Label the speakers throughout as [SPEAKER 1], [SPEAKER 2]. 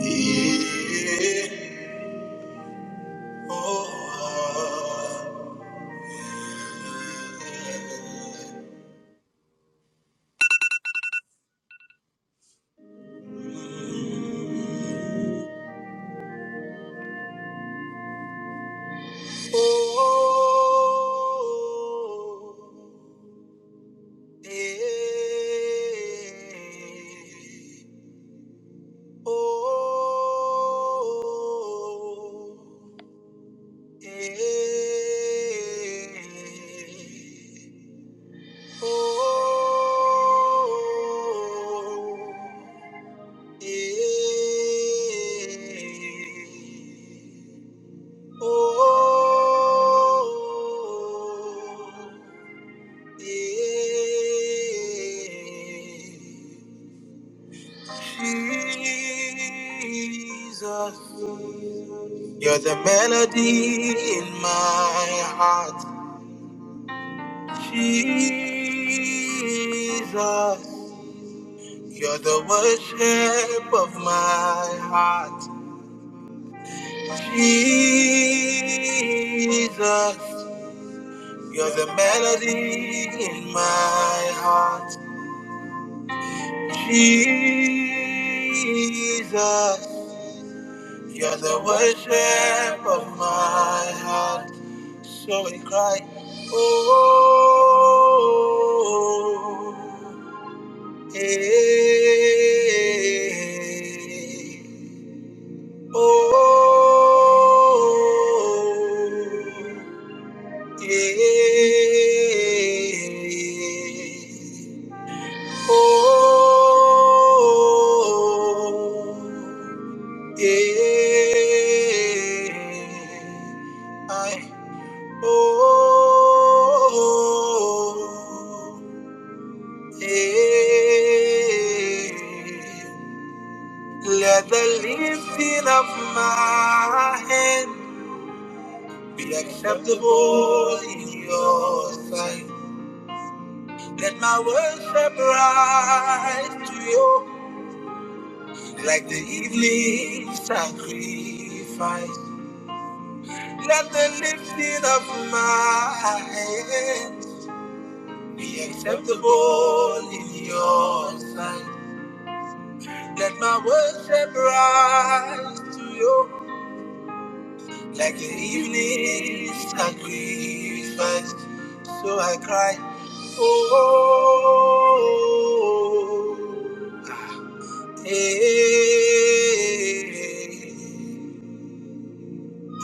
[SPEAKER 1] Oh Yeah. Oh, yeah. Jesus, You're the melody in my heart. Jesus, you're the worship of my heart. Jesus, you're the melody in my heart. Jesus, you're the worship of my heart. So we cry, oh, eh, oh. Yeah. Oh, yeah. I, oh, yeah. Let the lifting of my hand be acceptable in your sight. Let my worship rise to you like the evening sacrifice. Let the lifting of my hands be acceptable in your sight. Let my worship rise to you like the evening sacrifice. So I cry, oh. Hey,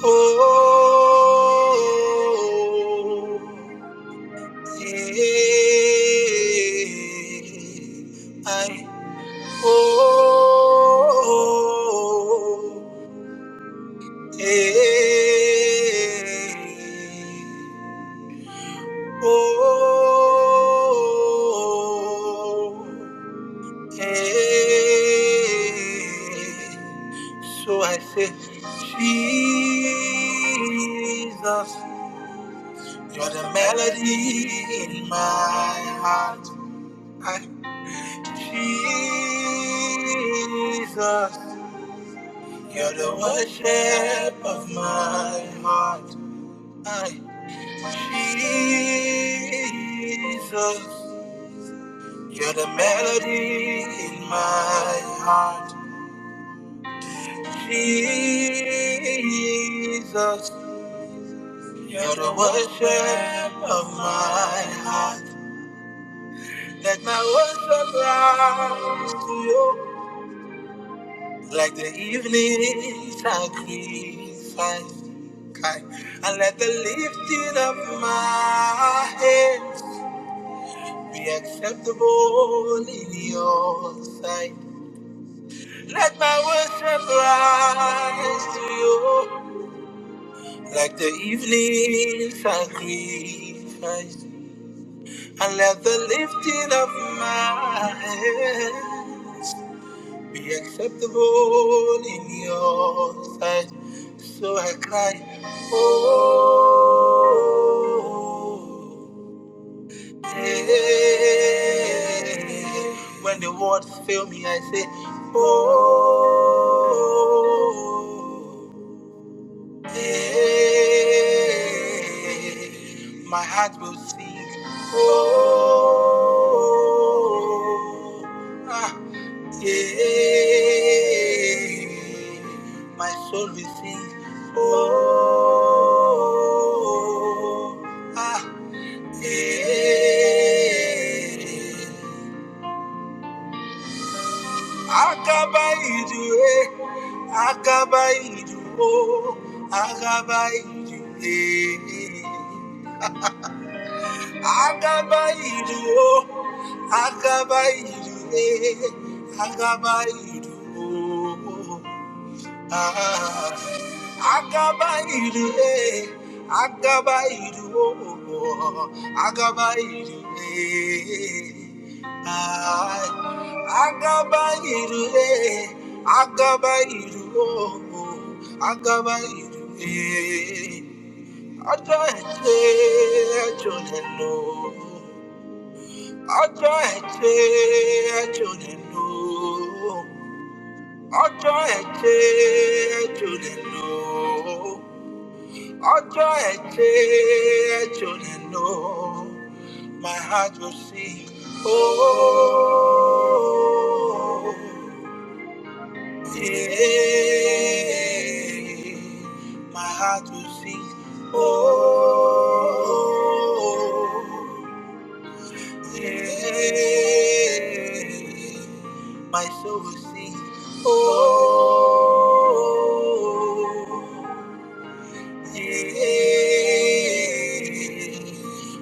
[SPEAKER 1] oh, hey, I, oh, hey, oh. Hey, so I say, Jesus, you're the melody in my heart. I, Jesus, you're the worship of my heart. I, Jesus, you're the melody in my heart. Jesus, you're the worship of my heart. Let my worship rise to you like the evening sacrifice. Kai. And let the lifting of my hands be acceptable in your sight. Let my worship rise to you Like the evening sacrifice, and let the lifting of my hands be acceptable in your sight. So I cry, Oh, yeah. when the words fail me, I say, Oh. Hey, my heart will sing. Oh, ah, yeah. My soul will sing. Oh, ah, yeah. Agaba idue, agaba iduo, agaba idue. Agaba iduo, agaba idue, agaba iduo. Ah, Agabairu, eh, Agabairu, oh, oh, oh, Agabairu, eh, ah, Agabairu, eh, Agabairu, oh, oh, Agabairu, eh, Ọjọ́ ẹ̀ṣẹ̀ ẹ̀jọ̀ lẹ̀ lọ. Ọjọ́ ẹ̀ṣẹ̀ ẹ̀jọ̀ lẹ̀ lọ ọjọ́ ẹ̀jẹ̀ ẹ̀jọ̀ lè lò ó. ọjọ́ ẹ̀jẹ̀ ẹ̀jọ̀ lè lò ó. my heart will sing. Oh, yeah. my heart will sing. Oh, yeah. My soul will sing. Oh. Yeah.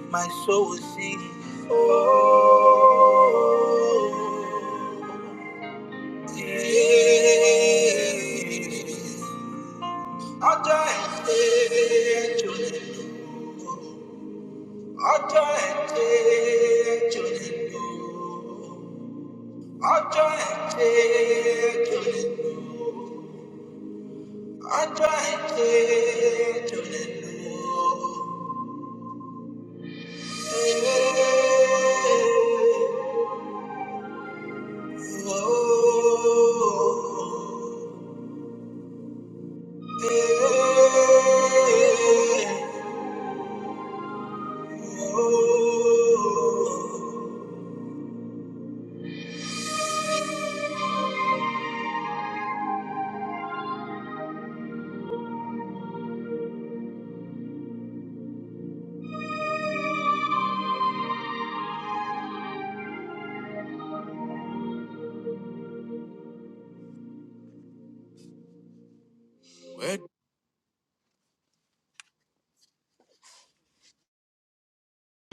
[SPEAKER 1] My soul will sing. Oh. Yeah. Ọjọ́ ẹ̀ṣẹ̀ jò lè lò. Ọjọ́ ẹ̀ṣẹ̀ jò lè lò. ọjọ́ ẹ̀jẹ̀ tó lè nù ọjọ́ tó lè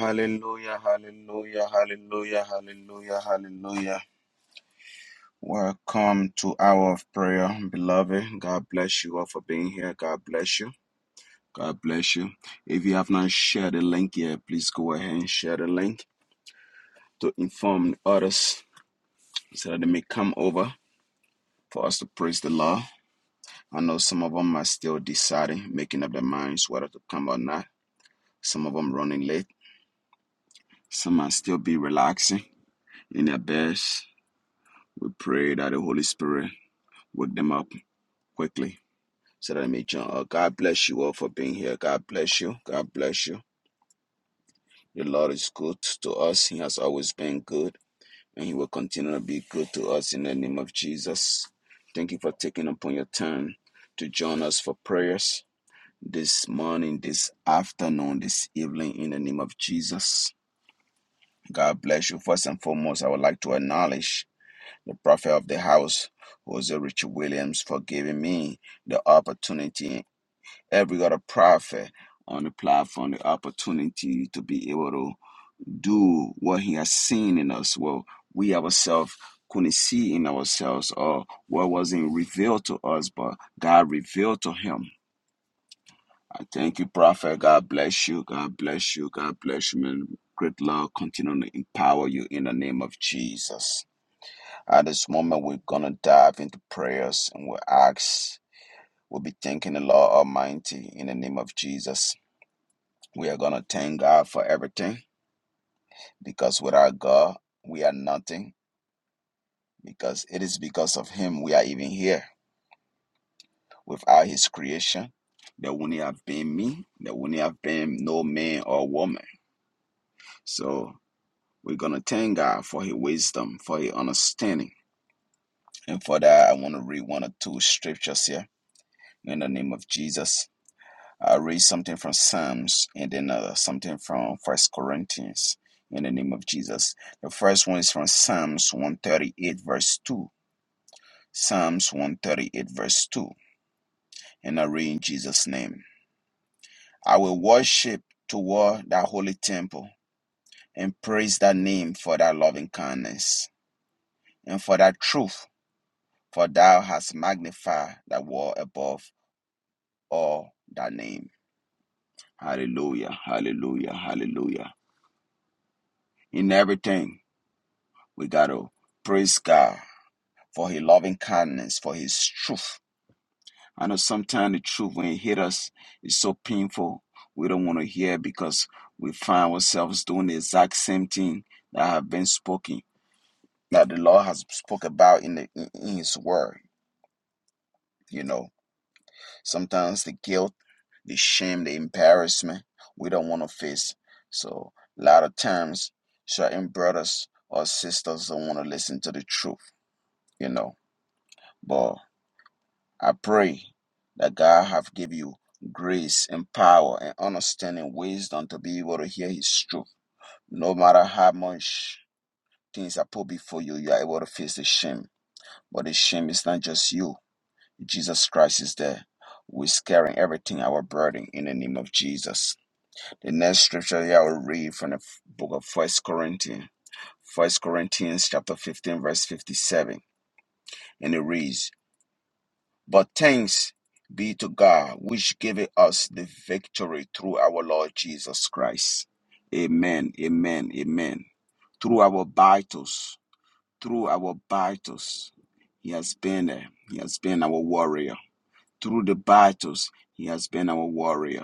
[SPEAKER 1] Hallelujah, hallelujah, hallelujah, hallelujah, hallelujah. Welcome to Hour of Prayer, beloved. God bless you all for being here. God bless you. God bless you. If you have not shared the link yet, please go ahead and share the link to inform others so that they may come over for us to praise the Lord. I know some of them are still deciding, making up their minds whether to come or not. Some of them running late. Some might still be relaxing in their beds. We pray that the Holy Spirit wake them up quickly so that they may join. us. God bless you all for being here. God bless you. God bless you. The Lord is good to us. He has always been good and He will continue to be good to us in the name of Jesus. Thank you for taking upon your time to join us for prayers this morning, this afternoon, this evening in the name of Jesus. God bless you. First and foremost, I would like to acknowledge the prophet of the house, Jose Richard Williams, for giving me the opportunity, every other prophet on the platform, the opportunity to be able to do what he has seen in us, what we ourselves couldn't see in ourselves, or what wasn't revealed to us, but God revealed to him. I thank you, Prophet. God bless you. God bless you. God bless you, man. Great Lord, continue to empower you in the name of Jesus. At this moment, we're going to dive into prayers and we'll ask, we'll be thanking the Lord Almighty in the name of Jesus. We are going to thank God for everything because without God, we are nothing because it is because of him we are even here. Without his creation, there wouldn't have been me, there wouldn't have been no man or woman. So we're gonna thank God for his wisdom, for his understanding. And for that, I want to read one or two scriptures here in the name of Jesus. I'll read something from Psalms and then uh, something from First Corinthians in the name of Jesus. The first one is from Psalms 138, verse 2. Psalms 138, verse 2. and array in Jesus' name. I will worship toward that holy temple and praise thy name for thy loving kindness and for thy truth, for thou hast magnified thy word above all thy name. Hallelujah, hallelujah, hallelujah. In everything, we got to praise God for his loving kindness, for his truth, I know sometimes the truth when it hit us is so painful. We don't want to hear because we find ourselves doing the exact same thing that have been spoken, that the Lord has spoke about in the in in His Word. You know, sometimes the guilt, the shame, the embarrassment we don't want to face. So a lot of times, certain brothers or sisters don't want to listen to the truth. You know, but. I pray that God have give you grace and power and understanding, wisdom to be able to hear His truth. No matter how much things are put before you, you are able to face the shame. But the shame is not just you. Jesus Christ is there. We're carrying everything our burden in the name of Jesus. The next scripture here I will read from the book of First Corinthians, First Corinthians chapter 15, verse 57, and it reads. But thanks be to God, which gave us the victory through our Lord Jesus Christ. Amen, amen, amen. Through our battles, through our battles, He has been there. He has been our warrior. Through the battles, He has been our warrior.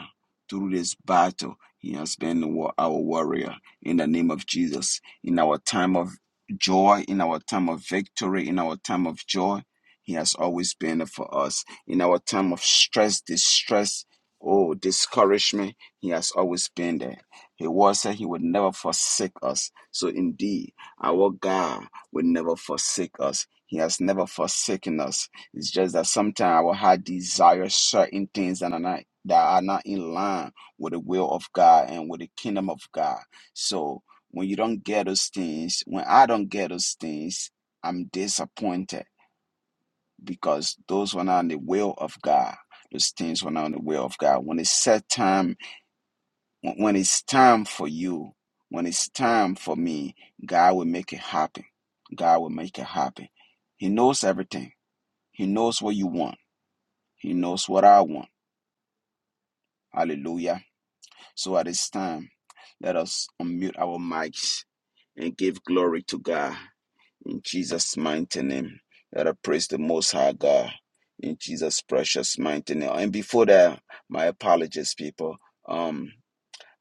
[SPEAKER 1] Through this battle, He has been our warrior. In the name of Jesus, in our time of joy, in our time of victory, in our time of joy, He has always been there for us. In our time of stress, distress, oh, discouragement, He has always been there. He was that He would never forsake us. So indeed, our God will never forsake us. He has never forsaken us. It's just that sometimes our heart desires certain things that are not that are not in line with the will of God and with the kingdom of God. So when you don't get those things, when I don't get those things, I'm disappointed because those were not in the will of God. Those things were not in the will of God. When it's set time, when when it's time for you, when it's time for me, God will make it happen. God will make it happen. He knows everything. He knows what you want. He knows what I want. Hallelujah. So at this time, let us unmute our mics and give glory to God in Jesus' mighty name. Let us praise the Most High God in Jesus' precious mighty name. And before that, my apologies, people. Um,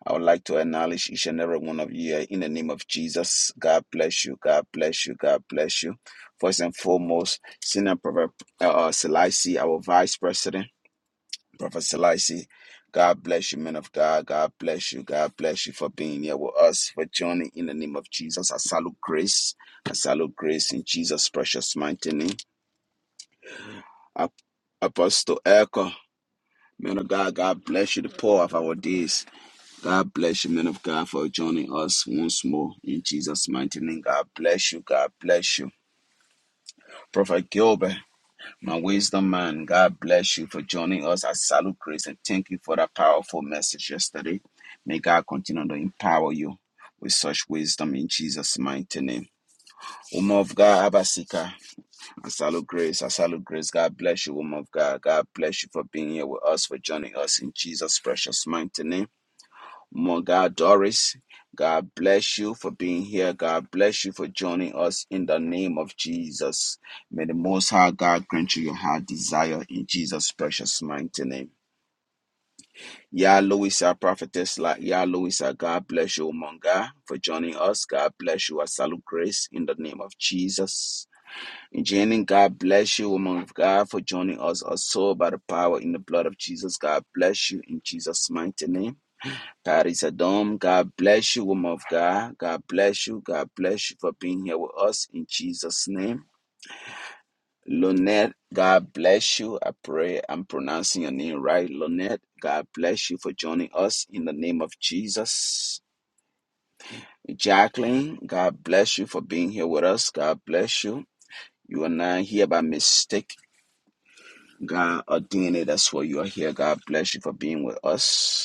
[SPEAKER 1] I would like to acknowledge each and every one of you in the name of Jesus. God bless you. God bless you. God bless you. First and foremost, Senior Prophet uh, uh, Selassie, our Vice President. Prophet Selassie. God bless you, men of God. God bless you. God bless you for being here with us, for joining in the name of Jesus. I salute grace. I salute grace in Jesus' precious mighty name. Ap- Apostle Echo, men of God, God bless you, the poor of our days. God bless you, men of God, for joining us once more in Jesus' mighty name. God bless you. God bless you. Prophet Gilbert. My wisdom man, God bless you for joining us I Salute Grace and thank you for that powerful message yesterday. May God continue to empower you with such wisdom in Jesus' mighty name. Woman of God, Abasika, I salute grace. I salute grace. God bless you, woman of God. God bless you for being here with us, for joining us in Jesus' precious mighty name. Mo- God Doris. God bless you for being here. God bless you for joining us in the name of Jesus. May the Most High God grant you your heart desire in Jesus' precious mighty name. Yah Louisa, prophetess, like Yah Louisa, God bless you, Monga, for joining us. God bless you. I salute grace in the name of Jesus. In Jenny, God bless you, woman of God, for joining us also by the power in the blood of Jesus. God bless you in Jesus' mighty name. Carissa Dom, God bless you, woman of God. God bless you. God bless you for being here with us in Jesus' name. Lonette, God bless you. I pray I'm pronouncing your name right. Lonette, God bless you for joining us in the name of Jesus. Jacqueline, God bless you for being here with us. God bless you. You are not here by mistake. God ordained it. That's why you are here. God bless you for being with us.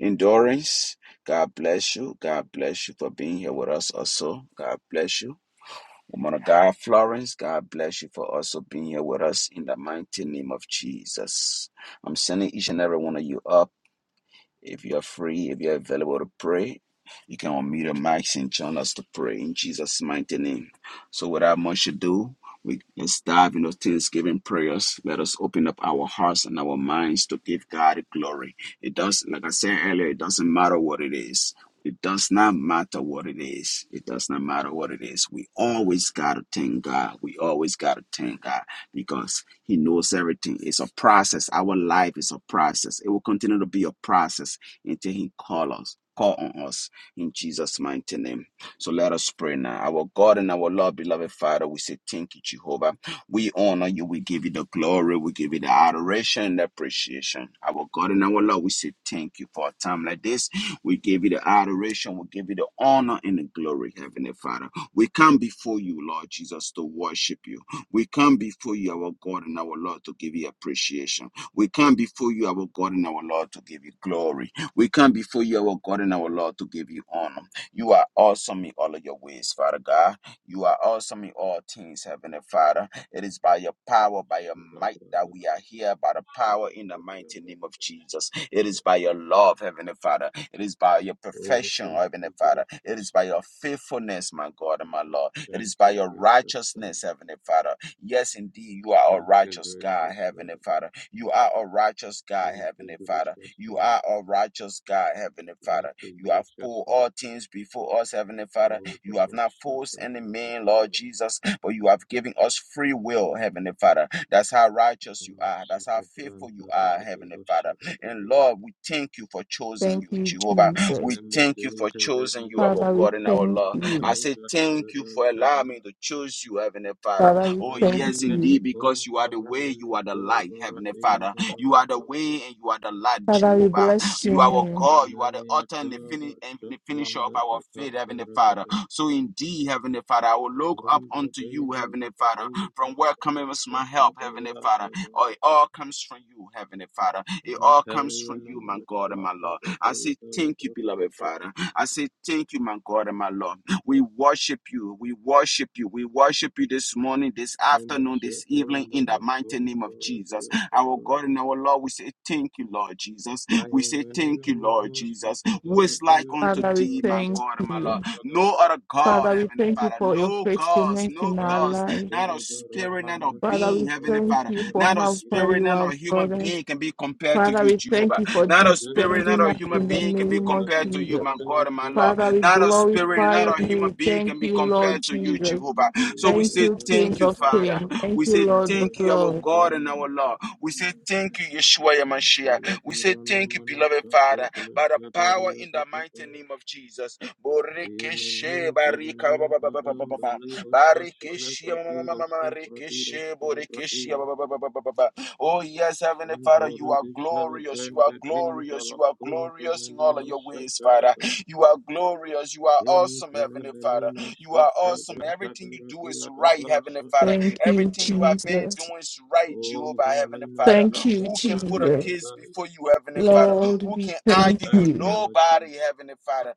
[SPEAKER 1] Endurance, God bless you. God bless you for being here with us also. God bless you. Woman of God, Florence, God bless you for also being here with us in the mighty name of Jesus. I'm sending each and every one of you up. If you are free, if you are available to pray, you can unmute your mics and join us to pray in Jesus' mighty name. So, without much ado, we let's dive into Thanksgiving prayers. Let us open up our hearts and our minds to give God glory. It does, like I said earlier, it doesn't matter what it is. It does not matter what it is. It does not matter what it is. We always got to thank God. We always got to thank God because he knows everything. It's a process. Our life is a process. It will continue to be a process until He calls us. Call on us in Jesus' mighty name. So let us pray now. Our God and our Lord, beloved Father, we say thank you, Jehovah. We honor you. We give you the glory. We give you the adoration and the appreciation. Our God and our Lord, we say thank you for a time like this. We give you the adoration. We give you the honor and the glory, Heavenly Father. We come before you, Lord Jesus, to worship you. We come before you, our God and our Lord, to give you appreciation. We come before you, our God and our Lord, to give you glory. We come before you, our God and our Lord, to give you honor. You are awesome in all of your ways, Father God. You are awesome in all things, Heavenly Father. It is by your power, by your might that we are here, by the power in the mighty name of Jesus. It is by your love, Heavenly Father. It is by your
[SPEAKER 2] Oh,
[SPEAKER 1] perfection,
[SPEAKER 2] thank
[SPEAKER 1] Heavenly
[SPEAKER 2] you,
[SPEAKER 1] Father. It
[SPEAKER 2] gracious
[SPEAKER 1] is by your
[SPEAKER 2] Lord.
[SPEAKER 1] faithfulness, my God and my Lord. It is
[SPEAKER 2] Thank
[SPEAKER 1] by
[SPEAKER 2] you,
[SPEAKER 1] your
[SPEAKER 2] gracious Lord.
[SPEAKER 1] righteousness, Heavenly Father. Yes, indeed, you are a
[SPEAKER 2] Thank you,
[SPEAKER 1] righteous God,
[SPEAKER 2] gracious
[SPEAKER 1] Heavenly
[SPEAKER 2] Lord.
[SPEAKER 1] Father. You are a righteous God,
[SPEAKER 2] Thank you,
[SPEAKER 1] Heavenly Father.
[SPEAKER 2] gracious
[SPEAKER 1] You
[SPEAKER 2] Lord.
[SPEAKER 1] are a righteous God, Heavenly
[SPEAKER 2] Thank
[SPEAKER 1] Father.
[SPEAKER 2] you,
[SPEAKER 1] You have
[SPEAKER 2] gracious
[SPEAKER 1] put
[SPEAKER 2] Lord.
[SPEAKER 1] all things before us, Heavenly Father.
[SPEAKER 2] Oh,
[SPEAKER 1] You have not forced
[SPEAKER 2] Barashata
[SPEAKER 1] any man,
[SPEAKER 2] Brakataba.
[SPEAKER 1] Lord Jesus, but you have given us free will, Heavenly Father. That's how righteous you are. That's how
[SPEAKER 2] Roshata
[SPEAKER 1] faithful you
[SPEAKER 2] Branta
[SPEAKER 1] are, Heavenly
[SPEAKER 2] Baratero
[SPEAKER 1] Father.
[SPEAKER 2] Shata
[SPEAKER 1] And
[SPEAKER 2] Bradia.
[SPEAKER 1] Lord, we thank you for choosing
[SPEAKER 3] Thank
[SPEAKER 1] you,
[SPEAKER 3] you,
[SPEAKER 1] Jehovah.
[SPEAKER 3] Jesus.
[SPEAKER 1] We
[SPEAKER 2] Marembe
[SPEAKER 1] thank you for
[SPEAKER 2] Deja
[SPEAKER 1] choosing
[SPEAKER 2] Levele
[SPEAKER 1] you, our
[SPEAKER 3] Father, we
[SPEAKER 1] God
[SPEAKER 2] Belia
[SPEAKER 1] and our
[SPEAKER 3] thank
[SPEAKER 1] Lord. I
[SPEAKER 3] you.
[SPEAKER 2] Barapato
[SPEAKER 1] say
[SPEAKER 2] Jata
[SPEAKER 1] thank you
[SPEAKER 2] Brada
[SPEAKER 1] for
[SPEAKER 2] Shata.
[SPEAKER 1] allowing me to choose you, Heavenly Father.
[SPEAKER 3] Father, we
[SPEAKER 1] Oh,
[SPEAKER 3] thank
[SPEAKER 1] yes,
[SPEAKER 3] you.
[SPEAKER 2] Aimele
[SPEAKER 1] indeed, because you
[SPEAKER 2] Pompa
[SPEAKER 1] are the way, you
[SPEAKER 2] Hamele
[SPEAKER 1] are the light,
[SPEAKER 2] Doba
[SPEAKER 1] Heavenly Father.
[SPEAKER 2] Radeja
[SPEAKER 1] You are the
[SPEAKER 2] Brado
[SPEAKER 1] way and you are the light,
[SPEAKER 3] Father, we
[SPEAKER 1] Jehovah.
[SPEAKER 3] bless your
[SPEAKER 1] You are our
[SPEAKER 3] name.
[SPEAKER 1] God. You are
[SPEAKER 2] Thank
[SPEAKER 1] the author and the, fini- and the finisher of our faith, Heavenly Father. So indeed, Heavenly Father, I will look up unto you, Heavenly Father. From where comes my help, Heavenly Father? Oh, it all comes from you, Heavenly Father. It all comes from you, my God and my Lord. I say thank you, beloved Father. I say thank you, my God and my Lord. We worship you. We worship you. We worship you this morning, this afternoon, this evening, in the mighty name of Jesus. Our God and our Lord, we say thank you, Lord Jesus. We say thank you, Lord Jesus. Who is like unto
[SPEAKER 3] Father, we
[SPEAKER 1] thee, my
[SPEAKER 3] thank
[SPEAKER 1] God and my Lord?
[SPEAKER 3] you.
[SPEAKER 1] No other God,
[SPEAKER 3] Father, we
[SPEAKER 1] Heavenly
[SPEAKER 3] thank you
[SPEAKER 1] Father.
[SPEAKER 3] for your
[SPEAKER 1] No gods,
[SPEAKER 3] faithfulness
[SPEAKER 1] no
[SPEAKER 3] in our
[SPEAKER 1] gods.
[SPEAKER 3] life.
[SPEAKER 1] Not a spirit, not a
[SPEAKER 3] Father,
[SPEAKER 1] being,
[SPEAKER 3] we
[SPEAKER 1] Heavenly
[SPEAKER 3] thank
[SPEAKER 1] Father.
[SPEAKER 3] you for
[SPEAKER 1] Not a
[SPEAKER 3] how
[SPEAKER 2] you.
[SPEAKER 3] far
[SPEAKER 1] spirit,
[SPEAKER 3] you
[SPEAKER 1] not
[SPEAKER 3] have
[SPEAKER 1] a
[SPEAKER 3] brought
[SPEAKER 1] human
[SPEAKER 3] us.
[SPEAKER 1] being can be compared to
[SPEAKER 3] Father,
[SPEAKER 1] you,
[SPEAKER 3] we thank
[SPEAKER 2] Celebrate
[SPEAKER 1] Jehovah.
[SPEAKER 3] you for
[SPEAKER 2] and
[SPEAKER 1] Not a
[SPEAKER 2] already
[SPEAKER 1] spirit, not
[SPEAKER 3] defending
[SPEAKER 1] a
[SPEAKER 3] us
[SPEAKER 2] celebrate
[SPEAKER 1] human
[SPEAKER 3] in the
[SPEAKER 1] being
[SPEAKER 2] the
[SPEAKER 1] can be
[SPEAKER 3] name of
[SPEAKER 1] compared to you,
[SPEAKER 3] Jesus.
[SPEAKER 1] my God and my Lord.
[SPEAKER 3] Father, we
[SPEAKER 1] Not a spirit,
[SPEAKER 3] glorify
[SPEAKER 1] not
[SPEAKER 3] your
[SPEAKER 1] a human
[SPEAKER 3] name.
[SPEAKER 1] being
[SPEAKER 3] Thank
[SPEAKER 1] can be
[SPEAKER 3] you, Lord
[SPEAKER 1] compared to you,
[SPEAKER 3] Jesus.
[SPEAKER 1] Jehovah. So we
[SPEAKER 3] Thank
[SPEAKER 1] say
[SPEAKER 3] you, King
[SPEAKER 1] thank you,
[SPEAKER 3] of
[SPEAKER 1] Father.
[SPEAKER 3] Kings. Thank
[SPEAKER 1] We
[SPEAKER 3] you,
[SPEAKER 1] say
[SPEAKER 3] Lord
[SPEAKER 4] Jesus,
[SPEAKER 3] of
[SPEAKER 1] thank you, our
[SPEAKER 3] Lords.
[SPEAKER 1] God and our Lord. We say thank you, Yeshua Yamashiach. We say thank you, beloved Father, by the power in the mighty name of Jesus. Borekeshe barika ba- ba- ba- ba- ba- ba- ba- ba. Barikeshe ma- ma- ma- ma- ma- ma- rekeshe borekeshe ba- ba- ba- ba- ba- ba- ba- ba. Oh, yes, Heavenly Father, you are glorious. You are
[SPEAKER 2] days
[SPEAKER 1] glorious. You are
[SPEAKER 2] of the
[SPEAKER 1] glorious in all
[SPEAKER 2] Menino
[SPEAKER 1] of your ways, Father.
[SPEAKER 2] Shasha.
[SPEAKER 1] You are glorious. You are
[SPEAKER 2] Thank you,
[SPEAKER 1] awesome, Heavenly
[SPEAKER 2] Lord
[SPEAKER 1] Father. You
[SPEAKER 2] Jesus.
[SPEAKER 1] are
[SPEAKER 2] Thank
[SPEAKER 1] awesome. Everything
[SPEAKER 2] you,
[SPEAKER 1] you do is right, Heavenly Father.
[SPEAKER 3] Thank you,
[SPEAKER 1] Everything you have been
[SPEAKER 3] Jesus.
[SPEAKER 1] doing is right, Jehovah, Heavenly Father.
[SPEAKER 3] Thank you,
[SPEAKER 1] Who can put a
[SPEAKER 3] Jesus.
[SPEAKER 1] case before you, Heavenly Father?
[SPEAKER 3] Lord,
[SPEAKER 1] Who
[SPEAKER 3] we
[SPEAKER 1] can
[SPEAKER 3] thank
[SPEAKER 1] argue you?
[SPEAKER 3] you.
[SPEAKER 1] Nobody, Heavenly Father.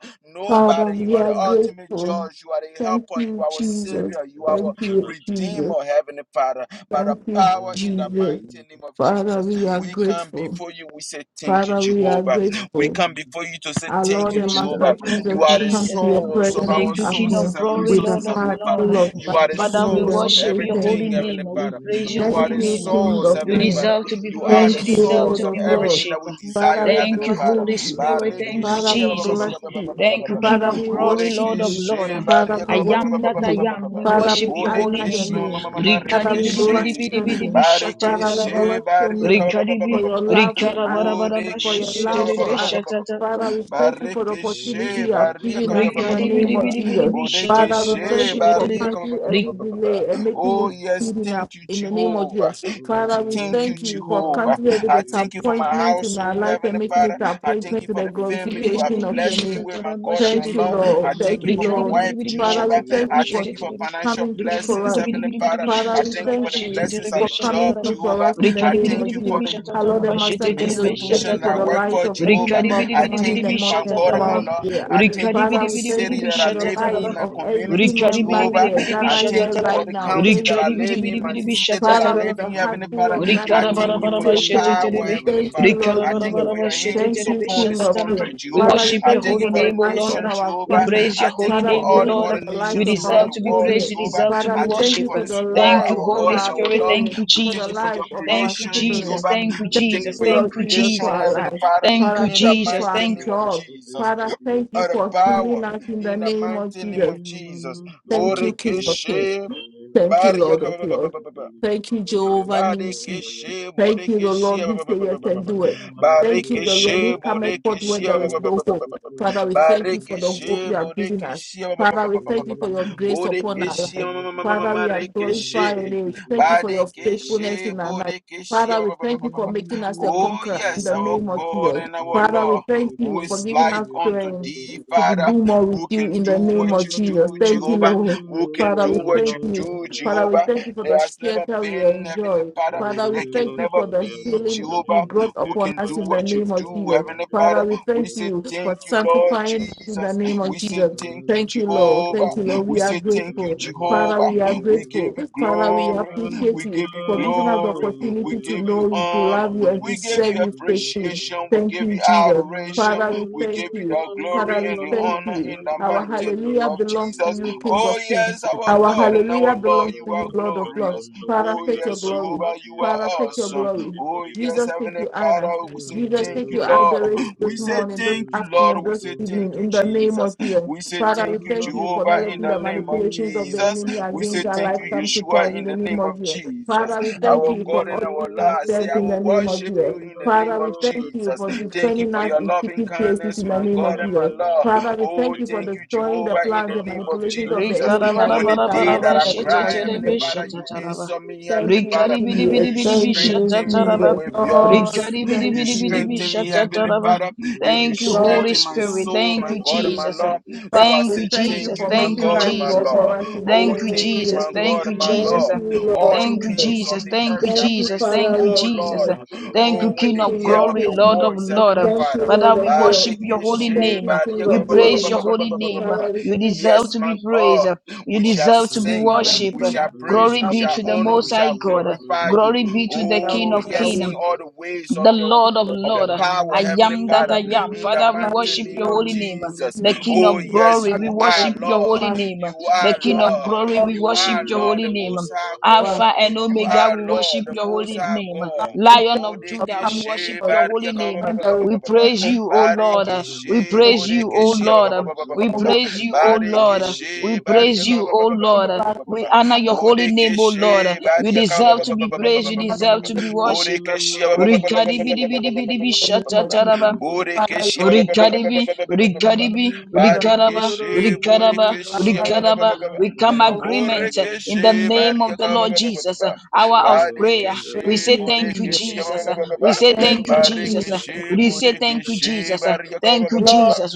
[SPEAKER 3] Father,
[SPEAKER 1] Nobody. You
[SPEAKER 3] we
[SPEAKER 1] are
[SPEAKER 3] are
[SPEAKER 1] the
[SPEAKER 2] Lord
[SPEAKER 1] ultimate
[SPEAKER 3] grateful.
[SPEAKER 2] Jesus.
[SPEAKER 1] judge. You are the
[SPEAKER 3] Thank
[SPEAKER 1] helper. You
[SPEAKER 3] you,
[SPEAKER 1] are our
[SPEAKER 3] Jesus.
[SPEAKER 1] Savior. You are
[SPEAKER 2] Thank
[SPEAKER 1] our
[SPEAKER 3] Thank
[SPEAKER 2] you,
[SPEAKER 3] you,
[SPEAKER 2] Lord Jesus.
[SPEAKER 3] Jesus.
[SPEAKER 1] Redeemer, Heavenly Father. By the
[SPEAKER 3] Thank you,
[SPEAKER 1] power in the
[SPEAKER 3] Jesus.
[SPEAKER 1] mighty name of
[SPEAKER 3] Father,
[SPEAKER 1] Jesus,
[SPEAKER 3] we are
[SPEAKER 1] we come
[SPEAKER 3] grateful.
[SPEAKER 1] before you. We say, Thank you,
[SPEAKER 3] Father, we
[SPEAKER 2] Thank
[SPEAKER 3] are
[SPEAKER 2] you, Lord Jesus. Thank
[SPEAKER 1] Jehovah.
[SPEAKER 2] you, Lord
[SPEAKER 1] We
[SPEAKER 3] grateful.
[SPEAKER 1] come
[SPEAKER 2] Jesus.
[SPEAKER 1] before you to say
[SPEAKER 3] Our
[SPEAKER 1] thank
[SPEAKER 3] Lord
[SPEAKER 1] you,
[SPEAKER 5] Holy
[SPEAKER 3] and Master
[SPEAKER 5] Spirit,
[SPEAKER 1] Jehovah.
[SPEAKER 5] thank
[SPEAKER 3] Jesus,
[SPEAKER 5] you,
[SPEAKER 1] You are
[SPEAKER 3] we
[SPEAKER 1] the
[SPEAKER 3] come
[SPEAKER 5] Jesus.
[SPEAKER 3] to your
[SPEAKER 2] Thank
[SPEAKER 1] source
[SPEAKER 2] you,
[SPEAKER 1] of
[SPEAKER 3] presence
[SPEAKER 2] Lord
[SPEAKER 3] this
[SPEAKER 1] our
[SPEAKER 5] Thank you, King of
[SPEAKER 1] sources
[SPEAKER 2] Jesus.
[SPEAKER 3] afternoon
[SPEAKER 1] of
[SPEAKER 5] glory,
[SPEAKER 3] with a
[SPEAKER 5] Lord
[SPEAKER 1] resources,
[SPEAKER 5] of
[SPEAKER 1] Heavenly
[SPEAKER 3] heart
[SPEAKER 1] Father.
[SPEAKER 3] full
[SPEAKER 5] Lord.
[SPEAKER 3] of
[SPEAKER 1] You are the
[SPEAKER 5] Father, we
[SPEAKER 3] gratitude
[SPEAKER 1] source
[SPEAKER 3] and
[SPEAKER 1] of
[SPEAKER 3] we
[SPEAKER 5] worship
[SPEAKER 3] say
[SPEAKER 2] Overcome,
[SPEAKER 5] your
[SPEAKER 3] thank
[SPEAKER 2] no
[SPEAKER 5] holy
[SPEAKER 1] everything,
[SPEAKER 2] shut
[SPEAKER 3] you.
[SPEAKER 5] name.
[SPEAKER 1] Heavenly
[SPEAKER 5] We
[SPEAKER 2] on
[SPEAKER 1] Father.
[SPEAKER 2] in a
[SPEAKER 5] praise your
[SPEAKER 1] You
[SPEAKER 2] good
[SPEAKER 1] are
[SPEAKER 3] Thank
[SPEAKER 5] holy
[SPEAKER 1] the
[SPEAKER 2] day,
[SPEAKER 3] you,
[SPEAKER 5] name.
[SPEAKER 2] but I
[SPEAKER 3] King
[SPEAKER 1] source,
[SPEAKER 3] of
[SPEAKER 2] did
[SPEAKER 5] You
[SPEAKER 1] Heavenly
[SPEAKER 3] Kings.
[SPEAKER 1] Father.
[SPEAKER 5] deserve to be
[SPEAKER 1] You are
[SPEAKER 5] praised.
[SPEAKER 1] the
[SPEAKER 5] You
[SPEAKER 3] Thank you,
[SPEAKER 2] a
[SPEAKER 5] deserve
[SPEAKER 3] Lord
[SPEAKER 1] source
[SPEAKER 5] to
[SPEAKER 1] of
[SPEAKER 3] of
[SPEAKER 5] be
[SPEAKER 3] Lords.
[SPEAKER 1] everything that
[SPEAKER 5] worshipped.
[SPEAKER 1] we
[SPEAKER 3] Father,
[SPEAKER 1] desire,
[SPEAKER 3] we
[SPEAKER 5] Thank
[SPEAKER 1] Heavenly
[SPEAKER 5] you,
[SPEAKER 3] bless
[SPEAKER 1] Father.
[SPEAKER 5] Holy
[SPEAKER 3] you.
[SPEAKER 2] Thank
[SPEAKER 5] Spirit. Thank you,
[SPEAKER 3] Father,
[SPEAKER 1] Barikishia
[SPEAKER 3] we
[SPEAKER 1] ba- ba-
[SPEAKER 5] Jesus.
[SPEAKER 1] ba-
[SPEAKER 3] bless
[SPEAKER 1] ba- ba- ba- ba-
[SPEAKER 3] you.
[SPEAKER 1] ba- ba-
[SPEAKER 5] Thank
[SPEAKER 1] ba-
[SPEAKER 5] you,
[SPEAKER 1] ba-
[SPEAKER 5] King
[SPEAKER 3] Father,
[SPEAKER 5] of
[SPEAKER 1] ba.
[SPEAKER 3] we
[SPEAKER 5] glory,
[SPEAKER 3] worship
[SPEAKER 5] Lord of
[SPEAKER 3] you.
[SPEAKER 5] Lord.
[SPEAKER 1] Borekishi
[SPEAKER 3] Father,
[SPEAKER 5] I
[SPEAKER 3] we
[SPEAKER 1] bariyaka ba- ba- ba- ba-
[SPEAKER 5] am
[SPEAKER 3] worship
[SPEAKER 1] ba-
[SPEAKER 5] that
[SPEAKER 1] ba-
[SPEAKER 5] I
[SPEAKER 3] you.
[SPEAKER 1] ba- ba- ba-
[SPEAKER 5] am. We
[SPEAKER 1] ba.
[SPEAKER 3] Father,
[SPEAKER 5] worship
[SPEAKER 3] we
[SPEAKER 5] your holy
[SPEAKER 3] honor your
[SPEAKER 5] name.
[SPEAKER 1] Borekishi ma- ma-
[SPEAKER 3] name.
[SPEAKER 1] ma- ma- ma-
[SPEAKER 3] Father,
[SPEAKER 5] Rikadi
[SPEAKER 3] we
[SPEAKER 5] bidi
[SPEAKER 3] bless
[SPEAKER 5] bidi
[SPEAKER 1] rikishi.
[SPEAKER 5] bidi
[SPEAKER 3] your
[SPEAKER 5] bidi
[SPEAKER 3] name.
[SPEAKER 5] bidi
[SPEAKER 3] Father, we
[SPEAKER 5] shatataraba.
[SPEAKER 1] Barikishi
[SPEAKER 3] bless your name
[SPEAKER 1] bariyaka ba- ba-
[SPEAKER 5] Rikadi
[SPEAKER 1] ba- ba- ba-
[SPEAKER 3] for
[SPEAKER 1] ba-
[SPEAKER 3] your
[SPEAKER 5] bidi
[SPEAKER 1] ba- ba.
[SPEAKER 3] love for
[SPEAKER 5] rikara
[SPEAKER 3] us,
[SPEAKER 5] bara bara bara
[SPEAKER 3] for your
[SPEAKER 1] Borekeshe
[SPEAKER 3] love
[SPEAKER 1] ba-
[SPEAKER 3] for us.
[SPEAKER 5] shatataraba.
[SPEAKER 3] Father, we thank you for the opportunity
[SPEAKER 1] Barekeshe
[SPEAKER 3] you have
[SPEAKER 5] Rikari
[SPEAKER 1] bariaka
[SPEAKER 3] given us in the name of Jesus. Father, we thank
[SPEAKER 1] Borekeshe
[SPEAKER 3] you for
[SPEAKER 1] bariaka
[SPEAKER 3] canceling every delay and making
[SPEAKER 1] Oh
[SPEAKER 3] it
[SPEAKER 1] yes,
[SPEAKER 3] leading up
[SPEAKER 1] thank you,
[SPEAKER 3] in the name of
[SPEAKER 1] Jehovah.
[SPEAKER 3] Jesus.
[SPEAKER 1] You
[SPEAKER 3] Father, we
[SPEAKER 1] thank you,
[SPEAKER 3] thank you for
[SPEAKER 1] Jehovah.
[SPEAKER 3] canceling every
[SPEAKER 1] I thank you for my
[SPEAKER 3] disappointment in our
[SPEAKER 1] household,
[SPEAKER 3] life and
[SPEAKER 1] Heavenly
[SPEAKER 3] making it
[SPEAKER 1] Father.
[SPEAKER 3] an
[SPEAKER 1] I thank
[SPEAKER 3] appointment
[SPEAKER 1] you
[SPEAKER 3] to
[SPEAKER 1] for
[SPEAKER 3] the
[SPEAKER 1] the
[SPEAKER 2] you.
[SPEAKER 1] family you have
[SPEAKER 3] glorification of your
[SPEAKER 1] blessed me
[SPEAKER 3] name.
[SPEAKER 1] with, my God and my
[SPEAKER 2] Thank
[SPEAKER 3] Thank you,
[SPEAKER 1] Lord.
[SPEAKER 3] Lord.
[SPEAKER 1] I
[SPEAKER 3] Thank
[SPEAKER 1] thank you
[SPEAKER 3] you,
[SPEAKER 1] for my
[SPEAKER 3] Lord.
[SPEAKER 1] wife,
[SPEAKER 3] Father,
[SPEAKER 1] Jehovah.
[SPEAKER 3] we thank
[SPEAKER 1] I
[SPEAKER 3] you for
[SPEAKER 1] thank you for financial
[SPEAKER 3] coming through for
[SPEAKER 1] blessings,
[SPEAKER 3] us.
[SPEAKER 1] Heavenly Father.
[SPEAKER 3] Father,
[SPEAKER 1] I
[SPEAKER 3] we
[SPEAKER 1] thank you
[SPEAKER 3] thank
[SPEAKER 1] for the
[SPEAKER 3] you
[SPEAKER 1] blessings of
[SPEAKER 3] for
[SPEAKER 1] the
[SPEAKER 3] coming
[SPEAKER 1] job,
[SPEAKER 3] through for
[SPEAKER 1] Jehovah.
[SPEAKER 3] us in the
[SPEAKER 1] I
[SPEAKER 3] name
[SPEAKER 1] thank
[SPEAKER 3] of
[SPEAKER 1] you for
[SPEAKER 3] Jesus.
[SPEAKER 1] the
[SPEAKER 3] Our Lord and Master Jesus, we thank you
[SPEAKER 1] institution that
[SPEAKER 3] for
[SPEAKER 1] I
[SPEAKER 3] the
[SPEAKER 1] work
[SPEAKER 3] life
[SPEAKER 1] for,
[SPEAKER 3] of every
[SPEAKER 1] Jehovah.
[SPEAKER 3] member of
[SPEAKER 1] I
[SPEAKER 3] commanding
[SPEAKER 1] thank
[SPEAKER 3] the
[SPEAKER 1] you, my
[SPEAKER 3] morning
[SPEAKER 1] God and my
[SPEAKER 3] hour of
[SPEAKER 1] Lord.
[SPEAKER 3] prayer.
[SPEAKER 1] I thank you for
[SPEAKER 3] Father,
[SPEAKER 1] the
[SPEAKER 3] we thank
[SPEAKER 1] city
[SPEAKER 3] you
[SPEAKER 1] that I
[SPEAKER 3] for the
[SPEAKER 1] live
[SPEAKER 3] life
[SPEAKER 1] in, my
[SPEAKER 3] of every
[SPEAKER 1] community,
[SPEAKER 3] member
[SPEAKER 1] Jehovah.
[SPEAKER 3] here,
[SPEAKER 1] I
[SPEAKER 3] gathered here
[SPEAKER 1] thank you for
[SPEAKER 3] right
[SPEAKER 1] the
[SPEAKER 3] now.
[SPEAKER 1] county
[SPEAKER 3] Thank
[SPEAKER 1] that I
[SPEAKER 3] you,
[SPEAKER 1] live
[SPEAKER 3] Jesus.
[SPEAKER 1] in, my state that I
[SPEAKER 3] Father, with
[SPEAKER 1] live
[SPEAKER 3] a
[SPEAKER 1] in,
[SPEAKER 3] heart
[SPEAKER 1] Heavenly
[SPEAKER 3] full
[SPEAKER 1] Father.
[SPEAKER 3] of
[SPEAKER 1] I
[SPEAKER 3] gratitude,
[SPEAKER 1] thank you
[SPEAKER 3] we
[SPEAKER 1] for
[SPEAKER 3] say
[SPEAKER 1] your
[SPEAKER 3] thank
[SPEAKER 1] power,
[SPEAKER 5] Urikarabarabarabachetetelebe.
[SPEAKER 3] you.
[SPEAKER 1] Heavenly
[SPEAKER 3] Thank you,
[SPEAKER 1] Father.
[SPEAKER 3] Lord
[SPEAKER 1] I thank you
[SPEAKER 3] Jesus.
[SPEAKER 1] for your
[SPEAKER 3] Thank
[SPEAKER 1] hands
[SPEAKER 3] you,
[SPEAKER 5] Urikarabarabarabachetetelebe
[SPEAKER 1] upon
[SPEAKER 3] King
[SPEAKER 1] this
[SPEAKER 3] of
[SPEAKER 5] shatataraba.
[SPEAKER 1] country,
[SPEAKER 3] Kings.
[SPEAKER 5] We
[SPEAKER 1] Jehovah.
[SPEAKER 3] Father, we
[SPEAKER 5] worship
[SPEAKER 1] I
[SPEAKER 5] your
[SPEAKER 3] thank you
[SPEAKER 1] thank you
[SPEAKER 2] you.
[SPEAKER 3] for
[SPEAKER 5] holy
[SPEAKER 1] for the
[SPEAKER 3] the
[SPEAKER 5] name, O
[SPEAKER 3] lives of
[SPEAKER 5] Lord.
[SPEAKER 1] nation,
[SPEAKER 3] our
[SPEAKER 5] We
[SPEAKER 1] Jehovah.
[SPEAKER 3] family.
[SPEAKER 5] praise your
[SPEAKER 1] I thank
[SPEAKER 5] holy
[SPEAKER 1] you
[SPEAKER 3] Father,
[SPEAKER 1] for
[SPEAKER 3] we
[SPEAKER 2] Thank
[SPEAKER 5] name, O
[SPEAKER 1] all
[SPEAKER 3] thank
[SPEAKER 1] the
[SPEAKER 3] you
[SPEAKER 5] Lord.
[SPEAKER 3] for
[SPEAKER 1] other
[SPEAKER 3] the lives
[SPEAKER 5] You
[SPEAKER 1] nations
[SPEAKER 3] of
[SPEAKER 1] around
[SPEAKER 3] our
[SPEAKER 5] deserve
[SPEAKER 1] the
[SPEAKER 5] to be
[SPEAKER 1] world,
[SPEAKER 5] praised.
[SPEAKER 3] children.
[SPEAKER 5] You
[SPEAKER 1] Jehovah.
[SPEAKER 5] deserve to
[SPEAKER 3] Father,
[SPEAKER 5] be
[SPEAKER 1] I
[SPEAKER 3] we
[SPEAKER 1] thank
[SPEAKER 3] thank
[SPEAKER 1] you
[SPEAKER 5] worshipped.
[SPEAKER 3] you
[SPEAKER 1] for
[SPEAKER 3] for the
[SPEAKER 1] this world,
[SPEAKER 5] Thank you,
[SPEAKER 1] our
[SPEAKER 3] lives of
[SPEAKER 1] God
[SPEAKER 5] Holy
[SPEAKER 1] and
[SPEAKER 3] our
[SPEAKER 1] our
[SPEAKER 5] Spirit.
[SPEAKER 1] Lord.
[SPEAKER 5] Thank
[SPEAKER 3] parents,
[SPEAKER 5] you,
[SPEAKER 1] We
[SPEAKER 3] for
[SPEAKER 1] thank
[SPEAKER 3] the
[SPEAKER 1] you
[SPEAKER 5] Jesus.
[SPEAKER 1] for your
[SPEAKER 3] life of
[SPEAKER 5] Thank
[SPEAKER 3] our
[SPEAKER 5] you,
[SPEAKER 1] creation, Jehovah.
[SPEAKER 5] Jesus.
[SPEAKER 3] siblings.
[SPEAKER 5] Thank you,
[SPEAKER 1] We
[SPEAKER 3] Thank
[SPEAKER 1] thank you
[SPEAKER 5] Jesus.
[SPEAKER 1] for
[SPEAKER 3] you,
[SPEAKER 1] your
[SPEAKER 5] Thank
[SPEAKER 3] Lord
[SPEAKER 5] you,
[SPEAKER 3] Jesus,
[SPEAKER 1] creation,
[SPEAKER 3] for our
[SPEAKER 5] Jesus.
[SPEAKER 1] Heavenly
[SPEAKER 3] life.
[SPEAKER 1] Father,
[SPEAKER 5] Thank you, Jesus. Thank you,
[SPEAKER 3] Father,
[SPEAKER 1] in the
[SPEAKER 3] thank you for our
[SPEAKER 1] mighty
[SPEAKER 5] Jesus.
[SPEAKER 1] name of
[SPEAKER 3] job.
[SPEAKER 1] Jesus.
[SPEAKER 3] Father, thank you
[SPEAKER 1] Other
[SPEAKER 3] for healing
[SPEAKER 1] power,
[SPEAKER 3] us in the
[SPEAKER 1] in the
[SPEAKER 3] name of
[SPEAKER 1] mighty name
[SPEAKER 3] Jesus.
[SPEAKER 1] of Jesus.
[SPEAKER 3] Thank you, King of Kings.
[SPEAKER 1] Borekeshe,
[SPEAKER 3] Thank you,
[SPEAKER 1] Maria,
[SPEAKER 3] Lord of Lords. Thank you, Jehovah Nisi.
[SPEAKER 1] Barikishe,
[SPEAKER 3] Thank you,
[SPEAKER 2] you.
[SPEAKER 3] the Lord
[SPEAKER 1] Bodikishia,
[SPEAKER 3] who say yes and do it. Thank you, the Lord who
[SPEAKER 1] Barikishe,
[SPEAKER 3] cometh forth when
[SPEAKER 1] Bodikishia,
[SPEAKER 3] there is no hope. Father, we thank you for the hope
[SPEAKER 1] Barikishe,
[SPEAKER 3] you have given us.
[SPEAKER 1] Bodikishia,
[SPEAKER 3] Father, we
[SPEAKER 2] Thank
[SPEAKER 3] thank you for your grace upon our life.
[SPEAKER 1] Bodikishia,
[SPEAKER 3] Father, we are glorified your
[SPEAKER 1] Marikishe,
[SPEAKER 3] name. Thank you for your faithfulness
[SPEAKER 1] Barikishe,
[SPEAKER 3] in our life.
[SPEAKER 1] Bodikishia.
[SPEAKER 3] Father, we thank you for making us a
[SPEAKER 1] Oh,
[SPEAKER 3] conqueror in
[SPEAKER 1] yes,
[SPEAKER 3] the
[SPEAKER 1] our
[SPEAKER 3] name of
[SPEAKER 1] God
[SPEAKER 3] Jesus.
[SPEAKER 1] and our
[SPEAKER 3] Father, we
[SPEAKER 1] Lord,
[SPEAKER 3] thank
[SPEAKER 1] who
[SPEAKER 3] you for
[SPEAKER 1] is
[SPEAKER 3] giving
[SPEAKER 1] like
[SPEAKER 3] us
[SPEAKER 1] unto
[SPEAKER 3] strength
[SPEAKER 1] thee,
[SPEAKER 3] to
[SPEAKER 1] Father,
[SPEAKER 3] do more with
[SPEAKER 1] who
[SPEAKER 3] you
[SPEAKER 1] can
[SPEAKER 3] in
[SPEAKER 1] do
[SPEAKER 3] the name
[SPEAKER 1] what
[SPEAKER 3] of
[SPEAKER 1] you
[SPEAKER 3] Jesus.
[SPEAKER 1] do,
[SPEAKER 3] Thank you,
[SPEAKER 1] Jehovah,
[SPEAKER 3] Lord.
[SPEAKER 1] who can
[SPEAKER 3] Father,
[SPEAKER 1] do
[SPEAKER 3] we
[SPEAKER 1] what
[SPEAKER 3] thank
[SPEAKER 1] you
[SPEAKER 3] you.
[SPEAKER 1] do,
[SPEAKER 3] Father, we
[SPEAKER 1] Jehovah.
[SPEAKER 3] thank you for the
[SPEAKER 1] There has never
[SPEAKER 3] shelter we
[SPEAKER 1] been, Heavenly
[SPEAKER 3] enjoy.
[SPEAKER 1] Father.
[SPEAKER 3] Father, we
[SPEAKER 1] There
[SPEAKER 3] thank
[SPEAKER 1] can
[SPEAKER 3] you
[SPEAKER 1] never
[SPEAKER 3] for the
[SPEAKER 1] be
[SPEAKER 3] healing you
[SPEAKER 1] Jehovah
[SPEAKER 3] brought
[SPEAKER 1] who
[SPEAKER 3] upon
[SPEAKER 1] can
[SPEAKER 3] us
[SPEAKER 1] do
[SPEAKER 3] in the
[SPEAKER 1] what you
[SPEAKER 3] name of
[SPEAKER 1] do,
[SPEAKER 3] Jesus.
[SPEAKER 1] Heavenly
[SPEAKER 3] Father,
[SPEAKER 1] Father.
[SPEAKER 3] we
[SPEAKER 1] We
[SPEAKER 3] thank
[SPEAKER 1] say
[SPEAKER 3] you for
[SPEAKER 1] thank you, Lord
[SPEAKER 3] sanctifying us in the
[SPEAKER 1] Jesus.
[SPEAKER 3] name of
[SPEAKER 1] We say
[SPEAKER 3] Jesus.
[SPEAKER 1] thank you,
[SPEAKER 3] Thank you, Lord. Thank
[SPEAKER 1] Jehovah.
[SPEAKER 3] you, Lord. We
[SPEAKER 1] We
[SPEAKER 3] are
[SPEAKER 1] say thank you,
[SPEAKER 3] grateful.
[SPEAKER 1] Jehovah.
[SPEAKER 3] Father, we are
[SPEAKER 1] We
[SPEAKER 2] you.
[SPEAKER 1] give
[SPEAKER 3] grateful.
[SPEAKER 1] you
[SPEAKER 3] Father, we
[SPEAKER 1] glory.
[SPEAKER 2] Yeah,
[SPEAKER 3] appreciate
[SPEAKER 1] We
[SPEAKER 3] you
[SPEAKER 1] give you
[SPEAKER 3] for giving us the
[SPEAKER 1] glory. We
[SPEAKER 3] opportunity to
[SPEAKER 1] give you
[SPEAKER 3] know you, to
[SPEAKER 1] honor.
[SPEAKER 3] love you, and to
[SPEAKER 1] We give
[SPEAKER 3] serve
[SPEAKER 1] you
[SPEAKER 3] you faithfully.
[SPEAKER 1] appreciation. We
[SPEAKER 3] Thank
[SPEAKER 1] give
[SPEAKER 3] you,
[SPEAKER 1] you
[SPEAKER 3] Jesus.
[SPEAKER 1] adoration.
[SPEAKER 3] Father, we
[SPEAKER 1] We
[SPEAKER 3] thank
[SPEAKER 1] give you
[SPEAKER 3] you.
[SPEAKER 1] the glory
[SPEAKER 3] Father, we
[SPEAKER 1] and the
[SPEAKER 3] thank
[SPEAKER 1] honor
[SPEAKER 3] you.
[SPEAKER 1] in the
[SPEAKER 3] Our
[SPEAKER 1] mighty name
[SPEAKER 3] hallelujah
[SPEAKER 1] of
[SPEAKER 3] belongs to
[SPEAKER 1] Jesus.
[SPEAKER 3] you, King
[SPEAKER 1] Oh,
[SPEAKER 3] of Kings.
[SPEAKER 1] yes, our
[SPEAKER 3] Our
[SPEAKER 1] God and our
[SPEAKER 3] hallelujah
[SPEAKER 1] Lord,
[SPEAKER 3] belongs
[SPEAKER 1] you
[SPEAKER 3] to
[SPEAKER 1] are
[SPEAKER 3] you, Lord of love.
[SPEAKER 1] glorious.
[SPEAKER 3] Father,
[SPEAKER 1] Oh,
[SPEAKER 3] take your
[SPEAKER 1] yes,
[SPEAKER 3] glory.
[SPEAKER 1] Jehovah, you are
[SPEAKER 3] Father, take your
[SPEAKER 1] awesome.
[SPEAKER 3] glory.
[SPEAKER 1] Oh, yes,
[SPEAKER 3] Jesus, take
[SPEAKER 1] Heavenly
[SPEAKER 3] your honor.
[SPEAKER 1] Father, we say
[SPEAKER 3] Jesus,
[SPEAKER 1] thank
[SPEAKER 3] take
[SPEAKER 1] you,
[SPEAKER 3] your
[SPEAKER 1] Lord.
[SPEAKER 3] adoration this
[SPEAKER 1] We say
[SPEAKER 3] morning, this
[SPEAKER 1] thank you, Lord.
[SPEAKER 3] afternoon,
[SPEAKER 1] We
[SPEAKER 3] this
[SPEAKER 1] say thank
[SPEAKER 3] evening,
[SPEAKER 1] you,
[SPEAKER 3] in the name
[SPEAKER 1] Jesus.
[SPEAKER 3] of Jesus.
[SPEAKER 1] We say
[SPEAKER 3] Father, we
[SPEAKER 1] thank you,
[SPEAKER 3] thank you for not
[SPEAKER 1] Jehovah, in
[SPEAKER 3] letting
[SPEAKER 1] the
[SPEAKER 3] the
[SPEAKER 1] name of
[SPEAKER 3] manipulations of the
[SPEAKER 1] Jesus.
[SPEAKER 3] enemy
[SPEAKER 1] We say
[SPEAKER 3] against our
[SPEAKER 1] thank
[SPEAKER 3] life
[SPEAKER 1] you,
[SPEAKER 3] come to pass
[SPEAKER 1] Yeshua,
[SPEAKER 3] in
[SPEAKER 1] in
[SPEAKER 3] the
[SPEAKER 1] the
[SPEAKER 3] name
[SPEAKER 1] name
[SPEAKER 3] of
[SPEAKER 1] of
[SPEAKER 3] Jesus.
[SPEAKER 1] Jesus.
[SPEAKER 3] Father, we
[SPEAKER 2] Thank
[SPEAKER 3] thank
[SPEAKER 1] Our
[SPEAKER 3] you for
[SPEAKER 1] God and
[SPEAKER 3] ordering
[SPEAKER 1] our Lord, I say,
[SPEAKER 3] ourselves
[SPEAKER 1] I
[SPEAKER 3] in the
[SPEAKER 1] will
[SPEAKER 3] name of
[SPEAKER 1] worship
[SPEAKER 3] Jesus.
[SPEAKER 1] you in the name
[SPEAKER 3] Father, we
[SPEAKER 1] of
[SPEAKER 3] thank you
[SPEAKER 1] Jesus.
[SPEAKER 3] for
[SPEAKER 1] Thank you
[SPEAKER 3] defending
[SPEAKER 1] for
[SPEAKER 3] us
[SPEAKER 1] your
[SPEAKER 3] in
[SPEAKER 1] loving
[SPEAKER 3] secret places
[SPEAKER 1] kindness,
[SPEAKER 3] in the
[SPEAKER 1] my
[SPEAKER 3] name
[SPEAKER 1] God
[SPEAKER 3] of
[SPEAKER 1] and
[SPEAKER 3] Jesus.
[SPEAKER 1] my Lord.
[SPEAKER 3] Father, we
[SPEAKER 1] Oh,
[SPEAKER 3] thank you for
[SPEAKER 1] thank you,
[SPEAKER 3] destroying the
[SPEAKER 1] Jehovah, in
[SPEAKER 3] plans
[SPEAKER 1] the
[SPEAKER 3] and
[SPEAKER 1] name of
[SPEAKER 3] manipulations of the
[SPEAKER 1] Jesus.
[SPEAKER 3] enemy
[SPEAKER 1] When the
[SPEAKER 3] against our
[SPEAKER 1] day
[SPEAKER 3] life
[SPEAKER 5] Rikarabarabarabaraba
[SPEAKER 1] that
[SPEAKER 3] in
[SPEAKER 1] I
[SPEAKER 3] the name
[SPEAKER 1] cry,
[SPEAKER 3] of
[SPEAKER 1] Heavenly
[SPEAKER 5] shetetelebe
[SPEAKER 3] Jesus.
[SPEAKER 1] Father, you
[SPEAKER 5] shatataraba.
[SPEAKER 1] answer me,
[SPEAKER 3] Thank
[SPEAKER 1] Heavenly
[SPEAKER 3] you,
[SPEAKER 1] Father.
[SPEAKER 3] Jesus.
[SPEAKER 1] You
[SPEAKER 5] Rikaribiribiribi
[SPEAKER 3] Thank you,
[SPEAKER 1] strengthen
[SPEAKER 5] shatataraba.
[SPEAKER 1] me
[SPEAKER 3] Jesus.
[SPEAKER 1] with your
[SPEAKER 3] Lord,
[SPEAKER 1] words.
[SPEAKER 3] thank
[SPEAKER 1] You
[SPEAKER 3] you.
[SPEAKER 5] Rikaribiribiribi
[SPEAKER 1] strengthen me, Heavenly
[SPEAKER 5] shatataraba.
[SPEAKER 1] Father, and
[SPEAKER 5] Thank
[SPEAKER 1] you
[SPEAKER 5] you,
[SPEAKER 3] Lord,
[SPEAKER 5] Holy
[SPEAKER 1] strengthen my
[SPEAKER 5] Spirit.
[SPEAKER 1] soul,
[SPEAKER 5] Thank you,
[SPEAKER 1] my
[SPEAKER 3] thank
[SPEAKER 1] God and
[SPEAKER 3] you.
[SPEAKER 1] my
[SPEAKER 5] Jesus.
[SPEAKER 1] Lord.
[SPEAKER 3] Father,
[SPEAKER 1] So I
[SPEAKER 5] Thank
[SPEAKER 3] we
[SPEAKER 5] you,
[SPEAKER 1] say,
[SPEAKER 3] thank you
[SPEAKER 5] Jesus.
[SPEAKER 1] Thank
[SPEAKER 3] for
[SPEAKER 1] you, my
[SPEAKER 5] Thank you,
[SPEAKER 3] making
[SPEAKER 1] God and
[SPEAKER 3] life
[SPEAKER 1] my
[SPEAKER 3] more
[SPEAKER 5] Jesus.
[SPEAKER 3] for
[SPEAKER 1] Lord.
[SPEAKER 3] us in
[SPEAKER 5] Thank
[SPEAKER 1] Oh,
[SPEAKER 5] you,
[SPEAKER 1] thank
[SPEAKER 3] pleasant
[SPEAKER 1] you,
[SPEAKER 5] Jesus.
[SPEAKER 1] my
[SPEAKER 3] places.
[SPEAKER 5] Thank
[SPEAKER 1] God
[SPEAKER 5] you,
[SPEAKER 1] and my
[SPEAKER 3] Thank
[SPEAKER 1] Lord.
[SPEAKER 5] Jesus.
[SPEAKER 3] you, Lord
[SPEAKER 1] All the
[SPEAKER 5] Thank you,
[SPEAKER 3] Jesus.
[SPEAKER 1] kings of
[SPEAKER 5] Jesus.
[SPEAKER 1] the
[SPEAKER 5] Thank
[SPEAKER 1] earth
[SPEAKER 5] you,
[SPEAKER 2] you.
[SPEAKER 1] shall
[SPEAKER 3] Thank you,
[SPEAKER 5] Jesus.
[SPEAKER 1] praise you,
[SPEAKER 3] Father,
[SPEAKER 5] Thank you,
[SPEAKER 1] oh
[SPEAKER 3] Lord
[SPEAKER 5] Jesus.
[SPEAKER 3] Jesus.
[SPEAKER 1] Lord.
[SPEAKER 2] Oh,
[SPEAKER 5] Thank you,
[SPEAKER 1] Oh,
[SPEAKER 3] Thank
[SPEAKER 1] when
[SPEAKER 3] you,
[SPEAKER 5] King
[SPEAKER 1] they
[SPEAKER 5] of
[SPEAKER 3] King
[SPEAKER 1] hear
[SPEAKER 3] of
[SPEAKER 1] of
[SPEAKER 5] glory,
[SPEAKER 1] your
[SPEAKER 3] Kings.
[SPEAKER 5] Lord of
[SPEAKER 1] voice,
[SPEAKER 5] Lord.
[SPEAKER 1] Heavenly
[SPEAKER 3] Thank you,
[SPEAKER 1] Father.
[SPEAKER 5] Father,
[SPEAKER 3] Lord
[SPEAKER 5] we
[SPEAKER 3] of
[SPEAKER 5] worship
[SPEAKER 3] Lords.
[SPEAKER 5] your holy
[SPEAKER 1] Barikishe,
[SPEAKER 3] Thank
[SPEAKER 5] name.
[SPEAKER 3] you, King
[SPEAKER 5] We
[SPEAKER 1] barika,
[SPEAKER 3] of
[SPEAKER 1] ba- ba- ba- ba-
[SPEAKER 5] praise
[SPEAKER 3] Glory.
[SPEAKER 5] your
[SPEAKER 1] ba- ba- ba-
[SPEAKER 5] holy
[SPEAKER 1] ba- ba- ba-
[SPEAKER 5] name.
[SPEAKER 1] ba- ba.
[SPEAKER 3] Father, we
[SPEAKER 5] You
[SPEAKER 3] thank you
[SPEAKER 5] deserve
[SPEAKER 1] Yes,
[SPEAKER 5] to
[SPEAKER 1] my
[SPEAKER 5] be praised.
[SPEAKER 1] God,
[SPEAKER 5] You
[SPEAKER 1] we shall
[SPEAKER 5] deserve to be
[SPEAKER 3] for
[SPEAKER 1] sing,
[SPEAKER 3] the
[SPEAKER 5] worshipped.
[SPEAKER 1] we
[SPEAKER 3] many miracles
[SPEAKER 1] shall praise,
[SPEAKER 5] Glory
[SPEAKER 1] we
[SPEAKER 5] be
[SPEAKER 1] shall
[SPEAKER 5] to the
[SPEAKER 1] honor, we
[SPEAKER 5] Most High
[SPEAKER 1] shall
[SPEAKER 5] God.
[SPEAKER 1] glorify you.
[SPEAKER 5] Glory be to the
[SPEAKER 3] shall
[SPEAKER 5] King
[SPEAKER 1] Oh,
[SPEAKER 3] go
[SPEAKER 5] of
[SPEAKER 3] their
[SPEAKER 1] yes, in
[SPEAKER 5] Kings
[SPEAKER 3] way.
[SPEAKER 1] all the ways of
[SPEAKER 5] the
[SPEAKER 1] your
[SPEAKER 5] Lord of
[SPEAKER 1] of your
[SPEAKER 5] Lord.
[SPEAKER 1] power,
[SPEAKER 5] I
[SPEAKER 1] Heavenly
[SPEAKER 5] am that
[SPEAKER 1] Father,
[SPEAKER 5] I am.
[SPEAKER 1] in the
[SPEAKER 5] Father, we
[SPEAKER 3] Father,
[SPEAKER 1] mighty
[SPEAKER 5] worship
[SPEAKER 1] name
[SPEAKER 5] your
[SPEAKER 1] of
[SPEAKER 5] holy
[SPEAKER 3] we
[SPEAKER 5] name.
[SPEAKER 3] thank
[SPEAKER 1] Jesus.
[SPEAKER 3] you,
[SPEAKER 5] The King
[SPEAKER 1] Oh,
[SPEAKER 5] of
[SPEAKER 1] yes,
[SPEAKER 5] glory,
[SPEAKER 3] Father,
[SPEAKER 1] you
[SPEAKER 5] we
[SPEAKER 3] for
[SPEAKER 1] are
[SPEAKER 5] worship
[SPEAKER 3] this
[SPEAKER 5] your
[SPEAKER 1] Lord.
[SPEAKER 5] holy
[SPEAKER 3] man,
[SPEAKER 5] name.
[SPEAKER 1] You
[SPEAKER 5] The
[SPEAKER 1] are
[SPEAKER 3] we
[SPEAKER 5] King
[SPEAKER 3] are
[SPEAKER 5] of
[SPEAKER 1] Lord.
[SPEAKER 5] glory,
[SPEAKER 3] all
[SPEAKER 5] we
[SPEAKER 1] You
[SPEAKER 5] worship
[SPEAKER 1] are
[SPEAKER 5] your
[SPEAKER 1] Lord,
[SPEAKER 5] holy
[SPEAKER 1] the
[SPEAKER 5] name.
[SPEAKER 1] Most High
[SPEAKER 3] one.
[SPEAKER 5] Alpha
[SPEAKER 1] God.
[SPEAKER 5] and
[SPEAKER 1] You
[SPEAKER 3] Thank
[SPEAKER 5] Omega,
[SPEAKER 1] are
[SPEAKER 5] we
[SPEAKER 1] Lord,
[SPEAKER 5] worship
[SPEAKER 1] the
[SPEAKER 5] your
[SPEAKER 1] Most
[SPEAKER 5] holy
[SPEAKER 1] High
[SPEAKER 5] name.
[SPEAKER 3] you, Father,
[SPEAKER 1] God.
[SPEAKER 3] we
[SPEAKER 5] Lion
[SPEAKER 3] thank
[SPEAKER 5] of
[SPEAKER 3] you for
[SPEAKER 5] Judah, we
[SPEAKER 3] coming
[SPEAKER 5] worship
[SPEAKER 1] Bodekeshe
[SPEAKER 3] to us
[SPEAKER 5] your holy name
[SPEAKER 1] bariyaka
[SPEAKER 5] holy name.
[SPEAKER 1] ba- ba-
[SPEAKER 3] when
[SPEAKER 1] ba- ba-
[SPEAKER 3] there
[SPEAKER 1] ba-
[SPEAKER 3] is
[SPEAKER 1] ba-
[SPEAKER 5] We
[SPEAKER 1] ba-
[SPEAKER 3] no
[SPEAKER 1] ba.
[SPEAKER 5] praise
[SPEAKER 3] hope.
[SPEAKER 5] you, O
[SPEAKER 3] Father,
[SPEAKER 5] Lord. We
[SPEAKER 1] Barikishe,
[SPEAKER 2] Thank
[SPEAKER 3] for
[SPEAKER 5] praise you, O
[SPEAKER 3] showing us
[SPEAKER 1] Borekishe, ba-
[SPEAKER 5] Lord.
[SPEAKER 1] ba- ba- ba- ba- ba- ba-
[SPEAKER 5] We
[SPEAKER 1] ba-
[SPEAKER 3] all
[SPEAKER 1] ba.
[SPEAKER 3] hope
[SPEAKER 5] praise you, O Lord. We
[SPEAKER 1] Barikishe,
[SPEAKER 3] to
[SPEAKER 5] praise
[SPEAKER 3] see.
[SPEAKER 1] Bariyaka, ba-
[SPEAKER 5] you,
[SPEAKER 1] ba-
[SPEAKER 5] O
[SPEAKER 1] ba- ba- ba- ba- ba-
[SPEAKER 5] Lord.
[SPEAKER 1] ba-
[SPEAKER 3] Father,
[SPEAKER 1] ba- ba-
[SPEAKER 5] We
[SPEAKER 1] ba.
[SPEAKER 5] honor your holy name, O Lord.
[SPEAKER 1] Borekishe,
[SPEAKER 3] we are
[SPEAKER 5] You
[SPEAKER 1] Bariyaka, ba-
[SPEAKER 5] deserve
[SPEAKER 1] ba-
[SPEAKER 5] to
[SPEAKER 1] ba- ba-
[SPEAKER 5] be
[SPEAKER 1] ba- ba- ba-
[SPEAKER 5] praised.
[SPEAKER 1] ba-
[SPEAKER 5] You
[SPEAKER 1] ba- ba-
[SPEAKER 3] Father,
[SPEAKER 1] ba-
[SPEAKER 5] deserve
[SPEAKER 1] ba.
[SPEAKER 5] to
[SPEAKER 3] we thank
[SPEAKER 5] be
[SPEAKER 3] you for
[SPEAKER 5] worshipped.
[SPEAKER 1] Borekishe, ba- ba- ba- ba- ba- ba- ba- ba- ba- ba- ba- ba- ba- ba-
[SPEAKER 3] the
[SPEAKER 1] ba-
[SPEAKER 3] name
[SPEAKER 1] ba- ba.
[SPEAKER 3] of Jesus.
[SPEAKER 5] Rikadibidibidibidibishatarabam.
[SPEAKER 3] Father,
[SPEAKER 1] Borekishe, ba- ba- ba- ba- ba- ba-
[SPEAKER 5] Urikaribi,
[SPEAKER 1] ba- ba- ba- ba- ba- ba- ba.
[SPEAKER 5] urikaribi,
[SPEAKER 3] you know,
[SPEAKER 5] urikaraba, urikaraba,
[SPEAKER 3] Father, you know,
[SPEAKER 5] urikaraba. We
[SPEAKER 3] the
[SPEAKER 5] come
[SPEAKER 3] power of
[SPEAKER 5] agreement uh, in the
[SPEAKER 1] Borekeshi,
[SPEAKER 3] thank
[SPEAKER 5] name of
[SPEAKER 1] bariyaka
[SPEAKER 5] the
[SPEAKER 1] ba
[SPEAKER 3] you,
[SPEAKER 5] Lord
[SPEAKER 1] ba ba ba ba
[SPEAKER 5] Jesus.
[SPEAKER 1] ba.
[SPEAKER 5] uh, Hour of prayer.
[SPEAKER 1] Barekeshe
[SPEAKER 5] We
[SPEAKER 3] thank
[SPEAKER 5] say
[SPEAKER 3] you,
[SPEAKER 5] thank you,
[SPEAKER 3] Jesus.
[SPEAKER 1] borekeshe ba ba
[SPEAKER 5] Jesus.
[SPEAKER 1] ba
[SPEAKER 5] uh,
[SPEAKER 1] ba ba
[SPEAKER 5] We
[SPEAKER 1] ba.
[SPEAKER 5] say thank
[SPEAKER 3] thank
[SPEAKER 5] you,
[SPEAKER 3] you,
[SPEAKER 5] Jesus.
[SPEAKER 3] Jesus.
[SPEAKER 5] uh,
[SPEAKER 1] Barekeshe
[SPEAKER 5] We say thank you,
[SPEAKER 1] borekeshe
[SPEAKER 5] Jesus. uh,
[SPEAKER 1] bariyaka ba ba
[SPEAKER 5] Thank you,
[SPEAKER 1] ba
[SPEAKER 2] you.
[SPEAKER 1] ba ba
[SPEAKER 3] Lord,
[SPEAKER 1] ba.
[SPEAKER 5] Jesus.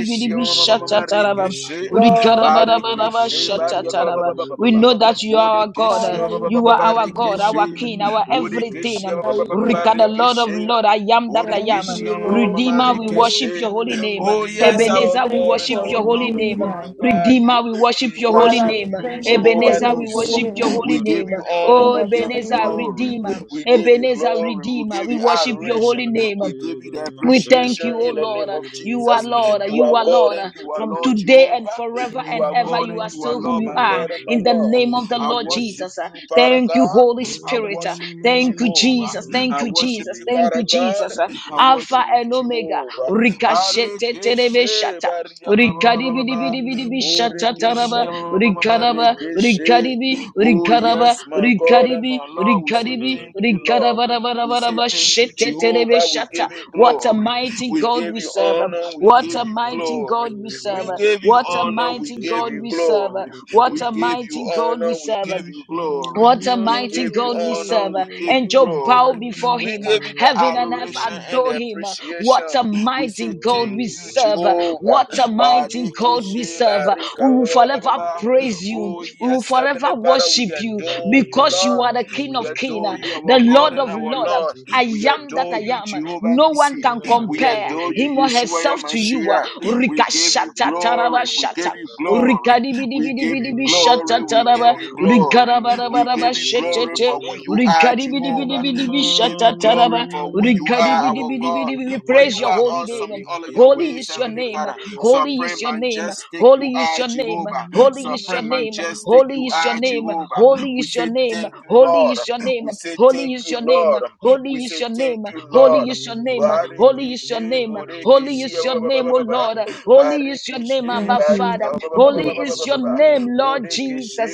[SPEAKER 2] I am
[SPEAKER 1] ma ma ma
[SPEAKER 2] an it, I
[SPEAKER 5] shatataraba.
[SPEAKER 2] am
[SPEAKER 3] Lord, we-
[SPEAKER 2] am
[SPEAKER 5] Urikarabaraba, shatataraba. We we know that you are our God. uh,
[SPEAKER 3] Father, we
[SPEAKER 5] You are
[SPEAKER 3] thank
[SPEAKER 5] our God,
[SPEAKER 3] you.
[SPEAKER 5] our King, our everything. Um,
[SPEAKER 3] Father, we thank
[SPEAKER 5] Rika, the Lord of Lord, I am that
[SPEAKER 3] you,
[SPEAKER 5] I
[SPEAKER 3] thank
[SPEAKER 5] am. Uh,
[SPEAKER 3] you, Lord
[SPEAKER 5] Redeemer, we
[SPEAKER 3] Jesus.
[SPEAKER 5] worship your holy name. Uh,
[SPEAKER 1] Oh yes,
[SPEAKER 3] Father, we
[SPEAKER 1] our
[SPEAKER 5] Ebenezer, we
[SPEAKER 3] thank
[SPEAKER 1] God
[SPEAKER 3] you
[SPEAKER 1] and
[SPEAKER 5] worship
[SPEAKER 3] for
[SPEAKER 1] our
[SPEAKER 5] your holy
[SPEAKER 1] Lord, we
[SPEAKER 5] name.
[SPEAKER 3] redeeming
[SPEAKER 5] Um,
[SPEAKER 3] us.
[SPEAKER 1] glorify you.
[SPEAKER 5] Redeemer, we worship
[SPEAKER 1] We
[SPEAKER 5] your holy
[SPEAKER 3] Father,
[SPEAKER 1] worship
[SPEAKER 3] we
[SPEAKER 5] name. Uh,
[SPEAKER 1] you,
[SPEAKER 3] thank you for
[SPEAKER 1] Jehovah
[SPEAKER 5] Ebenezer, we
[SPEAKER 1] Nisi.
[SPEAKER 5] worship
[SPEAKER 3] redeeming
[SPEAKER 5] your
[SPEAKER 3] us.
[SPEAKER 5] holy
[SPEAKER 1] We give
[SPEAKER 5] name. Uh,
[SPEAKER 1] you honor.
[SPEAKER 3] In
[SPEAKER 5] Oh,
[SPEAKER 1] We
[SPEAKER 3] the
[SPEAKER 1] give you
[SPEAKER 3] name
[SPEAKER 5] Ebenezer,
[SPEAKER 3] of
[SPEAKER 1] glory.
[SPEAKER 5] Redeemer.
[SPEAKER 3] Jesus.
[SPEAKER 1] We give you
[SPEAKER 5] Ebenezer,
[SPEAKER 1] glory. We
[SPEAKER 5] Redeemer,
[SPEAKER 1] give
[SPEAKER 5] we
[SPEAKER 1] you
[SPEAKER 5] worship your
[SPEAKER 1] adoration.
[SPEAKER 5] holy name. Um,
[SPEAKER 1] We give you the
[SPEAKER 5] we thank
[SPEAKER 1] appreciation
[SPEAKER 5] you, O
[SPEAKER 1] in the
[SPEAKER 5] Lord.
[SPEAKER 1] name
[SPEAKER 5] Uh,
[SPEAKER 1] of
[SPEAKER 5] You are
[SPEAKER 1] Jesus.
[SPEAKER 5] Lord. Uh,
[SPEAKER 1] You
[SPEAKER 5] You
[SPEAKER 1] are
[SPEAKER 5] are
[SPEAKER 1] God
[SPEAKER 5] Lord.
[SPEAKER 1] and
[SPEAKER 5] Uh,
[SPEAKER 1] you are
[SPEAKER 2] Thank
[SPEAKER 5] From
[SPEAKER 2] you.
[SPEAKER 1] Lord
[SPEAKER 5] today and
[SPEAKER 1] Jehovah.
[SPEAKER 5] forever
[SPEAKER 1] You
[SPEAKER 5] and
[SPEAKER 1] are
[SPEAKER 5] ever,
[SPEAKER 1] God
[SPEAKER 5] you
[SPEAKER 1] and
[SPEAKER 5] are
[SPEAKER 1] you are
[SPEAKER 5] still who
[SPEAKER 1] Lord,
[SPEAKER 5] you
[SPEAKER 1] my
[SPEAKER 5] are.
[SPEAKER 1] God and my
[SPEAKER 5] In the
[SPEAKER 1] Lord.
[SPEAKER 5] name of the
[SPEAKER 1] I
[SPEAKER 5] Lord
[SPEAKER 1] worship
[SPEAKER 5] Jesus. Uh,
[SPEAKER 1] you, Father
[SPEAKER 5] Thank you,
[SPEAKER 1] God.
[SPEAKER 5] Holy
[SPEAKER 1] I
[SPEAKER 5] Spirit. Uh,
[SPEAKER 1] worship you,
[SPEAKER 5] Thank you, Jesus.
[SPEAKER 1] Jehovah.
[SPEAKER 5] Thank
[SPEAKER 1] I
[SPEAKER 5] you,
[SPEAKER 1] worship
[SPEAKER 5] Jesus.
[SPEAKER 1] you,
[SPEAKER 5] Thank
[SPEAKER 1] Father
[SPEAKER 5] you,
[SPEAKER 1] God.
[SPEAKER 5] Jesus. Uh,
[SPEAKER 1] I
[SPEAKER 5] Alpha
[SPEAKER 1] worship you,
[SPEAKER 5] and Omega.
[SPEAKER 1] Jehovah.
[SPEAKER 5] Ricochet.
[SPEAKER 1] Barikeshe, bariyakabababa.
[SPEAKER 5] Rikaribiribiribi
[SPEAKER 1] Oh, Rekeshi,
[SPEAKER 5] shatataraba.
[SPEAKER 1] Mama,
[SPEAKER 5] Rikaraba.
[SPEAKER 1] Rekeshi.
[SPEAKER 5] Rikaribi.
[SPEAKER 1] Oh,
[SPEAKER 5] Rikaraba.
[SPEAKER 1] yes, my God and
[SPEAKER 5] Rikaribi.
[SPEAKER 1] my Lord, we say
[SPEAKER 5] Rikaribi.
[SPEAKER 1] thank you, Lord. We say
[SPEAKER 5] Rikarabarabaraba.
[SPEAKER 1] thank you,
[SPEAKER 5] Sheteterebe
[SPEAKER 1] Jehovah. We
[SPEAKER 5] shata.
[SPEAKER 1] give you
[SPEAKER 5] What a
[SPEAKER 1] glory.
[SPEAKER 5] mighty
[SPEAKER 1] We
[SPEAKER 5] God
[SPEAKER 1] give
[SPEAKER 5] we
[SPEAKER 1] you
[SPEAKER 5] serve.
[SPEAKER 1] honor. We
[SPEAKER 5] What
[SPEAKER 1] give
[SPEAKER 5] a
[SPEAKER 1] you
[SPEAKER 5] mighty
[SPEAKER 2] Makabaya
[SPEAKER 5] God
[SPEAKER 1] glory.
[SPEAKER 5] we serve.
[SPEAKER 1] We
[SPEAKER 2] tovaro
[SPEAKER 1] give you
[SPEAKER 5] What a
[SPEAKER 1] honor.
[SPEAKER 2] shatabra
[SPEAKER 1] We
[SPEAKER 5] mighty
[SPEAKER 1] give
[SPEAKER 5] God
[SPEAKER 1] you
[SPEAKER 2] tebero
[SPEAKER 5] we serve.
[SPEAKER 1] glory.
[SPEAKER 2] shatabra
[SPEAKER 5] What
[SPEAKER 1] We
[SPEAKER 5] a
[SPEAKER 1] give
[SPEAKER 2] tebaye
[SPEAKER 1] you
[SPEAKER 5] mighty God we
[SPEAKER 1] honor. We
[SPEAKER 5] serve.
[SPEAKER 1] give
[SPEAKER 2] Thank
[SPEAKER 1] you glory.
[SPEAKER 5] What a
[SPEAKER 1] We
[SPEAKER 5] mighty
[SPEAKER 1] give you
[SPEAKER 5] God we
[SPEAKER 1] honor.
[SPEAKER 5] serve.
[SPEAKER 1] We give
[SPEAKER 5] And
[SPEAKER 1] you
[SPEAKER 5] Job bow
[SPEAKER 1] glory.
[SPEAKER 5] before
[SPEAKER 1] We
[SPEAKER 5] him.
[SPEAKER 1] give you the
[SPEAKER 5] Heaven and earth
[SPEAKER 1] adoration and
[SPEAKER 5] adore
[SPEAKER 1] the
[SPEAKER 5] him. What
[SPEAKER 1] appreciation.
[SPEAKER 5] a
[SPEAKER 1] We say
[SPEAKER 5] mighty God
[SPEAKER 1] thank
[SPEAKER 5] we
[SPEAKER 1] you,
[SPEAKER 5] serve.
[SPEAKER 1] Jehovah.
[SPEAKER 5] What a mighty God we
[SPEAKER 1] Barikishi,
[SPEAKER 5] serve.
[SPEAKER 1] barika,
[SPEAKER 5] We
[SPEAKER 1] ba,
[SPEAKER 5] will
[SPEAKER 1] ba, ba, ba,
[SPEAKER 5] forever
[SPEAKER 1] ba.
[SPEAKER 5] praise you.
[SPEAKER 1] Oh,
[SPEAKER 5] We will
[SPEAKER 1] yes, Heavenly
[SPEAKER 5] forever
[SPEAKER 1] Father, we
[SPEAKER 5] worship you
[SPEAKER 1] adore you,
[SPEAKER 5] because you
[SPEAKER 1] Lord.
[SPEAKER 5] are the King
[SPEAKER 1] We
[SPEAKER 5] of Kings,
[SPEAKER 1] adore you,
[SPEAKER 5] the
[SPEAKER 1] our God
[SPEAKER 5] Lord
[SPEAKER 1] and
[SPEAKER 5] of
[SPEAKER 1] our
[SPEAKER 5] Lords.
[SPEAKER 1] Lord.
[SPEAKER 5] I
[SPEAKER 1] We
[SPEAKER 5] am that
[SPEAKER 1] adore
[SPEAKER 5] I
[SPEAKER 1] you,
[SPEAKER 5] am.
[SPEAKER 1] Jehovah
[SPEAKER 5] No one
[SPEAKER 1] Nissi.
[SPEAKER 5] can
[SPEAKER 1] We
[SPEAKER 5] compare
[SPEAKER 1] adore
[SPEAKER 5] him
[SPEAKER 1] you,
[SPEAKER 5] or
[SPEAKER 1] Yeshua
[SPEAKER 5] herself to you.
[SPEAKER 1] Yamashiach. We give you
[SPEAKER 5] Rikashata taraba
[SPEAKER 1] glory. We give
[SPEAKER 5] shata.
[SPEAKER 1] you glory. We give you
[SPEAKER 5] Rikadibidibidibidi
[SPEAKER 1] glory.
[SPEAKER 5] shata
[SPEAKER 1] We give you
[SPEAKER 5] taraba.
[SPEAKER 1] glory. We give
[SPEAKER 5] Rikarabarabara
[SPEAKER 1] you glory
[SPEAKER 5] shetete.
[SPEAKER 1] for who you are,
[SPEAKER 2] Thank
[SPEAKER 1] Jehovah. We give you glory
[SPEAKER 5] Rikaribidibidibidibishataraba.
[SPEAKER 1] for who you are, our God.
[SPEAKER 5] Rikaribidibidibidi. We
[SPEAKER 1] For you
[SPEAKER 5] praise your
[SPEAKER 1] are
[SPEAKER 5] holy
[SPEAKER 1] awesome
[SPEAKER 5] name.
[SPEAKER 1] in all of your
[SPEAKER 5] Holy
[SPEAKER 1] ways,
[SPEAKER 5] is your
[SPEAKER 1] Heavenly
[SPEAKER 5] name.
[SPEAKER 1] Father.
[SPEAKER 5] Holy is
[SPEAKER 1] Supreme
[SPEAKER 5] your name.
[SPEAKER 1] majestic, you
[SPEAKER 5] Holy is
[SPEAKER 1] are
[SPEAKER 5] your name.
[SPEAKER 1] Jehovah.
[SPEAKER 5] Holy is your
[SPEAKER 1] Supreme
[SPEAKER 5] name.
[SPEAKER 1] majestic,
[SPEAKER 5] Holy
[SPEAKER 1] you
[SPEAKER 5] is your
[SPEAKER 1] are
[SPEAKER 5] name.
[SPEAKER 1] Jehovah.
[SPEAKER 5] Holy
[SPEAKER 1] We
[SPEAKER 5] is your
[SPEAKER 1] say
[SPEAKER 5] name.
[SPEAKER 1] thank you,
[SPEAKER 5] Holy
[SPEAKER 1] Lord.
[SPEAKER 5] is your name.
[SPEAKER 1] We say
[SPEAKER 5] Holy
[SPEAKER 1] thank
[SPEAKER 5] is
[SPEAKER 1] you,
[SPEAKER 5] your name.
[SPEAKER 1] Lord. We
[SPEAKER 5] Holy is
[SPEAKER 1] say
[SPEAKER 5] your
[SPEAKER 1] thank
[SPEAKER 5] name.
[SPEAKER 1] you,
[SPEAKER 5] Holy
[SPEAKER 1] Lord.
[SPEAKER 5] is your name. Holy is your
[SPEAKER 1] Barikishe,
[SPEAKER 5] name. Holy
[SPEAKER 1] Borikishe,
[SPEAKER 5] is your name, O Lord. Holy is your name,
[SPEAKER 1] Barikishe,
[SPEAKER 5] Abba
[SPEAKER 3] Thank you,
[SPEAKER 1] Barika,
[SPEAKER 5] Father.
[SPEAKER 3] Jesus.
[SPEAKER 5] Holy is your name, Lord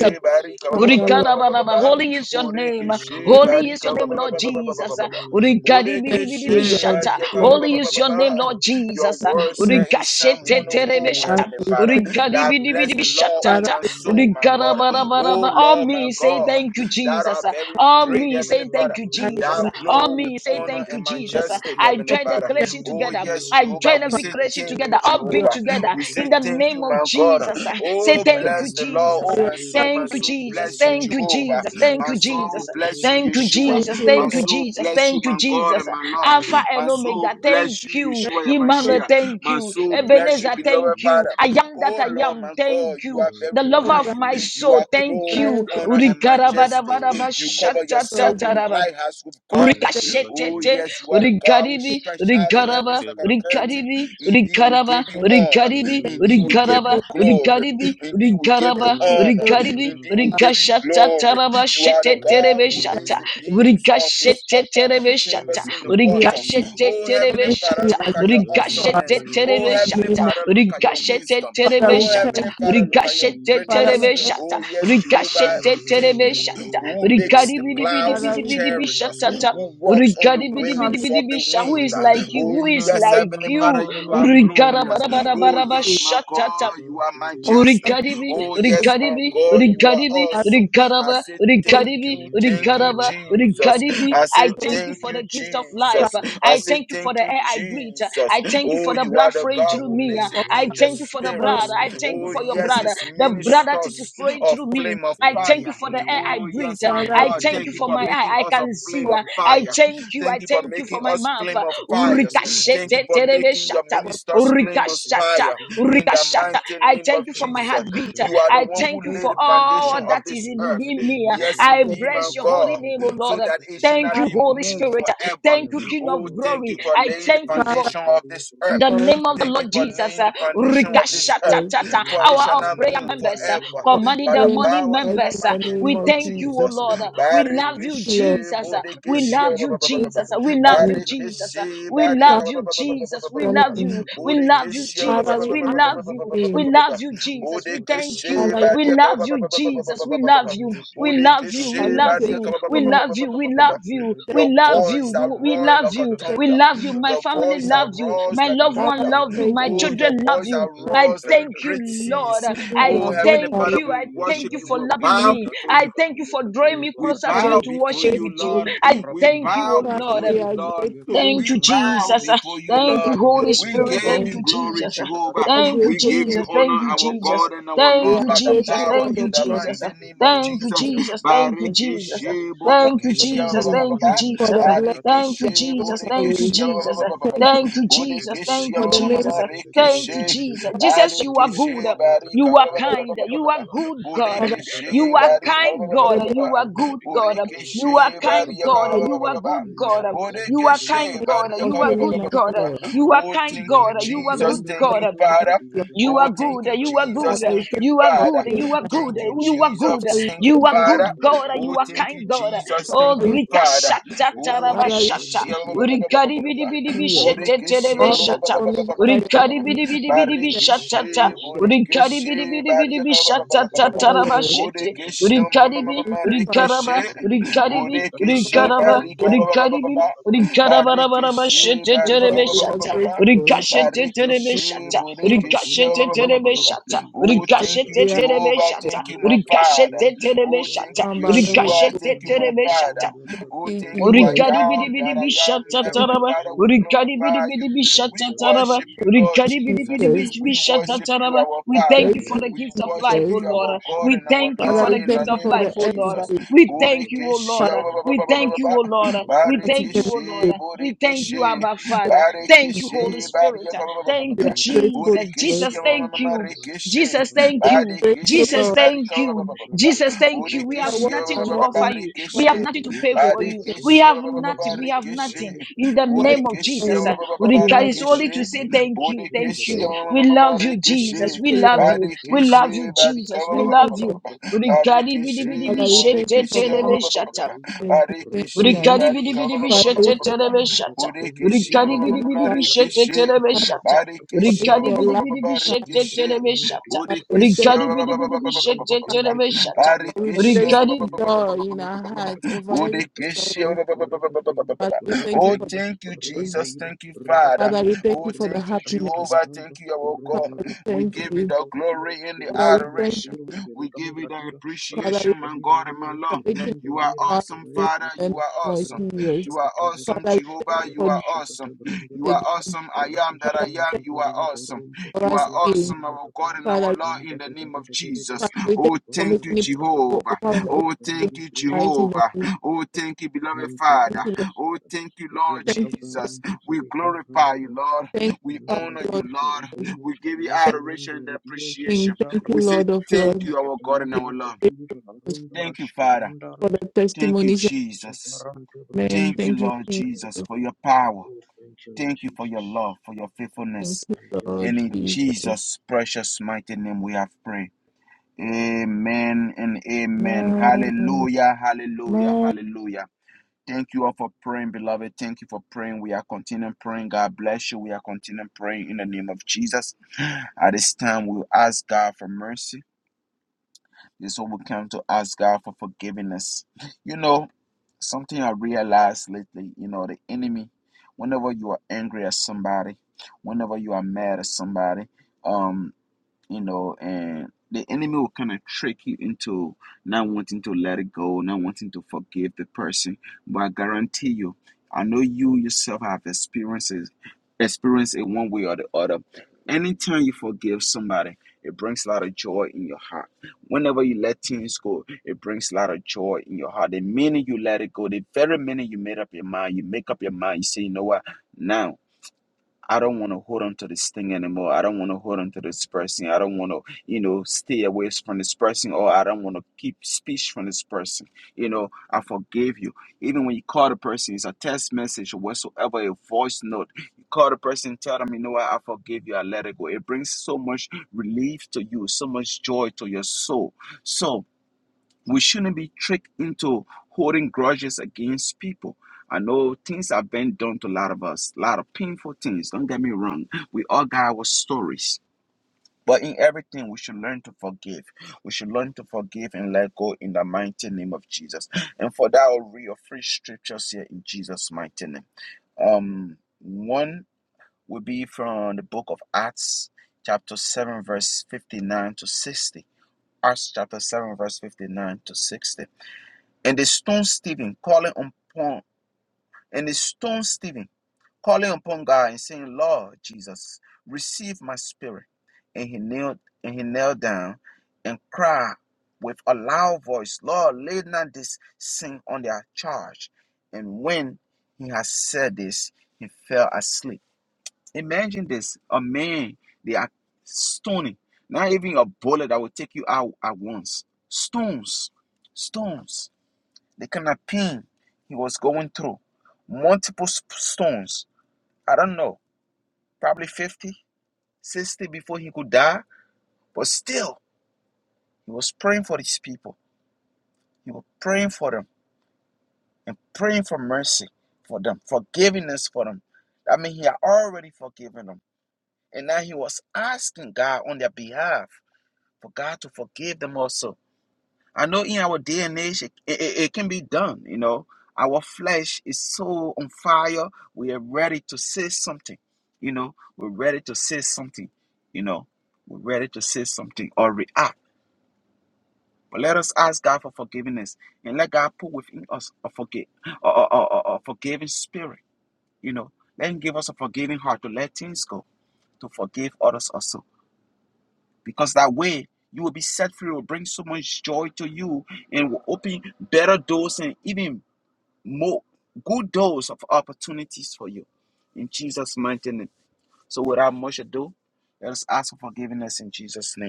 [SPEAKER 3] Thank you,
[SPEAKER 1] Barika,
[SPEAKER 3] Father, Lord.
[SPEAKER 5] Urikadabadaba. Holy is your name.
[SPEAKER 1] Borikishe,
[SPEAKER 3] Thank,
[SPEAKER 5] Holy is your
[SPEAKER 1] Barika,
[SPEAKER 5] name, Lord Jesus.
[SPEAKER 3] thank you,
[SPEAKER 1] Borikishe,
[SPEAKER 3] Lord.
[SPEAKER 5] Urikadibidibidibishata.
[SPEAKER 3] Lord.
[SPEAKER 5] Holy is your name,
[SPEAKER 1] Barika,
[SPEAKER 2] you.
[SPEAKER 5] Lord
[SPEAKER 1] your
[SPEAKER 5] Jesus.
[SPEAKER 3] Thank
[SPEAKER 1] word
[SPEAKER 3] you,
[SPEAKER 1] said in Psalm
[SPEAKER 2] And the
[SPEAKER 1] 104,
[SPEAKER 2] Tiro
[SPEAKER 3] Father,
[SPEAKER 5] Urikasheteterebeshata.
[SPEAKER 1] Heavenly
[SPEAKER 3] we
[SPEAKER 2] Sara
[SPEAKER 1] Father,
[SPEAKER 3] thank
[SPEAKER 1] that
[SPEAKER 2] Patoza
[SPEAKER 1] bless the
[SPEAKER 2] Liro
[SPEAKER 1] Lord, oh
[SPEAKER 3] Father,
[SPEAKER 2] Saka
[SPEAKER 5] Urikadibidibidibishata.
[SPEAKER 1] my
[SPEAKER 3] we thank
[SPEAKER 2] Branda
[SPEAKER 1] soul, my
[SPEAKER 2] Tiro
[SPEAKER 1] God.
[SPEAKER 2] Sara
[SPEAKER 1] Oh
[SPEAKER 5] Urikadabarabaraba.
[SPEAKER 2] Tiro
[SPEAKER 5] All
[SPEAKER 1] Lord, my
[SPEAKER 2] Saka
[SPEAKER 5] me say
[SPEAKER 1] God,
[SPEAKER 2] Bay
[SPEAKER 5] thank you,
[SPEAKER 1] that
[SPEAKER 5] Jesus.
[SPEAKER 1] are very
[SPEAKER 5] All
[SPEAKER 1] great,
[SPEAKER 5] me
[SPEAKER 1] Heavenly
[SPEAKER 5] say
[SPEAKER 2] Akaba
[SPEAKER 5] thank
[SPEAKER 1] Father.
[SPEAKER 5] you,
[SPEAKER 3] mighty
[SPEAKER 5] Jesus.
[SPEAKER 1] Thou
[SPEAKER 2] Babel
[SPEAKER 5] All
[SPEAKER 1] clothed
[SPEAKER 2] Karobo
[SPEAKER 1] with
[SPEAKER 5] me say
[SPEAKER 1] honor
[SPEAKER 5] thank
[SPEAKER 1] and
[SPEAKER 2] Suando
[SPEAKER 5] you, Jesus.
[SPEAKER 2] Branda
[SPEAKER 1] majestic,
[SPEAKER 5] I
[SPEAKER 2] Tiro
[SPEAKER 1] Heavenly
[SPEAKER 3] for
[SPEAKER 5] join the
[SPEAKER 1] Father.
[SPEAKER 2] Skila
[SPEAKER 3] protection,
[SPEAKER 5] creation
[SPEAKER 1] Oh
[SPEAKER 2] Umbra
[SPEAKER 5] together.
[SPEAKER 1] yes,
[SPEAKER 2] Niro
[SPEAKER 5] I
[SPEAKER 1] Jehovah.
[SPEAKER 5] join
[SPEAKER 1] We
[SPEAKER 2] Sara
[SPEAKER 3] Father,
[SPEAKER 5] every
[SPEAKER 1] say
[SPEAKER 5] creation together
[SPEAKER 1] thank
[SPEAKER 2] Tiko
[SPEAKER 1] you,
[SPEAKER 5] together, all
[SPEAKER 3] for your
[SPEAKER 5] being
[SPEAKER 2] Batia
[SPEAKER 1] Jehovah.
[SPEAKER 5] together
[SPEAKER 1] We
[SPEAKER 2] Kumba
[SPEAKER 1] say
[SPEAKER 5] in the
[SPEAKER 2] Tiro
[SPEAKER 1] thank
[SPEAKER 5] name
[SPEAKER 1] you,
[SPEAKER 5] of
[SPEAKER 1] my God.
[SPEAKER 5] Jesus. Uh, Say
[SPEAKER 1] Oh,
[SPEAKER 3] counsel,
[SPEAKER 5] thank you,
[SPEAKER 1] bless the Lord,
[SPEAKER 2] Mani
[SPEAKER 5] Jesus.
[SPEAKER 3] for
[SPEAKER 1] oh
[SPEAKER 5] Uh,
[SPEAKER 2] Niri
[SPEAKER 3] your
[SPEAKER 1] my
[SPEAKER 3] love.
[SPEAKER 2] Niri
[SPEAKER 1] soul, my
[SPEAKER 5] Thank you,
[SPEAKER 2] Niri
[SPEAKER 1] soul,
[SPEAKER 5] Jesus.
[SPEAKER 2] Shari
[SPEAKER 1] bless you,
[SPEAKER 5] Thank you,
[SPEAKER 2] Branda Diri
[SPEAKER 1] Jehovah.
[SPEAKER 5] Jesus. Thank
[SPEAKER 1] My
[SPEAKER 5] you,
[SPEAKER 2] Kabara Dira
[SPEAKER 1] soul,
[SPEAKER 5] Jesus.
[SPEAKER 2] Babra
[SPEAKER 1] bless
[SPEAKER 2] Niro
[SPEAKER 1] you,
[SPEAKER 5] Thank you,
[SPEAKER 2] Santa
[SPEAKER 1] Yeshua.
[SPEAKER 3] Thank
[SPEAKER 5] Jesus.
[SPEAKER 2] Bria
[SPEAKER 3] you,
[SPEAKER 1] My
[SPEAKER 2] Dia
[SPEAKER 5] Thank you,
[SPEAKER 3] Lord.
[SPEAKER 1] soul,
[SPEAKER 5] Jesus.
[SPEAKER 1] bless you,
[SPEAKER 5] Thank you,
[SPEAKER 1] my God
[SPEAKER 5] Jesus.
[SPEAKER 1] and my Lord.
[SPEAKER 2] Oh,
[SPEAKER 5] Alpha and
[SPEAKER 1] My
[SPEAKER 2] thank
[SPEAKER 1] soul
[SPEAKER 5] Omega,
[SPEAKER 2] you Lord
[SPEAKER 5] thank
[SPEAKER 1] bless you,
[SPEAKER 2] Jesus
[SPEAKER 5] you.
[SPEAKER 3] Thank
[SPEAKER 1] Yeshua
[SPEAKER 3] you, Lord,
[SPEAKER 5] Emmanuel,
[SPEAKER 1] Yamashia.
[SPEAKER 5] thank
[SPEAKER 1] My
[SPEAKER 5] you.
[SPEAKER 1] soul
[SPEAKER 2] Thank
[SPEAKER 1] bless you,
[SPEAKER 2] you
[SPEAKER 5] Ebenezer,
[SPEAKER 2] Lord
[SPEAKER 1] beloved
[SPEAKER 5] thank you.
[SPEAKER 2] Jesus
[SPEAKER 1] Father.
[SPEAKER 5] I am that
[SPEAKER 1] Oh
[SPEAKER 5] I
[SPEAKER 1] Lord,
[SPEAKER 5] am,
[SPEAKER 1] my God,
[SPEAKER 5] thank
[SPEAKER 1] you
[SPEAKER 5] you.
[SPEAKER 1] are
[SPEAKER 2] Thank
[SPEAKER 5] The
[SPEAKER 1] very
[SPEAKER 2] you
[SPEAKER 3] for
[SPEAKER 5] lover
[SPEAKER 2] Lord
[SPEAKER 5] of
[SPEAKER 1] great.
[SPEAKER 3] grand
[SPEAKER 5] my
[SPEAKER 2] Jesus
[SPEAKER 1] You
[SPEAKER 5] soul,
[SPEAKER 1] are
[SPEAKER 5] thank
[SPEAKER 1] clothed with
[SPEAKER 5] you.
[SPEAKER 3] trials of
[SPEAKER 1] honor
[SPEAKER 3] our
[SPEAKER 1] and
[SPEAKER 2] Thank
[SPEAKER 1] majesty.
[SPEAKER 2] you Lord
[SPEAKER 1] You cover
[SPEAKER 2] Jesus
[SPEAKER 1] yourself
[SPEAKER 3] soul.
[SPEAKER 1] with
[SPEAKER 5] Urikarabadabarabashatatataraba.
[SPEAKER 1] light as with
[SPEAKER 2] Thank
[SPEAKER 1] garment.
[SPEAKER 3] Thank
[SPEAKER 2] you, Lord
[SPEAKER 1] Oh
[SPEAKER 5] Rikashetete,
[SPEAKER 1] yes,
[SPEAKER 2] Jesus.
[SPEAKER 1] you are the God who
[SPEAKER 3] you.
[SPEAKER 5] rigaribi,
[SPEAKER 1] stretched out the
[SPEAKER 2] Thank
[SPEAKER 1] heavens
[SPEAKER 5] rigaraba,
[SPEAKER 2] you,
[SPEAKER 1] like a
[SPEAKER 2] Lord
[SPEAKER 1] curtain.
[SPEAKER 2] Jesus.
[SPEAKER 5] rigaribi,
[SPEAKER 1] Indeed, we
[SPEAKER 5] rigaraba,
[SPEAKER 1] give you honor.
[SPEAKER 2] You
[SPEAKER 5] rigaribi,
[SPEAKER 3] Thank
[SPEAKER 2] reign
[SPEAKER 1] Indeed, we
[SPEAKER 2] on
[SPEAKER 3] you,
[SPEAKER 1] give you
[SPEAKER 2] high.
[SPEAKER 5] rigaraba,
[SPEAKER 3] Jehovah.
[SPEAKER 1] glory.
[SPEAKER 5] rigaribi,
[SPEAKER 1] Indeed, we give you
[SPEAKER 3] Thank
[SPEAKER 5] rigaraba,
[SPEAKER 2] You are
[SPEAKER 3] you,
[SPEAKER 1] honor.
[SPEAKER 2] lifted
[SPEAKER 5] rigaribi,
[SPEAKER 2] above
[SPEAKER 1] Indeed, we
[SPEAKER 2] all.
[SPEAKER 1] give you
[SPEAKER 5] rigashata,
[SPEAKER 1] glory.
[SPEAKER 5] taraba,
[SPEAKER 1] You are the
[SPEAKER 5] shete,
[SPEAKER 2] There is
[SPEAKER 1] God
[SPEAKER 5] terebe,
[SPEAKER 1] who
[SPEAKER 3] Jehovah.
[SPEAKER 2] none
[SPEAKER 5] shata,
[SPEAKER 1] lays the
[SPEAKER 2] like you.
[SPEAKER 1] beams of his
[SPEAKER 5] rigashete,
[SPEAKER 1] upper
[SPEAKER 5] terebe, shata,
[SPEAKER 1] chambers
[SPEAKER 2] Thank
[SPEAKER 1] in the
[SPEAKER 2] you, Lord
[SPEAKER 3] We
[SPEAKER 1] waters.
[SPEAKER 3] appreciate
[SPEAKER 2] Jesus.
[SPEAKER 5] rigashete,
[SPEAKER 1] Oh,
[SPEAKER 5] terebe,
[SPEAKER 1] Heavenly
[SPEAKER 3] everything
[SPEAKER 1] Father,
[SPEAKER 3] you
[SPEAKER 5] shata,
[SPEAKER 3] are
[SPEAKER 1] look at
[SPEAKER 3] doing
[SPEAKER 1] your
[SPEAKER 3] for
[SPEAKER 2] Thank
[SPEAKER 3] us.
[SPEAKER 1] awesomeness.
[SPEAKER 5] rigashete,
[SPEAKER 2] you, Lord
[SPEAKER 1] Oh,
[SPEAKER 3] in the
[SPEAKER 1] Heavenly
[SPEAKER 5] Terebeshata,
[SPEAKER 3] Name
[SPEAKER 2] Jesus.
[SPEAKER 3] of
[SPEAKER 1] Father, look at your
[SPEAKER 5] Rigashete
[SPEAKER 1] wisdom.
[SPEAKER 3] Father,
[SPEAKER 5] terebe
[SPEAKER 3] we
[SPEAKER 1] Oh,
[SPEAKER 5] shata.
[SPEAKER 1] Heavenly
[SPEAKER 3] thank
[SPEAKER 2] Thank
[SPEAKER 3] you.
[SPEAKER 2] you,
[SPEAKER 1] Father, look
[SPEAKER 2] Lord
[SPEAKER 1] at your
[SPEAKER 5] Rigashete
[SPEAKER 2] Jesus.
[SPEAKER 3] Father,
[SPEAKER 1] greatness.
[SPEAKER 3] we
[SPEAKER 5] terebe
[SPEAKER 3] thank
[SPEAKER 1] Oh,
[SPEAKER 5] shata.
[SPEAKER 1] yes, Jehovah,
[SPEAKER 3] you.
[SPEAKER 2] Eh,
[SPEAKER 5] Rigashete
[SPEAKER 1] we thank
[SPEAKER 2] mana,
[SPEAKER 5] terebe
[SPEAKER 1] you.
[SPEAKER 2] mana,
[SPEAKER 5] shata.
[SPEAKER 2] bere,
[SPEAKER 1] Who
[SPEAKER 2] bere,
[SPEAKER 1] makes
[SPEAKER 5] Rigari
[SPEAKER 1] the
[SPEAKER 2] jolo,
[SPEAKER 5] bidi bidi
[SPEAKER 2] kote,
[SPEAKER 1] clouds his
[SPEAKER 3] Father,
[SPEAKER 5] bidi
[SPEAKER 2] yoko,
[SPEAKER 3] we
[SPEAKER 5] bidi
[SPEAKER 3] thank
[SPEAKER 5] bidi
[SPEAKER 1] chariots?
[SPEAKER 2] ni,
[SPEAKER 3] you
[SPEAKER 5] shata.
[SPEAKER 1] Who
[SPEAKER 5] ta.
[SPEAKER 2] ataba.
[SPEAKER 1] walks on the
[SPEAKER 5] Rigari
[SPEAKER 3] for
[SPEAKER 5] bidi
[SPEAKER 3] coming.
[SPEAKER 5] bidi
[SPEAKER 1] wings
[SPEAKER 5] bidi
[SPEAKER 1] of
[SPEAKER 5] bidi
[SPEAKER 1] the
[SPEAKER 5] sha. Who
[SPEAKER 1] wind?
[SPEAKER 5] is
[SPEAKER 2] Eh,
[SPEAKER 5] like you?
[SPEAKER 1] Oh,
[SPEAKER 5] Who
[SPEAKER 2] mani,
[SPEAKER 5] is
[SPEAKER 2] ana,
[SPEAKER 1] yes,
[SPEAKER 5] like
[SPEAKER 2] mana,
[SPEAKER 1] Heavenly Father,
[SPEAKER 5] you?
[SPEAKER 2] mama,
[SPEAKER 1] you are
[SPEAKER 5] Rigara
[SPEAKER 1] glorious.
[SPEAKER 2] mama,
[SPEAKER 5] bara
[SPEAKER 3] Thank
[SPEAKER 5] bara
[SPEAKER 2] jolo,
[SPEAKER 1] Oh,
[SPEAKER 5] bara bara
[SPEAKER 1] yes,
[SPEAKER 2] bini,
[SPEAKER 3] you
[SPEAKER 1] my
[SPEAKER 2] nafsha,
[SPEAKER 5] shata.
[SPEAKER 1] God,
[SPEAKER 2] kaba,
[SPEAKER 1] you are
[SPEAKER 2] tili,
[SPEAKER 3] to the Lord.
[SPEAKER 2] rosha,
[SPEAKER 1] majestic.
[SPEAKER 5] Urigadibi,
[SPEAKER 2] kadi,
[SPEAKER 1] Oh, yes,
[SPEAKER 2] rosu,
[SPEAKER 1] my
[SPEAKER 5] urigadibi,
[SPEAKER 1] God, you are
[SPEAKER 5] urigadibi,
[SPEAKER 1] awesome. I
[SPEAKER 5] urigadaba,
[SPEAKER 1] say,
[SPEAKER 3] for your
[SPEAKER 1] Thank
[SPEAKER 5] urigadibi,
[SPEAKER 1] you,
[SPEAKER 2] Rasa
[SPEAKER 1] thank you,
[SPEAKER 5] urigadaba,
[SPEAKER 1] Jesus.
[SPEAKER 5] urigadibi.
[SPEAKER 1] I say,
[SPEAKER 5] I
[SPEAKER 3] grace.
[SPEAKER 5] thank you
[SPEAKER 1] Thank
[SPEAKER 5] for
[SPEAKER 1] you,
[SPEAKER 5] the gift of
[SPEAKER 3] Our
[SPEAKER 5] life.
[SPEAKER 1] Jesus. I
[SPEAKER 5] I
[SPEAKER 1] say,
[SPEAKER 5] thank you for the
[SPEAKER 1] Thank you,
[SPEAKER 5] air I breathe.
[SPEAKER 1] Jesus.
[SPEAKER 5] I thank you
[SPEAKER 1] Oh,
[SPEAKER 5] for the
[SPEAKER 1] you are
[SPEAKER 5] blood
[SPEAKER 1] the
[SPEAKER 5] flowing
[SPEAKER 1] God
[SPEAKER 5] through
[SPEAKER 1] who
[SPEAKER 5] me.
[SPEAKER 1] makes
[SPEAKER 3] Father,
[SPEAKER 1] the
[SPEAKER 3] thank you
[SPEAKER 5] I
[SPEAKER 1] angel
[SPEAKER 5] thank you for the
[SPEAKER 3] for your showing Father for for us.
[SPEAKER 5] blood.
[SPEAKER 3] Father,
[SPEAKER 1] spirits.
[SPEAKER 5] I thank you
[SPEAKER 1] Oh,
[SPEAKER 5] for
[SPEAKER 3] we thank
[SPEAKER 5] your
[SPEAKER 3] you for your grace.
[SPEAKER 1] yes,
[SPEAKER 5] blood.
[SPEAKER 1] his
[SPEAKER 5] The blood that is
[SPEAKER 1] ministers
[SPEAKER 5] flowing
[SPEAKER 1] of
[SPEAKER 5] through me.
[SPEAKER 1] flame of
[SPEAKER 5] I thank you
[SPEAKER 1] fire.
[SPEAKER 5] for the air I
[SPEAKER 1] Oh,
[SPEAKER 5] breathe.
[SPEAKER 1] yes, my
[SPEAKER 5] I
[SPEAKER 1] God.
[SPEAKER 5] thank
[SPEAKER 1] Thank
[SPEAKER 5] you
[SPEAKER 1] you
[SPEAKER 5] for
[SPEAKER 1] for
[SPEAKER 5] my
[SPEAKER 1] making
[SPEAKER 5] eye. I
[SPEAKER 1] us a
[SPEAKER 5] can see.
[SPEAKER 1] flame of
[SPEAKER 5] I
[SPEAKER 1] fire.
[SPEAKER 5] thank you. I
[SPEAKER 1] Thank you for
[SPEAKER 5] thank you
[SPEAKER 1] making
[SPEAKER 5] for my
[SPEAKER 1] us
[SPEAKER 5] mouth.
[SPEAKER 1] flame of fires. Thank you
[SPEAKER 5] Urikashete
[SPEAKER 1] for
[SPEAKER 5] terebe
[SPEAKER 1] making your
[SPEAKER 5] shata.
[SPEAKER 1] ministers flame of
[SPEAKER 5] Urikashata.
[SPEAKER 1] fire. In the
[SPEAKER 5] Urikashata.
[SPEAKER 1] mighty
[SPEAKER 5] I
[SPEAKER 1] name
[SPEAKER 5] thank
[SPEAKER 1] of
[SPEAKER 5] you for my
[SPEAKER 1] Jesus,
[SPEAKER 5] heartbeat.
[SPEAKER 1] you
[SPEAKER 2] Roboshanta
[SPEAKER 1] are the
[SPEAKER 5] I
[SPEAKER 1] one who
[SPEAKER 5] thank you
[SPEAKER 1] laid
[SPEAKER 5] for
[SPEAKER 1] the
[SPEAKER 2] Rapapari
[SPEAKER 5] all
[SPEAKER 1] foundation
[SPEAKER 2] Peria
[SPEAKER 1] of
[SPEAKER 5] that is
[SPEAKER 1] this
[SPEAKER 5] in-
[SPEAKER 2] Barita
[SPEAKER 1] earth.
[SPEAKER 5] within me.
[SPEAKER 1] Yes,
[SPEAKER 2] Endoro
[SPEAKER 5] I
[SPEAKER 2] Doza
[SPEAKER 1] indeed, my
[SPEAKER 5] bless your holy
[SPEAKER 1] God
[SPEAKER 2] Lirondo
[SPEAKER 5] name, O
[SPEAKER 2] Roto
[SPEAKER 5] Lord.
[SPEAKER 1] so that it should
[SPEAKER 2] Shokuto
[SPEAKER 5] Thank
[SPEAKER 1] not
[SPEAKER 5] you,
[SPEAKER 1] be
[SPEAKER 5] Holy
[SPEAKER 1] moved
[SPEAKER 2] Brangadira
[SPEAKER 5] Spirit.
[SPEAKER 1] forever.
[SPEAKER 5] Thank you, King
[SPEAKER 2] Eripa
[SPEAKER 1] Oh,
[SPEAKER 5] of
[SPEAKER 1] thank
[SPEAKER 5] Glory.
[SPEAKER 1] you
[SPEAKER 2] Borobori
[SPEAKER 1] for
[SPEAKER 5] I
[SPEAKER 1] laying the
[SPEAKER 5] thank you for
[SPEAKER 3] Father,
[SPEAKER 2] Baraborande
[SPEAKER 1] foundation of
[SPEAKER 2] Peria
[SPEAKER 1] this
[SPEAKER 5] in
[SPEAKER 1] earth.
[SPEAKER 3] Father,
[SPEAKER 5] the
[SPEAKER 2] Borokato
[SPEAKER 3] Lord,
[SPEAKER 5] name of the
[SPEAKER 1] Thank you
[SPEAKER 5] Lord
[SPEAKER 1] for
[SPEAKER 2] Brangadiro
[SPEAKER 5] Jesus,
[SPEAKER 1] laying
[SPEAKER 5] uh,
[SPEAKER 1] the
[SPEAKER 2] Shakuto
[SPEAKER 3] thank
[SPEAKER 1] foundation
[SPEAKER 3] you
[SPEAKER 1] of
[SPEAKER 2] Brigadira
[SPEAKER 1] this
[SPEAKER 3] for
[SPEAKER 1] earth,
[SPEAKER 3] your grace,
[SPEAKER 5] rikashatatata,
[SPEAKER 1] for it
[SPEAKER 2] Yondo
[SPEAKER 5] hour
[SPEAKER 1] shall
[SPEAKER 5] of
[SPEAKER 1] not
[SPEAKER 2] Rondo
[SPEAKER 5] prayer
[SPEAKER 1] move
[SPEAKER 2] Rondo
[SPEAKER 5] members, uh,
[SPEAKER 2] Rondo
[SPEAKER 1] forever.
[SPEAKER 3] for
[SPEAKER 5] commanding
[SPEAKER 1] By
[SPEAKER 5] the
[SPEAKER 1] the
[SPEAKER 2] Rondo
[SPEAKER 3] offering us.
[SPEAKER 5] morning
[SPEAKER 2] Liro
[SPEAKER 1] power in
[SPEAKER 3] grace
[SPEAKER 1] the
[SPEAKER 5] members,
[SPEAKER 3] you
[SPEAKER 5] uh,
[SPEAKER 3] in the
[SPEAKER 1] mighty
[SPEAKER 2] Shokotiro
[SPEAKER 3] name
[SPEAKER 1] name
[SPEAKER 5] we
[SPEAKER 3] of
[SPEAKER 1] of
[SPEAKER 5] thank you,
[SPEAKER 2] Artiro
[SPEAKER 5] O
[SPEAKER 3] Jesus.
[SPEAKER 1] Jesus.
[SPEAKER 5] Lord. uh, we
[SPEAKER 2] Skerion
[SPEAKER 5] love you,
[SPEAKER 3] Lord,
[SPEAKER 1] Barikishe,
[SPEAKER 5] Jesus. uh, we
[SPEAKER 1] bodikishe,
[SPEAKER 2] Rekatayiza
[SPEAKER 5] love
[SPEAKER 1] ba-
[SPEAKER 2] de
[SPEAKER 5] you,
[SPEAKER 1] ba-
[SPEAKER 2] de
[SPEAKER 1] ba- ba- ba-
[SPEAKER 3] thank
[SPEAKER 1] ba-
[SPEAKER 2] dum
[SPEAKER 5] Jesus.
[SPEAKER 1] ba.
[SPEAKER 2] da
[SPEAKER 5] uh, we
[SPEAKER 2] dum
[SPEAKER 3] you
[SPEAKER 5] love
[SPEAKER 2] da
[SPEAKER 3] in your
[SPEAKER 5] you,
[SPEAKER 3] name.
[SPEAKER 2] dia dum
[SPEAKER 5] Jesus. uh,
[SPEAKER 2] da
[SPEAKER 1] Barikishe,
[SPEAKER 2] dio
[SPEAKER 5] we love
[SPEAKER 1] bariyaka,
[SPEAKER 3] Father,
[SPEAKER 1] ba- ba-
[SPEAKER 5] you,
[SPEAKER 1] ba- ba- ba-
[SPEAKER 2] shakatira.
[SPEAKER 1] ba- ba-
[SPEAKER 5] Jesus.
[SPEAKER 1] ba-
[SPEAKER 5] We
[SPEAKER 1] ba-
[SPEAKER 3] in
[SPEAKER 1] ba-
[SPEAKER 5] love
[SPEAKER 1] ba.
[SPEAKER 3] your name.
[SPEAKER 5] you.
[SPEAKER 2] Rebutum
[SPEAKER 5] We
[SPEAKER 2] da
[SPEAKER 5] love you,
[SPEAKER 1] Bodikishe, ba-
[SPEAKER 2] rikete
[SPEAKER 1] ba-
[SPEAKER 3] Father,
[SPEAKER 5] Jesus.
[SPEAKER 1] ba-
[SPEAKER 3] we
[SPEAKER 1] ba-
[SPEAKER 5] We
[SPEAKER 1] ba-
[SPEAKER 3] honor
[SPEAKER 1] ba- ba-
[SPEAKER 5] love
[SPEAKER 1] ba- ba-
[SPEAKER 2] volumini
[SPEAKER 5] you.
[SPEAKER 1] ba-
[SPEAKER 2] de
[SPEAKER 1] ba- ba-
[SPEAKER 3] you.
[SPEAKER 2] de
[SPEAKER 5] We
[SPEAKER 1] ba-
[SPEAKER 5] love you,
[SPEAKER 2] kabaruka
[SPEAKER 5] Jesus. We thank
[SPEAKER 2] paribadaga.
[SPEAKER 5] you.
[SPEAKER 3] Father, we
[SPEAKER 5] We love you,
[SPEAKER 2] Rebushum
[SPEAKER 5] Jesus,
[SPEAKER 1] ba-
[SPEAKER 5] we
[SPEAKER 2] kutu
[SPEAKER 1] ba-
[SPEAKER 5] love
[SPEAKER 1] ba.
[SPEAKER 5] you.
[SPEAKER 2] branga
[SPEAKER 5] We
[SPEAKER 2] tiro
[SPEAKER 5] love you.
[SPEAKER 2] shar
[SPEAKER 3] I
[SPEAKER 5] We
[SPEAKER 1] Bodikishe,
[SPEAKER 3] lift
[SPEAKER 5] love
[SPEAKER 2] tiro
[SPEAKER 3] you
[SPEAKER 1] bariyaka,
[SPEAKER 5] you.
[SPEAKER 3] to
[SPEAKER 1] ba- ba-
[SPEAKER 3] see
[SPEAKER 1] ba-
[SPEAKER 5] We
[SPEAKER 1] ba- ba- ba- ba- ba- ba- ba- ba- ba- ba. Bodikishe, bariyaka, ba- ba- ba- ba- ba-
[SPEAKER 2] shatada.
[SPEAKER 3] my
[SPEAKER 5] love
[SPEAKER 1] ba-
[SPEAKER 5] you.
[SPEAKER 1] ba-
[SPEAKER 5] We
[SPEAKER 1] ba- ba- ba.
[SPEAKER 5] love
[SPEAKER 2] Anta
[SPEAKER 5] you.
[SPEAKER 2] da
[SPEAKER 3] thank
[SPEAKER 5] We
[SPEAKER 1] Your
[SPEAKER 5] love
[SPEAKER 3] you
[SPEAKER 1] voice
[SPEAKER 5] you.
[SPEAKER 1] that
[SPEAKER 5] You-
[SPEAKER 2] shatanda
[SPEAKER 5] We
[SPEAKER 2] da
[SPEAKER 1] roars
[SPEAKER 5] love
[SPEAKER 1] like
[SPEAKER 5] you.
[SPEAKER 1] a
[SPEAKER 2] shatatam
[SPEAKER 3] for
[SPEAKER 2] da
[SPEAKER 5] We
[SPEAKER 2] da
[SPEAKER 5] love you.
[SPEAKER 1] thunder.
[SPEAKER 2] shatam
[SPEAKER 5] My
[SPEAKER 1] Your
[SPEAKER 3] thank
[SPEAKER 5] family
[SPEAKER 1] voice
[SPEAKER 3] you.
[SPEAKER 1] that
[SPEAKER 5] love you.
[SPEAKER 1] roars
[SPEAKER 5] My
[SPEAKER 1] like
[SPEAKER 5] loved
[SPEAKER 3] Father,
[SPEAKER 5] one
[SPEAKER 3] we
[SPEAKER 1] thunder.
[SPEAKER 5] love you.
[SPEAKER 2] da shatanda
[SPEAKER 3] thank
[SPEAKER 2] da
[SPEAKER 5] My
[SPEAKER 2] da
[SPEAKER 1] Oh,
[SPEAKER 3] you.
[SPEAKER 2] da. Anta da da shatada da
[SPEAKER 1] your
[SPEAKER 5] children love
[SPEAKER 1] voice
[SPEAKER 2] shatam da
[SPEAKER 1] that
[SPEAKER 5] you. I
[SPEAKER 1] roars like the
[SPEAKER 5] thank you,
[SPEAKER 1] great
[SPEAKER 5] Lord.
[SPEAKER 1] seas.
[SPEAKER 3] Testimonies you
[SPEAKER 5] I
[SPEAKER 1] Oh,
[SPEAKER 3] have brought
[SPEAKER 1] Heavenly
[SPEAKER 5] thank
[SPEAKER 3] our way.
[SPEAKER 1] Father,
[SPEAKER 2] dunda
[SPEAKER 5] you.
[SPEAKER 1] we
[SPEAKER 5] I
[SPEAKER 2] dia da da
[SPEAKER 5] thank
[SPEAKER 1] worship
[SPEAKER 5] you
[SPEAKER 1] you.
[SPEAKER 5] for
[SPEAKER 1] We
[SPEAKER 2] dunda
[SPEAKER 5] loving
[SPEAKER 1] bow
[SPEAKER 3] Thank
[SPEAKER 5] me.
[SPEAKER 3] you.
[SPEAKER 1] before you.
[SPEAKER 5] I thank you
[SPEAKER 2] dia da
[SPEAKER 5] for drawing me
[SPEAKER 2] shatadadam da
[SPEAKER 1] We
[SPEAKER 2] da
[SPEAKER 5] closer to
[SPEAKER 3] Father,
[SPEAKER 5] you
[SPEAKER 3] we
[SPEAKER 1] bow
[SPEAKER 3] are
[SPEAKER 5] to
[SPEAKER 1] before
[SPEAKER 5] worship
[SPEAKER 2] shatadadada.
[SPEAKER 1] you,
[SPEAKER 5] with you.
[SPEAKER 1] Lord.
[SPEAKER 3] grateful.
[SPEAKER 5] I
[SPEAKER 1] We
[SPEAKER 5] thank you,
[SPEAKER 2] Rapunto
[SPEAKER 1] bow
[SPEAKER 5] oh
[SPEAKER 2] da da da
[SPEAKER 3] Father,
[SPEAKER 5] Lord.
[SPEAKER 1] before
[SPEAKER 3] we
[SPEAKER 1] you,
[SPEAKER 3] are
[SPEAKER 2] da da
[SPEAKER 1] Lord.
[SPEAKER 2] dia
[SPEAKER 3] grateful.
[SPEAKER 5] Thank
[SPEAKER 1] We
[SPEAKER 5] you,
[SPEAKER 2] kuparam da
[SPEAKER 1] bow
[SPEAKER 5] Jesus.
[SPEAKER 2] dia
[SPEAKER 1] before you,
[SPEAKER 3] Father, we
[SPEAKER 5] Thank
[SPEAKER 3] are
[SPEAKER 5] you,
[SPEAKER 1] Lord.
[SPEAKER 5] Holy
[SPEAKER 2] Rapunto
[SPEAKER 1] We
[SPEAKER 3] grateful,
[SPEAKER 2] mani
[SPEAKER 5] Spirit.
[SPEAKER 1] give
[SPEAKER 5] Thank
[SPEAKER 1] you
[SPEAKER 2] hamshke
[SPEAKER 5] you,
[SPEAKER 3] Lord.
[SPEAKER 2] da da da
[SPEAKER 1] glory,
[SPEAKER 5] Jesus.
[SPEAKER 2] da da da
[SPEAKER 3] We
[SPEAKER 2] da
[SPEAKER 1] Jehovah.
[SPEAKER 3] are
[SPEAKER 5] Thank you,
[SPEAKER 1] We
[SPEAKER 3] grateful,
[SPEAKER 2] da
[SPEAKER 1] give
[SPEAKER 3] King.
[SPEAKER 1] you
[SPEAKER 5] Jesus.
[SPEAKER 2] Rapunto
[SPEAKER 1] honor,
[SPEAKER 5] Thank you,
[SPEAKER 2] dia
[SPEAKER 1] our
[SPEAKER 2] te
[SPEAKER 5] Jesus.
[SPEAKER 1] God
[SPEAKER 2] palaya
[SPEAKER 1] and our
[SPEAKER 5] Thank
[SPEAKER 3] We
[SPEAKER 1] Lord,
[SPEAKER 5] you,
[SPEAKER 3] are
[SPEAKER 1] by the
[SPEAKER 2] Rapus
[SPEAKER 5] Jesus.
[SPEAKER 3] grateful,
[SPEAKER 1] power
[SPEAKER 5] Thank
[SPEAKER 3] Lord
[SPEAKER 5] you,
[SPEAKER 1] in
[SPEAKER 2] kutum
[SPEAKER 3] of
[SPEAKER 1] the
[SPEAKER 3] Lords.
[SPEAKER 2] brati
[SPEAKER 5] Jesus.
[SPEAKER 1] mighty name of
[SPEAKER 2] kudurum
[SPEAKER 5] Thank you,
[SPEAKER 1] Jesus.
[SPEAKER 3] Thank
[SPEAKER 2] doria da
[SPEAKER 5] Jesus.
[SPEAKER 2] da
[SPEAKER 5] Thank
[SPEAKER 2] da
[SPEAKER 5] you,
[SPEAKER 3] you.
[SPEAKER 2] da da
[SPEAKER 5] Jesus.
[SPEAKER 2] da
[SPEAKER 1] Barikeshe,
[SPEAKER 3] Father,
[SPEAKER 5] Thank you,
[SPEAKER 2] Anin
[SPEAKER 1] Borikeshe,
[SPEAKER 3] thank
[SPEAKER 5] Jesus.
[SPEAKER 1] ba, ba,
[SPEAKER 3] you
[SPEAKER 1] ba,
[SPEAKER 2] nin
[SPEAKER 1] ba,
[SPEAKER 5] Thank you,
[SPEAKER 2] anin da
[SPEAKER 3] for
[SPEAKER 1] ba.
[SPEAKER 5] Jesus.
[SPEAKER 3] the
[SPEAKER 2] dia
[SPEAKER 3] blessing
[SPEAKER 2] da da da da
[SPEAKER 5] Thank
[SPEAKER 3] you
[SPEAKER 5] you,
[SPEAKER 2] da
[SPEAKER 1] Barikeshe,
[SPEAKER 3] have
[SPEAKER 5] Jesus.
[SPEAKER 3] brought our
[SPEAKER 2] da
[SPEAKER 5] Thank you,
[SPEAKER 3] way.
[SPEAKER 1] Borikeshe,
[SPEAKER 2] da
[SPEAKER 1] ba,
[SPEAKER 2] da da
[SPEAKER 1] ba,
[SPEAKER 5] Jesus.
[SPEAKER 1] ba, ba, ba,
[SPEAKER 2] da da da da da
[SPEAKER 1] ba,
[SPEAKER 3] Thank
[SPEAKER 1] ba.
[SPEAKER 3] you
[SPEAKER 5] Thank
[SPEAKER 2] shkere
[SPEAKER 5] you,
[SPEAKER 2] da da da
[SPEAKER 5] Jesus.
[SPEAKER 2] da
[SPEAKER 1] Borikeshe,
[SPEAKER 5] Thank
[SPEAKER 2] da da
[SPEAKER 3] for
[SPEAKER 5] you,
[SPEAKER 3] the
[SPEAKER 1] ma, ma, ma,
[SPEAKER 3] many
[SPEAKER 5] Jesus.
[SPEAKER 1] ma,
[SPEAKER 2] In da da da da
[SPEAKER 5] Thank you,
[SPEAKER 2] da
[SPEAKER 1] Rekeshe.
[SPEAKER 2] da da da
[SPEAKER 5] Jesus.
[SPEAKER 2] da da
[SPEAKER 5] Jesus,
[SPEAKER 3] Thank
[SPEAKER 5] you
[SPEAKER 2] shkere
[SPEAKER 5] are
[SPEAKER 2] da da da
[SPEAKER 5] good.
[SPEAKER 1] Barikeshe,
[SPEAKER 2] dia da da
[SPEAKER 1] Barika,
[SPEAKER 5] You
[SPEAKER 2] da
[SPEAKER 5] are
[SPEAKER 1] ba,
[SPEAKER 2] da
[SPEAKER 1] ba, ba,
[SPEAKER 3] you,
[SPEAKER 1] ba,
[SPEAKER 2] da
[SPEAKER 1] ba,
[SPEAKER 5] kind.
[SPEAKER 1] ba,
[SPEAKER 2] dia
[SPEAKER 1] ba,
[SPEAKER 2] da
[SPEAKER 5] You
[SPEAKER 1] ba,
[SPEAKER 5] are
[SPEAKER 1] ba.
[SPEAKER 2] da
[SPEAKER 5] good, God.
[SPEAKER 2] Ayen
[SPEAKER 3] Father,
[SPEAKER 2] da da da
[SPEAKER 5] You
[SPEAKER 2] da da
[SPEAKER 5] are
[SPEAKER 2] da da da da da
[SPEAKER 1] Barika,
[SPEAKER 5] kind,
[SPEAKER 3] for the
[SPEAKER 5] God.
[SPEAKER 3] many
[SPEAKER 5] You
[SPEAKER 2] da
[SPEAKER 5] are good,
[SPEAKER 2] da
[SPEAKER 5] God.
[SPEAKER 2] da da
[SPEAKER 1] Borekeshe
[SPEAKER 5] You are
[SPEAKER 2] Rapper,
[SPEAKER 5] kind,
[SPEAKER 3] for
[SPEAKER 1] bariyaka
[SPEAKER 5] God.
[SPEAKER 1] ba
[SPEAKER 3] healing.
[SPEAKER 5] You are good, God. You are
[SPEAKER 1] Borekeshe
[SPEAKER 5] kind,
[SPEAKER 3] Thank
[SPEAKER 5] God.
[SPEAKER 3] you
[SPEAKER 1] bariyaka
[SPEAKER 5] You
[SPEAKER 3] for
[SPEAKER 5] are
[SPEAKER 1] ba
[SPEAKER 3] healing
[SPEAKER 5] good,
[SPEAKER 3] us,
[SPEAKER 5] God.
[SPEAKER 3] Lord.
[SPEAKER 5] You are
[SPEAKER 1] Oh,
[SPEAKER 5] kind,
[SPEAKER 1] thank you,
[SPEAKER 5] God. You are
[SPEAKER 3] Thank you
[SPEAKER 1] Jesus.
[SPEAKER 5] good,
[SPEAKER 1] Thank
[SPEAKER 3] for
[SPEAKER 1] you,
[SPEAKER 5] God.
[SPEAKER 3] healing
[SPEAKER 1] Father.
[SPEAKER 3] us.
[SPEAKER 5] You
[SPEAKER 1] Oh,
[SPEAKER 5] are
[SPEAKER 1] thank
[SPEAKER 5] good.
[SPEAKER 1] you,
[SPEAKER 5] You are good.
[SPEAKER 1] Jesus.
[SPEAKER 3] Father, we
[SPEAKER 1] Thank
[SPEAKER 3] thank you
[SPEAKER 1] you,
[SPEAKER 5] You are
[SPEAKER 3] for
[SPEAKER 5] good.
[SPEAKER 1] Father.
[SPEAKER 3] healing.
[SPEAKER 5] You are good.
[SPEAKER 1] Thank you,
[SPEAKER 5] You are good.
[SPEAKER 3] Father,
[SPEAKER 1] Jesus.
[SPEAKER 3] we
[SPEAKER 1] Thank you,
[SPEAKER 5] You
[SPEAKER 3] thank
[SPEAKER 5] are
[SPEAKER 3] you.
[SPEAKER 5] good
[SPEAKER 1] Father.
[SPEAKER 5] God.
[SPEAKER 1] Oh,
[SPEAKER 5] You are
[SPEAKER 1] thank you,
[SPEAKER 5] kind God.
[SPEAKER 1] Jesus.
[SPEAKER 3] Father,
[SPEAKER 5] Oh,
[SPEAKER 1] Thank you,
[SPEAKER 3] we,
[SPEAKER 5] Grika
[SPEAKER 1] Father.
[SPEAKER 5] shata taraba
[SPEAKER 3] Father, we
[SPEAKER 5] shata.
[SPEAKER 1] Borekeshe
[SPEAKER 3] thank
[SPEAKER 1] ba
[SPEAKER 3] you,
[SPEAKER 5] Urikari bidi bidi bi
[SPEAKER 3] Jesus.
[SPEAKER 5] shete
[SPEAKER 3] For
[SPEAKER 1] Borekeshe
[SPEAKER 5] terebe
[SPEAKER 3] all
[SPEAKER 1] ba
[SPEAKER 3] the
[SPEAKER 5] shata.
[SPEAKER 3] promises that you have
[SPEAKER 5] Urikari
[SPEAKER 3] made,
[SPEAKER 5] bidi bidi bidi bi
[SPEAKER 3] thank
[SPEAKER 5] shata
[SPEAKER 3] you,
[SPEAKER 1] Barikeshe,
[SPEAKER 3] Jesus.
[SPEAKER 5] Urikari bidi
[SPEAKER 1] Borekeshe,
[SPEAKER 5] bidi bidi bi shata ta
[SPEAKER 1] Bariyaka,
[SPEAKER 3] Father,
[SPEAKER 5] taraba
[SPEAKER 3] Lord.
[SPEAKER 5] shete.
[SPEAKER 1] Borekeshe, Mamma,
[SPEAKER 5] Urikari
[SPEAKER 1] Mamma,
[SPEAKER 5] bi.
[SPEAKER 3] Thank
[SPEAKER 1] Mamma,
[SPEAKER 3] you, Father.
[SPEAKER 5] Rikaraba,
[SPEAKER 1] Rekeshe.
[SPEAKER 2] Thank
[SPEAKER 5] Rikaribi,
[SPEAKER 1] Borekeshe
[SPEAKER 5] Rikaraba,
[SPEAKER 3] God,
[SPEAKER 1] barika
[SPEAKER 3] we are,
[SPEAKER 1] ba ba ba ba ba
[SPEAKER 5] Rikaribim,
[SPEAKER 1] ba.
[SPEAKER 5] Rikarabarabaraba,
[SPEAKER 1] Barekeshe
[SPEAKER 3] Lord,
[SPEAKER 1] barika
[SPEAKER 5] Sheteterebe
[SPEAKER 1] ba
[SPEAKER 3] we
[SPEAKER 1] ba ba
[SPEAKER 3] are
[SPEAKER 1] ba
[SPEAKER 5] Shata,
[SPEAKER 1] ba ba.
[SPEAKER 3] grateful.
[SPEAKER 5] Rikasheteterebe
[SPEAKER 3] In the
[SPEAKER 1] Barekeshe
[SPEAKER 5] Shata,
[SPEAKER 3] name of
[SPEAKER 1] borekeshe ba ba ba
[SPEAKER 3] Jesus.
[SPEAKER 1] ba ba
[SPEAKER 5] Rikasheteterebe
[SPEAKER 1] ba ba.
[SPEAKER 5] Shata,
[SPEAKER 3] Father,
[SPEAKER 1] Oh, thank you,
[SPEAKER 3] we are
[SPEAKER 5] Rikasheteterebe
[SPEAKER 1] Jehovah.
[SPEAKER 5] Shata,
[SPEAKER 1] Thank you, my Father.
[SPEAKER 5] Rikasheteterebe
[SPEAKER 1] Oh, thank
[SPEAKER 5] Shata,
[SPEAKER 3] found
[SPEAKER 1] you,
[SPEAKER 3] by the Holy
[SPEAKER 1] Yeshua. Thank you, my
[SPEAKER 5] Rikasheteterebe Shata,
[SPEAKER 1] Father. Oh,
[SPEAKER 3] Spirit,
[SPEAKER 1] thank you, I
[SPEAKER 3] Jesus.
[SPEAKER 5] Urikari biri
[SPEAKER 1] am
[SPEAKER 5] biri
[SPEAKER 1] that I am.
[SPEAKER 5] bishata
[SPEAKER 3] Thank
[SPEAKER 1] Heavenly
[SPEAKER 5] taraba.
[SPEAKER 1] Father, we
[SPEAKER 5] Urikari
[SPEAKER 2] you.
[SPEAKER 5] biri
[SPEAKER 1] glorify you.
[SPEAKER 5] biri
[SPEAKER 2] Thank
[SPEAKER 5] bishata
[SPEAKER 1] We
[SPEAKER 2] you, Lord
[SPEAKER 5] taraba.
[SPEAKER 1] worship you,
[SPEAKER 2] Jesus.
[SPEAKER 1] Lord
[SPEAKER 5] Urikari
[SPEAKER 3] you,
[SPEAKER 5] biri biri
[SPEAKER 1] Jesus.
[SPEAKER 2] Thank
[SPEAKER 3] Jesus.
[SPEAKER 2] you,
[SPEAKER 5] bish-
[SPEAKER 2] Lord
[SPEAKER 1] We
[SPEAKER 5] bishata
[SPEAKER 2] Jesus.
[SPEAKER 1] worship you,
[SPEAKER 5] taraba.
[SPEAKER 1] our
[SPEAKER 5] We
[SPEAKER 2] Thank
[SPEAKER 1] Father.
[SPEAKER 5] thank
[SPEAKER 2] you,
[SPEAKER 5] you
[SPEAKER 3] Thank
[SPEAKER 5] for the
[SPEAKER 2] Holy
[SPEAKER 1] We
[SPEAKER 5] gift
[SPEAKER 3] you,
[SPEAKER 5] of
[SPEAKER 2] Spirit.
[SPEAKER 1] worship
[SPEAKER 5] life, O
[SPEAKER 3] Jesus.
[SPEAKER 1] you,
[SPEAKER 5] Lord.
[SPEAKER 1] our
[SPEAKER 2] Hallelujah.
[SPEAKER 1] God
[SPEAKER 5] We
[SPEAKER 1] and
[SPEAKER 2] Prate
[SPEAKER 1] our
[SPEAKER 5] thank you
[SPEAKER 3] Father,
[SPEAKER 5] for
[SPEAKER 2] kumbra
[SPEAKER 3] we
[SPEAKER 1] Lord,
[SPEAKER 5] the
[SPEAKER 1] in the
[SPEAKER 5] gift
[SPEAKER 3] thank you
[SPEAKER 5] of
[SPEAKER 3] for
[SPEAKER 1] name
[SPEAKER 2] diroshka.
[SPEAKER 5] life,
[SPEAKER 3] the
[SPEAKER 1] of
[SPEAKER 5] O
[SPEAKER 3] early
[SPEAKER 5] Lord.
[SPEAKER 1] Jesus.
[SPEAKER 2] Ambra
[SPEAKER 3] days.
[SPEAKER 2] ketsa
[SPEAKER 5] We
[SPEAKER 2] iya
[SPEAKER 5] thank you, O
[SPEAKER 2] lairoshka.
[SPEAKER 1] Burikishi
[SPEAKER 3] Father,
[SPEAKER 5] Lord.
[SPEAKER 2] Riyambra
[SPEAKER 5] We thank you,
[SPEAKER 2] diroshka.
[SPEAKER 5] O Lord. We
[SPEAKER 3] that you
[SPEAKER 5] thank
[SPEAKER 3] can
[SPEAKER 5] you,
[SPEAKER 3] make
[SPEAKER 5] O Lord.
[SPEAKER 1] Barikishi
[SPEAKER 2] Sivasa
[SPEAKER 3] it,
[SPEAKER 5] We thank you,
[SPEAKER 2] Jembra
[SPEAKER 1] Burikishi
[SPEAKER 2] days
[SPEAKER 5] Abba Father. Thank you,
[SPEAKER 3] Jesus.
[SPEAKER 5] Holy
[SPEAKER 1] Barikishi
[SPEAKER 5] Spirit thank
[SPEAKER 1] Bariyakababa
[SPEAKER 3] We
[SPEAKER 5] you,
[SPEAKER 3] are grateful,
[SPEAKER 5] Jesus.
[SPEAKER 3] Lord.
[SPEAKER 1] Burikishi
[SPEAKER 5] Jesus, thank you.
[SPEAKER 1] Marikishi
[SPEAKER 5] Jesus, thank
[SPEAKER 3] We are
[SPEAKER 5] you.
[SPEAKER 3] grateful, Lord.
[SPEAKER 1] Barikishi
[SPEAKER 5] Jesus, thank you.
[SPEAKER 1] Barikababa
[SPEAKER 5] Jesus, thank you. We have
[SPEAKER 3] But
[SPEAKER 1] Burikishi
[SPEAKER 3] what
[SPEAKER 5] nothing
[SPEAKER 3] I
[SPEAKER 5] to
[SPEAKER 3] know
[SPEAKER 5] offer
[SPEAKER 3] enough,
[SPEAKER 5] you. We
[SPEAKER 3] what we
[SPEAKER 5] have
[SPEAKER 1] Barikishi
[SPEAKER 3] have
[SPEAKER 5] nothing
[SPEAKER 3] to
[SPEAKER 5] to pay
[SPEAKER 3] say
[SPEAKER 5] for you.
[SPEAKER 3] is
[SPEAKER 5] We
[SPEAKER 1] Barikishi
[SPEAKER 5] have
[SPEAKER 3] thank
[SPEAKER 5] nothing.
[SPEAKER 3] you.
[SPEAKER 5] We have
[SPEAKER 1] Barikishi
[SPEAKER 5] nothing. In the
[SPEAKER 3] What
[SPEAKER 5] name of
[SPEAKER 3] I know
[SPEAKER 1] Burikishi
[SPEAKER 5] Jesus, uh,
[SPEAKER 3] enough,
[SPEAKER 5] we
[SPEAKER 3] what we have
[SPEAKER 5] rejoice only to
[SPEAKER 1] Barikishi
[SPEAKER 5] say thank you. Thank
[SPEAKER 3] to
[SPEAKER 5] you.
[SPEAKER 1] Burikishi
[SPEAKER 3] say.
[SPEAKER 5] We love you, Jesus.
[SPEAKER 1] Marikishi
[SPEAKER 3] Thank
[SPEAKER 5] We
[SPEAKER 3] you,
[SPEAKER 5] love
[SPEAKER 3] Lord.
[SPEAKER 5] you. We love
[SPEAKER 1] Barikishi
[SPEAKER 5] you, Jesus. We
[SPEAKER 3] Thank you,
[SPEAKER 5] love
[SPEAKER 3] Lord.
[SPEAKER 5] you.
[SPEAKER 1] Barikababa
[SPEAKER 5] We regard it, we- we- we-
[SPEAKER 1] Barikishi,
[SPEAKER 5] we
[SPEAKER 3] Father, we
[SPEAKER 5] shake,
[SPEAKER 2] at
[SPEAKER 3] thank
[SPEAKER 2] the
[SPEAKER 3] you
[SPEAKER 5] take,
[SPEAKER 3] for
[SPEAKER 1] Burikishi,
[SPEAKER 5] take,
[SPEAKER 2] Bronco
[SPEAKER 5] we
[SPEAKER 3] coming
[SPEAKER 2] to
[SPEAKER 5] shut up.
[SPEAKER 2] Bracatanga,
[SPEAKER 3] and
[SPEAKER 2] Rumba
[SPEAKER 3] defending
[SPEAKER 1] Barikishi,
[SPEAKER 3] us.
[SPEAKER 5] Rikari bidi
[SPEAKER 1] Barika,
[SPEAKER 5] bidi bir
[SPEAKER 3] Father, we
[SPEAKER 5] şete
[SPEAKER 3] thank you
[SPEAKER 5] terebe şata.
[SPEAKER 1] Burikishi,
[SPEAKER 5] Rikari
[SPEAKER 3] for
[SPEAKER 5] bidi
[SPEAKER 3] every
[SPEAKER 5] biri
[SPEAKER 3] time,
[SPEAKER 5] bir şete
[SPEAKER 1] Marikishi,
[SPEAKER 5] terebe
[SPEAKER 3] Father,
[SPEAKER 5] şata.
[SPEAKER 3] for
[SPEAKER 1] Barikishi, Barikishi,
[SPEAKER 3] making
[SPEAKER 5] Rikari
[SPEAKER 3] your
[SPEAKER 5] biri
[SPEAKER 3] life
[SPEAKER 5] biri bir
[SPEAKER 3] time.
[SPEAKER 5] şete terebe şata.
[SPEAKER 3] Father, we thank
[SPEAKER 1] Burikishi,
[SPEAKER 5] Rikari
[SPEAKER 3] you,
[SPEAKER 5] biri biri bir şete
[SPEAKER 3] Father,
[SPEAKER 5] terebe
[SPEAKER 3] for
[SPEAKER 1] Barikishi,
[SPEAKER 5] Rikari
[SPEAKER 3] replacing joy in our hearts over every
[SPEAKER 1] Burikishi.
[SPEAKER 3] sorrow. Father, we thank you
[SPEAKER 1] Oh,
[SPEAKER 3] for
[SPEAKER 1] thank you,
[SPEAKER 3] the joy.
[SPEAKER 1] Jesus. Thank you, Father.
[SPEAKER 3] Father, we thank
[SPEAKER 1] Oh,
[SPEAKER 3] you for the
[SPEAKER 1] thank you,
[SPEAKER 3] happiness.
[SPEAKER 1] Jehovah. Thank you, our
[SPEAKER 3] Father,
[SPEAKER 1] God.
[SPEAKER 3] we
[SPEAKER 1] We
[SPEAKER 3] thank
[SPEAKER 1] give you
[SPEAKER 3] you.
[SPEAKER 1] the
[SPEAKER 2] Rondo
[SPEAKER 1] glory and the
[SPEAKER 3] Father, we
[SPEAKER 2] Rondo
[SPEAKER 3] thank
[SPEAKER 1] adoration.
[SPEAKER 3] you.
[SPEAKER 1] We give you the
[SPEAKER 3] Father,
[SPEAKER 1] appreciation, my
[SPEAKER 2] Reketeira
[SPEAKER 1] God and my
[SPEAKER 3] for
[SPEAKER 1] Lord.
[SPEAKER 2] liroshkere
[SPEAKER 3] making
[SPEAKER 2] ande
[SPEAKER 1] You are
[SPEAKER 3] us
[SPEAKER 1] awesome,
[SPEAKER 2] liroshkere
[SPEAKER 3] great
[SPEAKER 1] Father.
[SPEAKER 3] in the
[SPEAKER 1] You
[SPEAKER 2] vradira.
[SPEAKER 1] are
[SPEAKER 3] name
[SPEAKER 1] awesome.
[SPEAKER 3] of
[SPEAKER 1] You
[SPEAKER 3] Jesus.
[SPEAKER 1] are
[SPEAKER 2] Reposhekete
[SPEAKER 1] awesome,
[SPEAKER 2] verebe.
[SPEAKER 3] Father,
[SPEAKER 1] Jehovah. You are
[SPEAKER 3] we
[SPEAKER 2] Reposhekete
[SPEAKER 1] awesome.
[SPEAKER 2] brende
[SPEAKER 1] You
[SPEAKER 3] thank
[SPEAKER 1] are
[SPEAKER 3] you
[SPEAKER 2] deska.
[SPEAKER 1] awesome. I am
[SPEAKER 3] for
[SPEAKER 1] that I
[SPEAKER 3] this again. Father, we
[SPEAKER 2] Reposhente
[SPEAKER 1] am.
[SPEAKER 3] thank
[SPEAKER 1] You are
[SPEAKER 2] veria
[SPEAKER 1] awesome.
[SPEAKER 3] you
[SPEAKER 2] borumpo
[SPEAKER 3] for
[SPEAKER 1] You are
[SPEAKER 3] us
[SPEAKER 2] foria
[SPEAKER 3] again.
[SPEAKER 1] awesome,
[SPEAKER 2] kaparia
[SPEAKER 1] our God
[SPEAKER 2] dabada.
[SPEAKER 1] and our
[SPEAKER 3] Father,
[SPEAKER 1] Lord, in the
[SPEAKER 2] Indeke
[SPEAKER 1] name
[SPEAKER 2] deke
[SPEAKER 1] of
[SPEAKER 2] deke deke
[SPEAKER 1] Jesus.
[SPEAKER 3] Father,
[SPEAKER 2] deke
[SPEAKER 3] we thank
[SPEAKER 2] deke
[SPEAKER 1] Oh,
[SPEAKER 3] you for
[SPEAKER 1] thank
[SPEAKER 2] bondo
[SPEAKER 1] you,
[SPEAKER 3] making
[SPEAKER 2] de
[SPEAKER 3] it
[SPEAKER 2] daba.
[SPEAKER 3] possible
[SPEAKER 1] Jehovah.
[SPEAKER 3] over and over
[SPEAKER 2] Oh,
[SPEAKER 1] Oh,
[SPEAKER 3] again in
[SPEAKER 2] thank
[SPEAKER 1] thank
[SPEAKER 2] you,
[SPEAKER 1] you,
[SPEAKER 3] our
[SPEAKER 2] gracious
[SPEAKER 3] lives in
[SPEAKER 2] Father.
[SPEAKER 3] the
[SPEAKER 1] Jehovah.
[SPEAKER 3] name.
[SPEAKER 1] Oh, thank you, beloved
[SPEAKER 2] Thank you,
[SPEAKER 1] Father.
[SPEAKER 3] Thank you, Lord.
[SPEAKER 2] gracious
[SPEAKER 1] Oh,
[SPEAKER 2] Father.
[SPEAKER 1] thank you,
[SPEAKER 2] If you
[SPEAKER 1] Lord
[SPEAKER 2] let
[SPEAKER 3] Thank
[SPEAKER 2] up
[SPEAKER 3] you, dear.
[SPEAKER 1] Jesus.
[SPEAKER 2] around to see
[SPEAKER 1] We
[SPEAKER 2] the comfort
[SPEAKER 1] glorify you,
[SPEAKER 2] Noroshka,
[SPEAKER 1] Lord.
[SPEAKER 3] Thank you,
[SPEAKER 1] We
[SPEAKER 2] in
[SPEAKER 1] honor
[SPEAKER 3] Father,
[SPEAKER 1] you,
[SPEAKER 3] Lord.
[SPEAKER 2] Karadushka, the
[SPEAKER 1] Lord. We
[SPEAKER 2] Koroshka,
[SPEAKER 1] give you
[SPEAKER 2] the Everon,
[SPEAKER 1] adoration
[SPEAKER 2] the
[SPEAKER 1] and
[SPEAKER 2] Rediroshka,
[SPEAKER 3] Thank
[SPEAKER 2] the
[SPEAKER 1] appreciation.
[SPEAKER 3] you, thank you,
[SPEAKER 1] We say
[SPEAKER 2] Zabradira,
[SPEAKER 3] Lord of
[SPEAKER 1] thank
[SPEAKER 3] Lord.
[SPEAKER 1] you, our God
[SPEAKER 2] Rekatays,
[SPEAKER 1] and
[SPEAKER 3] We
[SPEAKER 2] all
[SPEAKER 1] our
[SPEAKER 2] of
[SPEAKER 1] Lord.
[SPEAKER 3] are
[SPEAKER 2] Ratush, and
[SPEAKER 3] grateful
[SPEAKER 1] Thank you,
[SPEAKER 2] Arundarashka,
[SPEAKER 1] Father.
[SPEAKER 3] for the
[SPEAKER 1] Thank you,
[SPEAKER 3] testimonies of
[SPEAKER 1] Jesus.
[SPEAKER 2] the
[SPEAKER 3] men.
[SPEAKER 1] Thank
[SPEAKER 3] Thank
[SPEAKER 1] you,
[SPEAKER 3] you,
[SPEAKER 1] Lord
[SPEAKER 3] Jesus.
[SPEAKER 1] Jesus, for
[SPEAKER 2] Yadaba.
[SPEAKER 1] your power.
[SPEAKER 2] Oh, thank you, Lord
[SPEAKER 1] Thank you for
[SPEAKER 2] Jesus.
[SPEAKER 1] your love, for your
[SPEAKER 3] Thank
[SPEAKER 1] faithfulness.
[SPEAKER 3] you,
[SPEAKER 2] Thank you, Lord
[SPEAKER 3] Lord
[SPEAKER 1] And in
[SPEAKER 2] Jesus.
[SPEAKER 3] Jesus.
[SPEAKER 1] Jesus' precious mighty name we have prayed. Amen and amen.
[SPEAKER 3] Amen.
[SPEAKER 1] Hallelujah, hallelujah, hallelujah. Thank you all for praying, beloved. Thank you for praying. We are continuing praying. God bless you. We are continuing praying in the name of Jesus. At this time, we ask God for mercy. This is what we come to ask God for forgiveness. You know, something I realized lately, you know, the enemy, whenever you are angry at somebody, whenever you are mad at somebody, um, you know, and the enemy will kind of trick you into not wanting to let it go, not wanting to forgive the person. But I guarantee you, I know you yourself have experiences, experienced it one way or the other. Anytime you forgive somebody, it brings a lot of joy in your heart. Whenever you let things go, it brings a lot of joy in your heart. The minute you let it go, the very minute you made up your mind, you make up your mind, you say, you know what, now. I don't want to hold on to this thing anymore. I don't want to hold on to this person. I don't want to, you know, stay away from this person or I don't want to keep speech from this person. You know, I forgive you. Even when you call the person, it's a text message or whatsoever, a voice note. You call the person, tell them, you know what, I forgive you, I let it go. It brings so much relief to you, so much joy to your soul. So, we shouldn't be tricked into holding grudges against people. I know things have been done to a lot of us, a lot of painful things. Don't get me wrong. We all got our stories. But in everything, we should learn to forgive. We should learn to forgive and let go in the mighty name of Jesus. And for that, I'll read a free scriptures here in Jesus' mighty name. Um, one will be from the book of Acts, chapter 7, verse 59 to 60. Acts chapter 7, verse 59 to 60. And they stoned Stephen, calling upon and they stoned Stephen, calling upon God and saying, Lord Jesus, receive my spirit. And he knelt and he knelt down and cried with a loud voice, Lord, lay not this sin on their charge. And when he had said this, he fell asleep. Imagine this a man they are stoning, not even a bullet that will take you out at once. Stones, stones the kind of pain he was going through. Multiple stones. I don't know, probably 50, 60 before he could die. But still, he was praying for his people. He was praying for them and praying for mercy for them, forgiveness for them. I mean, he had already forgiven them. And now he was asking God on their behalf for God to forgive them also. I know in our DNA sh- it, it, it can be done. You know, our flesh is so on fire. We are ready to say something. You know, we're ready to say something. You know, we're ready to say something or react. But let us ask God for forgiveness and let God put within us a forgive a a a or- forgiving spirit. You know, let Him give us a forgiving heart to let things go, to forgive others also because that way you will be set free. It will bring so much joy to you and will open better doors and even more good doors of opportunities for you in Jesus' mighty name. So, without much ado, let us ask for forgiveness in Jesus' name.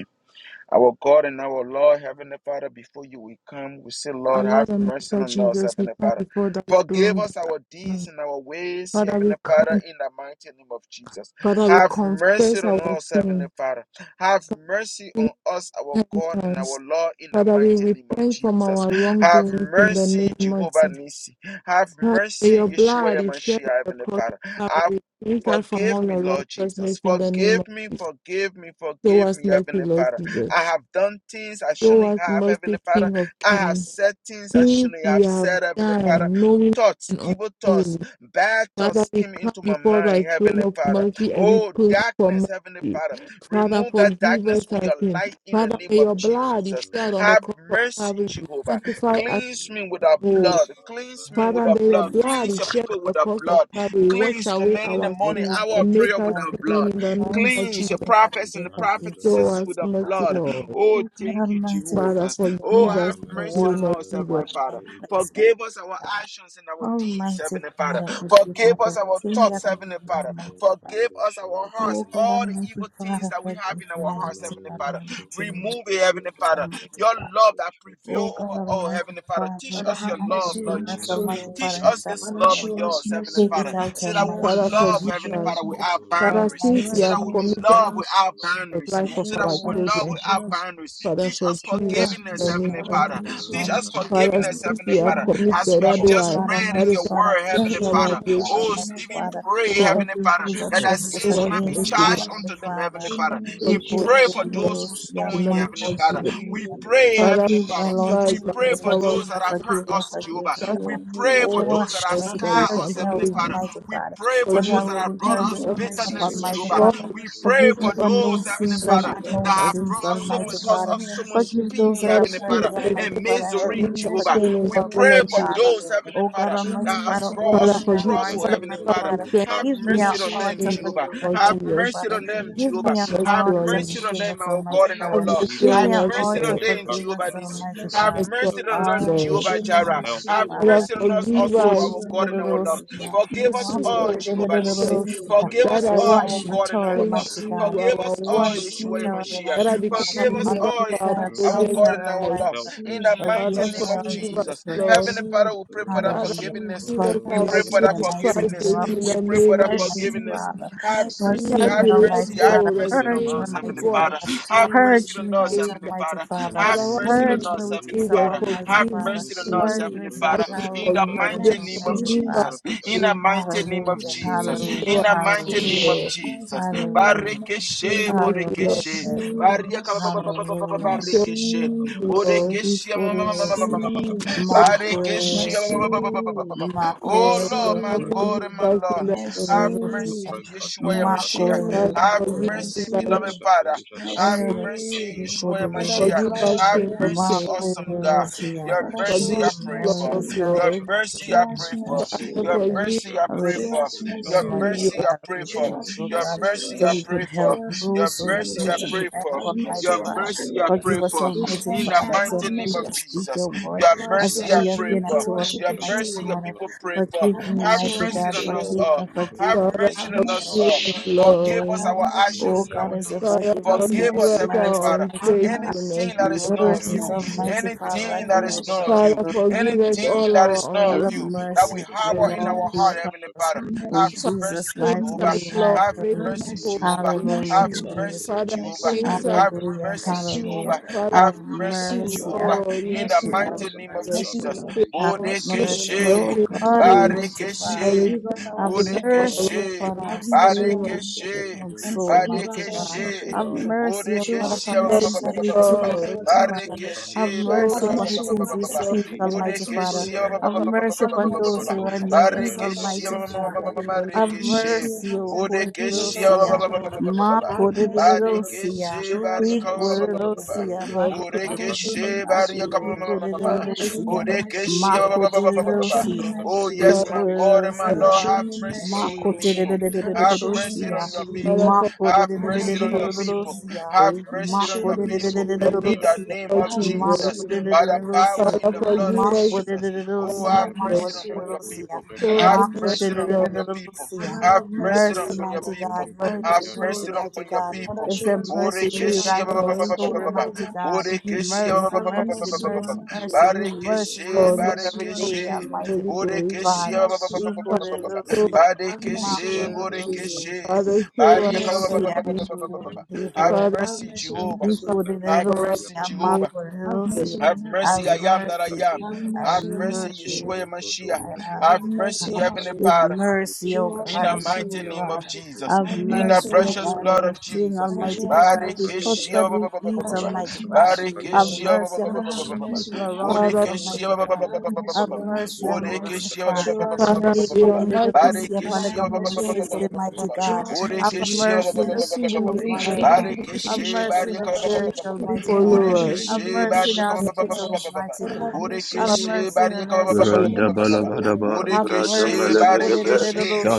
[SPEAKER 1] Our God and our Lord, Heavenly Father, before you we come, we say,
[SPEAKER 3] Our
[SPEAKER 1] Lord, have
[SPEAKER 3] Lord and
[SPEAKER 1] mercy
[SPEAKER 3] Master
[SPEAKER 1] on us,
[SPEAKER 3] Jesus, we
[SPEAKER 1] Heavenly
[SPEAKER 3] come
[SPEAKER 1] Father.
[SPEAKER 3] before thy
[SPEAKER 1] Forgive
[SPEAKER 3] throne this
[SPEAKER 1] us our
[SPEAKER 3] afternoon.
[SPEAKER 1] deeds and our ways,
[SPEAKER 3] Father, we
[SPEAKER 1] Heavenly Father,
[SPEAKER 3] come,
[SPEAKER 1] in the mighty name of Jesus.
[SPEAKER 3] Father, we
[SPEAKER 1] Have mercy
[SPEAKER 3] confess our
[SPEAKER 1] on us, Heavenly
[SPEAKER 3] sin,
[SPEAKER 1] Father. Have mercy on us, our God and our
[SPEAKER 3] repentance.
[SPEAKER 1] Lord, in the
[SPEAKER 3] Father, we
[SPEAKER 1] mighty name of
[SPEAKER 3] repent from
[SPEAKER 1] Jesus.
[SPEAKER 3] our
[SPEAKER 1] Have
[SPEAKER 3] wrongdoings in the
[SPEAKER 1] mercy,
[SPEAKER 3] name of
[SPEAKER 1] Jehovah
[SPEAKER 3] Jesus.
[SPEAKER 1] Nissi. Have
[SPEAKER 3] Father, may
[SPEAKER 1] mercy,
[SPEAKER 3] your blood
[SPEAKER 1] Yeshua
[SPEAKER 3] is shed on
[SPEAKER 1] Yamashiach,
[SPEAKER 3] the
[SPEAKER 1] Heavenly
[SPEAKER 3] cross of
[SPEAKER 1] Father. Have
[SPEAKER 3] Calvary. Cleanse us from
[SPEAKER 1] Forgive
[SPEAKER 3] all
[SPEAKER 1] me, Lord Jesus.
[SPEAKER 3] unrighteousness in the name
[SPEAKER 1] Forgive
[SPEAKER 3] of
[SPEAKER 1] me, forgive me,
[SPEAKER 3] Show
[SPEAKER 1] forgive
[SPEAKER 3] us
[SPEAKER 1] me,
[SPEAKER 3] mercy,
[SPEAKER 1] Heavenly
[SPEAKER 3] Lord
[SPEAKER 1] Father.
[SPEAKER 3] Jesus.
[SPEAKER 1] I have done things I
[SPEAKER 3] Show
[SPEAKER 1] shouldn't
[SPEAKER 3] us
[SPEAKER 1] have, Heavenly
[SPEAKER 3] mercy,
[SPEAKER 1] Father.
[SPEAKER 3] King of
[SPEAKER 1] I have
[SPEAKER 3] Kings.
[SPEAKER 1] said things I
[SPEAKER 3] Things
[SPEAKER 1] shouldn't
[SPEAKER 3] we
[SPEAKER 1] have
[SPEAKER 3] have
[SPEAKER 1] said, Heavenly Father.
[SPEAKER 3] done, knowing
[SPEAKER 1] Thoughts,
[SPEAKER 3] and
[SPEAKER 1] evil thoughts,
[SPEAKER 3] unknowingly.
[SPEAKER 1] bad
[SPEAKER 3] Father,
[SPEAKER 1] thoughts
[SPEAKER 3] we
[SPEAKER 1] came
[SPEAKER 3] come
[SPEAKER 1] into my
[SPEAKER 3] before thy
[SPEAKER 1] mind,
[SPEAKER 3] throne
[SPEAKER 1] Heavenly
[SPEAKER 3] of
[SPEAKER 1] Father.
[SPEAKER 3] mercy and we
[SPEAKER 1] Oh,
[SPEAKER 3] plead for
[SPEAKER 1] darkness, Heavenly
[SPEAKER 3] mercy.
[SPEAKER 1] Father.
[SPEAKER 3] Father,
[SPEAKER 1] Remove that
[SPEAKER 3] forgive
[SPEAKER 1] darkness
[SPEAKER 3] us
[SPEAKER 1] with
[SPEAKER 3] our
[SPEAKER 1] your
[SPEAKER 3] sin.
[SPEAKER 1] light in the
[SPEAKER 3] Father,
[SPEAKER 2] Thank
[SPEAKER 1] name
[SPEAKER 3] may
[SPEAKER 1] of
[SPEAKER 3] your blood be
[SPEAKER 1] Jesus.
[SPEAKER 3] shed on the
[SPEAKER 1] Have
[SPEAKER 3] cross of
[SPEAKER 1] mercy,
[SPEAKER 3] Calvary.
[SPEAKER 1] Jehovah.
[SPEAKER 3] Sanctify us
[SPEAKER 1] Cleanse me with our
[SPEAKER 3] all.
[SPEAKER 1] blood. Cleanse me with
[SPEAKER 3] Father,
[SPEAKER 1] our
[SPEAKER 3] may your
[SPEAKER 1] blood.
[SPEAKER 3] blood
[SPEAKER 1] Cleanse
[SPEAKER 3] be
[SPEAKER 1] your
[SPEAKER 3] shed
[SPEAKER 1] people
[SPEAKER 3] on the
[SPEAKER 1] with our
[SPEAKER 3] cross of
[SPEAKER 1] blood.
[SPEAKER 3] Calvary. Wash
[SPEAKER 1] Cleanse
[SPEAKER 3] away
[SPEAKER 2] you,
[SPEAKER 1] commanding the
[SPEAKER 3] our
[SPEAKER 6] Look
[SPEAKER 1] morning
[SPEAKER 3] sins
[SPEAKER 6] God,
[SPEAKER 1] hour
[SPEAKER 2] Lord
[SPEAKER 1] of
[SPEAKER 3] and
[SPEAKER 2] Jesus.
[SPEAKER 6] Almighty
[SPEAKER 3] make
[SPEAKER 1] prayer with
[SPEAKER 3] us
[SPEAKER 1] our
[SPEAKER 6] Father,
[SPEAKER 1] blood.
[SPEAKER 3] clean in the name
[SPEAKER 6] cleanse who comes,
[SPEAKER 3] of
[SPEAKER 1] Cleanse your
[SPEAKER 3] Jesus.
[SPEAKER 6] mighty God,
[SPEAKER 1] prophets
[SPEAKER 6] they
[SPEAKER 1] and the
[SPEAKER 2] Rabazanda
[SPEAKER 6] forgive
[SPEAKER 3] Show
[SPEAKER 6] us,
[SPEAKER 1] prophetesses
[SPEAKER 3] us
[SPEAKER 1] with the
[SPEAKER 2] Brangadash
[SPEAKER 3] mercy,
[SPEAKER 1] blood.
[SPEAKER 6] Father.
[SPEAKER 2] Nebrania,
[SPEAKER 3] Lord.
[SPEAKER 1] Oh,
[SPEAKER 6] Oh God
[SPEAKER 1] thank you,
[SPEAKER 6] Almighty
[SPEAKER 3] Father,
[SPEAKER 1] Jehovah.
[SPEAKER 6] Father,
[SPEAKER 1] Oh,
[SPEAKER 3] forgive
[SPEAKER 6] wash
[SPEAKER 3] us
[SPEAKER 1] have
[SPEAKER 6] me,
[SPEAKER 3] in the
[SPEAKER 1] mercy
[SPEAKER 6] wash
[SPEAKER 3] name
[SPEAKER 1] on
[SPEAKER 3] of
[SPEAKER 6] me,
[SPEAKER 1] us,
[SPEAKER 2] Alamalashata
[SPEAKER 3] Jesus.
[SPEAKER 1] Heavenly
[SPEAKER 6] wash me,
[SPEAKER 1] Father.
[SPEAKER 6] and
[SPEAKER 2] Baradeza
[SPEAKER 6] cleanse me,
[SPEAKER 1] Forgive
[SPEAKER 2] Tabate,
[SPEAKER 1] us our
[SPEAKER 6] God.
[SPEAKER 1] actions and our deeds,
[SPEAKER 6] Almighty
[SPEAKER 1] Heavenly Father.
[SPEAKER 6] Father, forgive me
[SPEAKER 1] Forgive us
[SPEAKER 6] for
[SPEAKER 2] Salamane
[SPEAKER 1] our
[SPEAKER 6] everything that
[SPEAKER 1] thoughts,
[SPEAKER 6] I've
[SPEAKER 2] Tabaram
[SPEAKER 1] Heavenly
[SPEAKER 6] done,
[SPEAKER 1] Father.
[SPEAKER 6] Almighty Father.
[SPEAKER 1] Forgive
[SPEAKER 2] Paraparatira
[SPEAKER 1] us our
[SPEAKER 6] Oh
[SPEAKER 1] hearts,
[SPEAKER 2] Shalabradaya,
[SPEAKER 6] God
[SPEAKER 1] all the
[SPEAKER 6] Almighty
[SPEAKER 1] evil things
[SPEAKER 6] Father,
[SPEAKER 1] that we have in
[SPEAKER 6] forgive me,
[SPEAKER 1] our hearts,
[SPEAKER 6] Almighty
[SPEAKER 1] Heavenly
[SPEAKER 6] Father,
[SPEAKER 2] Salamanino
[SPEAKER 6] and
[SPEAKER 1] Father.
[SPEAKER 6] Almighty name of
[SPEAKER 1] Remove it, Heavenly
[SPEAKER 6] Jesus,
[SPEAKER 2] Shalabrangataya
[SPEAKER 1] Father.
[SPEAKER 6] Almighty
[SPEAKER 1] Your
[SPEAKER 6] Father.
[SPEAKER 1] love that
[SPEAKER 6] Oh
[SPEAKER 1] prevail
[SPEAKER 2] Gadadadadashkadashka,
[SPEAKER 6] God
[SPEAKER 1] over all,
[SPEAKER 6] Almighty
[SPEAKER 1] Heavenly Father.
[SPEAKER 6] Father,
[SPEAKER 1] Teach us
[SPEAKER 6] any
[SPEAKER 1] your love, Lord
[SPEAKER 6] unforgiveness,
[SPEAKER 1] Jesus.
[SPEAKER 6] Almighty
[SPEAKER 2] Yemenino
[SPEAKER 6] Father,
[SPEAKER 1] Teach us
[SPEAKER 6] inside
[SPEAKER 2] Santa
[SPEAKER 1] this
[SPEAKER 6] of me,
[SPEAKER 1] love of yours,
[SPEAKER 2] Baradeza
[SPEAKER 1] Heavenly
[SPEAKER 6] Take it
[SPEAKER 1] Father,
[SPEAKER 6] out,
[SPEAKER 2] Labradash,
[SPEAKER 1] so that we will
[SPEAKER 6] Almighty
[SPEAKER 3] Father,
[SPEAKER 1] love,
[SPEAKER 6] Father.
[SPEAKER 3] forgive
[SPEAKER 1] Heavenly
[SPEAKER 3] us.
[SPEAKER 1] Father,
[SPEAKER 6] Oh,
[SPEAKER 1] without
[SPEAKER 3] Father,
[SPEAKER 1] boundaries,
[SPEAKER 3] since
[SPEAKER 2] Avalabradora
[SPEAKER 6] Almighty
[SPEAKER 3] we
[SPEAKER 1] so
[SPEAKER 3] have
[SPEAKER 1] that we
[SPEAKER 6] Father,
[SPEAKER 1] may
[SPEAKER 3] committed
[SPEAKER 1] love
[SPEAKER 2] Labradira
[SPEAKER 6] forgive
[SPEAKER 1] without
[SPEAKER 6] us,
[SPEAKER 3] the
[SPEAKER 1] boundaries,
[SPEAKER 3] life
[SPEAKER 6] God.
[SPEAKER 3] of
[SPEAKER 1] so that we
[SPEAKER 3] our
[SPEAKER 1] will love
[SPEAKER 3] children,
[SPEAKER 2] Shalabradesa
[SPEAKER 6] Forgive
[SPEAKER 1] without
[SPEAKER 6] us.
[SPEAKER 1] boundaries.
[SPEAKER 3] Father,
[SPEAKER 1] Teach us
[SPEAKER 3] forgive us in
[SPEAKER 1] forgiveness,
[SPEAKER 6] Forgive
[SPEAKER 3] the name
[SPEAKER 6] us,
[SPEAKER 1] Heavenly
[SPEAKER 3] of Jesus.
[SPEAKER 6] Almighty
[SPEAKER 1] Father.
[SPEAKER 6] name
[SPEAKER 1] Teach
[SPEAKER 6] of
[SPEAKER 1] us
[SPEAKER 2] Ptolemena
[SPEAKER 6] Jesus,
[SPEAKER 3] Father,
[SPEAKER 1] forgiveness,
[SPEAKER 3] since
[SPEAKER 6] Almighty
[SPEAKER 3] we
[SPEAKER 1] Heavenly
[SPEAKER 3] have
[SPEAKER 1] Father,
[SPEAKER 2] Paradiso
[SPEAKER 6] God.
[SPEAKER 1] as
[SPEAKER 2] Lara
[SPEAKER 3] committed
[SPEAKER 1] we have
[SPEAKER 6] Oh
[SPEAKER 2] Shaka
[SPEAKER 1] just
[SPEAKER 3] otherwise,
[SPEAKER 6] God,
[SPEAKER 1] read
[SPEAKER 3] that
[SPEAKER 1] in
[SPEAKER 6] Almighty
[SPEAKER 3] is
[SPEAKER 1] your
[SPEAKER 2] Branda
[SPEAKER 6] Father,
[SPEAKER 1] word,
[SPEAKER 2] Vadera
[SPEAKER 1] Heavenly
[SPEAKER 3] affecting
[SPEAKER 6] help me,
[SPEAKER 3] our
[SPEAKER 6] oh
[SPEAKER 2] Shaka
[SPEAKER 1] Father.
[SPEAKER 3] grace.
[SPEAKER 6] God,
[SPEAKER 1] Oh,
[SPEAKER 2] Bradera
[SPEAKER 6] Almighty
[SPEAKER 1] Stephen,
[SPEAKER 6] Father,
[SPEAKER 1] pray,
[SPEAKER 6] to
[SPEAKER 3] Show us,
[SPEAKER 1] Heavenly
[SPEAKER 6] forgive
[SPEAKER 1] Father,
[SPEAKER 6] those that
[SPEAKER 1] that our
[SPEAKER 2] Mana
[SPEAKER 6] trespass
[SPEAKER 3] show
[SPEAKER 1] sins will
[SPEAKER 3] us
[SPEAKER 1] not
[SPEAKER 2] Shaka
[SPEAKER 1] be
[SPEAKER 3] mercy,
[SPEAKER 6] against me,
[SPEAKER 3] Lord.
[SPEAKER 1] charged
[SPEAKER 2] Branino
[SPEAKER 6] Almighty
[SPEAKER 1] unto them,
[SPEAKER 2] Shaka
[SPEAKER 6] Father.
[SPEAKER 1] Heavenly Father.
[SPEAKER 3] Father,
[SPEAKER 1] He
[SPEAKER 6] Take
[SPEAKER 2] Brandera
[SPEAKER 3] Forgive us
[SPEAKER 6] all
[SPEAKER 1] pray
[SPEAKER 6] the
[SPEAKER 1] for
[SPEAKER 2] Shaka
[SPEAKER 3] Lord,
[SPEAKER 1] those who
[SPEAKER 6] rules,
[SPEAKER 2] Bradera
[SPEAKER 6] your
[SPEAKER 1] stone
[SPEAKER 3] in
[SPEAKER 1] him,
[SPEAKER 3] the name
[SPEAKER 6] mark
[SPEAKER 1] Heavenly
[SPEAKER 3] of
[SPEAKER 6] on
[SPEAKER 1] Father.
[SPEAKER 6] the
[SPEAKER 3] Jesus.
[SPEAKER 1] We
[SPEAKER 2] Dera
[SPEAKER 1] pray,
[SPEAKER 3] Father,
[SPEAKER 1] Heavenly
[SPEAKER 6] Forgive me,
[SPEAKER 1] Father.
[SPEAKER 2] Bradesa La
[SPEAKER 6] Lord
[SPEAKER 1] We
[SPEAKER 3] guys, by
[SPEAKER 2] Bragato
[SPEAKER 1] pray
[SPEAKER 3] the
[SPEAKER 6] Jesus.
[SPEAKER 1] for
[SPEAKER 3] power of
[SPEAKER 2] Shaka
[SPEAKER 6] Forgive
[SPEAKER 1] those
[SPEAKER 6] me,
[SPEAKER 1] that have hurt
[SPEAKER 6] forgive
[SPEAKER 2] Brandera
[SPEAKER 6] me,
[SPEAKER 1] us,
[SPEAKER 2] Dera
[SPEAKER 6] forgive
[SPEAKER 1] Jehovah.
[SPEAKER 6] me,
[SPEAKER 3] that
[SPEAKER 2] Shaka
[SPEAKER 1] We
[SPEAKER 6] God.
[SPEAKER 1] pray for
[SPEAKER 2] Bradera
[SPEAKER 3] blood,
[SPEAKER 1] those that
[SPEAKER 6] Wash
[SPEAKER 2] Dera
[SPEAKER 1] have
[SPEAKER 3] Lord,
[SPEAKER 6] me,
[SPEAKER 3] so
[SPEAKER 1] scarred
[SPEAKER 3] that we
[SPEAKER 2] Shaka
[SPEAKER 6] purge
[SPEAKER 1] us,
[SPEAKER 3] can
[SPEAKER 6] me
[SPEAKER 1] Heavenly
[SPEAKER 6] out,
[SPEAKER 3] praise you.
[SPEAKER 1] Father.
[SPEAKER 6] Almighty
[SPEAKER 1] We
[SPEAKER 6] Father,
[SPEAKER 1] pray for
[SPEAKER 6] so that
[SPEAKER 3] Forgive
[SPEAKER 6] I
[SPEAKER 1] those that
[SPEAKER 6] will
[SPEAKER 2] Shele
[SPEAKER 6] be
[SPEAKER 1] have brought
[SPEAKER 6] purged
[SPEAKER 2] Vime
[SPEAKER 6] with
[SPEAKER 1] us
[SPEAKER 3] us
[SPEAKER 6] myself,
[SPEAKER 2] Kombe
[SPEAKER 1] bitterness,
[SPEAKER 6] Almighty
[SPEAKER 3] for
[SPEAKER 1] Jehovah.
[SPEAKER 3] all
[SPEAKER 6] Father.
[SPEAKER 2] Rebete
[SPEAKER 1] We
[SPEAKER 2] Jola
[SPEAKER 1] pray
[SPEAKER 6] Forgive me
[SPEAKER 1] for
[SPEAKER 3] the love,
[SPEAKER 6] for
[SPEAKER 2] Obra
[SPEAKER 1] those,
[SPEAKER 6] known
[SPEAKER 1] Heavenly
[SPEAKER 6] sins
[SPEAKER 3] Father,
[SPEAKER 6] and
[SPEAKER 1] Father,
[SPEAKER 2] Nekradesa
[SPEAKER 1] that
[SPEAKER 6] unknown
[SPEAKER 2] La
[SPEAKER 3] forgive
[SPEAKER 1] have
[SPEAKER 3] us.
[SPEAKER 6] sins,
[SPEAKER 1] brought
[SPEAKER 2] Bradera
[SPEAKER 1] us so
[SPEAKER 2] Shaka
[SPEAKER 1] much,
[SPEAKER 6] Almighty
[SPEAKER 2] Bradera
[SPEAKER 1] caused
[SPEAKER 6] Father.
[SPEAKER 1] us so much
[SPEAKER 6] Forgive
[SPEAKER 1] pain,
[SPEAKER 6] those that
[SPEAKER 3] Father,
[SPEAKER 6] have
[SPEAKER 1] Heavenly
[SPEAKER 3] give
[SPEAKER 6] hurt
[SPEAKER 3] us
[SPEAKER 1] Father,
[SPEAKER 6] me,
[SPEAKER 2] Shaka
[SPEAKER 3] the
[SPEAKER 1] and
[SPEAKER 6] Almighty
[SPEAKER 2] La
[SPEAKER 3] strength
[SPEAKER 6] Father, and hurt
[SPEAKER 3] to do
[SPEAKER 1] misery,
[SPEAKER 6] me
[SPEAKER 2] Bradesa
[SPEAKER 6] to
[SPEAKER 2] La
[SPEAKER 1] Jehovah.
[SPEAKER 3] something
[SPEAKER 6] forgive
[SPEAKER 3] in
[SPEAKER 6] them,
[SPEAKER 1] We
[SPEAKER 3] the name
[SPEAKER 2] Bradesa
[SPEAKER 6] Almighty
[SPEAKER 1] pray
[SPEAKER 3] of
[SPEAKER 2] La
[SPEAKER 1] for
[SPEAKER 3] Jesus.
[SPEAKER 6] Father.
[SPEAKER 1] those,
[SPEAKER 2] Brunena
[SPEAKER 1] Heavenly
[SPEAKER 6] Oh God,
[SPEAKER 1] Father,
[SPEAKER 2] Shaka
[SPEAKER 6] Almighty
[SPEAKER 1] that has
[SPEAKER 6] Father,
[SPEAKER 1] brought
[SPEAKER 6] open
[SPEAKER 3] Father,
[SPEAKER 1] us
[SPEAKER 6] up my
[SPEAKER 3] forgive.
[SPEAKER 2] Give
[SPEAKER 6] heart,
[SPEAKER 2] us
[SPEAKER 1] trouble,
[SPEAKER 3] Father,
[SPEAKER 2] a
[SPEAKER 1] Heavenly
[SPEAKER 6] Almighty
[SPEAKER 3] give us
[SPEAKER 1] Father.
[SPEAKER 3] the
[SPEAKER 6] Father.
[SPEAKER 2] forgiving
[SPEAKER 3] strength
[SPEAKER 1] Have
[SPEAKER 2] heart,
[SPEAKER 6] Give
[SPEAKER 2] O
[SPEAKER 3] to
[SPEAKER 6] me
[SPEAKER 3] do
[SPEAKER 6] a
[SPEAKER 1] mercy
[SPEAKER 2] God.
[SPEAKER 1] on
[SPEAKER 3] something
[SPEAKER 6] heart
[SPEAKER 3] in
[SPEAKER 1] them,
[SPEAKER 3] the
[SPEAKER 6] of
[SPEAKER 3] name
[SPEAKER 1] Jehovah.
[SPEAKER 6] forgiveness,
[SPEAKER 3] of
[SPEAKER 1] Have
[SPEAKER 6] Almighty
[SPEAKER 3] Jesus.
[SPEAKER 1] mercy
[SPEAKER 6] Father.
[SPEAKER 1] on them,
[SPEAKER 6] Give
[SPEAKER 3] Have
[SPEAKER 1] Jehovah.
[SPEAKER 6] me a
[SPEAKER 1] Have
[SPEAKER 3] mercy
[SPEAKER 6] heart
[SPEAKER 3] on
[SPEAKER 6] of
[SPEAKER 3] us.
[SPEAKER 1] mercy on them,
[SPEAKER 6] forgiveness,
[SPEAKER 2] Makatendemenoshakatabrakatashka.
[SPEAKER 1] our
[SPEAKER 6] Almighty
[SPEAKER 1] God and our
[SPEAKER 3] Have
[SPEAKER 6] Father.
[SPEAKER 1] Lord.
[SPEAKER 2] Give
[SPEAKER 3] mercy
[SPEAKER 6] Give
[SPEAKER 2] us
[SPEAKER 6] me
[SPEAKER 3] on
[SPEAKER 1] Have
[SPEAKER 2] a
[SPEAKER 6] an
[SPEAKER 3] us,
[SPEAKER 1] mercy
[SPEAKER 6] heart
[SPEAKER 1] on
[SPEAKER 3] Lord.
[SPEAKER 6] of
[SPEAKER 2] forgiving
[SPEAKER 1] them,
[SPEAKER 2] heart,
[SPEAKER 6] forgiveness,
[SPEAKER 2] O
[SPEAKER 1] Jehovah
[SPEAKER 2] God.
[SPEAKER 1] Nisi.
[SPEAKER 6] Almighty
[SPEAKER 1] Have
[SPEAKER 6] Father.
[SPEAKER 3] Mercy on
[SPEAKER 1] mercy on
[SPEAKER 3] us,
[SPEAKER 1] them,
[SPEAKER 6] All
[SPEAKER 2] Barateshalabrakashka.
[SPEAKER 3] Lord.
[SPEAKER 6] praise,
[SPEAKER 1] Jehovah Jireh.
[SPEAKER 2] Help
[SPEAKER 6] Almighty
[SPEAKER 1] Have
[SPEAKER 2] us
[SPEAKER 3] Father,
[SPEAKER 6] Father.
[SPEAKER 1] mercy on
[SPEAKER 2] forgive
[SPEAKER 1] us
[SPEAKER 6] He
[SPEAKER 3] forgive
[SPEAKER 6] called
[SPEAKER 1] also,
[SPEAKER 2] easily,
[SPEAKER 6] it
[SPEAKER 2] O
[SPEAKER 1] our
[SPEAKER 3] us
[SPEAKER 6] a
[SPEAKER 1] God
[SPEAKER 2] God.
[SPEAKER 1] and our
[SPEAKER 6] little
[SPEAKER 1] Lord.
[SPEAKER 6] sea.
[SPEAKER 3] for
[SPEAKER 1] Forgive
[SPEAKER 6] Well, I
[SPEAKER 1] us
[SPEAKER 3] sins
[SPEAKER 6] put
[SPEAKER 1] all,
[SPEAKER 3] and
[SPEAKER 6] it in a
[SPEAKER 1] Jehovah
[SPEAKER 2] Barateshatabramenoshka.
[SPEAKER 1] Nissi.
[SPEAKER 3] offenses
[SPEAKER 6] little sea.
[SPEAKER 1] Forgive
[SPEAKER 3] that
[SPEAKER 1] us
[SPEAKER 3] has
[SPEAKER 1] all, our
[SPEAKER 6] Wash me
[SPEAKER 1] God and our
[SPEAKER 6] thoroughly,
[SPEAKER 1] Lord.
[SPEAKER 3] hindered
[SPEAKER 6] mighty God.
[SPEAKER 3] to
[SPEAKER 1] Forgive
[SPEAKER 3] our
[SPEAKER 1] us all,
[SPEAKER 6] Wash
[SPEAKER 3] works,
[SPEAKER 6] me
[SPEAKER 1] Yeshua
[SPEAKER 6] thoroughly,
[SPEAKER 1] Yamashiach.
[SPEAKER 3] that
[SPEAKER 6] mighty
[SPEAKER 3] have become
[SPEAKER 6] God.
[SPEAKER 3] a
[SPEAKER 1] Forgive
[SPEAKER 2] Ramparatairashakataijalabrataijalabrataujalabratoshka.
[SPEAKER 1] us
[SPEAKER 6] On
[SPEAKER 3] hinder
[SPEAKER 6] the
[SPEAKER 1] all.
[SPEAKER 3] to our
[SPEAKER 6] inside and
[SPEAKER 1] Our
[SPEAKER 3] progress
[SPEAKER 1] God
[SPEAKER 6] outside,
[SPEAKER 1] and
[SPEAKER 3] in
[SPEAKER 2] Rapadoshka.
[SPEAKER 1] our
[SPEAKER 3] life.
[SPEAKER 6] Almighty
[SPEAKER 1] Lord,
[SPEAKER 2] Help
[SPEAKER 6] God.
[SPEAKER 1] in
[SPEAKER 2] us
[SPEAKER 1] the
[SPEAKER 2] to
[SPEAKER 1] mighty
[SPEAKER 2] shrug
[SPEAKER 6] Forgive
[SPEAKER 3] Father,
[SPEAKER 6] me,
[SPEAKER 1] name
[SPEAKER 2] off
[SPEAKER 1] of
[SPEAKER 6] Lord
[SPEAKER 3] forgive
[SPEAKER 2] issues
[SPEAKER 3] us,
[SPEAKER 1] Jesus.
[SPEAKER 6] Jesus.
[SPEAKER 2] easily.
[SPEAKER 3] Lord.
[SPEAKER 1] Heavenly Father, we pray for that
[SPEAKER 3] Father,
[SPEAKER 6] Hallelujah.
[SPEAKER 1] forgiveness.
[SPEAKER 3] forgive
[SPEAKER 2] Rabashakam
[SPEAKER 6] Forgive
[SPEAKER 3] us
[SPEAKER 1] We
[SPEAKER 3] our
[SPEAKER 1] pray
[SPEAKER 6] me,
[SPEAKER 1] for
[SPEAKER 2] Barate
[SPEAKER 1] that
[SPEAKER 6] Almighty name
[SPEAKER 2] Babrate
[SPEAKER 1] forgiveness.
[SPEAKER 3] trespasses in
[SPEAKER 1] We
[SPEAKER 3] the
[SPEAKER 1] pray
[SPEAKER 2] Kiperia
[SPEAKER 6] Jesus,
[SPEAKER 1] for
[SPEAKER 3] name
[SPEAKER 1] that
[SPEAKER 3] of Jesus.
[SPEAKER 2] Baramba
[SPEAKER 6] Almighty
[SPEAKER 1] forgiveness
[SPEAKER 6] Father.
[SPEAKER 1] have
[SPEAKER 2] Barakatushka
[SPEAKER 3] Even
[SPEAKER 1] mercy,
[SPEAKER 3] as
[SPEAKER 6] Forgive me,
[SPEAKER 1] have
[SPEAKER 3] we
[SPEAKER 1] mercy,
[SPEAKER 3] let
[SPEAKER 6] Almighty
[SPEAKER 3] go
[SPEAKER 1] have
[SPEAKER 6] Father.
[SPEAKER 3] of the
[SPEAKER 1] mercy
[SPEAKER 2] Ilekalim
[SPEAKER 6] Purge me,
[SPEAKER 1] on
[SPEAKER 3] things
[SPEAKER 1] us, Heavenly
[SPEAKER 6] Almighty
[SPEAKER 3] people
[SPEAKER 2] Ranino
[SPEAKER 6] God.
[SPEAKER 1] Father.
[SPEAKER 2] Shata
[SPEAKER 3] have
[SPEAKER 1] Have mercy
[SPEAKER 6] Purge
[SPEAKER 1] on
[SPEAKER 6] me
[SPEAKER 2] Bragatushka
[SPEAKER 1] us,
[SPEAKER 6] out,
[SPEAKER 3] against
[SPEAKER 1] Heavenly
[SPEAKER 3] us.
[SPEAKER 6] Almighty
[SPEAKER 1] Father.
[SPEAKER 6] Father.
[SPEAKER 3] Father,
[SPEAKER 1] Have
[SPEAKER 3] help us
[SPEAKER 2] Ayem
[SPEAKER 1] mercy on
[SPEAKER 3] to
[SPEAKER 6] Purge me
[SPEAKER 1] us,
[SPEAKER 6] with
[SPEAKER 1] Heavenly
[SPEAKER 2] Reparim
[SPEAKER 3] forgive
[SPEAKER 6] Isop,
[SPEAKER 3] them,
[SPEAKER 1] Father.
[SPEAKER 2] Peria
[SPEAKER 6] Almighty
[SPEAKER 1] Have
[SPEAKER 3] forgive
[SPEAKER 6] Father.
[SPEAKER 2] Borosho
[SPEAKER 1] mercy on
[SPEAKER 3] us.
[SPEAKER 1] us,
[SPEAKER 6] Purge
[SPEAKER 2] Bragata
[SPEAKER 6] me
[SPEAKER 1] Heavenly
[SPEAKER 6] so
[SPEAKER 3] I
[SPEAKER 1] Father.
[SPEAKER 2] Branta
[SPEAKER 6] that
[SPEAKER 3] you
[SPEAKER 6] I will
[SPEAKER 1] In the
[SPEAKER 6] be
[SPEAKER 2] Bragata
[SPEAKER 3] forgive
[SPEAKER 6] purged,
[SPEAKER 3] them,
[SPEAKER 1] mighty
[SPEAKER 2] Iberia
[SPEAKER 1] name of
[SPEAKER 6] Almighty
[SPEAKER 2] Baran
[SPEAKER 3] forgive us.
[SPEAKER 6] Father.
[SPEAKER 1] Jesus.
[SPEAKER 2] Barakata
[SPEAKER 1] In the
[SPEAKER 3] Please
[SPEAKER 1] mighty name of
[SPEAKER 6] Hallelujah,
[SPEAKER 1] Jesus.
[SPEAKER 3] show
[SPEAKER 1] In
[SPEAKER 6] hallelujah,
[SPEAKER 3] us
[SPEAKER 1] the
[SPEAKER 2] Emeninatumba
[SPEAKER 1] mighty
[SPEAKER 3] mercy,
[SPEAKER 1] name
[SPEAKER 6] hallelujah,
[SPEAKER 1] of
[SPEAKER 3] Lord.
[SPEAKER 2] Katushka
[SPEAKER 1] Jesus.
[SPEAKER 6] hallelujah,
[SPEAKER 2] Katushka
[SPEAKER 3] Have
[SPEAKER 1] Barikeshe,
[SPEAKER 3] mercy, Lord.
[SPEAKER 1] Borekeshe.
[SPEAKER 6] hallelujah,
[SPEAKER 2] Makaba
[SPEAKER 1] Barika, ba- ba- ba- ba- ba- ba-
[SPEAKER 2] Sakabada
[SPEAKER 1] ba-
[SPEAKER 6] hallelujah.
[SPEAKER 3] Show
[SPEAKER 2] Shata
[SPEAKER 1] Barikeshe.
[SPEAKER 2] Ijaga
[SPEAKER 3] us,
[SPEAKER 2] Bragata
[SPEAKER 3] Lord.
[SPEAKER 1] Borekeshe,
[SPEAKER 6] Equal
[SPEAKER 1] ma-
[SPEAKER 6] to
[SPEAKER 1] ma- ma- ma- ma- ma- ma-
[SPEAKER 6] mercy,
[SPEAKER 1] ma- ma-
[SPEAKER 2] Rabashakata
[SPEAKER 3] Show
[SPEAKER 6] Mark
[SPEAKER 2] Brakata
[SPEAKER 1] Barikeshe,
[SPEAKER 6] mercy,
[SPEAKER 1] ba-
[SPEAKER 2] Brakata
[SPEAKER 1] ba- ba- ba- ba- ba- ba- ba- ba- ba-
[SPEAKER 6] Mark
[SPEAKER 1] Oh Lord,
[SPEAKER 2] Rabashakata
[SPEAKER 1] my
[SPEAKER 3] us,
[SPEAKER 6] mercy.
[SPEAKER 1] God
[SPEAKER 2] Brakata
[SPEAKER 3] forgive
[SPEAKER 1] and my
[SPEAKER 3] us,
[SPEAKER 1] Lord.
[SPEAKER 3] Lord.
[SPEAKER 1] Have
[SPEAKER 2] Rokoto
[SPEAKER 1] mercy,
[SPEAKER 2] Brankata
[SPEAKER 1] Yeshua Yamashiach.
[SPEAKER 2] Brakataiva,
[SPEAKER 3] Father,
[SPEAKER 6] Makorelesi,
[SPEAKER 1] Have
[SPEAKER 3] forgive
[SPEAKER 1] mercy,
[SPEAKER 3] us,
[SPEAKER 2] Lebrondo
[SPEAKER 3] Father.
[SPEAKER 1] beloved Father.
[SPEAKER 2] Brakataija da
[SPEAKER 1] Have
[SPEAKER 2] Brenda
[SPEAKER 6] Ayala
[SPEAKER 1] mercy,
[SPEAKER 2] Bagaria
[SPEAKER 1] Yeshua
[SPEAKER 6] recorded
[SPEAKER 1] Yamashiach.
[SPEAKER 3] Forgive
[SPEAKER 6] Russia,
[SPEAKER 3] us,
[SPEAKER 2] Barabarabadosha
[SPEAKER 1] Have
[SPEAKER 3] King of
[SPEAKER 2] Bradia,
[SPEAKER 1] mercy,
[SPEAKER 3] Kings.
[SPEAKER 6] Marco
[SPEAKER 1] awesome God.
[SPEAKER 6] Russia,
[SPEAKER 1] Your
[SPEAKER 2] Embrakataija
[SPEAKER 1] mercy
[SPEAKER 2] Lozo
[SPEAKER 3] Forgive
[SPEAKER 1] I
[SPEAKER 3] us,
[SPEAKER 1] pray
[SPEAKER 2] Hoto
[SPEAKER 3] Lord
[SPEAKER 1] for.
[SPEAKER 3] of
[SPEAKER 2] Bratiro
[SPEAKER 6] Melissa,
[SPEAKER 1] Your
[SPEAKER 3] Lords.
[SPEAKER 2] Shakata
[SPEAKER 1] mercy I
[SPEAKER 2] Bradia,
[SPEAKER 1] pray for.
[SPEAKER 3] Father,
[SPEAKER 1] Your
[SPEAKER 3] forgive
[SPEAKER 1] mercy I
[SPEAKER 6] I
[SPEAKER 2] Roboshanda
[SPEAKER 1] pray
[SPEAKER 6] was just
[SPEAKER 1] for.
[SPEAKER 2] Bragadeja
[SPEAKER 1] Your
[SPEAKER 2] La
[SPEAKER 6] my
[SPEAKER 3] Jesus.
[SPEAKER 1] mercy I
[SPEAKER 6] God,
[SPEAKER 2] Roshakata
[SPEAKER 1] pray for.
[SPEAKER 6] forgive us,
[SPEAKER 2] Bradiro
[SPEAKER 6] oh
[SPEAKER 1] Your
[SPEAKER 2] Shala
[SPEAKER 6] God,
[SPEAKER 1] mercy
[SPEAKER 6] so
[SPEAKER 2] Bradia,
[SPEAKER 1] I
[SPEAKER 6] we could
[SPEAKER 1] pray for.
[SPEAKER 6] help
[SPEAKER 1] Your
[SPEAKER 6] those so that
[SPEAKER 2] and the
[SPEAKER 1] mercy
[SPEAKER 6] we
[SPEAKER 1] I
[SPEAKER 6] to be
[SPEAKER 1] pray for.
[SPEAKER 6] help,
[SPEAKER 2] Shakata
[SPEAKER 6] Almighty
[SPEAKER 1] Your
[SPEAKER 2] Isoda
[SPEAKER 6] Father.
[SPEAKER 1] mercy I
[SPEAKER 6] Forgive
[SPEAKER 1] pray
[SPEAKER 2] Reneroshkata
[SPEAKER 6] us,
[SPEAKER 1] for.
[SPEAKER 2] Isola
[SPEAKER 6] Almighty
[SPEAKER 1] In the
[SPEAKER 2] Poro
[SPEAKER 6] Father, so
[SPEAKER 1] mighty
[SPEAKER 6] that
[SPEAKER 1] name
[SPEAKER 6] we
[SPEAKER 1] of
[SPEAKER 6] can
[SPEAKER 2] Shakateva,
[SPEAKER 6] speak
[SPEAKER 1] Jesus.
[SPEAKER 6] your word
[SPEAKER 1] Your
[SPEAKER 6] as
[SPEAKER 1] mercy
[SPEAKER 2] Imperadero
[SPEAKER 6] all
[SPEAKER 1] I
[SPEAKER 6] you have
[SPEAKER 1] pray
[SPEAKER 6] been
[SPEAKER 1] for.
[SPEAKER 6] unto us,
[SPEAKER 2] Sabradero
[SPEAKER 1] Your
[SPEAKER 6] Almighty
[SPEAKER 1] mercy your
[SPEAKER 2] Shakate
[SPEAKER 6] Father.
[SPEAKER 1] people pray
[SPEAKER 2] Baradero
[SPEAKER 1] for.
[SPEAKER 6] Forgive me,
[SPEAKER 1] Have
[SPEAKER 6] mighty
[SPEAKER 2] Sundradero
[SPEAKER 1] mercy
[SPEAKER 6] God,
[SPEAKER 1] on us
[SPEAKER 6] forgive
[SPEAKER 1] all.
[SPEAKER 6] me, forgive
[SPEAKER 1] Have
[SPEAKER 6] me,
[SPEAKER 2] Elizabeth
[SPEAKER 3] Father,
[SPEAKER 1] mercy
[SPEAKER 6] forgive
[SPEAKER 1] on
[SPEAKER 6] me.
[SPEAKER 1] us
[SPEAKER 6] oh
[SPEAKER 3] forgive
[SPEAKER 2] Shalorade
[SPEAKER 1] all.
[SPEAKER 3] us,
[SPEAKER 2] Covrate,
[SPEAKER 1] Forgive
[SPEAKER 2] the
[SPEAKER 1] us
[SPEAKER 6] Father.
[SPEAKER 3] Lord.
[SPEAKER 1] our
[SPEAKER 2] Sedebrodoro
[SPEAKER 6] Oh
[SPEAKER 1] actions and
[SPEAKER 6] God,
[SPEAKER 1] our
[SPEAKER 6] as you
[SPEAKER 2] Shator
[SPEAKER 1] deeds.
[SPEAKER 3] Father,
[SPEAKER 2] and
[SPEAKER 6] forgive us, give
[SPEAKER 1] Forgive
[SPEAKER 3] forgive
[SPEAKER 6] us
[SPEAKER 2] Roshkatai
[SPEAKER 1] us,
[SPEAKER 3] us
[SPEAKER 1] Heavenly
[SPEAKER 2] Radash
[SPEAKER 3] our
[SPEAKER 6] mercy,
[SPEAKER 1] Father.
[SPEAKER 6] mighty
[SPEAKER 2] Ura
[SPEAKER 6] God.
[SPEAKER 3] unfaithfulness.
[SPEAKER 1] Anything
[SPEAKER 2] boshan
[SPEAKER 1] that
[SPEAKER 2] to
[SPEAKER 1] is
[SPEAKER 2] ura
[SPEAKER 1] not of
[SPEAKER 6] Mercies
[SPEAKER 1] you,
[SPEAKER 6] of
[SPEAKER 2] jarosha
[SPEAKER 6] mighty
[SPEAKER 2] kato isala
[SPEAKER 6] Father,
[SPEAKER 1] anything
[SPEAKER 6] that we
[SPEAKER 1] that is
[SPEAKER 2] pranto
[SPEAKER 6] will
[SPEAKER 1] not
[SPEAKER 6] know
[SPEAKER 1] of
[SPEAKER 2] shakta
[SPEAKER 1] you,
[SPEAKER 3] Father,
[SPEAKER 6] so
[SPEAKER 2] pradesh
[SPEAKER 6] mighty
[SPEAKER 3] forgive
[SPEAKER 2] kato
[SPEAKER 3] us
[SPEAKER 1] anything
[SPEAKER 3] all
[SPEAKER 6] God.
[SPEAKER 1] that
[SPEAKER 2] ura
[SPEAKER 1] is
[SPEAKER 3] our
[SPEAKER 2] bosh
[SPEAKER 1] not of
[SPEAKER 6] And the
[SPEAKER 1] you,
[SPEAKER 2] kato
[SPEAKER 1] that
[SPEAKER 6] mercy
[SPEAKER 1] we
[SPEAKER 6] of
[SPEAKER 2] pranta
[SPEAKER 6] the
[SPEAKER 2] tali
[SPEAKER 1] harbor
[SPEAKER 3] unrighteousness.
[SPEAKER 1] in
[SPEAKER 2] isala
[SPEAKER 1] our
[SPEAKER 6] Lord be
[SPEAKER 2] pranto
[SPEAKER 1] heart,
[SPEAKER 6] upon
[SPEAKER 1] Heavenly
[SPEAKER 2] shakta
[SPEAKER 6] us.
[SPEAKER 1] Father.
[SPEAKER 2] pratiros
[SPEAKER 6] In
[SPEAKER 1] Have
[SPEAKER 3] Father,
[SPEAKER 2] kato
[SPEAKER 6] Jesus'
[SPEAKER 1] mercy,
[SPEAKER 3] cleanse
[SPEAKER 2] ura
[SPEAKER 6] mighty
[SPEAKER 3] us,
[SPEAKER 1] Jehovah.
[SPEAKER 2] bosh
[SPEAKER 6] name, I
[SPEAKER 3] Lord.
[SPEAKER 2] kato
[SPEAKER 1] Have
[SPEAKER 3] Make
[SPEAKER 6] pray.
[SPEAKER 2] praka
[SPEAKER 3] us
[SPEAKER 1] mercy,
[SPEAKER 3] whole
[SPEAKER 2] tujalo
[SPEAKER 3] for
[SPEAKER 1] Jehovah.
[SPEAKER 3] you.
[SPEAKER 2] pradesh
[SPEAKER 6] Hallelujah,
[SPEAKER 1] Have
[SPEAKER 2] kato
[SPEAKER 6] Jesus.
[SPEAKER 1] mercy,
[SPEAKER 2] urum
[SPEAKER 3] Father,
[SPEAKER 2] bato
[SPEAKER 1] Jehovah.
[SPEAKER 3] cleanse
[SPEAKER 2] tujalo
[SPEAKER 3] us,
[SPEAKER 1] Have
[SPEAKER 2] pranta
[SPEAKER 6] Hallelujah,
[SPEAKER 2] ura
[SPEAKER 1] mercy,
[SPEAKER 2] jarosha
[SPEAKER 6] hallelujah.
[SPEAKER 1] Jehovah.
[SPEAKER 2] kato
[SPEAKER 3] Father,
[SPEAKER 1] Have
[SPEAKER 6] Have
[SPEAKER 2] pratiros kato
[SPEAKER 1] mercy,
[SPEAKER 6] mercy,
[SPEAKER 2] ura
[SPEAKER 6] have
[SPEAKER 1] Jehovah.
[SPEAKER 3] Lord, in
[SPEAKER 1] In
[SPEAKER 2] boshan
[SPEAKER 1] the
[SPEAKER 6] mercy,
[SPEAKER 2] to
[SPEAKER 6] have
[SPEAKER 1] mighty
[SPEAKER 2] praka
[SPEAKER 1] name
[SPEAKER 2] tali
[SPEAKER 1] of
[SPEAKER 6] mercy.
[SPEAKER 3] Jesus.
[SPEAKER 2] isala
[SPEAKER 1] Jesus.
[SPEAKER 2] pranto
[SPEAKER 3] We
[SPEAKER 6] Have
[SPEAKER 2] isala
[SPEAKER 3] confess
[SPEAKER 2] pradesh kato
[SPEAKER 6] mercy,
[SPEAKER 3] our
[SPEAKER 1] Bodekeshe.
[SPEAKER 6] oh
[SPEAKER 3] sins
[SPEAKER 2] nita
[SPEAKER 3] to
[SPEAKER 6] God,
[SPEAKER 3] you
[SPEAKER 2] bosh
[SPEAKER 6] Almighty
[SPEAKER 2] kato
[SPEAKER 3] and we
[SPEAKER 6] Father.
[SPEAKER 1] Barekeshe.
[SPEAKER 2] isala
[SPEAKER 3] turn
[SPEAKER 2] nita
[SPEAKER 6] Have
[SPEAKER 3] away from
[SPEAKER 2] isala
[SPEAKER 3] our
[SPEAKER 2] ros
[SPEAKER 6] mercy
[SPEAKER 1] Bodekeshi,
[SPEAKER 6] upon
[SPEAKER 3] wrongs.
[SPEAKER 2] kato
[SPEAKER 6] us
[SPEAKER 3] In the name of
[SPEAKER 1] badekeshi,
[SPEAKER 3] Jesus.
[SPEAKER 6] um,
[SPEAKER 2] Mekotombe the
[SPEAKER 6] soul,
[SPEAKER 2] Oja
[SPEAKER 6] mighty God.
[SPEAKER 1] badekeshi,
[SPEAKER 2] Sketia
[SPEAKER 6] Have
[SPEAKER 2] Pranino
[SPEAKER 6] mercy, O God,
[SPEAKER 2] Sketia
[SPEAKER 1] bodekeshi,
[SPEAKER 6] upon the
[SPEAKER 1] ba- ba-
[SPEAKER 3] Thank
[SPEAKER 1] ba-
[SPEAKER 6] things
[SPEAKER 1] ba- ba-
[SPEAKER 6] that
[SPEAKER 2] Degesketia
[SPEAKER 3] you,
[SPEAKER 1] ba-
[SPEAKER 6] we
[SPEAKER 1] ba- ba- ba-
[SPEAKER 6] do,
[SPEAKER 1] ba-
[SPEAKER 3] Lord.
[SPEAKER 6] Almighty
[SPEAKER 2] Rapo
[SPEAKER 6] Father. Have
[SPEAKER 2] Santa
[SPEAKER 1] Barekeshe,
[SPEAKER 3] Show
[SPEAKER 6] mercy
[SPEAKER 1] Bariaka,
[SPEAKER 3] us,
[SPEAKER 2] Verde
[SPEAKER 6] upon
[SPEAKER 1] ba- ba-
[SPEAKER 6] the
[SPEAKER 1] ba- ba-
[SPEAKER 6] things
[SPEAKER 1] ba-
[SPEAKER 6] we
[SPEAKER 1] ba- ba-
[SPEAKER 2] Romanica
[SPEAKER 3] Lord,
[SPEAKER 6] speak,
[SPEAKER 2] Diro
[SPEAKER 6] Almighty Father.
[SPEAKER 1] Borekeshe, ba- ba-
[SPEAKER 6] Have
[SPEAKER 1] ba-
[SPEAKER 2] Shapateroske
[SPEAKER 1] ba- ba- ba-
[SPEAKER 6] mercy
[SPEAKER 1] ba- ba- ba-
[SPEAKER 6] upon
[SPEAKER 1] ba- ba- ba-
[SPEAKER 6] those
[SPEAKER 1] ba-
[SPEAKER 6] who are
[SPEAKER 2] Lekatoja
[SPEAKER 3] Father,
[SPEAKER 6] near us,
[SPEAKER 2] Tedenta
[SPEAKER 1] Barekeshe,
[SPEAKER 6] Almighty
[SPEAKER 1] ma- ma- ma- ma- ma-
[SPEAKER 6] Father.
[SPEAKER 1] ma-
[SPEAKER 3] in
[SPEAKER 2] Diakopunda
[SPEAKER 1] ma-
[SPEAKER 3] the name
[SPEAKER 6] Have
[SPEAKER 2] Keko
[SPEAKER 1] Rekeshe,
[SPEAKER 6] mercy, O
[SPEAKER 2] Diakopada
[SPEAKER 1] Borekeshe, ba- ba-
[SPEAKER 6] Koderosia,
[SPEAKER 1] ba- ba-
[SPEAKER 2] Lepatonta
[SPEAKER 1] ba- ba-
[SPEAKER 2] de
[SPEAKER 1] ba- ba- ba-
[SPEAKER 6] Ma
[SPEAKER 1] ba-
[SPEAKER 2] Cotumbra Cataija de
[SPEAKER 1] Barekeshe,
[SPEAKER 6] Koderosia,
[SPEAKER 2] Bronco to
[SPEAKER 6] He
[SPEAKER 1] Barika, ba- ba-
[SPEAKER 2] Bracataiva
[SPEAKER 3] of
[SPEAKER 1] ba- ba-
[SPEAKER 3] the
[SPEAKER 1] ba- ba- ba-
[SPEAKER 6] Koderosia,
[SPEAKER 2] Rapo
[SPEAKER 3] King
[SPEAKER 6] Ma
[SPEAKER 3] of Kings.
[SPEAKER 2] Shakata
[SPEAKER 1] Borekeshe,
[SPEAKER 2] Bracataiva
[SPEAKER 6] Koderosia,
[SPEAKER 1] Bariaka,
[SPEAKER 2] Rumba
[SPEAKER 6] He
[SPEAKER 1] ma- ma- ma- ma-
[SPEAKER 2] Rapo
[SPEAKER 1] ma-
[SPEAKER 3] Have mercy
[SPEAKER 2] Rapatoja
[SPEAKER 6] Koderosia,
[SPEAKER 2] de
[SPEAKER 3] on us,
[SPEAKER 6] Ma
[SPEAKER 2] Bracataiva
[SPEAKER 3] Lord.
[SPEAKER 2] Rapo
[SPEAKER 6] Koderosia,
[SPEAKER 2] Shakata
[SPEAKER 1] Oh,
[SPEAKER 6] He
[SPEAKER 1] yes,
[SPEAKER 3] Father,
[SPEAKER 1] my
[SPEAKER 2] Brangataija
[SPEAKER 1] God
[SPEAKER 2] de
[SPEAKER 1] and my
[SPEAKER 3] for-
[SPEAKER 1] Lord,
[SPEAKER 6] Koderosia.
[SPEAKER 2] brakatoza.
[SPEAKER 1] have mercy on your
[SPEAKER 2] Rikumba
[SPEAKER 1] people.
[SPEAKER 2] teja de
[SPEAKER 1] Have
[SPEAKER 2] brenda
[SPEAKER 1] mercy
[SPEAKER 6] Makoterererererosia,
[SPEAKER 1] on your
[SPEAKER 2] kadiba
[SPEAKER 3] Father,
[SPEAKER 1] people.
[SPEAKER 2] rumba
[SPEAKER 3] for
[SPEAKER 1] Have
[SPEAKER 2] rimberia
[SPEAKER 1] mercy on your
[SPEAKER 3] our
[SPEAKER 2] borobo
[SPEAKER 1] people.
[SPEAKER 2] sakata
[SPEAKER 6] makorerererererosia,
[SPEAKER 1] Have
[SPEAKER 3] way.
[SPEAKER 2] bradida.
[SPEAKER 1] mercy on your
[SPEAKER 2] Immene
[SPEAKER 1] people.
[SPEAKER 3] Forgive
[SPEAKER 1] In
[SPEAKER 2] kadija
[SPEAKER 3] us,
[SPEAKER 2] de
[SPEAKER 1] the
[SPEAKER 6] makorererererosia,
[SPEAKER 1] name
[SPEAKER 2] goveja
[SPEAKER 3] Lord
[SPEAKER 1] of
[SPEAKER 2] manaka
[SPEAKER 3] Jesus.
[SPEAKER 1] Jesus,
[SPEAKER 2] teja
[SPEAKER 1] by the power
[SPEAKER 2] kovashka
[SPEAKER 6] makorerererosia,
[SPEAKER 1] in
[SPEAKER 3] Father,
[SPEAKER 1] the
[SPEAKER 2] teiva
[SPEAKER 1] blood of
[SPEAKER 3] forgive us,
[SPEAKER 2] roboshka.
[SPEAKER 1] Jesus. Oh,
[SPEAKER 3] Lord
[SPEAKER 1] have
[SPEAKER 6] makorerererosia,
[SPEAKER 2] Invika
[SPEAKER 3] Jesus.
[SPEAKER 1] mercy
[SPEAKER 2] boshka
[SPEAKER 1] upon your
[SPEAKER 6] makorerererosia,
[SPEAKER 2] jabodoja
[SPEAKER 1] people.
[SPEAKER 2] de
[SPEAKER 3] Show
[SPEAKER 2] gashka
[SPEAKER 1] Have
[SPEAKER 3] us mercy,
[SPEAKER 2] teja
[SPEAKER 1] mercy
[SPEAKER 2] de
[SPEAKER 1] upon
[SPEAKER 3] Lord.
[SPEAKER 1] your
[SPEAKER 2] gadibashka.
[SPEAKER 1] people.
[SPEAKER 6] makotererererosia.
[SPEAKER 1] Have mercy
[SPEAKER 2] Rakopa
[SPEAKER 6] Mercy,
[SPEAKER 1] upon your
[SPEAKER 2] bashka
[SPEAKER 6] mighty
[SPEAKER 1] people.
[SPEAKER 6] God,
[SPEAKER 2] bedia
[SPEAKER 1] Have
[SPEAKER 6] mercy,
[SPEAKER 2] kobayada
[SPEAKER 6] mercy,
[SPEAKER 1] mercy
[SPEAKER 2] aba.
[SPEAKER 6] mighty
[SPEAKER 1] upon your
[SPEAKER 6] God.
[SPEAKER 2] Rimpe
[SPEAKER 1] people.
[SPEAKER 6] It's a
[SPEAKER 2] raba
[SPEAKER 6] mercy,
[SPEAKER 2] raba jada
[SPEAKER 1] Borekeshia
[SPEAKER 6] rewrite
[SPEAKER 1] ba-
[SPEAKER 6] our
[SPEAKER 2] baja
[SPEAKER 1] ba- ba-
[SPEAKER 2] de
[SPEAKER 3] Lord,
[SPEAKER 1] ba- ba- ba-
[SPEAKER 6] story,
[SPEAKER 1] ba- ba.
[SPEAKER 2] badoja
[SPEAKER 6] mighty
[SPEAKER 2] dashka.
[SPEAKER 6] God.
[SPEAKER 3] thank you,
[SPEAKER 1] Borekeshia
[SPEAKER 3] thank
[SPEAKER 1] ba-
[SPEAKER 6] Mercy,
[SPEAKER 1] ba- ba- ba- ba- ba-
[SPEAKER 6] mercy,
[SPEAKER 1] ba- ba- ba-
[SPEAKER 6] mercy,
[SPEAKER 1] ba.
[SPEAKER 2] Amanindu
[SPEAKER 6] mercy, new
[SPEAKER 2] branda
[SPEAKER 6] mercies we
[SPEAKER 2] viroshka
[SPEAKER 1] Barekeshe,
[SPEAKER 3] God, by the
[SPEAKER 6] receive every
[SPEAKER 2] bradia.
[SPEAKER 3] power of
[SPEAKER 6] day,
[SPEAKER 1] barekeshe.
[SPEAKER 3] the
[SPEAKER 6] Almighty
[SPEAKER 3] Holy Ghost,
[SPEAKER 1] Borekeshe
[SPEAKER 2] Ampradia,
[SPEAKER 6] Father,
[SPEAKER 1] ba- ba- ba- ba- ba- ba-
[SPEAKER 6] Equal
[SPEAKER 1] ba- ba-
[SPEAKER 6] to
[SPEAKER 1] ba- ba.
[SPEAKER 6] those here,
[SPEAKER 2] ampradia,
[SPEAKER 6] mark
[SPEAKER 1] Badekeshe,
[SPEAKER 6] with those
[SPEAKER 2] ampradia.
[SPEAKER 6] here,
[SPEAKER 1] Borekeshe,
[SPEAKER 3] Father,
[SPEAKER 6] equal
[SPEAKER 3] show us
[SPEAKER 1] Bariaka
[SPEAKER 6] to
[SPEAKER 1] ba-
[SPEAKER 2] Jalabradia.
[SPEAKER 1] ba- ba- ba- ba- ba-
[SPEAKER 3] mercy,
[SPEAKER 1] ba- ba- ba- ba- ba.
[SPEAKER 6] those
[SPEAKER 2] Lemprodia
[SPEAKER 1] Have
[SPEAKER 6] here,
[SPEAKER 3] Father, show
[SPEAKER 1] mercy, Jehovah.
[SPEAKER 3] us mercy, Father, come
[SPEAKER 1] Have
[SPEAKER 2] Nantabrakataiba
[SPEAKER 3] for us,
[SPEAKER 1] mercy,
[SPEAKER 6] Equalidadosea,
[SPEAKER 2] Diakataiba
[SPEAKER 1] Jehovah.
[SPEAKER 3] Jesus.
[SPEAKER 6] maqualidadosea,
[SPEAKER 1] Have mercy,
[SPEAKER 6] have
[SPEAKER 2] Rumporadero
[SPEAKER 1] I am that I
[SPEAKER 6] mercy,
[SPEAKER 1] am.
[SPEAKER 2] Sutradero
[SPEAKER 6] have
[SPEAKER 1] Have
[SPEAKER 2] Sataiba
[SPEAKER 1] mercy,
[SPEAKER 6] mercy,
[SPEAKER 1] Yeshua Mashiach.
[SPEAKER 2] Lemprodosa
[SPEAKER 6] have,
[SPEAKER 1] Have
[SPEAKER 2] Tesa de
[SPEAKER 1] mercy, Heavenly
[SPEAKER 2] Brakatai
[SPEAKER 6] with
[SPEAKER 1] Father.
[SPEAKER 6] mercy, O
[SPEAKER 1] In
[SPEAKER 6] God,
[SPEAKER 1] the
[SPEAKER 2] Lemprodia
[SPEAKER 6] Almighty
[SPEAKER 1] mighty name of
[SPEAKER 6] Father,
[SPEAKER 2] Diabrondo
[SPEAKER 1] Jesus,
[SPEAKER 6] have
[SPEAKER 2] Bradia
[SPEAKER 1] in the
[SPEAKER 6] mercy, O
[SPEAKER 1] precious
[SPEAKER 6] God, on
[SPEAKER 1] blood
[SPEAKER 2] Lebradia
[SPEAKER 1] of
[SPEAKER 6] everything,
[SPEAKER 1] Jesus,
[SPEAKER 6] Almighty
[SPEAKER 2] Elebrondo
[SPEAKER 6] Father, If we touch
[SPEAKER 2] Bragadia
[SPEAKER 6] that
[SPEAKER 1] Barikishia, ba-
[SPEAKER 6] we
[SPEAKER 1] ba- ba- ba- ba-
[SPEAKER 6] eat,
[SPEAKER 1] ba- ba-
[SPEAKER 6] Almighty
[SPEAKER 1] ba.
[SPEAKER 6] Father,
[SPEAKER 2] Robosakata
[SPEAKER 6] have
[SPEAKER 2] Bragadia
[SPEAKER 1] Barikishia, ba-
[SPEAKER 6] mercy
[SPEAKER 1] ba- ba-
[SPEAKER 6] of the
[SPEAKER 1] ba- ba- ba-
[SPEAKER 6] ch-
[SPEAKER 1] ba- ba- ba.
[SPEAKER 6] people
[SPEAKER 2] Lembradisha
[SPEAKER 6] around us,
[SPEAKER 3] Father,
[SPEAKER 2] Lebrondo
[SPEAKER 6] Almighty
[SPEAKER 1] Bodekeshia, ba- ba-
[SPEAKER 6] Father.
[SPEAKER 1] ba-
[SPEAKER 2] Bragadia
[SPEAKER 1] ba- ba- ba- ba- ba- ba-
[SPEAKER 6] Have mercy,
[SPEAKER 2] Lebrondo
[SPEAKER 6] Almighty
[SPEAKER 1] Bodekeshia, ba- ba- ba- ba-
[SPEAKER 2] Brakataisa
[SPEAKER 6] Father.
[SPEAKER 1] ba-
[SPEAKER 2] de
[SPEAKER 1] ba- ba-
[SPEAKER 3] Father,
[SPEAKER 1] ba- ba-
[SPEAKER 3] may
[SPEAKER 1] ba-
[SPEAKER 2] Brandadia
[SPEAKER 3] your
[SPEAKER 1] ba.
[SPEAKER 3] mercy be
[SPEAKER 6] Equalidadosea upon the
[SPEAKER 1] Barikishia, ba- ba- ba-
[SPEAKER 2] Vilmanino
[SPEAKER 6] government
[SPEAKER 1] ba- ba-
[SPEAKER 3] sent
[SPEAKER 1] ba- ba-
[SPEAKER 3] upon
[SPEAKER 6] system,
[SPEAKER 1] ba- ba- ba-
[SPEAKER 6] mighty
[SPEAKER 3] us,
[SPEAKER 1] ba.
[SPEAKER 2] Saskataisa
[SPEAKER 6] God.
[SPEAKER 2] Dagadia
[SPEAKER 6] Have
[SPEAKER 1] Bodekeshia, ba-
[SPEAKER 6] mercy
[SPEAKER 1] ba-
[SPEAKER 6] in
[SPEAKER 1] ba-
[SPEAKER 6] the
[SPEAKER 1] ba-
[SPEAKER 2] Aminos
[SPEAKER 1] ba-
[SPEAKER 3] mercy
[SPEAKER 1] ba- ba- ba-
[SPEAKER 3] lead
[SPEAKER 6] schools,
[SPEAKER 2] Kataisa
[SPEAKER 1] ba.
[SPEAKER 6] mighty
[SPEAKER 3] us,
[SPEAKER 2] La
[SPEAKER 6] God. Have
[SPEAKER 1] Barikishi,
[SPEAKER 2] Albradosa
[SPEAKER 6] mercy in the
[SPEAKER 1] barika, ba- ba-
[SPEAKER 3] your
[SPEAKER 1] ba- ba- ba-
[SPEAKER 6] church,
[SPEAKER 1] ba-
[SPEAKER 3] mercy
[SPEAKER 1] ba.
[SPEAKER 6] Almighty Father.
[SPEAKER 3] follow us,
[SPEAKER 6] Have mercy in the
[SPEAKER 1] barika, ba-
[SPEAKER 3] my
[SPEAKER 1] ba- ba- ba- ba-
[SPEAKER 6] hospitals,
[SPEAKER 1] ba- ba- ba-
[SPEAKER 6] mighty
[SPEAKER 1] ba.
[SPEAKER 6] God. Have
[SPEAKER 3] Father,
[SPEAKER 6] mercy in the
[SPEAKER 1] barika, ba- ba- ba-
[SPEAKER 3] that
[SPEAKER 1] ba-
[SPEAKER 6] nursing
[SPEAKER 3] is
[SPEAKER 1] ba- ba-
[SPEAKER 6] home,
[SPEAKER 7] Randa
[SPEAKER 1] ba- ba-
[SPEAKER 6] mighty
[SPEAKER 1] ba- ba.
[SPEAKER 6] God.
[SPEAKER 7] balabadaba,
[SPEAKER 6] Have
[SPEAKER 7] brata
[SPEAKER 1] Bodekeshi,
[SPEAKER 6] mercy O
[SPEAKER 7] malabadaba,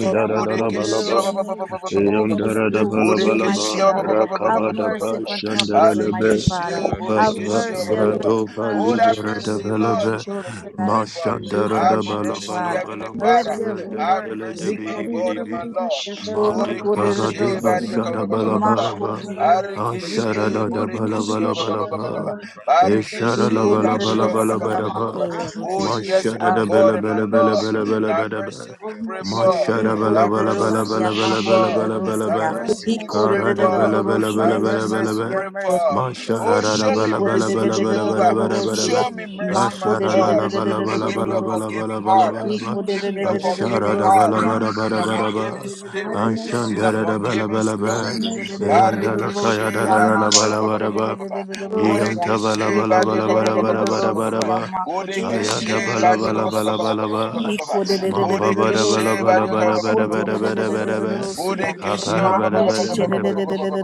[SPEAKER 3] for
[SPEAKER 1] Borekeshia ba- ba- ba- baba, ba- ba- ba- ba- ba- ba-
[SPEAKER 6] over
[SPEAKER 1] ba- ba.
[SPEAKER 6] this room today, mighty
[SPEAKER 7] yandarabalaba,
[SPEAKER 1] Borekeshia ba-
[SPEAKER 6] God.
[SPEAKER 1] ba- ba- ba- ba-
[SPEAKER 6] Have
[SPEAKER 1] ba- ba- ba- ba- ba-
[SPEAKER 6] mercy
[SPEAKER 7] rakabadaba,
[SPEAKER 1] ba- ba.
[SPEAKER 6] upon couples, Almighty
[SPEAKER 7] shandaralaba,
[SPEAKER 6] Father.
[SPEAKER 1] Barekeshe,
[SPEAKER 6] Have
[SPEAKER 7] balaba
[SPEAKER 1] Borekeshia ba-
[SPEAKER 6] mercy,
[SPEAKER 1] ba-
[SPEAKER 7] brado
[SPEAKER 6] Almighty Father,
[SPEAKER 7] bali
[SPEAKER 1] Oh,
[SPEAKER 6] for the
[SPEAKER 1] that
[SPEAKER 6] things that
[SPEAKER 7] berada
[SPEAKER 6] we
[SPEAKER 1] mercy,
[SPEAKER 6] do that
[SPEAKER 7] balaba
[SPEAKER 1] Lord
[SPEAKER 6] we don't
[SPEAKER 1] Jesus, we
[SPEAKER 6] realize.
[SPEAKER 1] pray for.
[SPEAKER 7] mashanda
[SPEAKER 6] Each
[SPEAKER 7] rada
[SPEAKER 1] Have
[SPEAKER 6] Almighty
[SPEAKER 7] balaba
[SPEAKER 1] mercy,
[SPEAKER 6] Father.
[SPEAKER 7] laba
[SPEAKER 1] Heavenly
[SPEAKER 7] laba
[SPEAKER 6] Let
[SPEAKER 1] Father.
[SPEAKER 6] your
[SPEAKER 7] rada
[SPEAKER 1] Have
[SPEAKER 7] bela
[SPEAKER 6] mercy.
[SPEAKER 7] de
[SPEAKER 1] mercy, my
[SPEAKER 7] bidi bidi
[SPEAKER 1] God and
[SPEAKER 7] bi
[SPEAKER 1] my Lord.
[SPEAKER 3] show us
[SPEAKER 7] madi barade
[SPEAKER 1] Borekeshe,
[SPEAKER 6] Okodededededosien,
[SPEAKER 1] Bariaka,
[SPEAKER 7] bashara
[SPEAKER 1] ba- ba- baba, ba- ba-
[SPEAKER 7] balaba
[SPEAKER 1] ba.
[SPEAKER 7] laba
[SPEAKER 6] Makodededededosien.
[SPEAKER 7] ashara
[SPEAKER 1] Barekeshe,
[SPEAKER 7] rada balaba
[SPEAKER 1] Borekeshia ba-
[SPEAKER 7] laba
[SPEAKER 1] ba- ba- ba-
[SPEAKER 7] laba
[SPEAKER 1] ba- ba- ba.
[SPEAKER 2] Roboshano Valino
[SPEAKER 7] eshara
[SPEAKER 2] Shkete
[SPEAKER 1] Barekeshe,
[SPEAKER 7] laba laba
[SPEAKER 2] Rotiva,
[SPEAKER 1] Bariaka,
[SPEAKER 7] laba
[SPEAKER 1] ba- ba- ba- ba-
[SPEAKER 7] laba
[SPEAKER 6] Ikorerorosia
[SPEAKER 7] laba
[SPEAKER 2] Leyen
[SPEAKER 1] Oh,
[SPEAKER 2] Tedegaria
[SPEAKER 6] makorerorosia.
[SPEAKER 1] yes,
[SPEAKER 7] mashara
[SPEAKER 1] my
[SPEAKER 7] da
[SPEAKER 3] your
[SPEAKER 1] God
[SPEAKER 7] bela
[SPEAKER 1] and
[SPEAKER 6] Um,
[SPEAKER 1] my
[SPEAKER 7] bela bela
[SPEAKER 1] Lord.
[SPEAKER 7] bela bela
[SPEAKER 1] that
[SPEAKER 7] bela bela
[SPEAKER 1] mercy we pray for.
[SPEAKER 3] mercy,
[SPEAKER 7] mashara bela
[SPEAKER 1] Thy
[SPEAKER 2] Barumbayadosh,
[SPEAKER 7] bela bela
[SPEAKER 1] mercy we
[SPEAKER 6] ikorerorosia
[SPEAKER 7] bela
[SPEAKER 1] pray
[SPEAKER 7] bela
[SPEAKER 1] for.
[SPEAKER 7] bela
[SPEAKER 2] Roboshakate,
[SPEAKER 7] bela
[SPEAKER 1] Thy
[SPEAKER 6] makorerorosia.
[SPEAKER 7] bela
[SPEAKER 1] mercy
[SPEAKER 2] Rumbaria
[SPEAKER 1] we pray
[SPEAKER 2] Bariba
[SPEAKER 7] arada
[SPEAKER 1] for.
[SPEAKER 2] Rapa
[SPEAKER 7] bela bela
[SPEAKER 2] Baria
[SPEAKER 1] Thy
[SPEAKER 6] Ikorerororosia,
[SPEAKER 7] bela
[SPEAKER 2] Baria
[SPEAKER 6] Your
[SPEAKER 7] bela
[SPEAKER 1] mercy
[SPEAKER 2] Bata,
[SPEAKER 7] bela
[SPEAKER 1] we
[SPEAKER 6] mercy,
[SPEAKER 7] bela
[SPEAKER 6] your
[SPEAKER 1] pray for.
[SPEAKER 6] mercy, your mercy.
[SPEAKER 2] Roboshakata
[SPEAKER 1] Oh,
[SPEAKER 7] Mashara da da
[SPEAKER 1] show me
[SPEAKER 7] bala
[SPEAKER 2] Brigadoshka,
[SPEAKER 7] bala
[SPEAKER 1] mercy,
[SPEAKER 7] bala bala bala
[SPEAKER 1] Jehovah.
[SPEAKER 7] bala bala bala.
[SPEAKER 6] Ikorerororosia.
[SPEAKER 1] Show me mercy,
[SPEAKER 2] Shanda
[SPEAKER 1] my
[SPEAKER 7] Ashara la la
[SPEAKER 1] God.
[SPEAKER 2] Brigadeshka, the
[SPEAKER 7] bala
[SPEAKER 1] And
[SPEAKER 7] bala
[SPEAKER 1] give me
[SPEAKER 7] bala
[SPEAKER 1] a
[SPEAKER 2] Brigadia,
[SPEAKER 7] bala
[SPEAKER 6] Makorerororosia.
[SPEAKER 1] forgiving
[SPEAKER 7] bala
[SPEAKER 2] the
[SPEAKER 7] bala
[SPEAKER 1] heart.
[SPEAKER 7] bala bala.
[SPEAKER 2] Villamanino
[SPEAKER 1] Give me a
[SPEAKER 2] Shakata
[SPEAKER 7] Ashara
[SPEAKER 1] forgiving
[SPEAKER 7] da
[SPEAKER 2] Brigadeshka,
[SPEAKER 1] heart
[SPEAKER 7] bala
[SPEAKER 6] Ikorerororosia.
[SPEAKER 7] bala
[SPEAKER 1] and
[SPEAKER 7] bala
[SPEAKER 1] a
[SPEAKER 2] Rumbo
[SPEAKER 7] bala
[SPEAKER 1] forgiving
[SPEAKER 7] bala.
[SPEAKER 2] Dozana
[SPEAKER 1] spirit. In
[SPEAKER 7] Ashanda
[SPEAKER 1] a
[SPEAKER 7] da
[SPEAKER 2] Brigadeshka,
[SPEAKER 7] da
[SPEAKER 6] Makorerororosia.
[SPEAKER 7] bala
[SPEAKER 1] forgiving
[SPEAKER 7] bala
[SPEAKER 6] New
[SPEAKER 7] bala.
[SPEAKER 1] spirit.
[SPEAKER 2] Rombo Dodo
[SPEAKER 7] Yanda
[SPEAKER 2] Branta
[SPEAKER 7] la kaya da
[SPEAKER 2] Bradio
[SPEAKER 1] Barikeshe,
[SPEAKER 7] la la
[SPEAKER 2] Shmele
[SPEAKER 7] la
[SPEAKER 1] barika, ba,
[SPEAKER 7] bala
[SPEAKER 1] ba, ba, ba,
[SPEAKER 7] bala
[SPEAKER 1] ba,
[SPEAKER 2] Bragatashka
[SPEAKER 1] ba,
[SPEAKER 7] bala.
[SPEAKER 1] ba, ba.
[SPEAKER 3] show
[SPEAKER 2] Rigata
[SPEAKER 3] us
[SPEAKER 7] Yanta
[SPEAKER 2] Isola
[SPEAKER 7] bala
[SPEAKER 1] Borekeshe,
[SPEAKER 2] Brato
[SPEAKER 7] bala
[SPEAKER 1] barika,
[SPEAKER 7] bala
[SPEAKER 1] ba,
[SPEAKER 2] Sala
[SPEAKER 1] ba,
[SPEAKER 7] bala
[SPEAKER 1] ba, ba,
[SPEAKER 2] Brano
[SPEAKER 7] bala
[SPEAKER 1] ba, ba,
[SPEAKER 7] bala
[SPEAKER 1] ba, ba,
[SPEAKER 2] Shakata
[SPEAKER 7] bala
[SPEAKER 1] ba.
[SPEAKER 7] bala.
[SPEAKER 2] Bragatashka
[SPEAKER 7] Ayata
[SPEAKER 1] Borekeshe,
[SPEAKER 2] Robo
[SPEAKER 7] bala
[SPEAKER 1] barika,
[SPEAKER 7] bala
[SPEAKER 1] ba, ba,
[SPEAKER 2] Shakata
[SPEAKER 7] bala
[SPEAKER 1] ba, ba,
[SPEAKER 7] bala
[SPEAKER 2] Brigata
[SPEAKER 1] ba, ba,
[SPEAKER 7] bala.
[SPEAKER 1] ba, ba,
[SPEAKER 2] Isola
[SPEAKER 1] ba.
[SPEAKER 2] Brano
[SPEAKER 7] Mamba
[SPEAKER 2] Shkata
[SPEAKER 1] Mordecai,
[SPEAKER 7] bala
[SPEAKER 2] Isola
[SPEAKER 7] bala bala
[SPEAKER 2] Branishki
[SPEAKER 7] bala bala bala bala bala
[SPEAKER 2] Rata
[SPEAKER 7] bala.
[SPEAKER 1] Mordecai,
[SPEAKER 2] Bragatashka La
[SPEAKER 7] Apara
[SPEAKER 2] Brano
[SPEAKER 7] bala bala
[SPEAKER 2] Shata
[SPEAKER 7] bala bala.
[SPEAKER 2] Bragatashka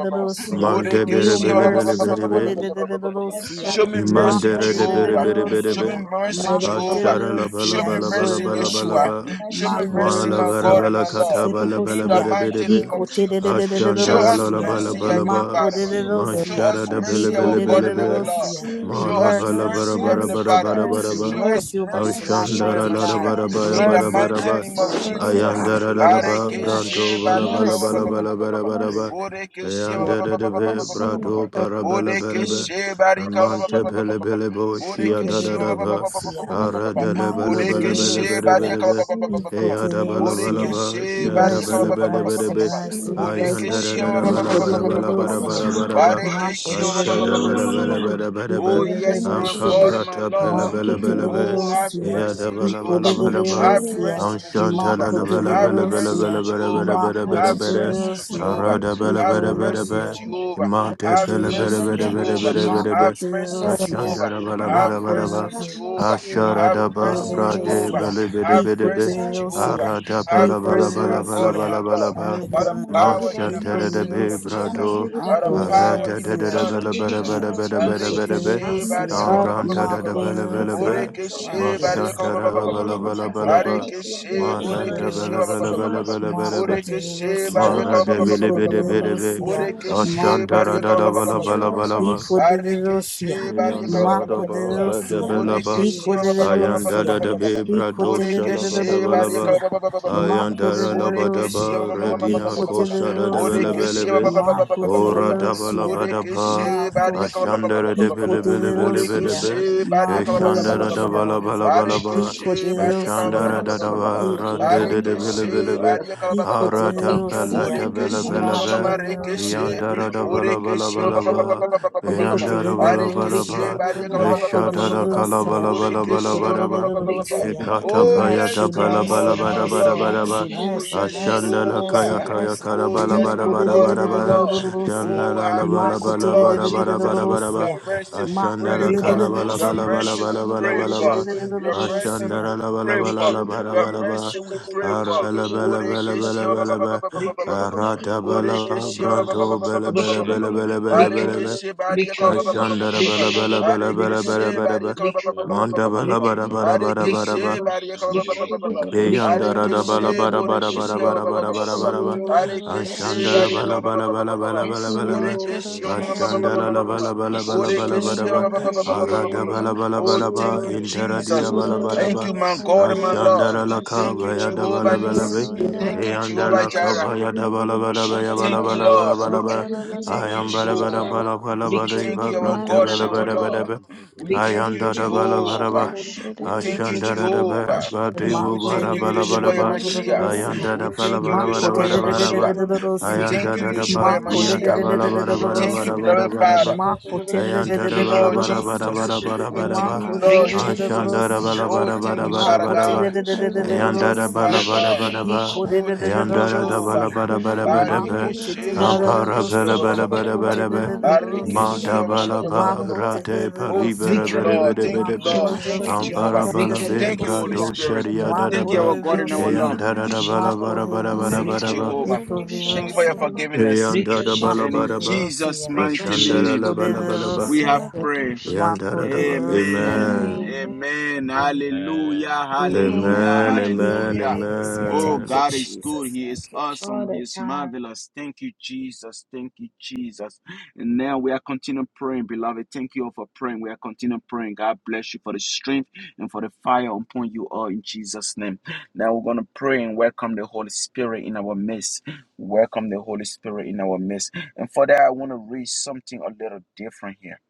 [SPEAKER 2] Robo
[SPEAKER 7] Mande bere
[SPEAKER 2] Tozala
[SPEAKER 7] bele bele
[SPEAKER 6] mercies of
[SPEAKER 2] Abaman
[SPEAKER 7] bere be.
[SPEAKER 2] Branda
[SPEAKER 1] show
[SPEAKER 2] Diapata
[SPEAKER 1] me
[SPEAKER 3] your show
[SPEAKER 1] mercy,
[SPEAKER 7] Imandere le bere
[SPEAKER 1] Jehovah.
[SPEAKER 2] Menavati
[SPEAKER 7] bere bere
[SPEAKER 1] Show
[SPEAKER 2] Isola
[SPEAKER 7] be.
[SPEAKER 1] me
[SPEAKER 6] Kodedosia.
[SPEAKER 2] Brato
[SPEAKER 1] mercy,
[SPEAKER 3] by the power
[SPEAKER 1] Jehovah.
[SPEAKER 2] Zadevashka
[SPEAKER 7] Ashara la bala
[SPEAKER 1] Show
[SPEAKER 6] Makoterosia,
[SPEAKER 2] Branga
[SPEAKER 1] me
[SPEAKER 7] bala bala
[SPEAKER 1] mercy,
[SPEAKER 2] Didashka
[SPEAKER 7] bala bala
[SPEAKER 1] Yeshua.
[SPEAKER 6] hikoterosia,
[SPEAKER 7] ba.
[SPEAKER 2] Robo
[SPEAKER 1] Show me
[SPEAKER 3] of the
[SPEAKER 2] Shakata
[SPEAKER 7] Ma
[SPEAKER 1] mercy,
[SPEAKER 7] la
[SPEAKER 1] my
[SPEAKER 2] Branga
[SPEAKER 7] bara
[SPEAKER 1] God
[SPEAKER 6] makoterosia,
[SPEAKER 1] and
[SPEAKER 7] bala
[SPEAKER 1] my
[SPEAKER 2] Dashka.
[SPEAKER 7] kata
[SPEAKER 1] Lord.
[SPEAKER 7] bala
[SPEAKER 1] In
[SPEAKER 7] bala
[SPEAKER 1] the
[SPEAKER 6] sesetekosia,
[SPEAKER 7] bere
[SPEAKER 2] Rabo
[SPEAKER 7] bere
[SPEAKER 1] mighty
[SPEAKER 7] be.
[SPEAKER 1] name of
[SPEAKER 2] shakata bara bara
[SPEAKER 1] Jesus,
[SPEAKER 2] ba.
[SPEAKER 1] show
[SPEAKER 7] Ashandara la
[SPEAKER 1] us
[SPEAKER 7] la
[SPEAKER 6] hikoterosia,
[SPEAKER 2] Rebede
[SPEAKER 7] bala
[SPEAKER 1] mercy,
[SPEAKER 7] bala
[SPEAKER 2] bariya
[SPEAKER 1] Heavenly
[SPEAKER 7] ba.
[SPEAKER 2] bariya
[SPEAKER 1] Father.
[SPEAKER 2] bariya
[SPEAKER 7] Ma
[SPEAKER 2] kato
[SPEAKER 1] Show
[SPEAKER 6] makoterosia,
[SPEAKER 2] brenda
[SPEAKER 7] shara
[SPEAKER 1] us
[SPEAKER 7] da
[SPEAKER 2] dashka.
[SPEAKER 7] bele
[SPEAKER 1] mercy, our
[SPEAKER 7] bele
[SPEAKER 1] God
[SPEAKER 7] bele
[SPEAKER 1] and
[SPEAKER 2] Rabo
[SPEAKER 1] our
[SPEAKER 7] be.
[SPEAKER 1] Lord.
[SPEAKER 6] hikoterosia.
[SPEAKER 2] shakata
[SPEAKER 7] Ma
[SPEAKER 1] Show
[SPEAKER 7] ra
[SPEAKER 2] brakete
[SPEAKER 1] us
[SPEAKER 2] jada
[SPEAKER 7] bala
[SPEAKER 6] Mercies,
[SPEAKER 7] bara
[SPEAKER 1] mercy,
[SPEAKER 2] branoshka.
[SPEAKER 7] bara
[SPEAKER 1] Heavenly
[SPEAKER 6] mercies,
[SPEAKER 7] bara
[SPEAKER 1] Father.
[SPEAKER 7] bara
[SPEAKER 2] Thank
[SPEAKER 7] bara
[SPEAKER 6] mercy,
[SPEAKER 2] you,
[SPEAKER 7] ba.
[SPEAKER 2] Lord
[SPEAKER 1] Show us
[SPEAKER 6] mercy
[SPEAKER 2] Jesus.
[SPEAKER 6] over
[SPEAKER 7] Oh,
[SPEAKER 6] this
[SPEAKER 1] mercy,
[SPEAKER 6] land,
[SPEAKER 2] Marino
[SPEAKER 1] Yeshua
[SPEAKER 7] Shandara
[SPEAKER 6] mighty
[SPEAKER 7] Lala
[SPEAKER 6] God.
[SPEAKER 2] shakata
[SPEAKER 1] Mashiach.
[SPEAKER 7] Bara Bara
[SPEAKER 1] In the
[SPEAKER 7] Bara
[SPEAKER 2] brakete
[SPEAKER 6] Mercy,
[SPEAKER 7] Bara
[SPEAKER 1] mighty
[SPEAKER 2] dashka.
[SPEAKER 7] Ba.
[SPEAKER 1] name
[SPEAKER 6] mercy,
[SPEAKER 1] of
[SPEAKER 6] mercy
[SPEAKER 1] Jesus.
[SPEAKER 6] upon your
[SPEAKER 7] Ayandara
[SPEAKER 6] people,
[SPEAKER 7] Lala Ba
[SPEAKER 6] mighty God.
[SPEAKER 7] Branto
[SPEAKER 1] Barekeshe
[SPEAKER 7] Bala Bala
[SPEAKER 1] bariyaka ba- ba-
[SPEAKER 7] Bala
[SPEAKER 6] Mercy.
[SPEAKER 7] Bala Bara Bara Ba.
[SPEAKER 1] Borekeshe ba-
[SPEAKER 3] Holy Ghost,
[SPEAKER 7] Ayandara de Be Brato
[SPEAKER 3] Father,
[SPEAKER 7] Para Bala Bara Ba.
[SPEAKER 1] Borekeshe barika
[SPEAKER 2] Rabba
[SPEAKER 7] Amante Pele
[SPEAKER 2] Shakata,
[SPEAKER 7] Pele Bo Shia
[SPEAKER 2] Rabba
[SPEAKER 6] Eco
[SPEAKER 7] Da
[SPEAKER 6] de
[SPEAKER 1] Borekeshe
[SPEAKER 7] Da
[SPEAKER 1] ba-
[SPEAKER 7] Da
[SPEAKER 2] Shakata,
[SPEAKER 7] Ba.
[SPEAKER 6] Rosia,
[SPEAKER 7] Ara Da La
[SPEAKER 2] and
[SPEAKER 7] Bala
[SPEAKER 6] Marco de
[SPEAKER 7] Bala
[SPEAKER 2] Predation.
[SPEAKER 7] Bala
[SPEAKER 1] Borekeshe
[SPEAKER 7] Bara
[SPEAKER 6] Ecoderosia,
[SPEAKER 7] Bara
[SPEAKER 1] bariyaka
[SPEAKER 7] Ba.
[SPEAKER 6] de
[SPEAKER 2] Zalabrondo
[SPEAKER 7] Ayada Bala Bala
[SPEAKER 6] Ecoderosia,
[SPEAKER 7] Ba
[SPEAKER 2] Shakatabradira,
[SPEAKER 1] Borekeshe
[SPEAKER 7] Shada
[SPEAKER 3] you
[SPEAKER 1] bariyaka
[SPEAKER 7] Bala
[SPEAKER 6] mercy,
[SPEAKER 7] Bala
[SPEAKER 2] Umbracadiva,
[SPEAKER 7] Bara
[SPEAKER 6] mercy,
[SPEAKER 7] Ba.
[SPEAKER 2] Shede
[SPEAKER 6] mercy,
[SPEAKER 3] can give us
[SPEAKER 2] Bragadiva,
[SPEAKER 6] mercy.
[SPEAKER 7] Ayandara Lala Bala
[SPEAKER 6] Eco de
[SPEAKER 7] Bala
[SPEAKER 2] Imbracadiva,
[SPEAKER 7] Bala
[SPEAKER 2] Shede
[SPEAKER 7] Bara
[SPEAKER 6] Rosia,
[SPEAKER 7] Bara Bara
[SPEAKER 2] Bragadiva.
[SPEAKER 7] Ba.
[SPEAKER 6] Marco
[SPEAKER 1] Barikishia ba-
[SPEAKER 6] de
[SPEAKER 7] Ashada
[SPEAKER 2] Embragadiba
[SPEAKER 7] Bala
[SPEAKER 2] shete
[SPEAKER 7] Bala
[SPEAKER 6] Rosia,
[SPEAKER 7] Bara Bara
[SPEAKER 2] embragadiba
[SPEAKER 6] Eco
[SPEAKER 1] Oh,
[SPEAKER 7] Ba.
[SPEAKER 6] de
[SPEAKER 1] yes, my
[SPEAKER 2] vela
[SPEAKER 3] your
[SPEAKER 7] Ampa
[SPEAKER 1] God
[SPEAKER 6] Rosia,
[SPEAKER 3] mercy,
[SPEAKER 1] and my
[SPEAKER 2] bragadiba
[SPEAKER 7] Brata Pele
[SPEAKER 2] shete
[SPEAKER 1] Lord.
[SPEAKER 6] Marco
[SPEAKER 7] Bala
[SPEAKER 2] jala
[SPEAKER 6] de
[SPEAKER 7] Bala Ba.
[SPEAKER 1] Oh,
[SPEAKER 2] bragadiba
[SPEAKER 1] have
[SPEAKER 6] Rosia,
[SPEAKER 1] mercy,
[SPEAKER 6] Eco de
[SPEAKER 1] Jehovah.
[SPEAKER 2] bragadiba shete
[SPEAKER 7] Yadabalabalaba.
[SPEAKER 1] Have
[SPEAKER 2] jala
[SPEAKER 6] Ecoderosia, Macoderosia, Ecoderosia,
[SPEAKER 1] mercy,
[SPEAKER 2] brando
[SPEAKER 6] de
[SPEAKER 1] Jehovah.
[SPEAKER 2] bragadiba
[SPEAKER 1] Have
[SPEAKER 2] raba
[SPEAKER 1] mercy,
[SPEAKER 6] Ecoderosia, Macoderosia,
[SPEAKER 1] Jehovah.
[SPEAKER 2] shakataba
[SPEAKER 1] Have
[SPEAKER 7] Anshantalalabalabalabalabalabalabalabalabala.
[SPEAKER 2] raba
[SPEAKER 1] mercy,
[SPEAKER 6] Macoderosia,
[SPEAKER 2] shakataba
[SPEAKER 1] Jehovah. Have
[SPEAKER 2] raba
[SPEAKER 1] mercy,
[SPEAKER 2] doja
[SPEAKER 7] Aradabalabalabalabalaba.
[SPEAKER 6] Ecoderosia.
[SPEAKER 2] doshka
[SPEAKER 1] Jehovah.
[SPEAKER 2] doshka
[SPEAKER 1] Have
[SPEAKER 2] rabo
[SPEAKER 1] mercy,
[SPEAKER 6] Akudelosia,
[SPEAKER 2] shakata
[SPEAKER 1] Jehovah. Have
[SPEAKER 7] Imantefelabalabalabalabalabalaba.
[SPEAKER 2] bragadashka
[SPEAKER 1] mercy,
[SPEAKER 3] Father,
[SPEAKER 6] Makotelosia,
[SPEAKER 2] rabo
[SPEAKER 1] Jehovah.
[SPEAKER 2] shakata
[SPEAKER 1] Have
[SPEAKER 2] beriya
[SPEAKER 7] Anshantalabalabalaba.
[SPEAKER 1] mercy,
[SPEAKER 2] boro
[SPEAKER 6] Makotelosia,
[SPEAKER 2] boro
[SPEAKER 1] Jehovah.
[SPEAKER 2] dashka
[SPEAKER 1] Have
[SPEAKER 7] Asharadaba
[SPEAKER 1] mercy,
[SPEAKER 2] embragata
[SPEAKER 7] brade
[SPEAKER 1] Jehovah.
[SPEAKER 6] Makotelosia,
[SPEAKER 2] shete brongo
[SPEAKER 1] Have
[SPEAKER 2] doshka
[SPEAKER 7] balibidibidib.
[SPEAKER 1] mercy,
[SPEAKER 2] rabo
[SPEAKER 6] Hikotelosia,
[SPEAKER 1] Jehovah. Have
[SPEAKER 2] shakataba
[SPEAKER 1] mercy, my
[SPEAKER 2] rabo
[SPEAKER 1] God and
[SPEAKER 6] Hikotelosia,
[SPEAKER 1] my Lord.
[SPEAKER 2] shakataba
[SPEAKER 7] Aradabalabalabalabalabalabalaba.
[SPEAKER 1] By the power
[SPEAKER 2] embragata
[SPEAKER 1] in the
[SPEAKER 2] shadeshka
[SPEAKER 1] mighty name
[SPEAKER 7] Mashantelebe
[SPEAKER 1] of
[SPEAKER 6] Hikotelosia,
[SPEAKER 2] rabo
[SPEAKER 1] Jesus
[SPEAKER 7] brado.
[SPEAKER 1] by
[SPEAKER 2] shakataba
[SPEAKER 1] the power in the
[SPEAKER 6] Akudelosia,
[SPEAKER 2] Embrakato
[SPEAKER 1] blood of
[SPEAKER 2] Shata
[SPEAKER 1] Jesus.
[SPEAKER 2] Brokatoshka, Rambo
[SPEAKER 7] Aradadadadabalabalabalabalabalabalaba.
[SPEAKER 1] Barikishe,
[SPEAKER 6] Hikotelosia,
[SPEAKER 1] barika,
[SPEAKER 2] Shakataba,
[SPEAKER 1] ba- ba- ba- ba- ba- ba-
[SPEAKER 2] Rambo
[SPEAKER 1] ba- ba- ba.
[SPEAKER 2] Shakataba,
[SPEAKER 7] Abrantadadabalabalaba.
[SPEAKER 6] Makotelosia,
[SPEAKER 2] Rambo
[SPEAKER 1] Borikishe, barika, ba-
[SPEAKER 2] Shakataba,
[SPEAKER 6] Makotelosia.
[SPEAKER 7] Mashanta
[SPEAKER 1] ba- ba- ba- ba- ba-
[SPEAKER 7] bala
[SPEAKER 1] ba- ba.
[SPEAKER 7] bala
[SPEAKER 2] Rambo
[SPEAKER 7] bala ba.
[SPEAKER 2] Shakataba.
[SPEAKER 1] Barikishe,
[SPEAKER 2] Thank you,
[SPEAKER 7] Maranta
[SPEAKER 2] Lord
[SPEAKER 1] borikishe,
[SPEAKER 7] bala
[SPEAKER 1] ba- ba-
[SPEAKER 2] Jesus.
[SPEAKER 1] ba-
[SPEAKER 7] bala
[SPEAKER 1] ba-
[SPEAKER 6] Ecosia,
[SPEAKER 1] ba- ba-
[SPEAKER 7] bala
[SPEAKER 1] ba.
[SPEAKER 7] bala bala
[SPEAKER 6] Marco
[SPEAKER 7] ba.
[SPEAKER 2] Thank
[SPEAKER 6] de
[SPEAKER 2] you, Lord
[SPEAKER 1] Borikishe,
[SPEAKER 2] Jesus.
[SPEAKER 6] Rosia,
[SPEAKER 1] barika,
[SPEAKER 7] Mara
[SPEAKER 1] ba- ba-
[SPEAKER 7] de
[SPEAKER 1] ba- ba- ba- ba-
[SPEAKER 7] bele
[SPEAKER 6] Eco
[SPEAKER 1] ba-
[SPEAKER 7] bele
[SPEAKER 1] ba- ba-
[SPEAKER 6] de
[SPEAKER 2] Rambo
[SPEAKER 1] ba.
[SPEAKER 7] bele be.
[SPEAKER 2] Shakato
[SPEAKER 6] Rosia,
[SPEAKER 2] Ibalo
[SPEAKER 1] Borikishe,
[SPEAKER 6] Marco
[SPEAKER 7] Ashanta
[SPEAKER 2] Bradiro
[SPEAKER 6] de
[SPEAKER 7] da
[SPEAKER 1] barika, ba-
[SPEAKER 7] da
[SPEAKER 1] ba- ba- ba-
[SPEAKER 7] bala
[SPEAKER 1] ba- ba-
[SPEAKER 6] Rosia,
[SPEAKER 2] Shakratira,
[SPEAKER 1] ba-
[SPEAKER 7] bala
[SPEAKER 1] ba- ba-
[SPEAKER 7] bala
[SPEAKER 1] ba.
[SPEAKER 7] ba.
[SPEAKER 6] Eco de Rosia,
[SPEAKER 1] Barikishe, barika, ba-
[SPEAKER 2] Intervia
[SPEAKER 1] ba-
[SPEAKER 2] de
[SPEAKER 7] Yandara
[SPEAKER 1] ba- ba-
[SPEAKER 7] da
[SPEAKER 6] Marco
[SPEAKER 1] ba-
[SPEAKER 6] de
[SPEAKER 1] ba-
[SPEAKER 7] ba
[SPEAKER 1] ba.
[SPEAKER 7] ra
[SPEAKER 2] Beraveshala
[SPEAKER 7] da
[SPEAKER 6] Rosia,
[SPEAKER 7] ba la
[SPEAKER 2] Bragatosh,
[SPEAKER 7] ba,
[SPEAKER 1] Borikishe,
[SPEAKER 6] Eco
[SPEAKER 1] ba- ba-
[SPEAKER 6] de
[SPEAKER 1] ba- ba- ba- ba- ba-
[SPEAKER 7] Ayanda
[SPEAKER 1] ba-
[SPEAKER 6] Rosia,
[SPEAKER 1] ba- ba-
[SPEAKER 2] Lambrade
[SPEAKER 1] ba-
[SPEAKER 7] Yandadadaba, radabelaba, ayandadadabe,
[SPEAKER 1] ba.
[SPEAKER 2] Izala
[SPEAKER 6] Eco
[SPEAKER 7] brado
[SPEAKER 2] Brade
[SPEAKER 6] de
[SPEAKER 2] Izala
[SPEAKER 1] Borikishe, barika,
[SPEAKER 2] Brashaka
[SPEAKER 7] shalabalabalaba,
[SPEAKER 1] ba-
[SPEAKER 6] Rosia,
[SPEAKER 1] ba- ba- ba- ba- ba-
[SPEAKER 2] Branashka
[SPEAKER 1] ba- ba- ba.
[SPEAKER 6] Marco
[SPEAKER 2] Fishka,
[SPEAKER 6] de
[SPEAKER 1] Borikishe,
[SPEAKER 6] Rosia,
[SPEAKER 7] ayandaralabadaba, redina
[SPEAKER 6] Eco de
[SPEAKER 2] Ibilimania Tabarade
[SPEAKER 6] Rosia,
[SPEAKER 1] Borekeshe ba-
[SPEAKER 7] koshadadabelebelebe,
[SPEAKER 1] ba-
[SPEAKER 2] Izala
[SPEAKER 1] ba- ba- ba- ba-
[SPEAKER 6] Marco
[SPEAKER 1] ba- ba-
[SPEAKER 6] de
[SPEAKER 1] ba-
[SPEAKER 2] Shakata
[SPEAKER 1] ba- ba.
[SPEAKER 2] Bradish,
[SPEAKER 1] Borekeshe
[SPEAKER 7] oradabalabadaba,
[SPEAKER 6] Marco.
[SPEAKER 1] bariyaka ba- ba- ba- ba-
[SPEAKER 2] Rabo
[SPEAKER 1] ba- ba- ba-
[SPEAKER 6] Hijo
[SPEAKER 1] ba.
[SPEAKER 2] shona brata yishana
[SPEAKER 7] ashandaradabelebelebelebe,
[SPEAKER 1] Borekeshe
[SPEAKER 2] brata yishana
[SPEAKER 1] bariyaka ba-
[SPEAKER 6] Marco
[SPEAKER 1] ba-
[SPEAKER 6] de
[SPEAKER 1] ba- ba-
[SPEAKER 2] blanco
[SPEAKER 1] ba- ba-
[SPEAKER 2] to
[SPEAKER 1] ba-
[SPEAKER 6] Rusia,
[SPEAKER 1] ba- ba.
[SPEAKER 2] brigadesh.
[SPEAKER 7] eshandaradabalabalaba,
[SPEAKER 1] Barekeshe bariyaka ba- ba- ba- ba- ba-
[SPEAKER 2] Velo
[SPEAKER 1] ba- ba- ba.
[SPEAKER 2] melo
[SPEAKER 7] eshandaradadaba,
[SPEAKER 2] shakata
[SPEAKER 1] Barekeshe
[SPEAKER 2] brigadesh
[SPEAKER 7] randadadabelebelebe,
[SPEAKER 2] kata
[SPEAKER 1] bariyaka
[SPEAKER 2] jala
[SPEAKER 1] ba- ba- ba- ba- ba- ba-
[SPEAKER 2] bratoshki.
[SPEAKER 1] ba.
[SPEAKER 6] Ecotelorosia,
[SPEAKER 2] Rabo
[SPEAKER 1] Borekeshe ma- ma- ma-
[SPEAKER 7] aradabelebelebe,
[SPEAKER 1] ma- ma-
[SPEAKER 2] shakata
[SPEAKER 1] rekeshe.
[SPEAKER 2] bragato
[SPEAKER 6] Macotelorosia,
[SPEAKER 2] uzola brano
[SPEAKER 1] Borekeshe ba- ba- ba-
[SPEAKER 2] shashkata
[SPEAKER 1] ba- ba-
[SPEAKER 7] yandaradabalabalaba,
[SPEAKER 1] ba-
[SPEAKER 5] Rikaraba,
[SPEAKER 2] yishana
[SPEAKER 1] ba- ba- ba- ba- ba- ba.
[SPEAKER 7] Yanda da
[SPEAKER 2] bratoshkateshki.
[SPEAKER 5] rikarimi,
[SPEAKER 7] ba la ba la
[SPEAKER 1] Barekeshe
[SPEAKER 6] Ecotelorosia,
[SPEAKER 7] ba,
[SPEAKER 2] Rabo
[SPEAKER 1] bariyaka ba- ba- ba- ba-
[SPEAKER 5] rikarabarabaraba,
[SPEAKER 1] ba-
[SPEAKER 2] shakata
[SPEAKER 1] ba-
[SPEAKER 7] Eshada
[SPEAKER 1] ba-
[SPEAKER 7] da
[SPEAKER 1] ba- ba.
[SPEAKER 2] bragata
[SPEAKER 7] kala ba
[SPEAKER 3] Father,
[SPEAKER 5] shitititi,
[SPEAKER 6] Macotelorosia,
[SPEAKER 7] la ba
[SPEAKER 2] bragata
[SPEAKER 7] la ba la
[SPEAKER 2] yishana
[SPEAKER 1] Borekeshe
[SPEAKER 7] ba
[SPEAKER 5] shatataraba,
[SPEAKER 7] da
[SPEAKER 1] ba- ba- ba-
[SPEAKER 2] brando
[SPEAKER 7] ba,
[SPEAKER 1] ba- ba- ba- ba.
[SPEAKER 2] brigadeshki
[SPEAKER 6] Ecotelorosia.
[SPEAKER 2] kata
[SPEAKER 7] Ekata
[SPEAKER 1] Oh
[SPEAKER 7] pa
[SPEAKER 5] rikaribiribiribi,
[SPEAKER 7] ya
[SPEAKER 2] bratoshki.
[SPEAKER 7] da
[SPEAKER 1] yes,
[SPEAKER 6] Mercy,
[SPEAKER 7] ba
[SPEAKER 1] my
[SPEAKER 7] la ba
[SPEAKER 5] shatataraba,
[SPEAKER 6] mercy,
[SPEAKER 7] la
[SPEAKER 1] God and
[SPEAKER 7] ba
[SPEAKER 1] my
[SPEAKER 7] da ba
[SPEAKER 6] mercy,
[SPEAKER 7] da
[SPEAKER 2] Velo
[SPEAKER 7] ba
[SPEAKER 1] Lord.
[SPEAKER 7] da ba,
[SPEAKER 6] mercy,
[SPEAKER 2] brando
[SPEAKER 5] rikaribiribiribi,
[SPEAKER 1] Oh
[SPEAKER 6] mercy,
[SPEAKER 2] bragata
[SPEAKER 1] yes,
[SPEAKER 6] mercy,
[SPEAKER 2] yishana
[SPEAKER 7] Ashanda
[SPEAKER 5] shatataraba,
[SPEAKER 7] la
[SPEAKER 2] brato
[SPEAKER 6] mercy,
[SPEAKER 7] kaya
[SPEAKER 1] Jehovah.
[SPEAKER 7] kaya
[SPEAKER 5] shitititi,
[SPEAKER 6] mercy.
[SPEAKER 2] shakato
[SPEAKER 7] kara
[SPEAKER 1] Oh,
[SPEAKER 7] ba la ba
[SPEAKER 1] yes,
[SPEAKER 7] da
[SPEAKER 1] my
[SPEAKER 2] brigadeshki.
[SPEAKER 7] ba da
[SPEAKER 1] God
[SPEAKER 7] ba
[SPEAKER 1] and
[SPEAKER 7] da
[SPEAKER 1] my
[SPEAKER 7] ba da,
[SPEAKER 5] rikaribiribiribi,
[SPEAKER 1] Lord.
[SPEAKER 2] Velo
[SPEAKER 5] shatataraba,
[SPEAKER 6] Ecotelorosia,
[SPEAKER 7] Shanda
[SPEAKER 2] brashe
[SPEAKER 1] Oh,
[SPEAKER 7] la
[SPEAKER 1] have
[SPEAKER 7] la ba
[SPEAKER 2] grante
[SPEAKER 7] la ba
[SPEAKER 1] mercy,
[SPEAKER 7] la
[SPEAKER 2] brashe
[SPEAKER 5] rikarabaraba,
[SPEAKER 7] ba
[SPEAKER 1] Lord
[SPEAKER 2] branero
[SPEAKER 1] Jesus.
[SPEAKER 7] da
[SPEAKER 5] shitititi,
[SPEAKER 7] ba da ba da ba da ba,
[SPEAKER 1] Your
[SPEAKER 6] Macotelorosia,
[SPEAKER 2] shaprateroshki.
[SPEAKER 5] shatataraba,
[SPEAKER 1] mercy we
[SPEAKER 7] Ashanda
[SPEAKER 1] pray
[SPEAKER 7] la
[SPEAKER 1] for.
[SPEAKER 7] kala
[SPEAKER 2] Maro
[SPEAKER 7] ba la
[SPEAKER 1] Your
[SPEAKER 7] ba la
[SPEAKER 6] Macotelorosia,
[SPEAKER 5] rikaribiribiribi,
[SPEAKER 7] ba la
[SPEAKER 1] mercy
[SPEAKER 7] ba
[SPEAKER 1] we
[SPEAKER 7] la
[SPEAKER 2] Shakatabarabu
[SPEAKER 7] ba la
[SPEAKER 5] shatataraba,
[SPEAKER 1] pray
[SPEAKER 7] ba la
[SPEAKER 1] for.
[SPEAKER 7] ba,
[SPEAKER 2] Shakatabrangat
[SPEAKER 5] shitititi,
[SPEAKER 1] Your mercy
[SPEAKER 7] Ashanda
[SPEAKER 1] we
[SPEAKER 6] Ecotelorosia.
[SPEAKER 5] shatataraba,
[SPEAKER 7] la la ba la
[SPEAKER 1] pray
[SPEAKER 7] ba la
[SPEAKER 1] for.
[SPEAKER 7] la ba da
[SPEAKER 1] Your
[SPEAKER 7] ba da
[SPEAKER 5] rikaribiribiribi,
[SPEAKER 7] ba,
[SPEAKER 1] mercy we pray
[SPEAKER 5] shatataraba,
[SPEAKER 1] for.
[SPEAKER 7] Ara la ba la
[SPEAKER 5] shitititi,
[SPEAKER 7] ba la ba la
[SPEAKER 1] Borekeshia
[SPEAKER 5] shatataraba,
[SPEAKER 7] ba
[SPEAKER 1] ba- ba-
[SPEAKER 7] la
[SPEAKER 1] ba- ba-
[SPEAKER 7] ba,
[SPEAKER 1] ba- ba- ba- ba- ba- ba-
[SPEAKER 2] Lord
[SPEAKER 1] ba-
[SPEAKER 7] Ara
[SPEAKER 1] ba.
[SPEAKER 7] da
[SPEAKER 2] Jesus.
[SPEAKER 7] ba
[SPEAKER 5] rikaribiribiribi,
[SPEAKER 7] la ba,
[SPEAKER 1] Borekeshia ba-
[SPEAKER 5] shatataraba,
[SPEAKER 1] ba- ba- ba-
[SPEAKER 7] Branto
[SPEAKER 1] ba-
[SPEAKER 7] ba
[SPEAKER 1] ba-
[SPEAKER 7] la
[SPEAKER 1] ba-
[SPEAKER 7] ba
[SPEAKER 1] ba- ba-
[SPEAKER 7] la
[SPEAKER 1] ba-
[SPEAKER 7] ba la
[SPEAKER 2] Thank
[SPEAKER 1] ba-
[SPEAKER 5] Ricaragua,
[SPEAKER 1] ba.
[SPEAKER 2] you,
[SPEAKER 7] la
[SPEAKER 2] Lord
[SPEAKER 7] la
[SPEAKER 2] Jesus.
[SPEAKER 7] la
[SPEAKER 5] Ricaragua,
[SPEAKER 1] Barekeshe bariyaka ba- ba-
[SPEAKER 5] Ricaragua,
[SPEAKER 1] ba- ba- ba-
[SPEAKER 2] Thank
[SPEAKER 7] Ashandara
[SPEAKER 1] ba-
[SPEAKER 2] you,
[SPEAKER 1] ba-
[SPEAKER 7] bala
[SPEAKER 1] ba.
[SPEAKER 2] Lord
[SPEAKER 7] bala
[SPEAKER 5] Ricaragua,
[SPEAKER 2] Jesus.
[SPEAKER 7] bala bala bala
[SPEAKER 1] Barekeshe
[SPEAKER 5] Ricaragua,
[SPEAKER 7] bala ba.
[SPEAKER 1] bariyaka ba- ba- ba- ba-
[SPEAKER 2] Thank
[SPEAKER 5] Ricaragua,
[SPEAKER 1] ba-
[SPEAKER 2] you, Lord Jesus. Thank you,
[SPEAKER 1] ba-
[SPEAKER 7] Manda
[SPEAKER 1] ba-
[SPEAKER 2] Lord
[SPEAKER 1] ba-
[SPEAKER 5] Ricaragua,
[SPEAKER 1] ba-
[SPEAKER 7] bala
[SPEAKER 1] ba.
[SPEAKER 7] bala
[SPEAKER 2] Jesus.
[SPEAKER 5] Ricaragua,
[SPEAKER 7] bala bala bala bala.
[SPEAKER 1] Barekeshe
[SPEAKER 5] Ricaragua,
[SPEAKER 1] bariyaka
[SPEAKER 2] Thank
[SPEAKER 1] ba- ba- ba-
[SPEAKER 2] you,
[SPEAKER 1] ba-
[SPEAKER 2] Lord
[SPEAKER 1] ba- ba-
[SPEAKER 5] Ricaragua,
[SPEAKER 1] ba.
[SPEAKER 2] Jesus.
[SPEAKER 8] Debo
[SPEAKER 7] Eyandara da
[SPEAKER 8] Shatalaman
[SPEAKER 7] bala
[SPEAKER 1] Barekeshe
[SPEAKER 7] bara
[SPEAKER 5] Ricaragua, Ricaragua,
[SPEAKER 8] Debo
[SPEAKER 7] bara bara
[SPEAKER 1] borekeshia ba-
[SPEAKER 7] bara
[SPEAKER 1] ba- ba-
[SPEAKER 7] bara bara
[SPEAKER 1] ba-
[SPEAKER 5] Ricaragua,
[SPEAKER 1] ba- ba- ba.
[SPEAKER 7] bara bara.
[SPEAKER 8] Liben
[SPEAKER 5] Ricaragua,
[SPEAKER 8] Debo
[SPEAKER 1] Barekeshe
[SPEAKER 3] show us
[SPEAKER 7] Ashandara
[SPEAKER 8] Shalamanda
[SPEAKER 2] Thank
[SPEAKER 5] Ricaragua,
[SPEAKER 1] bareka
[SPEAKER 2] you,
[SPEAKER 7] bala
[SPEAKER 1] ba
[SPEAKER 2] Lord
[SPEAKER 1] ba ba
[SPEAKER 7] bala
[SPEAKER 1] ba ba
[SPEAKER 7] bala
[SPEAKER 1] ba ba
[SPEAKER 2] Jesus.
[SPEAKER 7] bala bala
[SPEAKER 5] Bless
[SPEAKER 7] bala
[SPEAKER 5] you,
[SPEAKER 8] Limen
[SPEAKER 7] bala.
[SPEAKER 5] Lord.
[SPEAKER 8] Toro
[SPEAKER 1] Borekeshe ma ma ma
[SPEAKER 5] Bless
[SPEAKER 1] ma
[SPEAKER 5] you,
[SPEAKER 1] ma ma
[SPEAKER 8] Shalamanda
[SPEAKER 7] Ashandala
[SPEAKER 1] ma
[SPEAKER 7] la
[SPEAKER 1] ma ma
[SPEAKER 5] Lord.
[SPEAKER 1] ma.
[SPEAKER 7] bala
[SPEAKER 2] Roshakatavara
[SPEAKER 7] bala
[SPEAKER 5] Bless you,
[SPEAKER 7] bala bala
[SPEAKER 5] Lord.
[SPEAKER 1] Borekeshe
[SPEAKER 2] Shakatavara
[SPEAKER 7] bala
[SPEAKER 1] ba
[SPEAKER 7] bala.
[SPEAKER 8] Limen
[SPEAKER 1] ba ba
[SPEAKER 2] Shakatavara
[SPEAKER 1] ba
[SPEAKER 5] Bless
[SPEAKER 1] ba ba
[SPEAKER 5] you,
[SPEAKER 8] Debo
[SPEAKER 1] ba ba ba ba
[SPEAKER 7] Arada
[SPEAKER 2] Shakatavara.
[SPEAKER 5] Lord.
[SPEAKER 1] ba
[SPEAKER 7] bala
[SPEAKER 8] Shalamanda
[SPEAKER 7] bala
[SPEAKER 5] Bless
[SPEAKER 1] Oh,
[SPEAKER 7] bala
[SPEAKER 5] you,
[SPEAKER 2] Thank
[SPEAKER 1] thank
[SPEAKER 7] ba.
[SPEAKER 5] Lord.
[SPEAKER 1] you,
[SPEAKER 2] you, Lord
[SPEAKER 7] Intera
[SPEAKER 5] Bless
[SPEAKER 7] dia
[SPEAKER 1] Jesus.
[SPEAKER 5] you,
[SPEAKER 2] Jesus.
[SPEAKER 7] bala
[SPEAKER 5] Lord.
[SPEAKER 7] bala
[SPEAKER 1] Thank
[SPEAKER 7] ba.
[SPEAKER 1] you,
[SPEAKER 8] Zebedebo
[SPEAKER 1] my
[SPEAKER 5] Bless you,
[SPEAKER 1] God and my
[SPEAKER 5] Lord.
[SPEAKER 8] Shalamanda
[SPEAKER 2] Thank you,
[SPEAKER 1] Lord.
[SPEAKER 7] Ashandala la
[SPEAKER 2] Lord
[SPEAKER 5] Bless you,
[SPEAKER 1] Thank you,
[SPEAKER 7] kaba ya
[SPEAKER 2] Jesus.
[SPEAKER 7] da
[SPEAKER 5] Lord.
[SPEAKER 1] Jehovah
[SPEAKER 7] bala bala ba.
[SPEAKER 1] Nisi.
[SPEAKER 5] Bless
[SPEAKER 8] Jedebo
[SPEAKER 5] you,
[SPEAKER 3] your
[SPEAKER 5] Lord.
[SPEAKER 2] Ameno
[SPEAKER 3] mercy.
[SPEAKER 1] Thank you,
[SPEAKER 8] Ndaraba
[SPEAKER 1] Jehovah
[SPEAKER 7] Eyandala
[SPEAKER 2] Shashkivale
[SPEAKER 5] Rikari
[SPEAKER 1] Jireh.
[SPEAKER 7] kaba
[SPEAKER 8] Shadabaso
[SPEAKER 5] bidi
[SPEAKER 7] ya
[SPEAKER 2] Brondo
[SPEAKER 7] da
[SPEAKER 5] bidi
[SPEAKER 7] bala
[SPEAKER 5] bidi
[SPEAKER 2] Bratiro
[SPEAKER 7] bala ba
[SPEAKER 1] We
[SPEAKER 7] ya
[SPEAKER 5] bishata
[SPEAKER 2] Sata
[SPEAKER 7] bala
[SPEAKER 1] thank you,
[SPEAKER 5] taraba.
[SPEAKER 7] bala
[SPEAKER 2] Bratia
[SPEAKER 8] Jedebo
[SPEAKER 7] bala
[SPEAKER 1] Lord.
[SPEAKER 2] Klava.
[SPEAKER 7] bala ba.
[SPEAKER 5] Rikari
[SPEAKER 1] We
[SPEAKER 5] bidi
[SPEAKER 1] thank you,
[SPEAKER 5] bidi
[SPEAKER 7] Ayam
[SPEAKER 8] Santarabadabosh
[SPEAKER 2] Thank
[SPEAKER 7] bala
[SPEAKER 2] you,
[SPEAKER 5] bishata
[SPEAKER 2] Lord
[SPEAKER 7] bala
[SPEAKER 1] Jehovah.
[SPEAKER 5] taraba.
[SPEAKER 7] bala
[SPEAKER 2] Jesus.
[SPEAKER 7] bala
[SPEAKER 1] We
[SPEAKER 7] bala
[SPEAKER 5] Rikari
[SPEAKER 1] thank
[SPEAKER 7] ba.
[SPEAKER 1] you,
[SPEAKER 5] bidi
[SPEAKER 1] our
[SPEAKER 5] bidi
[SPEAKER 7] Branta
[SPEAKER 1] God and
[SPEAKER 7] bala
[SPEAKER 5] bishata
[SPEAKER 1] our
[SPEAKER 7] bala
[SPEAKER 2] Vemano
[SPEAKER 8] Mandedebo
[SPEAKER 1] Lord.
[SPEAKER 7] bala
[SPEAKER 5] taraba.
[SPEAKER 7] ba.
[SPEAKER 2] Santa
[SPEAKER 1] We
[SPEAKER 2] Bronoro
[SPEAKER 5] Rikari
[SPEAKER 1] thank you,
[SPEAKER 7] Ayanda
[SPEAKER 5] bidi
[SPEAKER 7] da
[SPEAKER 5] bidi
[SPEAKER 2] Shakataba.
[SPEAKER 7] bala
[SPEAKER 1] Jehovah.
[SPEAKER 7] bala
[SPEAKER 5] bishata
[SPEAKER 7] ba.
[SPEAKER 5] taraba.
[SPEAKER 1] We
[SPEAKER 2] Thank
[SPEAKER 1] thank
[SPEAKER 8] Mashedebo
[SPEAKER 1] you,
[SPEAKER 2] you,
[SPEAKER 5] Rikari
[SPEAKER 2] Lord
[SPEAKER 5] bidi bidi
[SPEAKER 2] Jesus.
[SPEAKER 7] Ashandaraba,
[SPEAKER 1] Jehovah.
[SPEAKER 5] bishata taraba.
[SPEAKER 7] Badevo,
[SPEAKER 1] We
[SPEAKER 6] Mako de
[SPEAKER 5] Shite
[SPEAKER 1] thank
[SPEAKER 6] de
[SPEAKER 1] you,
[SPEAKER 6] de de
[SPEAKER 5] tebe.
[SPEAKER 6] de
[SPEAKER 2] Thank
[SPEAKER 6] de de
[SPEAKER 1] Yeshua
[SPEAKER 6] de
[SPEAKER 2] you,
[SPEAKER 7] Barabalabalaba,
[SPEAKER 6] de
[SPEAKER 2] Lord
[SPEAKER 5] Rikara
[SPEAKER 1] Yamashiach.
[SPEAKER 6] de
[SPEAKER 8] Mandedebo
[SPEAKER 2] Jesus.
[SPEAKER 5] bara
[SPEAKER 6] Sia.
[SPEAKER 5] bara
[SPEAKER 7] Ayandada
[SPEAKER 1] We
[SPEAKER 5] bara
[SPEAKER 1] thank
[SPEAKER 5] shite
[SPEAKER 1] you,
[SPEAKER 5] tebe
[SPEAKER 6] Mako de
[SPEAKER 1] Yeshua
[SPEAKER 6] de de
[SPEAKER 5] bishata
[SPEAKER 2] Thank
[SPEAKER 6] de de
[SPEAKER 2] you,
[SPEAKER 6] de
[SPEAKER 7] Balabarabarabarabaraba,
[SPEAKER 1] Yamashiach.
[SPEAKER 5] taraba.
[SPEAKER 2] Lord
[SPEAKER 6] de de de
[SPEAKER 2] Jesus.
[SPEAKER 1] We
[SPEAKER 6] Sia.
[SPEAKER 1] thank you,
[SPEAKER 7] Ayandada ba
[SPEAKER 1] Yeshua
[SPEAKER 6] Mako de de de de de
[SPEAKER 8] Mandedebo
[SPEAKER 1] Yamashiach.
[SPEAKER 7] Ayandarabalaba,
[SPEAKER 1] We thank you,
[SPEAKER 2] Thank you,
[SPEAKER 8] Shadebo
[SPEAKER 1] beloved
[SPEAKER 2] Lord
[SPEAKER 7] Yatabalabarabarabarabarabaraba,
[SPEAKER 1] Father.
[SPEAKER 2] Jesus.
[SPEAKER 1] We thank you,
[SPEAKER 7] Ayantara
[SPEAKER 6] de de de
[SPEAKER 7] bara
[SPEAKER 1] Lord
[SPEAKER 7] bara
[SPEAKER 6] de
[SPEAKER 7] bara
[SPEAKER 2] Thank
[SPEAKER 6] Sia.
[SPEAKER 1] Jesus.
[SPEAKER 2] you,
[SPEAKER 7] bara
[SPEAKER 2] Lord
[SPEAKER 7] bara
[SPEAKER 1] We
[SPEAKER 7] bara
[SPEAKER 2] Jesus.
[SPEAKER 1] thank
[SPEAKER 7] ba.
[SPEAKER 1] you,
[SPEAKER 6] Mako de de de
[SPEAKER 1] Lord
[SPEAKER 6] de de de de de de
[SPEAKER 1] Jesus.
[SPEAKER 8] Mashedebo
[SPEAKER 7] Anshandara
[SPEAKER 6] Sia.
[SPEAKER 7] bara
[SPEAKER 1] Oh,
[SPEAKER 7] bara
[SPEAKER 2] Thank
[SPEAKER 1] thank
[SPEAKER 2] you,
[SPEAKER 7] bara
[SPEAKER 1] you,
[SPEAKER 2] Lord
[SPEAKER 7] bara
[SPEAKER 1] Father
[SPEAKER 6] Mako
[SPEAKER 7] bara
[SPEAKER 6] de
[SPEAKER 2] Jesus.
[SPEAKER 1] God.
[SPEAKER 6] de
[SPEAKER 7] ba.
[SPEAKER 6] de de de de
[SPEAKER 1] Oh,
[SPEAKER 6] de Sia. Mako de de de de de de de de
[SPEAKER 8] Liman
[SPEAKER 6] de
[SPEAKER 1] thank
[SPEAKER 7] Ayantara
[SPEAKER 1] you,
[SPEAKER 8] Tedebo
[SPEAKER 6] Sia.
[SPEAKER 7] bara
[SPEAKER 1] Father
[SPEAKER 7] bara
[SPEAKER 1] God.
[SPEAKER 7] bara
[SPEAKER 2] Maleba
[SPEAKER 7] ba.
[SPEAKER 6] Iko
[SPEAKER 8] Shadabadababa
[SPEAKER 6] de
[SPEAKER 1] Oh,
[SPEAKER 6] de
[SPEAKER 2] Sata
[SPEAKER 6] de de
[SPEAKER 1] thank
[SPEAKER 6] de
[SPEAKER 1] you,
[SPEAKER 2] Brono
[SPEAKER 7] Ayantara
[SPEAKER 6] de
[SPEAKER 7] da bara
[SPEAKER 1] Jehovah.
[SPEAKER 2] Shakatadia
[SPEAKER 6] Sia.
[SPEAKER 7] bara bara bara
[SPEAKER 2] Paradeshka.
[SPEAKER 7] ba.
[SPEAKER 6] Makote
[SPEAKER 8] Jedebedebo
[SPEAKER 6] de
[SPEAKER 1] Barikeshe,
[SPEAKER 6] de de
[SPEAKER 3] Father
[SPEAKER 6] de
[SPEAKER 7] Ampara
[SPEAKER 1] borikeshe,
[SPEAKER 2] O
[SPEAKER 7] bara
[SPEAKER 1] ba- ba-
[SPEAKER 6] dosia,
[SPEAKER 7] bara
[SPEAKER 1] ba- ba- ba- ba-
[SPEAKER 2] Valimba
[SPEAKER 7] bara
[SPEAKER 1] ba- ba.
[SPEAKER 6] hikote
[SPEAKER 7] bara
[SPEAKER 6] de
[SPEAKER 2] Doja
[SPEAKER 7] ba.
[SPEAKER 6] de de
[SPEAKER 2] Jeshka
[SPEAKER 8] Mantele
[SPEAKER 2] Jela
[SPEAKER 8] bedebo,
[SPEAKER 1] Barikeshe,
[SPEAKER 6] dosia,
[SPEAKER 7] Mata
[SPEAKER 1] ba- ba- ba-
[SPEAKER 2] Bradoshka.
[SPEAKER 7] bala
[SPEAKER 1] ba- ba- ba-
[SPEAKER 5] Rikari
[SPEAKER 7] ba
[SPEAKER 1] ba- ba- ba- ba.
[SPEAKER 6] makote
[SPEAKER 7] rate
[SPEAKER 6] de de
[SPEAKER 1] Oh, thank
[SPEAKER 7] palibera
[SPEAKER 1] you,
[SPEAKER 6] dosia,
[SPEAKER 5] Richard
[SPEAKER 7] bere
[SPEAKER 1] Lord.
[SPEAKER 7] bere
[SPEAKER 1] Thank
[SPEAKER 7] bere
[SPEAKER 1] you,
[SPEAKER 7] be
[SPEAKER 6] makote
[SPEAKER 1] Lord.
[SPEAKER 6] de
[SPEAKER 1] Thank you,
[SPEAKER 8] mashete
[SPEAKER 6] dosia,
[SPEAKER 7] ampara
[SPEAKER 1] Jehovah.
[SPEAKER 3] God,
[SPEAKER 2] Velembra
[SPEAKER 8] bedebo,
[SPEAKER 6] masete
[SPEAKER 7] bala
[SPEAKER 6] se
[SPEAKER 7] be
[SPEAKER 6] te
[SPEAKER 1] Thank you, Holy
[SPEAKER 2] Ninoshka
[SPEAKER 6] cosia,
[SPEAKER 7] brato
[SPEAKER 1] Spirit.
[SPEAKER 7] sharia da da
[SPEAKER 1] Thank you,
[SPEAKER 6] makote
[SPEAKER 1] our
[SPEAKER 7] ba
[SPEAKER 6] de
[SPEAKER 2] In
[SPEAKER 1] God and our
[SPEAKER 6] dosia,
[SPEAKER 1] Lord.
[SPEAKER 7] eyandara da bala
[SPEAKER 6] makote
[SPEAKER 7] bara
[SPEAKER 6] de
[SPEAKER 7] bara bara
[SPEAKER 1] Thank
[SPEAKER 6] dosia,
[SPEAKER 1] you,
[SPEAKER 7] bara
[SPEAKER 8] mantele
[SPEAKER 7] ba
[SPEAKER 1] Jehovah.
[SPEAKER 8] bedebo,
[SPEAKER 6] hiko de
[SPEAKER 1] Thank
[SPEAKER 8] shada
[SPEAKER 1] you for your
[SPEAKER 6] dosia,
[SPEAKER 8] bedebo,
[SPEAKER 1] forgiveness.
[SPEAKER 7] eyandara bala
[SPEAKER 1] And in
[SPEAKER 6] makote
[SPEAKER 7] bara
[SPEAKER 6] de
[SPEAKER 7] ba
[SPEAKER 1] Jesus'
[SPEAKER 6] dosia,
[SPEAKER 1] mighty
[SPEAKER 7] ashandara
[SPEAKER 1] name,
[SPEAKER 7] la
[SPEAKER 6] hiko de de
[SPEAKER 7] bala
[SPEAKER 1] we
[SPEAKER 8] mashata
[SPEAKER 1] have
[SPEAKER 6] dosia,
[SPEAKER 1] prayed.
[SPEAKER 8] labadosh.
[SPEAKER 6] makote
[SPEAKER 2] the
[SPEAKER 7] Yandadadaba.
[SPEAKER 6] de
[SPEAKER 2] name of
[SPEAKER 6] dosia,
[SPEAKER 2] Jesus.
[SPEAKER 7] Amen.
[SPEAKER 1] Amen.
[SPEAKER 8] Amen.
[SPEAKER 1] Amen.
[SPEAKER 2] Amen.
[SPEAKER 1] Hallelujah.
[SPEAKER 3] the
[SPEAKER 1] Hallelujah.
[SPEAKER 7] Amen.
[SPEAKER 8] Amen.
[SPEAKER 6] hiko
[SPEAKER 7] Amen.
[SPEAKER 6] de
[SPEAKER 1] Hallelujah.
[SPEAKER 6] de
[SPEAKER 1] Oh,
[SPEAKER 7] Amen.
[SPEAKER 6] Thank you,
[SPEAKER 1] God is good.
[SPEAKER 6] Jesus.
[SPEAKER 1] He is
[SPEAKER 6] Thank you,
[SPEAKER 1] awesome. He is marvelous. Thank you, Jesus. Thank you, Jesus. And now we are continuing praying, beloved. Thank you all for praying. We are continuing praying. God bless you for the strength and for the fire upon you all in Jesus' name. Now we're going to pray and welcome the Holy Spirit in our midst. Welcome the Holy Spirit in our midst. And for that, I want to read something a little different here.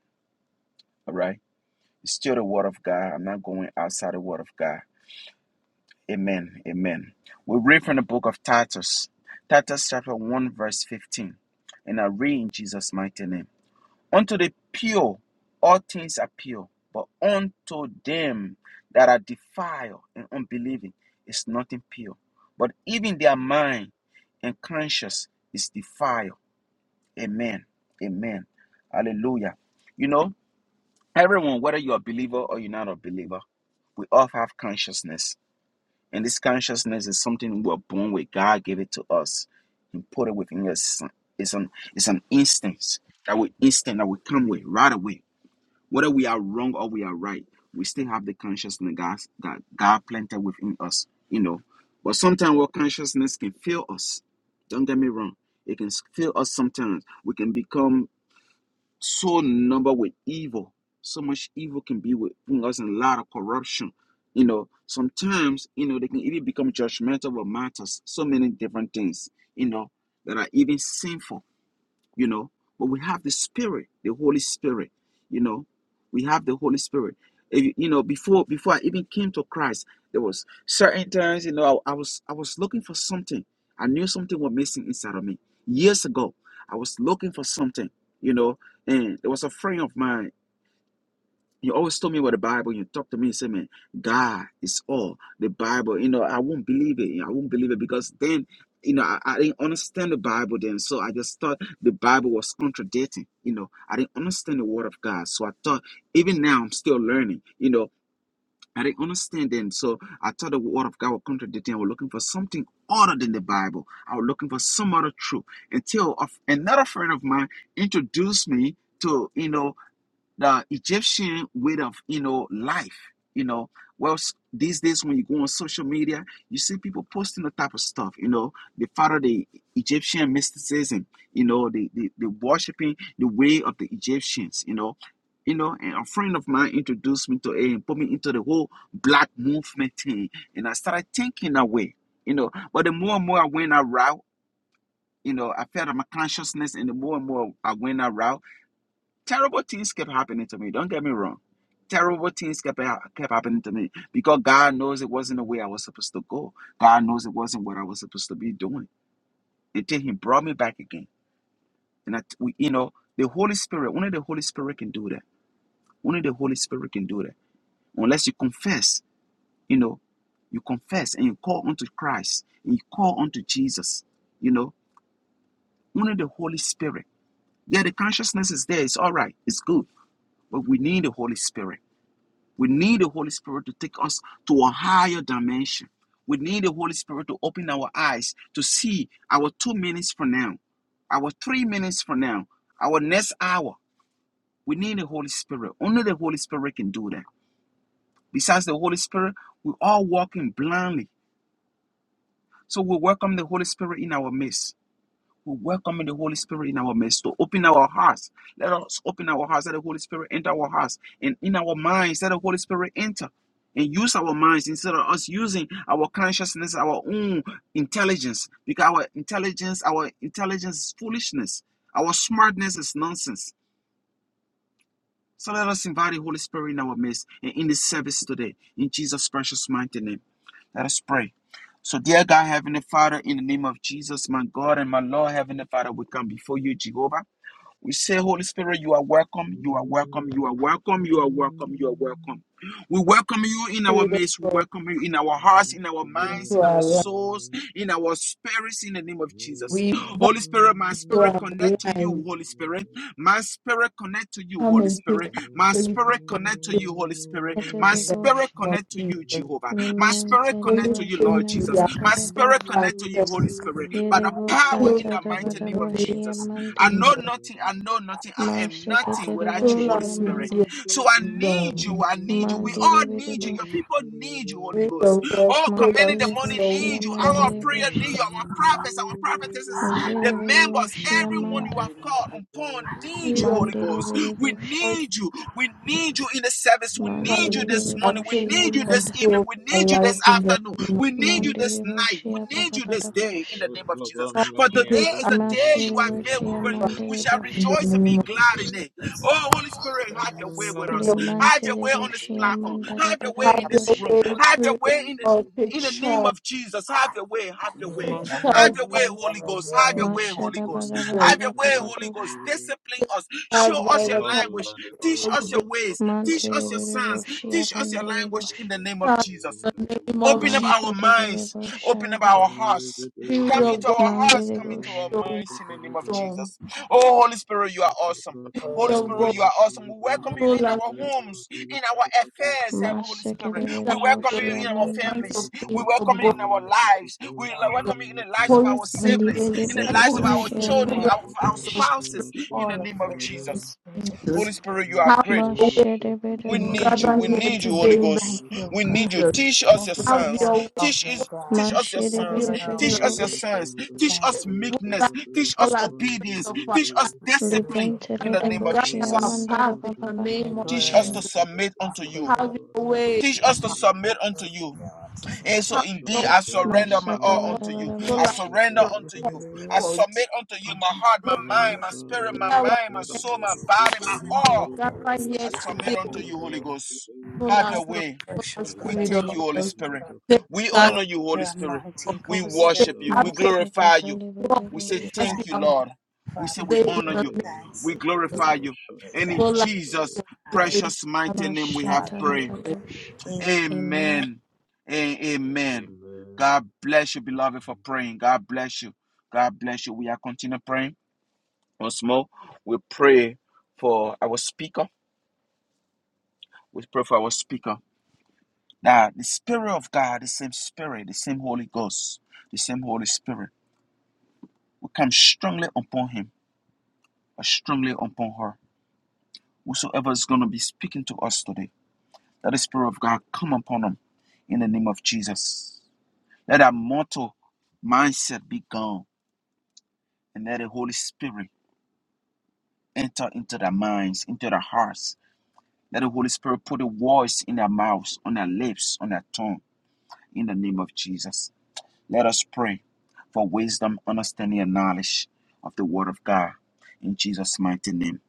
[SPEAKER 1] All right. It's still the word of God. I'm not going outside the word of God. Amen. Amen. We read from the book of Titus, Titus chapter 1, verse 15. And I read in Jesus' mighty name. Unto the pure, all things are pure, but unto them that are defiled and unbelieving is nothing pure. But even their mind and conscience is defiled. Amen. Amen. Hallelujah. You know, Everyone, whether you're a believer or you're not a believer, we all have consciousness. And this consciousness is something we're born with. God gave it to us and put it within us. It's an, it's an instance that we instant that we come with right away. Whether we are wrong or we are right, we still have the consciousness God, that God planted within us, you know. But sometimes our consciousness can fail us. Don't get me wrong. It can fail us sometimes. We can become so numbered with evil. So much evil can be within us and a lot of corruption. You know, sometimes, you know, they can even become judgmental about matters, so many different things, you know, that are even sinful you know but we have the spirit the holy spirit you know we have the holy spirit If you you know before before i even came to christ there was certain times you know I, I was i was looking for something i knew something was missing inside of me years ago i was looking for something you know and there was a friend of mine you always told me about the Bible. You talk to me and say, man, God is all the Bible. You know, I won't believe it. I won't believe it because then, you know, I, I didn't understand the Bible then. So I just thought the Bible was contradicting. You know, I didn't understand the word of God. So I thought, even now, I'm still learning. You know, I didn't understand then. So I thought the word of God was contradicting. I was looking for something other than the Bible. I was looking for some other truth until of another friend of mine introduced me to, you know, the Egyptian way of you know life. You know, well these days when you go on social media, you see people posting the type of stuff. You know, they follow the Egyptian mysticism. You know, they they, they worshiping the way of the Egyptians. You know. You know, and a friend of mine introduced me to it and put me into the whole black movement thing. And I started thinking that way, you know. But the more and more I went that route, you know, I felt my consciousness, and the more and more I went around terrible things kept happening to me. Don't get me wrong. Terrible things kept, ha- kept happening to me because God knows it wasn't the way I was supposed to go. God knows it wasn't what I was supposed to be doing until He brought me back again. And I, we, you know, the Holy Spirit, only the Holy Spirit can do that. Only the Holy Spirit can do that. Unless you confess, you know, you confess and you call unto Christ and you call unto Jesus, you know, only the Holy Spirit. Yeah, the consciousness is there. It's all right. It's good. But we need the Holy Spirit. We need the Holy Spirit to take us to a higher dimension. We need the Holy Spirit to open our eyes to see our two minutes from now, our three minutes from now, our next hour. We need the Holy Spirit. Only the Holy Spirit can do that. Besides the Holy Spirit, we're all walking blindly. So we welcome the Holy Spirit in our midst. We're welcoming the Holy Spirit in our midst to open our hearts. Let us open our hearts. Let the Holy Spirit enter our hearts. And in our minds, let the Holy Spirit enter and use our minds instead of us using our consciousness, our own intelligence. Because our intelligence, our intelligence is foolishness. Our smartness is nonsense. So let us invite the Holy Spirit in our midst and in this service today. In Jesus' precious mighty name. Let us pray. So, dear God, Heavenly Father, in the name of Jesus, my God and my Lord, Heavenly Father, we come before you, Jehovah. We say, Holy Spirit, you are welcome, you are welcome, you are welcome, you are welcome, you are welcome. We welcome you in our
[SPEAKER 3] Spirit of
[SPEAKER 1] midst, we
[SPEAKER 3] God
[SPEAKER 1] welcome you in our hearts, in our minds,
[SPEAKER 3] into
[SPEAKER 1] in
[SPEAKER 3] our
[SPEAKER 1] our
[SPEAKER 3] life.
[SPEAKER 1] souls, in our spirits, in the name of Jesus.
[SPEAKER 3] We invite
[SPEAKER 1] Holy Spirit, my
[SPEAKER 3] to
[SPEAKER 1] spirit
[SPEAKER 3] our
[SPEAKER 1] connect to you,
[SPEAKER 3] lives.
[SPEAKER 1] Holy Spirit. My spirit connect to you,
[SPEAKER 3] Come
[SPEAKER 1] Holy
[SPEAKER 3] and take
[SPEAKER 1] Spirit. My
[SPEAKER 3] absolute
[SPEAKER 1] spirit
[SPEAKER 3] control
[SPEAKER 1] connect to you, Holy Spirit. My
[SPEAKER 8] Etele
[SPEAKER 1] spirit
[SPEAKER 8] bosh,
[SPEAKER 3] of
[SPEAKER 1] connect to you,
[SPEAKER 3] Jesus.
[SPEAKER 1] Jehovah. My spirit
[SPEAKER 8] limentele
[SPEAKER 3] Holy
[SPEAKER 1] connect to you,
[SPEAKER 8] bosh,
[SPEAKER 1] Lord
[SPEAKER 3] Spirit, we
[SPEAKER 1] Jesus.
[SPEAKER 3] are
[SPEAKER 1] My
[SPEAKER 8] anamantele bosh,
[SPEAKER 1] spirit
[SPEAKER 2] Thank you.
[SPEAKER 1] connect to you,
[SPEAKER 3] ourselves.
[SPEAKER 1] Holy Spirit. By the
[SPEAKER 8] yerebo
[SPEAKER 1] power in
[SPEAKER 3] Clothe
[SPEAKER 8] santa
[SPEAKER 1] the
[SPEAKER 8] da
[SPEAKER 1] mighty name
[SPEAKER 3] us
[SPEAKER 8] bedebo,
[SPEAKER 1] of
[SPEAKER 3] with
[SPEAKER 8] shia
[SPEAKER 1] Jesus. I
[SPEAKER 8] mande,
[SPEAKER 1] know
[SPEAKER 3] Jesus.
[SPEAKER 1] nothing. I know nothing. I am nothing
[SPEAKER 8] maseketele
[SPEAKER 1] without you,
[SPEAKER 8] bosh,
[SPEAKER 3] Fill
[SPEAKER 1] Holy
[SPEAKER 3] us with
[SPEAKER 1] Spirit.
[SPEAKER 8] anamande,
[SPEAKER 3] your
[SPEAKER 1] So I need
[SPEAKER 3] wisdom.
[SPEAKER 1] you. I need you. We all
[SPEAKER 8] mandele
[SPEAKER 1] need you.
[SPEAKER 8] bedebo,
[SPEAKER 1] Your people need you, Holy
[SPEAKER 3] Spirit
[SPEAKER 1] Ghost.
[SPEAKER 3] of God,
[SPEAKER 1] All
[SPEAKER 3] fill
[SPEAKER 1] commanding
[SPEAKER 3] us
[SPEAKER 1] the
[SPEAKER 3] with
[SPEAKER 8] mantele bosh,
[SPEAKER 1] morning
[SPEAKER 3] your
[SPEAKER 8] shia
[SPEAKER 1] need you. Our
[SPEAKER 3] wisdom.
[SPEAKER 8] mandele
[SPEAKER 1] prayer
[SPEAKER 8] bosh,
[SPEAKER 1] need you. Our prophets, our prophetesses, the
[SPEAKER 8] zere bedebo,
[SPEAKER 1] members,
[SPEAKER 8] shia
[SPEAKER 1] everyone you
[SPEAKER 8] manda,
[SPEAKER 1] have called upon need
[SPEAKER 3] Spirit
[SPEAKER 1] you,
[SPEAKER 3] of
[SPEAKER 1] Holy
[SPEAKER 8] mandele
[SPEAKER 1] Ghost. We
[SPEAKER 8] bedebo.
[SPEAKER 3] God,
[SPEAKER 1] need you. We need you in the service. We
[SPEAKER 3] come
[SPEAKER 1] need you
[SPEAKER 8] Mandiri
[SPEAKER 3] and take
[SPEAKER 1] this
[SPEAKER 8] biri
[SPEAKER 1] morning. We
[SPEAKER 3] absolute
[SPEAKER 8] boshia
[SPEAKER 1] need you this
[SPEAKER 8] manda.
[SPEAKER 3] control
[SPEAKER 1] evening.
[SPEAKER 3] of
[SPEAKER 1] We
[SPEAKER 3] our
[SPEAKER 1] need you this
[SPEAKER 3] life in the
[SPEAKER 1] afternoon.
[SPEAKER 3] name of
[SPEAKER 1] We need
[SPEAKER 3] Jesus.
[SPEAKER 1] you this
[SPEAKER 8] Mandiri
[SPEAKER 1] night. We
[SPEAKER 8] boshia
[SPEAKER 1] need
[SPEAKER 8] pada
[SPEAKER 1] you this
[SPEAKER 8] pada
[SPEAKER 1] day in
[SPEAKER 8] bosh.
[SPEAKER 1] the name of Jesus.
[SPEAKER 3] Come
[SPEAKER 2] Thank
[SPEAKER 1] For
[SPEAKER 3] and
[SPEAKER 1] today
[SPEAKER 3] take
[SPEAKER 1] is
[SPEAKER 3] our
[SPEAKER 1] a day you
[SPEAKER 8] Mashiri
[SPEAKER 1] have made. We,
[SPEAKER 8] boshia
[SPEAKER 1] will,
[SPEAKER 3] over
[SPEAKER 1] we
[SPEAKER 8] mandiri
[SPEAKER 1] shall
[SPEAKER 3] in
[SPEAKER 8] bosh.
[SPEAKER 3] the
[SPEAKER 1] rejoice and
[SPEAKER 3] name
[SPEAKER 1] be
[SPEAKER 3] of
[SPEAKER 1] glad in it. Oh, Holy Spirit, have your way
[SPEAKER 6] Jesus.
[SPEAKER 1] with
[SPEAKER 3] Jesus.
[SPEAKER 1] us. Have your
[SPEAKER 8] Limansiri
[SPEAKER 1] way on this
[SPEAKER 8] boshia
[SPEAKER 1] platform.
[SPEAKER 8] mandara
[SPEAKER 1] Have your way
[SPEAKER 8] pada
[SPEAKER 3] Have
[SPEAKER 1] in this
[SPEAKER 3] your
[SPEAKER 8] babosh.
[SPEAKER 1] room.
[SPEAKER 3] way
[SPEAKER 1] Have
[SPEAKER 6] Almighty
[SPEAKER 1] your
[SPEAKER 3] through the
[SPEAKER 1] way in the
[SPEAKER 3] world. Take
[SPEAKER 1] in the name
[SPEAKER 3] charge.
[SPEAKER 1] of Jesus.
[SPEAKER 6] God.
[SPEAKER 1] Have your way. Have your
[SPEAKER 6] धीरे
[SPEAKER 1] way.
[SPEAKER 3] Take
[SPEAKER 6] धीरे लंबा
[SPEAKER 3] charge
[SPEAKER 1] Have your way,
[SPEAKER 3] by
[SPEAKER 1] Holy
[SPEAKER 6] लंबे
[SPEAKER 1] Ghost. Have
[SPEAKER 6] जाए
[SPEAKER 1] your way, Holy
[SPEAKER 8] Mashara
[SPEAKER 1] Ghost.
[SPEAKER 8] bada pada
[SPEAKER 3] the
[SPEAKER 1] Have your way,
[SPEAKER 8] bada
[SPEAKER 1] Holy
[SPEAKER 8] badosh.
[SPEAKER 1] Ghost. Discipline
[SPEAKER 3] Take
[SPEAKER 1] us.
[SPEAKER 3] charge
[SPEAKER 1] Show us
[SPEAKER 3] by
[SPEAKER 1] your
[SPEAKER 3] the power of the
[SPEAKER 1] language. Teach us
[SPEAKER 3] Holy
[SPEAKER 1] your
[SPEAKER 3] Ghost.
[SPEAKER 1] ways. Teach
[SPEAKER 8] Mantiri
[SPEAKER 1] us your
[SPEAKER 8] biri
[SPEAKER 1] signs.
[SPEAKER 8] boshia
[SPEAKER 1] Teach us your
[SPEAKER 8] mandiri
[SPEAKER 1] language in
[SPEAKER 8] bosh.
[SPEAKER 1] the name of
[SPEAKER 3] Charge
[SPEAKER 1] Jesus.
[SPEAKER 3] in the name of
[SPEAKER 1] Open up
[SPEAKER 3] Jesus.
[SPEAKER 1] our
[SPEAKER 8] Mashiri biri
[SPEAKER 1] minds, open up
[SPEAKER 8] bosharaba.
[SPEAKER 1] our hearts.
[SPEAKER 3] Spirit
[SPEAKER 1] Come
[SPEAKER 3] of
[SPEAKER 1] into
[SPEAKER 3] God,
[SPEAKER 1] our
[SPEAKER 3] full
[SPEAKER 1] hearts,
[SPEAKER 8] Mandiri
[SPEAKER 1] come into
[SPEAKER 8] bosh.
[SPEAKER 1] our
[SPEAKER 3] your wisdom.
[SPEAKER 1] minds in the name of
[SPEAKER 2] you.
[SPEAKER 3] Spirit
[SPEAKER 1] Jesus. Oh, Holy Spirit, you
[SPEAKER 2] The
[SPEAKER 1] are awesome.
[SPEAKER 6] और
[SPEAKER 1] Holy
[SPEAKER 3] of
[SPEAKER 1] Spirit,
[SPEAKER 3] God,
[SPEAKER 1] you are awesome. We welcome you
[SPEAKER 3] full
[SPEAKER 1] in
[SPEAKER 3] us
[SPEAKER 1] our
[SPEAKER 3] to
[SPEAKER 1] homes, in our affairs, our Holy Spirit.
[SPEAKER 8] Masikiri
[SPEAKER 3] bring
[SPEAKER 8] biri
[SPEAKER 1] We
[SPEAKER 3] that
[SPEAKER 1] welcome
[SPEAKER 3] the
[SPEAKER 1] you
[SPEAKER 2] day
[SPEAKER 8] boshia
[SPEAKER 2] is
[SPEAKER 1] in our
[SPEAKER 8] manda.
[SPEAKER 3] response of
[SPEAKER 1] families.
[SPEAKER 2] officially
[SPEAKER 1] We
[SPEAKER 3] things
[SPEAKER 2] born,
[SPEAKER 1] welcome
[SPEAKER 3] of
[SPEAKER 1] you
[SPEAKER 3] God.
[SPEAKER 1] in
[SPEAKER 6] half
[SPEAKER 1] our
[SPEAKER 2] officially after the
[SPEAKER 1] lives. We
[SPEAKER 2] born
[SPEAKER 3] The
[SPEAKER 1] welcome
[SPEAKER 2] family
[SPEAKER 1] you in the lives of
[SPEAKER 2] native.
[SPEAKER 3] Holy
[SPEAKER 1] our
[SPEAKER 3] Spirit will
[SPEAKER 1] siblings,
[SPEAKER 8] Libiri
[SPEAKER 1] in the
[SPEAKER 3] invite
[SPEAKER 8] biri
[SPEAKER 1] lives
[SPEAKER 6] All
[SPEAKER 1] of
[SPEAKER 6] the
[SPEAKER 3] you
[SPEAKER 1] our
[SPEAKER 8] boshia
[SPEAKER 3] to
[SPEAKER 1] children,
[SPEAKER 3] full us
[SPEAKER 8] manda.
[SPEAKER 1] our, of
[SPEAKER 2] The
[SPEAKER 3] with
[SPEAKER 1] our
[SPEAKER 2] Baro
[SPEAKER 3] your
[SPEAKER 6] fresh,
[SPEAKER 2] shara
[SPEAKER 1] spouses,
[SPEAKER 3] strength,
[SPEAKER 1] in
[SPEAKER 6] all
[SPEAKER 1] the
[SPEAKER 6] the
[SPEAKER 2] Shepherd
[SPEAKER 1] name of
[SPEAKER 6] fresh of the
[SPEAKER 2] Ranera,
[SPEAKER 1] Jesus.
[SPEAKER 6] Spirit in this
[SPEAKER 3] Jesus.
[SPEAKER 1] Holy
[SPEAKER 6] place,
[SPEAKER 1] Spirit, you are
[SPEAKER 2] Garo
[SPEAKER 6] oh
[SPEAKER 3] Have
[SPEAKER 1] great.
[SPEAKER 6] God.
[SPEAKER 3] your
[SPEAKER 2] shoro
[SPEAKER 3] way.
[SPEAKER 8] Mashiri
[SPEAKER 2] Shepherd
[SPEAKER 8] biri
[SPEAKER 1] We
[SPEAKER 3] You've
[SPEAKER 2] shala
[SPEAKER 1] need you.
[SPEAKER 8] boshia
[SPEAKER 3] gathered
[SPEAKER 1] We
[SPEAKER 2] Roda
[SPEAKER 3] here
[SPEAKER 1] need
[SPEAKER 8] manda.
[SPEAKER 1] you,
[SPEAKER 2] Shepherd
[SPEAKER 6] We
[SPEAKER 1] Holy
[SPEAKER 3] today in the
[SPEAKER 6] thank
[SPEAKER 1] Ghost.
[SPEAKER 2] Bender,
[SPEAKER 6] you, oh
[SPEAKER 1] We
[SPEAKER 2] Garo
[SPEAKER 1] need
[SPEAKER 6] God.
[SPEAKER 1] you.
[SPEAKER 3] Jesus.
[SPEAKER 2] shala
[SPEAKER 1] Teach us
[SPEAKER 6] Thank
[SPEAKER 1] your
[SPEAKER 6] you for
[SPEAKER 3] Have
[SPEAKER 1] sons.
[SPEAKER 6] your
[SPEAKER 3] your way.
[SPEAKER 6] love,
[SPEAKER 1] Teach
[SPEAKER 6] oh
[SPEAKER 3] Full
[SPEAKER 1] is
[SPEAKER 3] us
[SPEAKER 6] God.
[SPEAKER 1] teach
[SPEAKER 3] with
[SPEAKER 1] us your
[SPEAKER 6] Thank you
[SPEAKER 3] your
[SPEAKER 1] sons.
[SPEAKER 6] for
[SPEAKER 3] healing
[SPEAKER 6] your
[SPEAKER 3] in
[SPEAKER 1] Teach
[SPEAKER 3] the
[SPEAKER 6] love.
[SPEAKER 1] us your
[SPEAKER 3] name.
[SPEAKER 6] We
[SPEAKER 8] Mashiribiribiriboshi.
[SPEAKER 1] sons. Teach
[SPEAKER 6] Thank
[SPEAKER 1] us
[SPEAKER 6] you.
[SPEAKER 3] full life in
[SPEAKER 1] meekness. Teach us
[SPEAKER 3] all aspects
[SPEAKER 1] obedience.
[SPEAKER 3] of our
[SPEAKER 1] Teach us
[SPEAKER 6] We
[SPEAKER 3] life.
[SPEAKER 1] discipline
[SPEAKER 6] will
[SPEAKER 1] in
[SPEAKER 6] see
[SPEAKER 1] the
[SPEAKER 6] I'm
[SPEAKER 1] name
[SPEAKER 3] And
[SPEAKER 6] not
[SPEAKER 1] of
[SPEAKER 3] guide
[SPEAKER 8] Libenteleboshi
[SPEAKER 3] our
[SPEAKER 1] Jesus.
[SPEAKER 3] path in the
[SPEAKER 8] amandarababa.
[SPEAKER 6] here.
[SPEAKER 3] name of
[SPEAKER 1] Teach
[SPEAKER 6] Good.
[SPEAKER 1] us to
[SPEAKER 3] Jesus.
[SPEAKER 1] submit unto you.
[SPEAKER 6] Awkward.
[SPEAKER 3] Have your way,
[SPEAKER 1] Teach us
[SPEAKER 6] Yeah.
[SPEAKER 1] to
[SPEAKER 3] Spirit
[SPEAKER 2] Hallelujah.
[SPEAKER 3] of
[SPEAKER 1] submit unto
[SPEAKER 6] Awkward.
[SPEAKER 1] you. And so
[SPEAKER 3] God. Have
[SPEAKER 1] indeed,
[SPEAKER 2] Oshala
[SPEAKER 3] your
[SPEAKER 1] I
[SPEAKER 2] Kova
[SPEAKER 1] surrender my all
[SPEAKER 2] Kova
[SPEAKER 3] way,
[SPEAKER 1] unto you.
[SPEAKER 3] Lord.
[SPEAKER 1] I
[SPEAKER 2] Koshaka
[SPEAKER 3] Full us
[SPEAKER 8] Masatabarababoshi.
[SPEAKER 3] with
[SPEAKER 1] surrender
[SPEAKER 3] your
[SPEAKER 2] Vashamba
[SPEAKER 1] unto you.
[SPEAKER 2] Rabada
[SPEAKER 1] I
[SPEAKER 3] comfort.
[SPEAKER 1] submit unto you my heart, my
[SPEAKER 3] But
[SPEAKER 2] Naya
[SPEAKER 1] mind, my spirit,
[SPEAKER 3] be
[SPEAKER 1] my
[SPEAKER 2] Parero
[SPEAKER 3] our
[SPEAKER 1] mind, my
[SPEAKER 2] Shada
[SPEAKER 3] help.
[SPEAKER 1] soul, my
[SPEAKER 2] Barabi
[SPEAKER 1] body, my
[SPEAKER 2] Beri
[SPEAKER 1] all.
[SPEAKER 2] Borum
[SPEAKER 6] Yeah.
[SPEAKER 3] Gather
[SPEAKER 2] Baria
[SPEAKER 3] here
[SPEAKER 1] I submit unto
[SPEAKER 3] today.
[SPEAKER 2] Bobaradia
[SPEAKER 1] you,
[SPEAKER 6] Awkward.
[SPEAKER 1] Holy
[SPEAKER 2] Bayan
[SPEAKER 1] Ghost.
[SPEAKER 3] Full
[SPEAKER 1] Have
[SPEAKER 6] Oh,
[SPEAKER 1] your
[SPEAKER 3] us, Lord.
[SPEAKER 1] way.
[SPEAKER 3] Full us,
[SPEAKER 6] special
[SPEAKER 2] Thank
[SPEAKER 1] We
[SPEAKER 6] God,
[SPEAKER 3] Spirit
[SPEAKER 2] you,
[SPEAKER 6] and
[SPEAKER 1] thank
[SPEAKER 3] of
[SPEAKER 6] cover
[SPEAKER 1] you,
[SPEAKER 2] sweet
[SPEAKER 1] Holy
[SPEAKER 6] us,
[SPEAKER 3] God.
[SPEAKER 2] Spirit
[SPEAKER 1] Spirit.
[SPEAKER 6] God.
[SPEAKER 2] of
[SPEAKER 3] Take
[SPEAKER 2] God.
[SPEAKER 1] We
[SPEAKER 6] Pour
[SPEAKER 3] charge.
[SPEAKER 6] out
[SPEAKER 1] honor you, Holy
[SPEAKER 6] your
[SPEAKER 1] Spirit.
[SPEAKER 6] anointing,
[SPEAKER 1] We
[SPEAKER 6] cover
[SPEAKER 2] I
[SPEAKER 6] us with your
[SPEAKER 3] Take
[SPEAKER 1] worship
[SPEAKER 2] reveal of
[SPEAKER 1] you. We
[SPEAKER 6] power.
[SPEAKER 2] this,
[SPEAKER 3] absolute
[SPEAKER 1] glorify you.
[SPEAKER 2] I
[SPEAKER 3] control
[SPEAKER 1] We
[SPEAKER 2] give
[SPEAKER 1] say
[SPEAKER 6] We
[SPEAKER 2] up
[SPEAKER 8] Masikateliboshi.
[SPEAKER 3] as we
[SPEAKER 1] thank
[SPEAKER 6] thank
[SPEAKER 1] you,
[SPEAKER 3] have
[SPEAKER 2] secrets.
[SPEAKER 3] done
[SPEAKER 1] Lord.
[SPEAKER 6] you,
[SPEAKER 1] We say
[SPEAKER 6] Father.
[SPEAKER 1] we
[SPEAKER 3] today
[SPEAKER 6] We
[SPEAKER 3] in
[SPEAKER 1] honor
[SPEAKER 3] the
[SPEAKER 1] you.
[SPEAKER 3] name
[SPEAKER 2] Rajaleana
[SPEAKER 6] thanks.
[SPEAKER 1] We
[SPEAKER 3] of
[SPEAKER 2] Kopale
[SPEAKER 1] glorify you.
[SPEAKER 6] We
[SPEAKER 2] Roshata
[SPEAKER 1] And in
[SPEAKER 6] thank
[SPEAKER 3] full us
[SPEAKER 2] Bradaya Baya
[SPEAKER 1] Jesus'
[SPEAKER 3] with your
[SPEAKER 6] you.
[SPEAKER 3] grace.
[SPEAKER 1] precious
[SPEAKER 3] and
[SPEAKER 1] mighty name we have prayed.
[SPEAKER 2] Roshaka
[SPEAKER 6] Hallelujah.
[SPEAKER 8] Mashatalabadosh.
[SPEAKER 2] Kabaya.
[SPEAKER 6] Amen.
[SPEAKER 8] Amen.
[SPEAKER 1] Amen. and Amen.
[SPEAKER 2] Amen.
[SPEAKER 1] God bless you, beloved, for praying. God bless you. God bless you. We are continue praying. Once more, we pray for our speaker. We pray for our speaker. That the Spirit of God, the same Spirit, the same Holy Ghost, the same Holy Spirit, will come strongly upon him or strongly upon her. Whosoever is going to be speaking to us today, let the Spirit of God come upon them in the name of Jesus. Let that mortal mindset be gone and let the Holy Spirit enter into their minds, into their hearts. Let the Holy Spirit put a voice in their mouths, on their lips, on their tongue in the name of Jesus. Let us pray for wisdom, understanding, and knowledge of the Word of God. In Jesus' mighty name,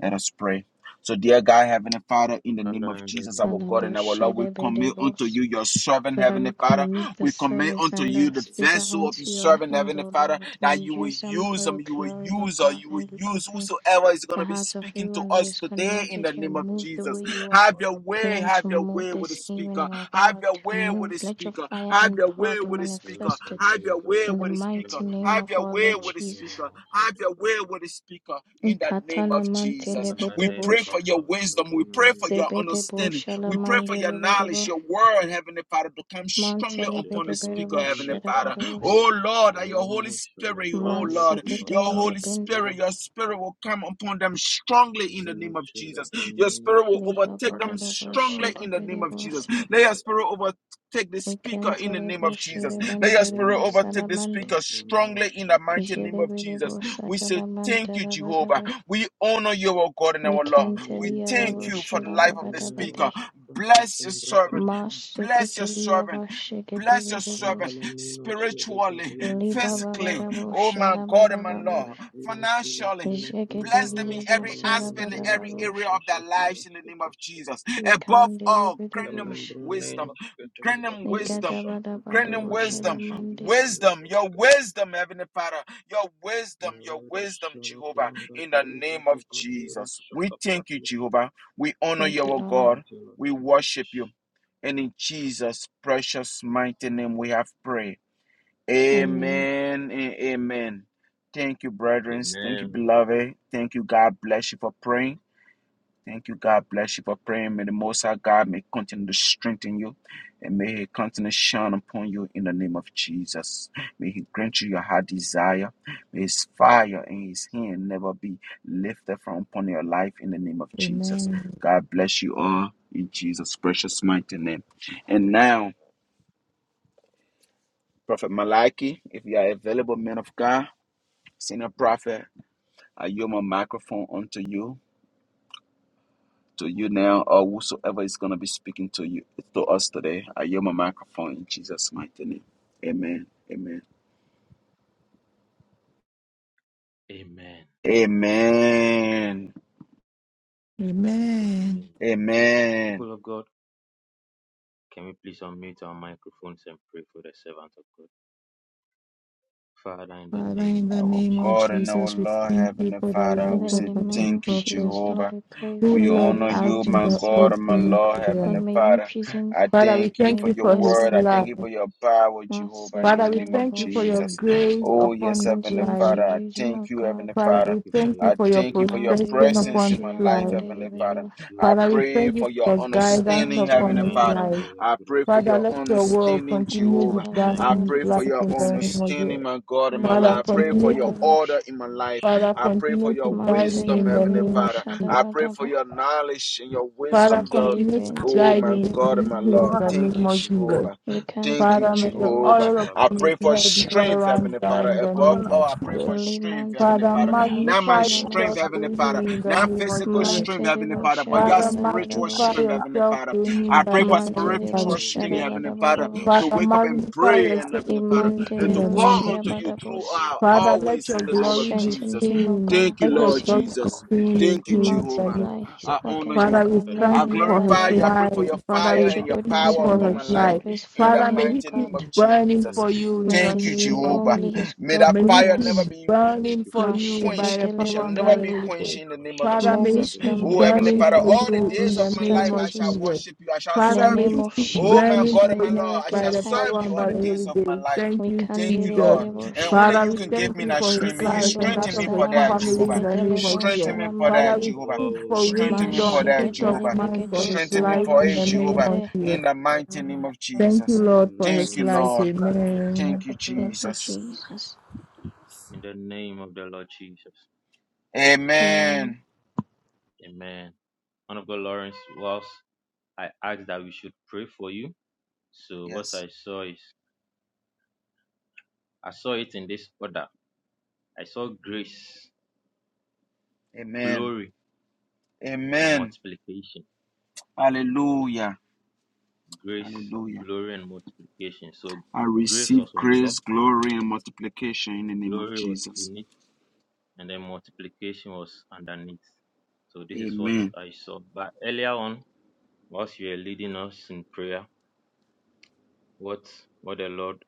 [SPEAKER 1] let us pray. So, dear God, Heavenly Father, in the name of
[SPEAKER 2] Father, in the
[SPEAKER 1] Jesus, our
[SPEAKER 2] name of
[SPEAKER 1] God and our Lord, we
[SPEAKER 2] Jesus.
[SPEAKER 1] commit
[SPEAKER 8] Alabashiribiribos.
[SPEAKER 1] unto you your servant,
[SPEAKER 8] Father, we
[SPEAKER 1] Heavenly Father.
[SPEAKER 8] commit the
[SPEAKER 1] We
[SPEAKER 2] I
[SPEAKER 1] commit
[SPEAKER 8] service
[SPEAKER 1] unto
[SPEAKER 8] and the
[SPEAKER 1] you the
[SPEAKER 2] ask you
[SPEAKER 8] speaker
[SPEAKER 2] to
[SPEAKER 1] vessel of your
[SPEAKER 8] into your
[SPEAKER 2] forgive
[SPEAKER 1] servant,
[SPEAKER 8] hands,
[SPEAKER 1] Heavenly
[SPEAKER 8] O
[SPEAKER 1] Father,
[SPEAKER 8] Lord. May
[SPEAKER 1] that you
[SPEAKER 8] you
[SPEAKER 1] will
[SPEAKER 8] use them
[SPEAKER 1] use
[SPEAKER 8] for
[SPEAKER 1] them,
[SPEAKER 8] your
[SPEAKER 1] you
[SPEAKER 2] us.
[SPEAKER 1] will
[SPEAKER 8] glory, O
[SPEAKER 1] use her,
[SPEAKER 8] God,
[SPEAKER 1] you will
[SPEAKER 8] and we
[SPEAKER 1] use
[SPEAKER 8] open.
[SPEAKER 1] whosoever is going
[SPEAKER 8] The
[SPEAKER 1] to be
[SPEAKER 8] hearts of
[SPEAKER 1] speaking to
[SPEAKER 8] everyone that
[SPEAKER 1] us
[SPEAKER 8] is
[SPEAKER 1] today in
[SPEAKER 8] connected
[SPEAKER 1] the
[SPEAKER 8] here
[SPEAKER 1] name of
[SPEAKER 8] move the
[SPEAKER 1] Jesus.
[SPEAKER 8] way
[SPEAKER 2] Celebrando,
[SPEAKER 8] you are
[SPEAKER 1] Have your way,
[SPEAKER 8] planned
[SPEAKER 1] have
[SPEAKER 8] to
[SPEAKER 1] your
[SPEAKER 8] move
[SPEAKER 1] way with the
[SPEAKER 8] this
[SPEAKER 1] speaker.
[SPEAKER 8] evening, oh
[SPEAKER 1] Have
[SPEAKER 8] God.
[SPEAKER 1] your way with the
[SPEAKER 8] Move. Let your
[SPEAKER 1] speaker.
[SPEAKER 8] fire
[SPEAKER 1] Have
[SPEAKER 8] and
[SPEAKER 1] your
[SPEAKER 8] power
[SPEAKER 1] way
[SPEAKER 8] be
[SPEAKER 1] with the speaker.
[SPEAKER 8] manifested
[SPEAKER 1] Have your way
[SPEAKER 8] in the
[SPEAKER 1] with the
[SPEAKER 8] mighty
[SPEAKER 1] speaker.
[SPEAKER 8] name
[SPEAKER 1] Have
[SPEAKER 8] of
[SPEAKER 1] your
[SPEAKER 8] our
[SPEAKER 1] way
[SPEAKER 8] Lord
[SPEAKER 1] with the
[SPEAKER 8] Jesus.
[SPEAKER 1] speaker. Have your way with the speaker. In the name
[SPEAKER 8] Ikatala
[SPEAKER 1] of Jesus, we pray
[SPEAKER 8] mantelebedebosha.
[SPEAKER 1] for your wisdom. We pray for your understanding.
[SPEAKER 8] Zebedebosha la
[SPEAKER 1] We pray for your knowledge.
[SPEAKER 8] mandelebedebo.
[SPEAKER 1] Your word, Heavenly Father, to come strongly upon the speaker,
[SPEAKER 8] Mantelebedebedebo
[SPEAKER 1] Heavenly Father.
[SPEAKER 8] shadabados.
[SPEAKER 1] Oh Lord, that your Holy Spirit, oh Lord, your Holy
[SPEAKER 8] Maseketelebenta.
[SPEAKER 1] Spirit, your Spirit will come upon them strongly in the name of Jesus. Your spirit will overtake them
[SPEAKER 8] Lebababadabo
[SPEAKER 1] strongly in the name of Jesus.
[SPEAKER 8] shedabedebos.
[SPEAKER 1] Let your spirit overtake the
[SPEAKER 8] We
[SPEAKER 1] speaker
[SPEAKER 8] can
[SPEAKER 1] in
[SPEAKER 8] tell
[SPEAKER 1] the name of
[SPEAKER 8] about
[SPEAKER 1] Jesus.
[SPEAKER 2] Rabashala
[SPEAKER 1] Let your spirit
[SPEAKER 2] Bradeja
[SPEAKER 1] overtake the
[SPEAKER 8] Salamande.
[SPEAKER 2] Larosha
[SPEAKER 1] speaker
[SPEAKER 2] Pranaro
[SPEAKER 1] strongly in the mighty name
[SPEAKER 2] Shakatabra
[SPEAKER 1] of Jesus. We say thank you, Jehovah.
[SPEAKER 8] Jelebelebosatalamantalabadaba.
[SPEAKER 1] We honor you, our God and our Lord. We
[SPEAKER 2] Mari
[SPEAKER 1] thank
[SPEAKER 2] Poro
[SPEAKER 1] you for the
[SPEAKER 2] Shata
[SPEAKER 1] life of the
[SPEAKER 2] Pranero
[SPEAKER 1] speaker.
[SPEAKER 8] Likanteliababoshalababadabade.
[SPEAKER 2] Shakati
[SPEAKER 1] Bless your servant.
[SPEAKER 2] Kumbrakata
[SPEAKER 1] Bless your servant. Bless your servant
[SPEAKER 8] Maseketeliabasheketelebos.
[SPEAKER 2] Kovalamino Sede
[SPEAKER 1] spiritually,
[SPEAKER 2] Dade Tabadea
[SPEAKER 1] physically. Oh my God and my
[SPEAKER 8] Libababadaboshalabadababos.
[SPEAKER 1] Lord.
[SPEAKER 2] Afino Sila
[SPEAKER 1] Financially,
[SPEAKER 2] Pila Tiva
[SPEAKER 1] Bless them in every
[SPEAKER 2] Roshala
[SPEAKER 1] aspect, in
[SPEAKER 2] Rantero
[SPEAKER 1] every
[SPEAKER 8] Jeketeleboshalabadababos.
[SPEAKER 1] area
[SPEAKER 2] dosa,
[SPEAKER 1] of their
[SPEAKER 2] Shavira
[SPEAKER 1] lives in the name of
[SPEAKER 2] Sketesha
[SPEAKER 1] Jesus. Above all, grant
[SPEAKER 8] Likandelebelebos.
[SPEAKER 1] them
[SPEAKER 2] Velembro
[SPEAKER 1] wisdom.
[SPEAKER 2] Neno
[SPEAKER 1] Grant
[SPEAKER 2] Sketega
[SPEAKER 1] them
[SPEAKER 2] Koro
[SPEAKER 1] wisdom. Grant them
[SPEAKER 2] Shakratene Neo
[SPEAKER 1] wisdom.
[SPEAKER 2] Skete
[SPEAKER 8] Likadabadabadoboshalamande.
[SPEAKER 1] Wisdom. Your
[SPEAKER 2] Veridoska
[SPEAKER 1] wisdom, Heavenly Father. Your wisdom. Your
[SPEAKER 2] Mare
[SPEAKER 1] wisdom,
[SPEAKER 2] Roshala
[SPEAKER 1] Jehovah.
[SPEAKER 2] Branga
[SPEAKER 1] In the
[SPEAKER 2] Doja
[SPEAKER 1] name of
[SPEAKER 2] Devadero
[SPEAKER 1] Jesus. We thank you,
[SPEAKER 2] Shakapratira
[SPEAKER 1] Jehovah. We honor
[SPEAKER 8] Thank
[SPEAKER 1] you,
[SPEAKER 8] you,
[SPEAKER 1] our
[SPEAKER 8] Lord.
[SPEAKER 1] God.
[SPEAKER 2] Thank you, Lord
[SPEAKER 1] We
[SPEAKER 2] Jesus.
[SPEAKER 1] worship you. And in Jesus' precious mighty name we have prayed.
[SPEAKER 8] Amen.
[SPEAKER 1] Amen and amen. Thank you, brethren. Thank you,
[SPEAKER 2] Amen.
[SPEAKER 1] beloved. Thank you. God bless you for praying. Thank you. God bless you for praying. May the Most High God may continue to strengthen you and may He continue to shine upon you in the name of Jesus. May He grant you your heart desire. May His fire and His hand never be lifted from upon your life in the name of Jesus.
[SPEAKER 3] Amen.
[SPEAKER 1] God bless you all in Jesus' precious mighty name. And now, Prophet Malachi, if you are available, man of God. Senior prophet, I yield my microphone unto you, to you now, or whosoever is going to be speaking to you, to us today. I yield my microphone in Jesus' mighty name. Amen. Amen.
[SPEAKER 2] Amen.
[SPEAKER 1] Amen.
[SPEAKER 3] Amen.
[SPEAKER 2] Amen.
[SPEAKER 1] Amen.
[SPEAKER 2] People of God, can we please unmute our microphones and pray for the servant of God? Father, in the
[SPEAKER 3] Father,
[SPEAKER 2] name
[SPEAKER 3] in
[SPEAKER 2] of
[SPEAKER 3] the
[SPEAKER 2] the
[SPEAKER 1] Our
[SPEAKER 2] Lord
[SPEAKER 3] name of
[SPEAKER 1] God
[SPEAKER 2] Jesus,
[SPEAKER 1] and our
[SPEAKER 3] Jesus, we
[SPEAKER 1] Lord,
[SPEAKER 3] thank you
[SPEAKER 1] Heavenly
[SPEAKER 3] for
[SPEAKER 2] we
[SPEAKER 3] the
[SPEAKER 1] Father,
[SPEAKER 2] thank
[SPEAKER 3] life
[SPEAKER 8] Father,
[SPEAKER 1] we
[SPEAKER 2] you
[SPEAKER 8] in
[SPEAKER 3] of
[SPEAKER 1] say
[SPEAKER 8] the
[SPEAKER 2] for your
[SPEAKER 3] our
[SPEAKER 8] name of
[SPEAKER 1] thank you,
[SPEAKER 2] servants.
[SPEAKER 3] prophet
[SPEAKER 8] Jesus,
[SPEAKER 1] Jehovah.
[SPEAKER 8] Lord, we pray
[SPEAKER 3] who
[SPEAKER 8] for
[SPEAKER 1] We
[SPEAKER 3] led
[SPEAKER 1] honor
[SPEAKER 8] grace
[SPEAKER 3] out
[SPEAKER 1] you,
[SPEAKER 8] unto
[SPEAKER 3] in
[SPEAKER 8] your
[SPEAKER 1] my
[SPEAKER 2] Thank
[SPEAKER 3] the
[SPEAKER 2] you
[SPEAKER 1] God
[SPEAKER 8] Son.
[SPEAKER 2] for
[SPEAKER 1] and my
[SPEAKER 2] your
[SPEAKER 3] opening
[SPEAKER 1] Lord,
[SPEAKER 2] servants.
[SPEAKER 3] prayer.
[SPEAKER 8] Lord,
[SPEAKER 1] Heavenly
[SPEAKER 8] may you
[SPEAKER 1] Father.
[SPEAKER 8] increase him
[SPEAKER 1] I
[SPEAKER 3] Father, we
[SPEAKER 1] thank you
[SPEAKER 2] We
[SPEAKER 3] thank
[SPEAKER 8] May
[SPEAKER 1] for
[SPEAKER 8] you
[SPEAKER 3] you
[SPEAKER 1] your
[SPEAKER 3] for
[SPEAKER 2] thank you
[SPEAKER 8] bless
[SPEAKER 3] his
[SPEAKER 2] for
[SPEAKER 1] word.
[SPEAKER 8] him,
[SPEAKER 1] I
[SPEAKER 8] O
[SPEAKER 2] your
[SPEAKER 1] thank
[SPEAKER 8] God.
[SPEAKER 3] life.
[SPEAKER 1] you for your
[SPEAKER 2] servants.
[SPEAKER 1] power, Jehovah, in
[SPEAKER 3] Father,
[SPEAKER 1] the
[SPEAKER 3] we
[SPEAKER 1] name of
[SPEAKER 3] thank you for
[SPEAKER 8] Maseketelebosha.
[SPEAKER 3] your
[SPEAKER 2] Thank you
[SPEAKER 1] Jesus.
[SPEAKER 2] for your
[SPEAKER 3] grace
[SPEAKER 1] Oh,
[SPEAKER 2] servants.
[SPEAKER 3] upon
[SPEAKER 1] yes,
[SPEAKER 3] his
[SPEAKER 1] Heavenly
[SPEAKER 8] Continue to
[SPEAKER 3] life.
[SPEAKER 1] Father. I
[SPEAKER 8] use him,
[SPEAKER 1] thank
[SPEAKER 8] O
[SPEAKER 1] you,
[SPEAKER 8] God.
[SPEAKER 1] Heavenly
[SPEAKER 3] Father,
[SPEAKER 1] Father.
[SPEAKER 2] Thank
[SPEAKER 3] we
[SPEAKER 2] you for
[SPEAKER 3] thank
[SPEAKER 2] your
[SPEAKER 3] you
[SPEAKER 1] I
[SPEAKER 3] for your
[SPEAKER 1] thank
[SPEAKER 2] glory
[SPEAKER 1] you for your
[SPEAKER 3] protection
[SPEAKER 1] presence
[SPEAKER 3] upon
[SPEAKER 1] in
[SPEAKER 3] his
[SPEAKER 1] my
[SPEAKER 8] Mandeleboshia,
[SPEAKER 1] life,
[SPEAKER 3] life.
[SPEAKER 2] that has
[SPEAKER 1] Heavenly
[SPEAKER 2] been
[SPEAKER 1] Father.
[SPEAKER 8] mandelebeleba.
[SPEAKER 1] I
[SPEAKER 2] revealed
[SPEAKER 3] Father, we
[SPEAKER 2] through
[SPEAKER 1] pray
[SPEAKER 2] him.
[SPEAKER 3] thank you
[SPEAKER 1] for
[SPEAKER 3] for
[SPEAKER 1] your
[SPEAKER 3] your
[SPEAKER 8] You
[SPEAKER 3] guidance
[SPEAKER 8] can't
[SPEAKER 1] understanding,
[SPEAKER 3] upon
[SPEAKER 1] Heavenly
[SPEAKER 3] his
[SPEAKER 2] Thank
[SPEAKER 1] Father.
[SPEAKER 2] you
[SPEAKER 8] telebelebosh.
[SPEAKER 3] life.
[SPEAKER 2] for your
[SPEAKER 1] I
[SPEAKER 2] grace.
[SPEAKER 1] pray for
[SPEAKER 3] Father,
[SPEAKER 1] your
[SPEAKER 3] let your will
[SPEAKER 1] understanding,
[SPEAKER 3] continue to
[SPEAKER 1] Jehovah.
[SPEAKER 3] dance
[SPEAKER 2] Thank
[SPEAKER 1] I
[SPEAKER 2] you
[SPEAKER 3] in
[SPEAKER 8] Cantalabadabad.
[SPEAKER 3] his
[SPEAKER 2] for
[SPEAKER 1] pray for
[SPEAKER 3] life
[SPEAKER 1] your
[SPEAKER 3] in the name
[SPEAKER 2] multiplication.
[SPEAKER 3] of
[SPEAKER 1] understanding,
[SPEAKER 3] Jesus.
[SPEAKER 1] my God and
[SPEAKER 8] You
[SPEAKER 1] my
[SPEAKER 3] Father,
[SPEAKER 1] Lord.
[SPEAKER 8] can't
[SPEAKER 1] I pray for
[SPEAKER 3] continue
[SPEAKER 1] your
[SPEAKER 3] to
[SPEAKER 8] telebelebosh.
[SPEAKER 1] order in my life.
[SPEAKER 3] Father,
[SPEAKER 1] I
[SPEAKER 2] Anashalara
[SPEAKER 1] pray for
[SPEAKER 3] continue to
[SPEAKER 1] your
[SPEAKER 3] guide
[SPEAKER 2] dekapelera
[SPEAKER 3] him
[SPEAKER 1] wisdom,
[SPEAKER 3] in the
[SPEAKER 2] shata
[SPEAKER 1] Heavenly
[SPEAKER 3] name of
[SPEAKER 2] badira.
[SPEAKER 1] Father.
[SPEAKER 3] Jesus.
[SPEAKER 1] I pray for
[SPEAKER 8] Mantelebeleboshadabadaba.
[SPEAKER 1] your knowledge and your
[SPEAKER 3] Father,
[SPEAKER 6] Um,
[SPEAKER 1] wisdom, your
[SPEAKER 3] continue
[SPEAKER 2] Anashata
[SPEAKER 3] to
[SPEAKER 1] Oh
[SPEAKER 3] guide
[SPEAKER 1] my
[SPEAKER 3] him,
[SPEAKER 2] bragadoshka.
[SPEAKER 3] lead
[SPEAKER 1] God
[SPEAKER 8] Libentelebelebosh.
[SPEAKER 1] and my
[SPEAKER 3] him in
[SPEAKER 6] all
[SPEAKER 1] Lord,
[SPEAKER 3] the
[SPEAKER 6] of
[SPEAKER 1] thank
[SPEAKER 3] name
[SPEAKER 1] you,
[SPEAKER 3] of
[SPEAKER 6] fresh, oh
[SPEAKER 3] Jesus.
[SPEAKER 1] Jehovah.
[SPEAKER 8] You can't
[SPEAKER 1] Thank you,
[SPEAKER 3] Father, may the
[SPEAKER 2] Mafele
[SPEAKER 8] telebelebosh.
[SPEAKER 6] God.
[SPEAKER 1] Jehovah.
[SPEAKER 3] oil
[SPEAKER 2] shata
[SPEAKER 1] I
[SPEAKER 3] upon his
[SPEAKER 1] pray for
[SPEAKER 3] head
[SPEAKER 2] bragadoshka.
[SPEAKER 3] never
[SPEAKER 1] strength,
[SPEAKER 3] run
[SPEAKER 1] Heavenly
[SPEAKER 3] dry
[SPEAKER 1] Father.
[SPEAKER 3] in the
[SPEAKER 1] Above
[SPEAKER 6] All
[SPEAKER 3] name
[SPEAKER 6] of
[SPEAKER 1] all,
[SPEAKER 3] of
[SPEAKER 1] I pray
[SPEAKER 6] fresh,
[SPEAKER 3] Jesus.
[SPEAKER 1] for strength, Heavenly
[SPEAKER 3] Father,
[SPEAKER 1] Father. Not
[SPEAKER 2] Menoshata
[SPEAKER 1] my
[SPEAKER 3] magnify
[SPEAKER 8] Limantelebeleboshanabas.
[SPEAKER 2] bragata
[SPEAKER 1] strength,
[SPEAKER 3] yourself
[SPEAKER 1] Heavenly
[SPEAKER 3] through
[SPEAKER 2] bradira
[SPEAKER 1] Father.
[SPEAKER 3] him in the
[SPEAKER 2] shata
[SPEAKER 1] Not
[SPEAKER 6] Father.
[SPEAKER 3] name of
[SPEAKER 2] bradira.
[SPEAKER 1] physical
[SPEAKER 6] Let
[SPEAKER 3] Jesus.
[SPEAKER 1] strength, Heavenly
[SPEAKER 6] your
[SPEAKER 1] Father, but
[SPEAKER 6] Father
[SPEAKER 1] your
[SPEAKER 3] Father,
[SPEAKER 1] spiritual
[SPEAKER 3] magnify
[SPEAKER 8] Manteleboshadabadabadabosh.
[SPEAKER 1] strength, Heavenly
[SPEAKER 3] yourself
[SPEAKER 1] Father.
[SPEAKER 3] through him
[SPEAKER 1] I
[SPEAKER 3] by
[SPEAKER 1] pray
[SPEAKER 3] the
[SPEAKER 1] for
[SPEAKER 2] Manishala
[SPEAKER 3] power and by
[SPEAKER 1] spiritual
[SPEAKER 3] the
[SPEAKER 2] balikova
[SPEAKER 1] strength,
[SPEAKER 3] Spirit.
[SPEAKER 1] Heavenly
[SPEAKER 2] shata
[SPEAKER 1] Father,
[SPEAKER 8] Manteleboshadabadabadabosh.
[SPEAKER 1] to
[SPEAKER 3] Father,
[SPEAKER 2] branoshka.
[SPEAKER 1] wake up and
[SPEAKER 3] magnify
[SPEAKER 1] pray, and
[SPEAKER 3] yourself
[SPEAKER 1] Heavenly
[SPEAKER 3] through
[SPEAKER 1] Father,
[SPEAKER 3] him
[SPEAKER 1] and
[SPEAKER 3] in
[SPEAKER 1] to
[SPEAKER 3] the name
[SPEAKER 1] call
[SPEAKER 3] of Jesus.
[SPEAKER 1] unto you
[SPEAKER 2] Menoshashka
[SPEAKER 8] Imandarabushiabarabus.
[SPEAKER 1] throughout
[SPEAKER 3] Father,
[SPEAKER 2] bradishka
[SPEAKER 3] let
[SPEAKER 1] always
[SPEAKER 3] your
[SPEAKER 2] dishka.
[SPEAKER 1] in the name
[SPEAKER 3] glory
[SPEAKER 1] of
[SPEAKER 3] be
[SPEAKER 8] Strengthen
[SPEAKER 1] Jesus.
[SPEAKER 8] him, O
[SPEAKER 3] seen.
[SPEAKER 8] God.
[SPEAKER 1] Thank you,
[SPEAKER 3] Let your
[SPEAKER 8] Bless
[SPEAKER 1] Lord
[SPEAKER 3] glory
[SPEAKER 8] him.
[SPEAKER 3] be
[SPEAKER 1] Jesus.
[SPEAKER 2] Ramo
[SPEAKER 3] seen with
[SPEAKER 1] Thank you,
[SPEAKER 2] shakata
[SPEAKER 3] him in the
[SPEAKER 2] badia.
[SPEAKER 1] Jehovah.
[SPEAKER 3] name of
[SPEAKER 8] Multiply his
[SPEAKER 3] Jesus.
[SPEAKER 1] I honor
[SPEAKER 8] pockets, O
[SPEAKER 3] Father,
[SPEAKER 1] you.
[SPEAKER 3] we
[SPEAKER 8] God. May
[SPEAKER 2] Thank
[SPEAKER 8] he
[SPEAKER 1] I
[SPEAKER 3] thank
[SPEAKER 2] you,
[SPEAKER 3] you for
[SPEAKER 8] never
[SPEAKER 2] Father.
[SPEAKER 3] his
[SPEAKER 1] glorify you. I
[SPEAKER 8] lack.
[SPEAKER 1] pray for
[SPEAKER 3] life.
[SPEAKER 1] your
[SPEAKER 3] Father,
[SPEAKER 1] fire
[SPEAKER 8] Let
[SPEAKER 3] we
[SPEAKER 8] your
[SPEAKER 1] and your
[SPEAKER 3] thank
[SPEAKER 8] goodness
[SPEAKER 3] you
[SPEAKER 1] power
[SPEAKER 2] Thank
[SPEAKER 3] for
[SPEAKER 2] you,
[SPEAKER 8] and
[SPEAKER 1] upon
[SPEAKER 3] his
[SPEAKER 1] my
[SPEAKER 2] Father.
[SPEAKER 8] mercy
[SPEAKER 1] life
[SPEAKER 3] life.
[SPEAKER 8] always
[SPEAKER 1] in the
[SPEAKER 8] follow
[SPEAKER 3] Father, may
[SPEAKER 8] him, O
[SPEAKER 3] he
[SPEAKER 1] mighty
[SPEAKER 3] keep
[SPEAKER 1] name
[SPEAKER 8] God.
[SPEAKER 1] of
[SPEAKER 3] burning
[SPEAKER 1] Jesus.
[SPEAKER 2] Thank
[SPEAKER 3] for
[SPEAKER 2] you,
[SPEAKER 3] you in
[SPEAKER 8] May
[SPEAKER 2] Father.
[SPEAKER 3] the
[SPEAKER 8] he
[SPEAKER 1] Thank you,
[SPEAKER 3] name
[SPEAKER 8] see
[SPEAKER 3] of
[SPEAKER 1] Jehovah.
[SPEAKER 8] only
[SPEAKER 3] Jesus.
[SPEAKER 8] his
[SPEAKER 1] May
[SPEAKER 8] your
[SPEAKER 1] that
[SPEAKER 3] May he
[SPEAKER 1] fire
[SPEAKER 3] keep
[SPEAKER 1] never
[SPEAKER 8] goodness.
[SPEAKER 1] be
[SPEAKER 2] Thank
[SPEAKER 3] burning
[SPEAKER 2] you,
[SPEAKER 3] for
[SPEAKER 2] Father.
[SPEAKER 3] you by
[SPEAKER 1] quench.
[SPEAKER 3] the
[SPEAKER 1] It shall
[SPEAKER 3] power and by
[SPEAKER 1] never
[SPEAKER 3] the
[SPEAKER 1] be
[SPEAKER 8] Mashegedelebebeka.
[SPEAKER 3] Holy
[SPEAKER 1] quenched
[SPEAKER 3] Ghost.
[SPEAKER 1] in the name of
[SPEAKER 3] Father,
[SPEAKER 8] More
[SPEAKER 2] Shata
[SPEAKER 3] may he
[SPEAKER 1] Jesus.
[SPEAKER 3] keep
[SPEAKER 2] bradesha,
[SPEAKER 8] wisdom
[SPEAKER 1] Oh,
[SPEAKER 2] the
[SPEAKER 1] Heavenly
[SPEAKER 8] unto
[SPEAKER 3] burning
[SPEAKER 1] Father,
[SPEAKER 8] him,
[SPEAKER 3] for
[SPEAKER 8] O
[SPEAKER 2] bragadesha,
[SPEAKER 1] all the
[SPEAKER 2] the
[SPEAKER 3] you
[SPEAKER 8] God.
[SPEAKER 3] in
[SPEAKER 1] days
[SPEAKER 2] bradia.
[SPEAKER 1] of
[SPEAKER 3] the
[SPEAKER 1] my
[SPEAKER 3] name
[SPEAKER 1] life I
[SPEAKER 3] of
[SPEAKER 1] shall
[SPEAKER 8] Strategist.
[SPEAKER 3] Jesus.
[SPEAKER 1] worship you. I shall
[SPEAKER 8] In the
[SPEAKER 3] Father,
[SPEAKER 1] serve
[SPEAKER 3] may
[SPEAKER 8] name
[SPEAKER 1] you.
[SPEAKER 3] he
[SPEAKER 8] of
[SPEAKER 3] keep
[SPEAKER 1] Oh,
[SPEAKER 2] Shala
[SPEAKER 1] my
[SPEAKER 3] burning
[SPEAKER 8] Jesus,
[SPEAKER 1] God
[SPEAKER 8] may he
[SPEAKER 1] and
[SPEAKER 3] for
[SPEAKER 1] my
[SPEAKER 3] you
[SPEAKER 2] badosha, the
[SPEAKER 1] Lord,
[SPEAKER 8] never
[SPEAKER 1] I
[SPEAKER 3] by
[SPEAKER 8] get
[SPEAKER 1] shall
[SPEAKER 3] the
[SPEAKER 8] tired
[SPEAKER 1] serve
[SPEAKER 2] bragadashka.
[SPEAKER 3] power
[SPEAKER 8] of
[SPEAKER 1] you
[SPEAKER 3] and
[SPEAKER 1] all
[SPEAKER 3] by
[SPEAKER 1] the
[SPEAKER 3] the
[SPEAKER 8] you.
[SPEAKER 3] Holy
[SPEAKER 1] days of my
[SPEAKER 3] Ghost.
[SPEAKER 1] life.
[SPEAKER 3] Thank
[SPEAKER 8] We
[SPEAKER 3] you,
[SPEAKER 8] can't
[SPEAKER 1] Thank
[SPEAKER 8] do
[SPEAKER 1] you,
[SPEAKER 8] the
[SPEAKER 3] Jesus.
[SPEAKER 1] Lord. And
[SPEAKER 8] bush.
[SPEAKER 1] only
[SPEAKER 3] Father,
[SPEAKER 1] you
[SPEAKER 3] we
[SPEAKER 1] can
[SPEAKER 2] Ashalamania
[SPEAKER 1] give
[SPEAKER 3] thank
[SPEAKER 6] put
[SPEAKER 1] me
[SPEAKER 6] it
[SPEAKER 3] you
[SPEAKER 1] that
[SPEAKER 6] before
[SPEAKER 3] for his
[SPEAKER 1] strength. May
[SPEAKER 2] kaparande
[SPEAKER 1] you
[SPEAKER 3] life and
[SPEAKER 8] Vikandoro
[SPEAKER 3] that
[SPEAKER 1] strengthen me
[SPEAKER 3] of his
[SPEAKER 1] for
[SPEAKER 2] dedeshkedesh.
[SPEAKER 1] that,
[SPEAKER 8] Salama
[SPEAKER 3] family
[SPEAKER 6] mighty
[SPEAKER 3] in
[SPEAKER 1] Jehovah.
[SPEAKER 3] the
[SPEAKER 6] God.
[SPEAKER 8] Seketele
[SPEAKER 3] name of
[SPEAKER 6] Pour,
[SPEAKER 1] Strengthen
[SPEAKER 3] Jesus.
[SPEAKER 1] me
[SPEAKER 6] pour.
[SPEAKER 8] Boshana
[SPEAKER 1] for
[SPEAKER 3] Father,
[SPEAKER 1] that,
[SPEAKER 8] Mande
[SPEAKER 3] we
[SPEAKER 1] Jehovah.
[SPEAKER 3] speak for
[SPEAKER 2] Oh,
[SPEAKER 1] Strengthen me
[SPEAKER 6] Rain,
[SPEAKER 1] for
[SPEAKER 3] wisdom,
[SPEAKER 6] mighty
[SPEAKER 1] that,
[SPEAKER 3] peace
[SPEAKER 2] Ashalamania
[SPEAKER 3] of
[SPEAKER 8] Masheketele
[SPEAKER 1] Jehovah.
[SPEAKER 3] mind
[SPEAKER 6] rain,
[SPEAKER 3] for
[SPEAKER 8] Beketo
[SPEAKER 3] his
[SPEAKER 2] katabrande
[SPEAKER 1] Strengthen
[SPEAKER 6] rain,
[SPEAKER 1] me
[SPEAKER 3] life
[SPEAKER 8] Salama
[SPEAKER 1] for
[SPEAKER 3] in
[SPEAKER 6] rain,
[SPEAKER 1] it,
[SPEAKER 3] the
[SPEAKER 2] dedeshkedesh.
[SPEAKER 3] name
[SPEAKER 1] Jehovah.
[SPEAKER 3] of
[SPEAKER 8] Shekete.
[SPEAKER 3] Jesus.
[SPEAKER 1] In the
[SPEAKER 6] rain
[SPEAKER 1] mighty
[SPEAKER 6] in
[SPEAKER 1] name
[SPEAKER 6] the
[SPEAKER 1] of
[SPEAKER 6] mighty
[SPEAKER 3] Thank you,
[SPEAKER 1] Jesus.
[SPEAKER 6] name of
[SPEAKER 3] Lord, for
[SPEAKER 1] Thank
[SPEAKER 3] his
[SPEAKER 1] you,
[SPEAKER 2] Kalebronto
[SPEAKER 3] life.
[SPEAKER 6] Jesus, oh
[SPEAKER 1] Lord.
[SPEAKER 6] God.
[SPEAKER 2] kalebasha.
[SPEAKER 1] Thank
[SPEAKER 6] Let
[SPEAKER 3] Amen.
[SPEAKER 1] you,
[SPEAKER 6] the blood
[SPEAKER 8] Thank you,
[SPEAKER 1] Jesus.
[SPEAKER 6] prevail.
[SPEAKER 8] Jesus.
[SPEAKER 2] In the name of the Lord Jesus.
[SPEAKER 8] Amen.
[SPEAKER 1] Amen.
[SPEAKER 2] Amen. One of God, Lawrence, whilst I asked that we should pray for you, so what
[SPEAKER 1] Yes.
[SPEAKER 2] I saw is, I saw it in this order. I saw grace,
[SPEAKER 1] Amen.
[SPEAKER 2] glory, and
[SPEAKER 1] Amen.
[SPEAKER 2] multiplication.
[SPEAKER 1] Hallelujah.
[SPEAKER 2] Grace,
[SPEAKER 1] Hallelujah.
[SPEAKER 2] glory, and multiplication. So
[SPEAKER 1] I
[SPEAKER 2] grace
[SPEAKER 1] receive
[SPEAKER 2] was on top,
[SPEAKER 1] grace, glory, and multiplication in the name of
[SPEAKER 2] glory was
[SPEAKER 1] Jesus.
[SPEAKER 2] beneath and then multiplication was underneath. So this is what
[SPEAKER 1] Amen.
[SPEAKER 2] I saw. But earlier on, whilst you were leading us in prayer, what what the Lord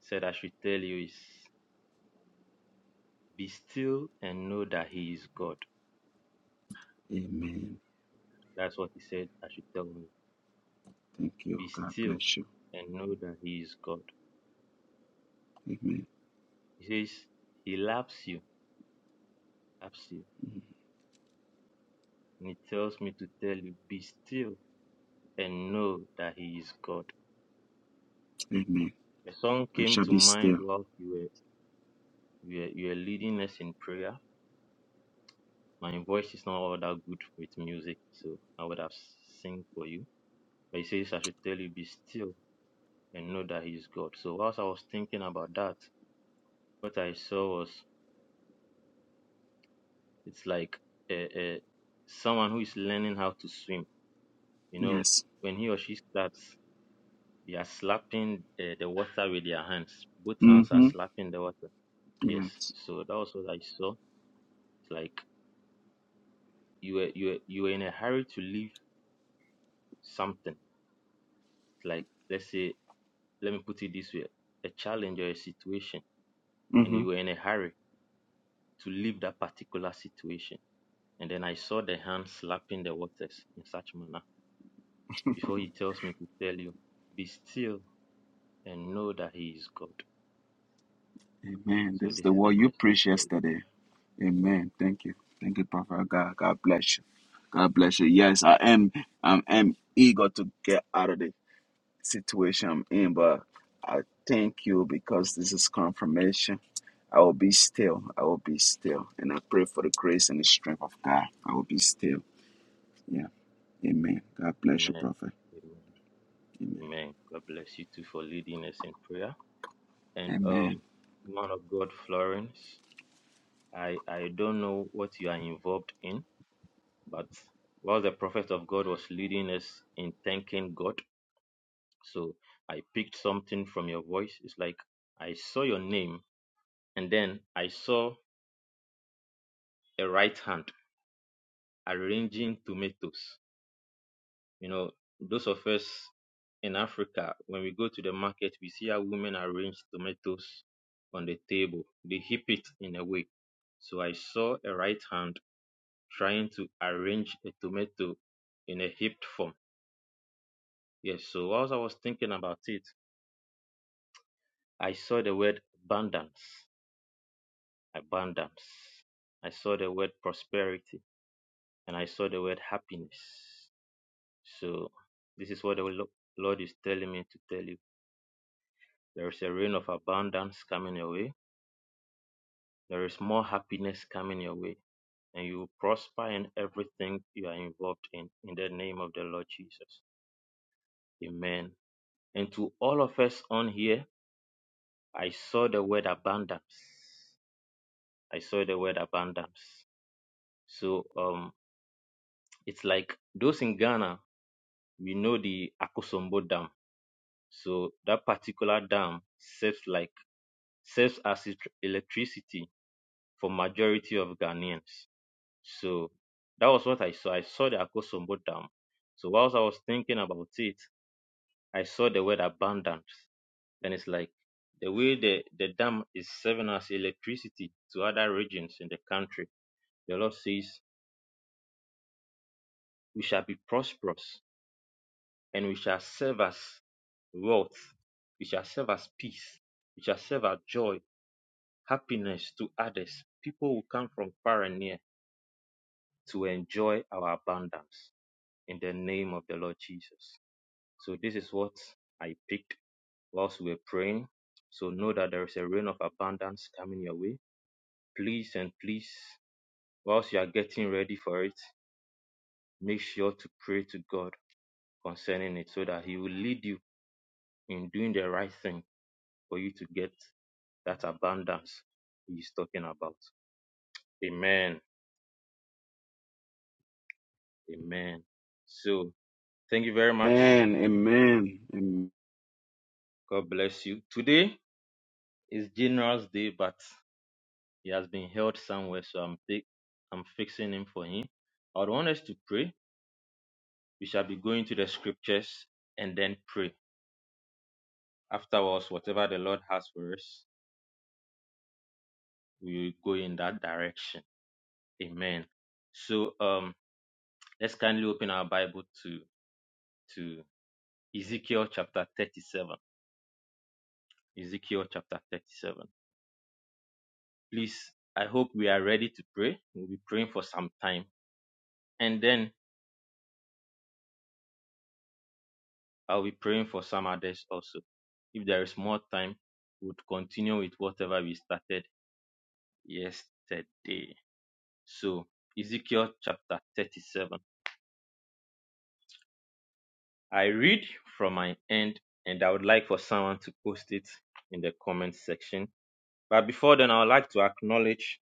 [SPEAKER 2] said I should tell you is be still and know that He is God.
[SPEAKER 1] Amen.
[SPEAKER 2] That's what He said I should tell you.
[SPEAKER 1] Thank you.
[SPEAKER 2] Be
[SPEAKER 1] God
[SPEAKER 2] still
[SPEAKER 1] bless you.
[SPEAKER 2] and know that He is God.
[SPEAKER 1] Amen.
[SPEAKER 2] He says He loves you, loves you,
[SPEAKER 1] Mm-hmm.
[SPEAKER 2] and He tells me to tell you be still and know that He is God.
[SPEAKER 1] Amen.
[SPEAKER 2] The song
[SPEAKER 1] I
[SPEAKER 2] came
[SPEAKER 1] shall
[SPEAKER 2] to
[SPEAKER 1] be
[SPEAKER 2] mind
[SPEAKER 1] still.
[SPEAKER 2] while you were you were, you were leading us in prayer My voice is not all that good with music, so I would have sing for you. But he says, I should tell you, be still and know that he is God. So whilst I was thinking about that, what I saw was it's like a, a someone who is learning how to swim. You know,
[SPEAKER 1] Yes.
[SPEAKER 2] when he or she starts, they are slapping uh, the water with their hands. Both hands are
[SPEAKER 1] Mm-hmm.
[SPEAKER 2] slapping the water. Yes.
[SPEAKER 1] Yes.
[SPEAKER 2] So that was what I saw. It's like you were you were, you were in a hurry to leave something. It's like let's say let me put it this way, a challenge or a situation, and
[SPEAKER 1] Mm-hmm.
[SPEAKER 2] you were in a hurry to leave that particular situation. And then I saw the hand slapping the waters in such manner before he tells me to tell you, be still and know that he is God.
[SPEAKER 1] Amen.
[SPEAKER 2] So
[SPEAKER 1] This is
[SPEAKER 2] this
[SPEAKER 1] the
[SPEAKER 2] is
[SPEAKER 1] word
[SPEAKER 2] the
[SPEAKER 1] you
[SPEAKER 2] message
[SPEAKER 1] preached
[SPEAKER 2] for you.
[SPEAKER 1] yesterday. Amen. Thank you. Thank you, Prophet God. God bless you. God bless you. Yes, I am. I am eager to get out of it. situation I'm in, but I thank you because this is confirmation. I will be still. I will be still. And I pray for the grace and the strength of God. I will be still. Yeah. Amen. God bless you,
[SPEAKER 2] Amen.
[SPEAKER 1] prophet.
[SPEAKER 2] Amen.
[SPEAKER 1] Amen.
[SPEAKER 2] Amen. God bless you too for leading us in prayer. And
[SPEAKER 1] Amen.
[SPEAKER 2] um man of God Florence, I I don't know what you are involved in, but while the prophet of God was leading us in thanking God, So I picked something from your voice. It's like I saw your name and then I saw a right hand arranging tomatoes. You know, those of us in Africa, when we go to the market, we see how women arrange tomatoes on the table. They heap it in a way. So I saw a right hand trying to arrange a tomato in a heaped form. Yes, so as I was thinking about it, I saw the word abundance. abundance. I saw the word prosperity and I saw the word happiness. So this is what the Lord is telling me to tell you. There is a rain of abundance coming your way. There is more happiness coming your way. And you will prosper in everything you are involved in. In the name of the Lord Jesus. Amen. And to all of us on here, I saw the word abundance. I saw the word abundance. So um it's like those in Ghana we know the Akosombo Dam. So that particular dam serves like serves as electricity for majority of Ghanaians. So that was what I saw. I saw the Akosombo Dam. So whilst I was thinking about it, I saw the word abundance. And it's like the way the, the dam is serving as electricity to other regions in the country, the Lord says we shall be prosperous and we shall serve as wealth, we shall serve as peace, we shall serve as joy, happiness to others. People will come from far and near to enjoy our abundance in the name of the Lord Jesus. So, this is what I picked whilst we were praying. So, know that there is a rain of abundance coming your way. Please and please, whilst you are getting ready for it, make sure to pray to God concerning it so that He will lead you in doing the right thing for you to get that abundance he's talking about. Amen. Amen. So thank you very much.
[SPEAKER 1] Amen. Amen. Amen.
[SPEAKER 2] God bless you. Today is General's Day, but he has been held somewhere, so I'm fi- I'm fixing him for him. I would want us to pray. We shall be going to the scriptures and then pray. Afterwards, whatever the Lord has for us, we will go in that direction. Amen. So um let's kindly open our Bible to to Ezekiel chapter 37. Ezekiel chapter 37. Please, I hope we are ready to pray. We'll be praying for some time. And then I'll be praying for some others also. If there is more time, we'll continue with whatever we started yesterday. So, Ezekiel chapter 37. I read from my end, and I would like for someone to post it in the comment section. But before then, I would like to acknowledge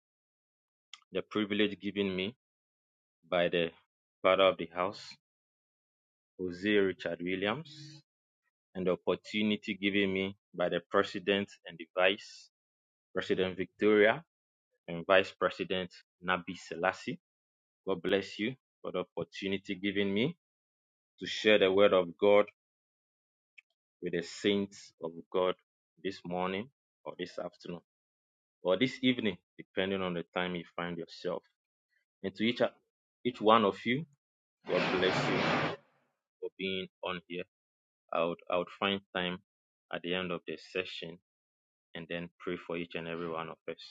[SPEAKER 2] the privilege given me by the father of the house, Jose Richard Williams, and the opportunity given me by the President and the Vice President Victoria and Vice President Nabi Selassie. God bless you for the opportunity given me to share the word of God with the saints of God this morning or this afternoon or this evening, depending on the time you find yourself. And to each, each one of you, God bless you for being on here I would I would find time at the end of the session and then pray for each and every one of us.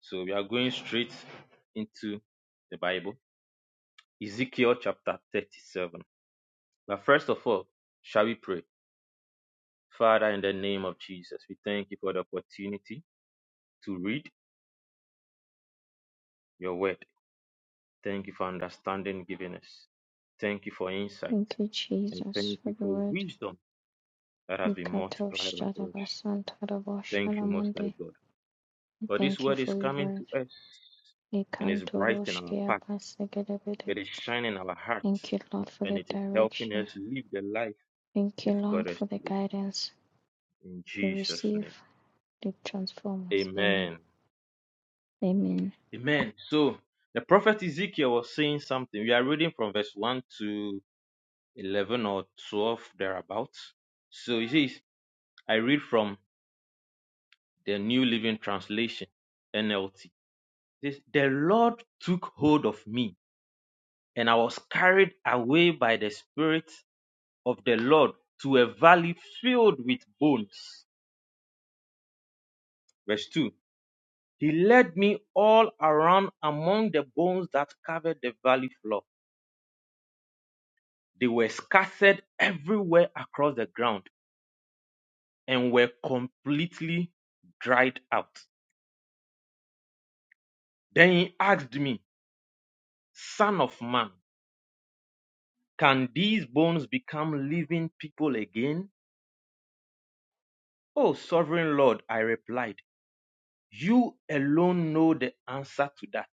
[SPEAKER 2] So we are going straight into the Bible, Ezekiel chapter 37. But first of all, shall we pray? Father, in the name of Jesus, we thank you for the opportunity to read your word. Thank you for understanding given us. Thank you for insight
[SPEAKER 8] Thank you,
[SPEAKER 2] and
[SPEAKER 8] Jesus,
[SPEAKER 2] thank
[SPEAKER 8] for
[SPEAKER 2] you
[SPEAKER 8] the
[SPEAKER 2] for
[SPEAKER 8] word.
[SPEAKER 2] wisdom that has been
[SPEAKER 8] Vikato
[SPEAKER 2] multiplied unto us.
[SPEAKER 8] Shadabasantara
[SPEAKER 2] Thank
[SPEAKER 8] Boshana
[SPEAKER 2] you, Most High
[SPEAKER 8] Mande.
[SPEAKER 2] God.
[SPEAKER 8] We
[SPEAKER 2] For this
[SPEAKER 8] Thank you
[SPEAKER 2] word is
[SPEAKER 8] for your
[SPEAKER 2] coming
[SPEAKER 8] word.
[SPEAKER 2] to us and is
[SPEAKER 8] Vikantoro
[SPEAKER 2] brightening our
[SPEAKER 8] Shkea
[SPEAKER 2] path.
[SPEAKER 8] Basekete Bede
[SPEAKER 2] It is
[SPEAKER 8] Bosh.
[SPEAKER 2] shining our
[SPEAKER 8] Thank
[SPEAKER 2] hearts
[SPEAKER 8] you, Lord, for
[SPEAKER 2] and
[SPEAKER 8] the
[SPEAKER 2] it is helping
[SPEAKER 8] direction.
[SPEAKER 2] us live the life
[SPEAKER 8] Thank you,
[SPEAKER 2] you've called
[SPEAKER 8] Lord,
[SPEAKER 2] us
[SPEAKER 8] for
[SPEAKER 2] to
[SPEAKER 8] the
[SPEAKER 2] live.
[SPEAKER 8] guidance.
[SPEAKER 2] In
[SPEAKER 8] We
[SPEAKER 2] Jesus'
[SPEAKER 8] receive
[SPEAKER 2] name.
[SPEAKER 8] to transform us. Amen.
[SPEAKER 2] Amen.
[SPEAKER 8] Amen.
[SPEAKER 2] Amen. So the prophet Ezekiel was saying something. We are reading from verse 1 to 11 or 12 thereabouts. So he says, I read from the New Living Translation, NLT. It says, the Lord took hold of me and I was carried away by the Spirit of the Lord to a valley filled with bones. Verse 2. He led me all around among the bones that covered the valley floor. They were scattered everywhere across the ground and were completely dried out. Then he asked me, Son of man, can these bones become living people again? Oh, sovereign Lord, I replied, You alone know the answer to that.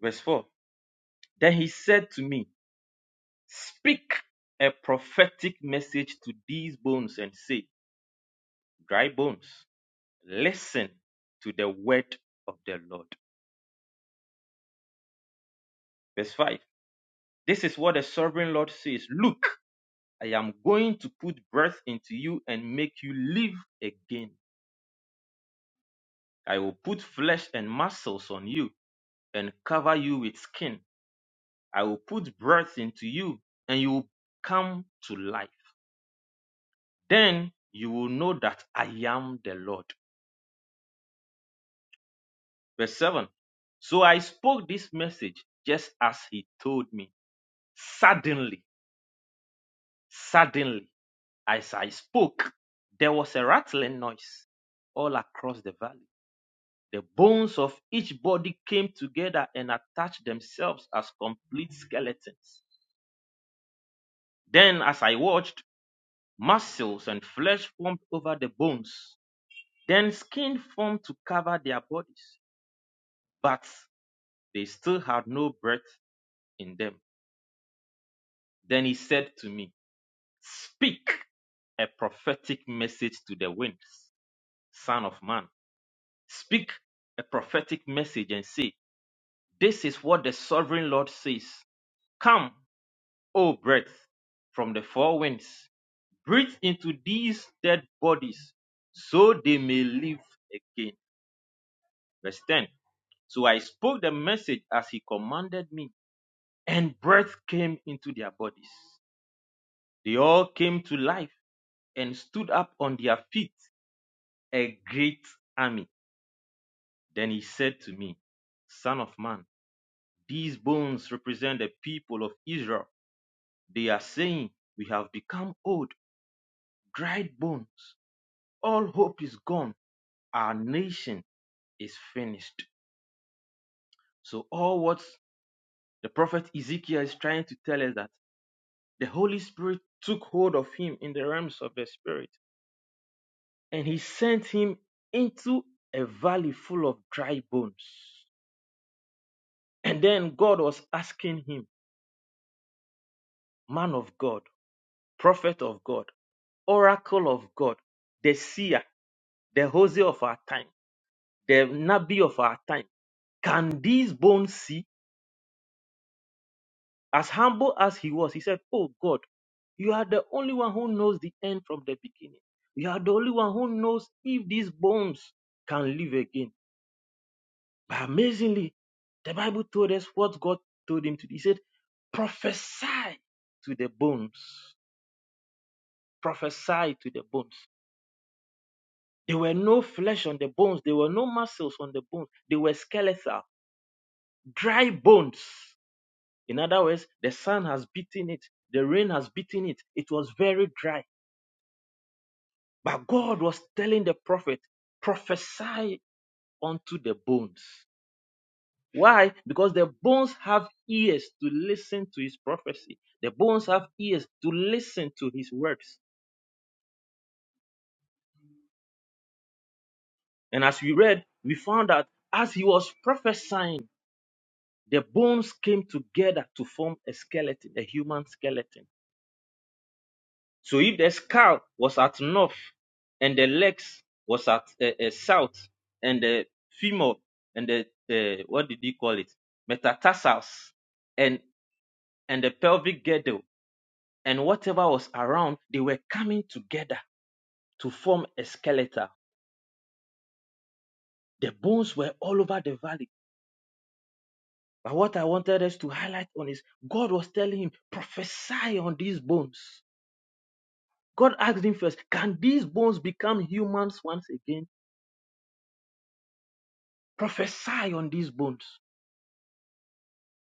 [SPEAKER 2] Verse 4. Then he said to me, Speak a prophetic message to these bones and say, Dry bones, listen to the word of the Lord. Verse 5. This is what the sovereign Lord says Look, I am going to put breath into you and make you live again. I will put flesh and muscles on you and cover you with skin. I will put breath into you and you will come to life. Then you will know that I am the Lord. Verse 7. So I spoke this message just as he told me. Suddenly, suddenly, as I spoke, there was a rattling noise all across the valley. The bones of each body came together and attached themselves as complete skeletons. Then, as I watched, muscles and flesh formed over the bones. Then skin formed to cover their bodies, but they still had no breath in them. Then he said to me, Speak a prophetic message to the winds, Son of Man. Speak a prophetic message and say, This is what the sovereign Lord says. Come, O breath, from the four winds, breathe into these dead bodies, so they may live again. Verse 10. So I spoke the message as he commanded me, and breath came into their bodies. They all came to life and stood up on their feet. a great army. Then he said to me, Son of man, these bones represent the people of Israel. They are saying, We have become old, dried bones. All hope is gone. Our nation is finished. So, all what the prophet Ezekiel is trying to tell us that the Holy Spirit took hold of him in the realms of the Spirit and he sent him into a valley full of dry bones. And then God was asking him, man of God, prophet of God, oracle of God, the seer, the Hosea of our time, the Nabi of our time. Can these bones see? As humble as he was, he said, Oh God, you are the only one who knows the end from the beginning. You are the only one who knows if these bones can live again. But amazingly, the Bible told us what God told him to do. He said, Prophesy to the bones. Prophesy to the bones. There were no flesh on the bones. There were no muscles on the bones. They were skeletal, dry bones. In other words, the sun has beaten it. The rain has beaten it. It was very dry. But God was telling the prophet, prophesy unto the bones. Why? Because the bones have ears to listen to his prophecy. The bones have ears to listen to his words. And as we read, we found out as he was prophesying, The bones came together to form a skeleton, a human skeleton. So if the skull was at north and the legs was at uh, uh, south and the femur and the uh, what did he call it metatarsals and and the pelvic girdle and whatever was around they were coming together to form a skeleton. The bones were all over the valley. But what I wanted us to highlight on is God was telling him, prophesy on these bones God asked him first, Can these bones become humans once again? Prophesy on these bones.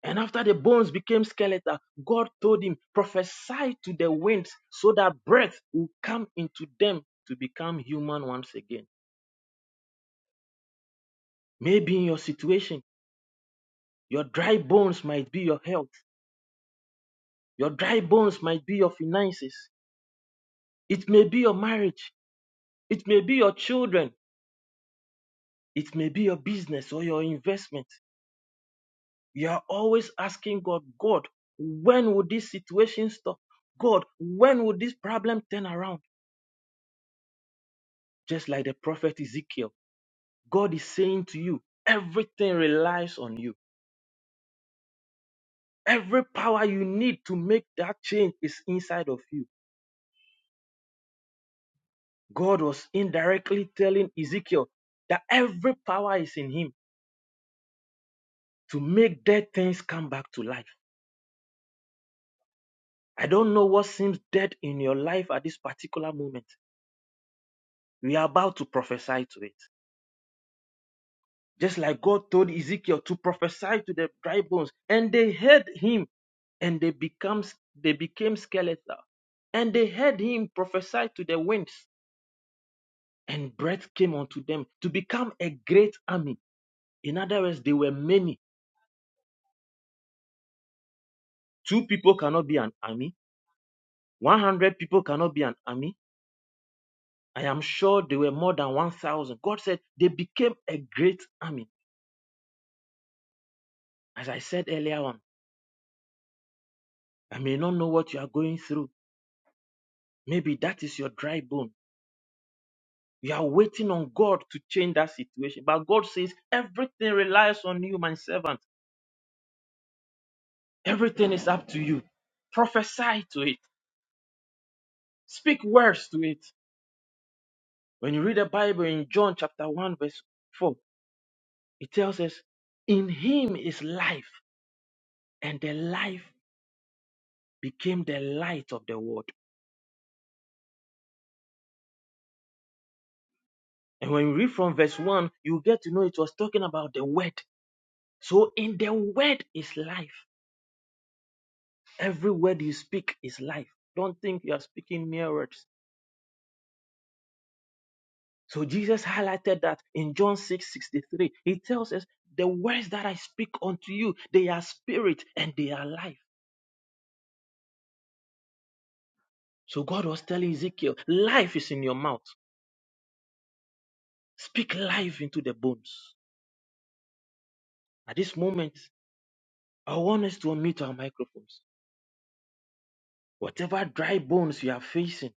[SPEAKER 2] And after the bones became skeletal, God told him, Prophesy to the winds so that breath will come into them to become human once again. Maybe in your situation, your dry bones might be your health, your dry bones might be your finances, it may be your marriage, it may be your children, it may be your business or your investment. You are always asking God, God, when will this situation stop? God, when will this problem turn around? Just like the prophet Ezekiel, God is saying to you, everything relies on you. Every power you need to make that change is inside of you. God was indirectly telling Ezekiel that every power is in him to make dead things come back to life. I don't know what seems dead in your life at this particular moment. We are about to prophesy to it. Just like God told Ezekiel to prophesy to the dry bones, and they heard him, and they becomes they became skeletal, and they heard him prophesy to the winds, and breath came unto them to become a great army. In other words, they were many. Two people cannot be an army. One hundred people cannot be an army. I am sure they were more than one thousand. God said they became a great army. As I said earlier on, I may not know what you are going through. Maybe that is your dry bone. You are waiting on God to change that situation. But God says everything relies on you, my servant. Everything is up to you. Prophesy to it. Speak words to it. When you read the Bible in John chapter 1, verse 4, it tells us, In him is life, and the life became the light of the world. And when you read from verse 1, you get to know it was talking about the word. So in the word is life. Every word you speak is life. Don't think you are speaking mere words So Jesus highlighted that in John 6 63, He tells us, The words that I speak unto you, they are spirit and they are life. So God was telling Ezekiel, Life is in your mouth. Speak life into the bones. At this moment, I want us to unmute our microphones. Whatever dry bones you are facing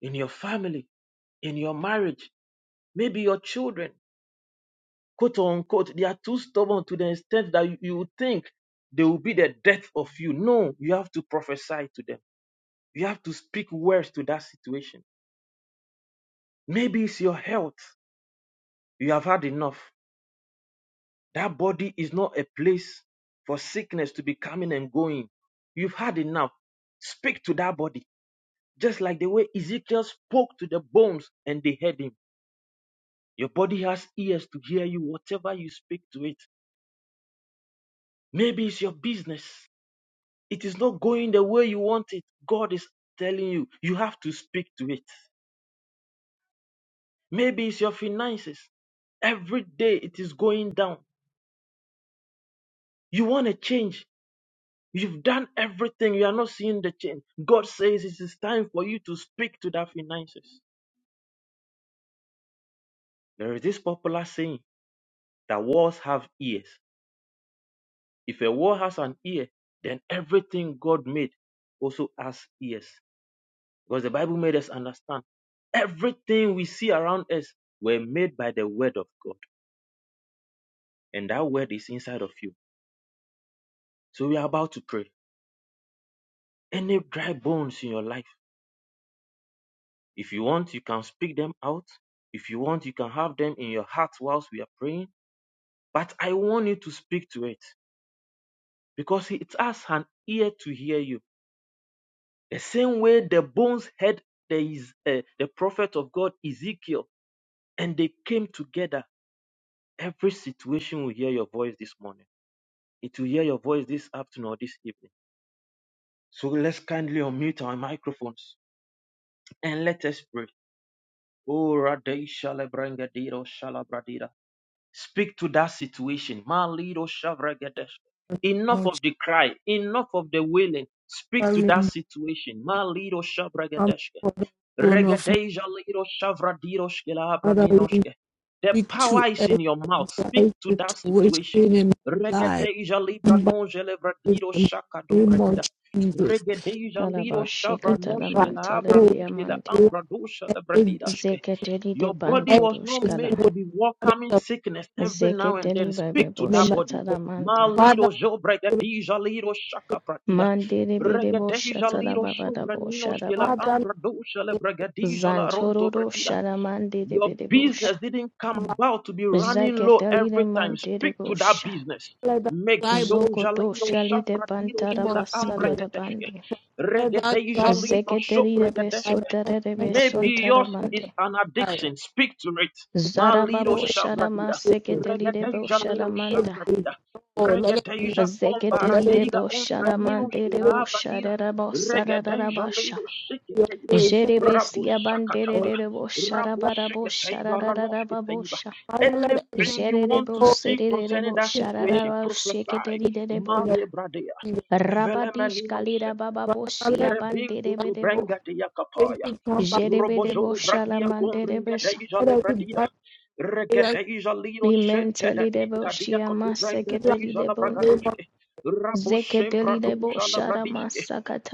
[SPEAKER 2] in your family, in your marriage, maybe your children, quote unquote, they are too stubborn to the extent that you you think they will be the death of you. No, you have to prophesy to them You have to speak words to that situation. Maybe it's your health. You have had enough. That body is not a place for sickness to be coming and going. You've had enough. Speak to that body. Just like the way Ezekiel spoke to the bones and they heard him. Your body has ears to hear you, whatever you speak to it. Maybe it's your business. It is not going the way you want it. God is telling you, you have to speak to it. Maybe it's your finances. Every day it is going down. You want to change. You've done everything. You are not seeing the change. God says it is time for you to speak to that finances. There is this popular saying that walls have ears. If a wall has an ear, then everything God made also has ears. Because the Bible made us understand everything we see around us were made by the word of God. And that word is inside of you. So we are about to pray. Any dry bones in your life? If you want, you can speak them out. If you want, you can have them in your heart whilst we are praying. But I want you to speak to it because it has an ear to hear you. The same way the bones heard the, Is- eh, the prophet of God, Ezekiel, and they came together. Every situation will hear your voice this morning. It will hear your voice this afternoon or this evening. So let's kindly unmute our microphones and let us pray. Oh, Radesha Lebranga Diro Speak to that situation. Malido shavragedesh. Enough
[SPEAKER 3] Lord,
[SPEAKER 2] of the cry, enough of the wailing. Speak
[SPEAKER 3] Father,
[SPEAKER 2] to
[SPEAKER 3] we
[SPEAKER 2] that situation. Malido
[SPEAKER 3] come
[SPEAKER 2] shavragedesh.
[SPEAKER 3] for the throne of
[SPEAKER 2] Regedeja liro shavradiro shkelabra
[SPEAKER 3] Father, we
[SPEAKER 2] ninoshke. The
[SPEAKER 3] speak to
[SPEAKER 2] power is in your mouth. Speak
[SPEAKER 3] every
[SPEAKER 2] to that
[SPEAKER 3] situation
[SPEAKER 2] situation.
[SPEAKER 3] in my life.
[SPEAKER 2] Regedeja libra
[SPEAKER 3] Come back
[SPEAKER 2] noje
[SPEAKER 3] in
[SPEAKER 2] levradiro
[SPEAKER 3] the
[SPEAKER 2] shaka
[SPEAKER 3] name of
[SPEAKER 2] dobradida.
[SPEAKER 3] Jesus.
[SPEAKER 2] Regedeja liro
[SPEAKER 8] Talabashika
[SPEAKER 3] Every
[SPEAKER 2] shavranoshke labra
[SPEAKER 8] talamantalari
[SPEAKER 3] battle,
[SPEAKER 2] noshke la
[SPEAKER 8] yamandi.
[SPEAKER 2] ambra dosha
[SPEAKER 3] Every
[SPEAKER 2] lebradidashke.
[SPEAKER 8] Zeketeli de
[SPEAKER 2] Your body was not
[SPEAKER 8] pantorushkala.
[SPEAKER 2] made to
[SPEAKER 3] situation
[SPEAKER 2] be
[SPEAKER 3] that
[SPEAKER 2] welcoming
[SPEAKER 3] is
[SPEAKER 2] sickness every now and
[SPEAKER 8] Zeketeli
[SPEAKER 2] then.
[SPEAKER 8] bebe
[SPEAKER 2] Speak to
[SPEAKER 3] in my
[SPEAKER 2] that
[SPEAKER 8] bosha
[SPEAKER 2] body.
[SPEAKER 3] life.
[SPEAKER 2] Ma
[SPEAKER 8] talamanda.
[SPEAKER 3] Father,
[SPEAKER 2] lido jobregadija lido shaka pra dira.
[SPEAKER 8] Mandiri bide bosha
[SPEAKER 2] Regadeja liro
[SPEAKER 8] talababada
[SPEAKER 2] sovranino
[SPEAKER 8] bosha
[SPEAKER 2] skela
[SPEAKER 8] labada.
[SPEAKER 3] Father,
[SPEAKER 2] ambra dosha le bregadeja la ronto
[SPEAKER 8] Zantororo
[SPEAKER 2] bradida
[SPEAKER 8] shalamandiri
[SPEAKER 2] your
[SPEAKER 8] bide bosha.
[SPEAKER 2] business didn't come about to be running low
[SPEAKER 8] Zeketeli de
[SPEAKER 2] every time.
[SPEAKER 8] mandiri
[SPEAKER 2] Speak to that
[SPEAKER 8] bosha.
[SPEAKER 2] business.
[SPEAKER 3] let that dry
[SPEAKER 2] Megido
[SPEAKER 8] Zokoto
[SPEAKER 2] jalido
[SPEAKER 8] shali de
[SPEAKER 2] shafra dido shkela
[SPEAKER 3] bones in
[SPEAKER 2] ambra
[SPEAKER 3] the name
[SPEAKER 8] pantarabasala
[SPEAKER 3] of Jesus.
[SPEAKER 8] da
[SPEAKER 2] yedeshke.
[SPEAKER 8] bandi.
[SPEAKER 3] Let that
[SPEAKER 2] Regedei
[SPEAKER 3] dry
[SPEAKER 2] jalibro shok
[SPEAKER 8] Zeketeli de
[SPEAKER 3] bones by the
[SPEAKER 2] regedeshke.
[SPEAKER 3] power
[SPEAKER 8] besotarere
[SPEAKER 3] of the Holy
[SPEAKER 2] Maybe
[SPEAKER 8] besontara
[SPEAKER 2] yours
[SPEAKER 3] Spirit.
[SPEAKER 2] is an
[SPEAKER 3] Let
[SPEAKER 2] addiction. Speak to it. Malido
[SPEAKER 3] it
[SPEAKER 8] Zarababo
[SPEAKER 3] be
[SPEAKER 8] Sharama
[SPEAKER 2] shabradida.
[SPEAKER 8] Seketeli Debo
[SPEAKER 2] Regedeja lero
[SPEAKER 3] restored.
[SPEAKER 8] Sharamanta.
[SPEAKER 2] shafradida.
[SPEAKER 3] Let it be
[SPEAKER 2] Regedeja
[SPEAKER 3] restored. Let
[SPEAKER 8] Zeketeli
[SPEAKER 3] it be
[SPEAKER 2] kombaradeiga
[SPEAKER 8] Debo
[SPEAKER 3] restored.
[SPEAKER 2] onfrenino
[SPEAKER 8] Sharamante Debo
[SPEAKER 2] shkela abradida.
[SPEAKER 8] Sharabo
[SPEAKER 2] Regedeja
[SPEAKER 8] Sararabasha.
[SPEAKER 2] lero
[SPEAKER 3] Your
[SPEAKER 2] shiketeiba.
[SPEAKER 3] faith, Father,
[SPEAKER 2] Rabo
[SPEAKER 8] Jerebesia Bandere
[SPEAKER 2] shakataba.
[SPEAKER 3] Lord.
[SPEAKER 8] Debo Sharabarabo
[SPEAKER 2] Raboshekataiba, ranoshkataiba.
[SPEAKER 8] Shararababosha.
[SPEAKER 3] Father, let every
[SPEAKER 2] Anything you
[SPEAKER 3] dry
[SPEAKER 2] want
[SPEAKER 8] Jerebo
[SPEAKER 2] to
[SPEAKER 3] bone
[SPEAKER 2] see
[SPEAKER 8] Sere
[SPEAKER 2] concerning
[SPEAKER 8] Debo
[SPEAKER 2] that
[SPEAKER 3] in our life
[SPEAKER 2] situation,
[SPEAKER 8] Shararabo
[SPEAKER 2] prophesy.
[SPEAKER 3] be
[SPEAKER 8] Seketeli
[SPEAKER 3] restored in the
[SPEAKER 8] Debonda.
[SPEAKER 2] Malebradea.
[SPEAKER 3] name of Jesus.
[SPEAKER 8] Rabadish
[SPEAKER 2] Evelemenino
[SPEAKER 8] Kalira Bababo
[SPEAKER 3] Father, let every
[SPEAKER 8] Sia
[SPEAKER 2] Rebinku
[SPEAKER 8] Bandere
[SPEAKER 3] dry
[SPEAKER 2] tu
[SPEAKER 3] bone
[SPEAKER 8] Debo.
[SPEAKER 2] brenga de yakapaya.
[SPEAKER 3] facing come back.
[SPEAKER 8] Jerebe Debo
[SPEAKER 2] Robozolo
[SPEAKER 3] to
[SPEAKER 2] bragia
[SPEAKER 3] us.
[SPEAKER 8] Sharamante
[SPEAKER 2] kumbringa
[SPEAKER 8] Debesa.
[SPEAKER 2] deja
[SPEAKER 3] Let every
[SPEAKER 2] lebradida.
[SPEAKER 3] dry area come
[SPEAKER 2] Regedeja liro shente da
[SPEAKER 8] Limenteli Debo
[SPEAKER 2] dita dia
[SPEAKER 8] Shiama
[SPEAKER 2] kotu brenga
[SPEAKER 3] back
[SPEAKER 8] Seketeli
[SPEAKER 2] deja la
[SPEAKER 3] to us in the
[SPEAKER 8] Debonda.
[SPEAKER 3] name
[SPEAKER 2] bragaduske. Raboshem
[SPEAKER 8] Zeketelidebo
[SPEAKER 2] praduja la bradiske.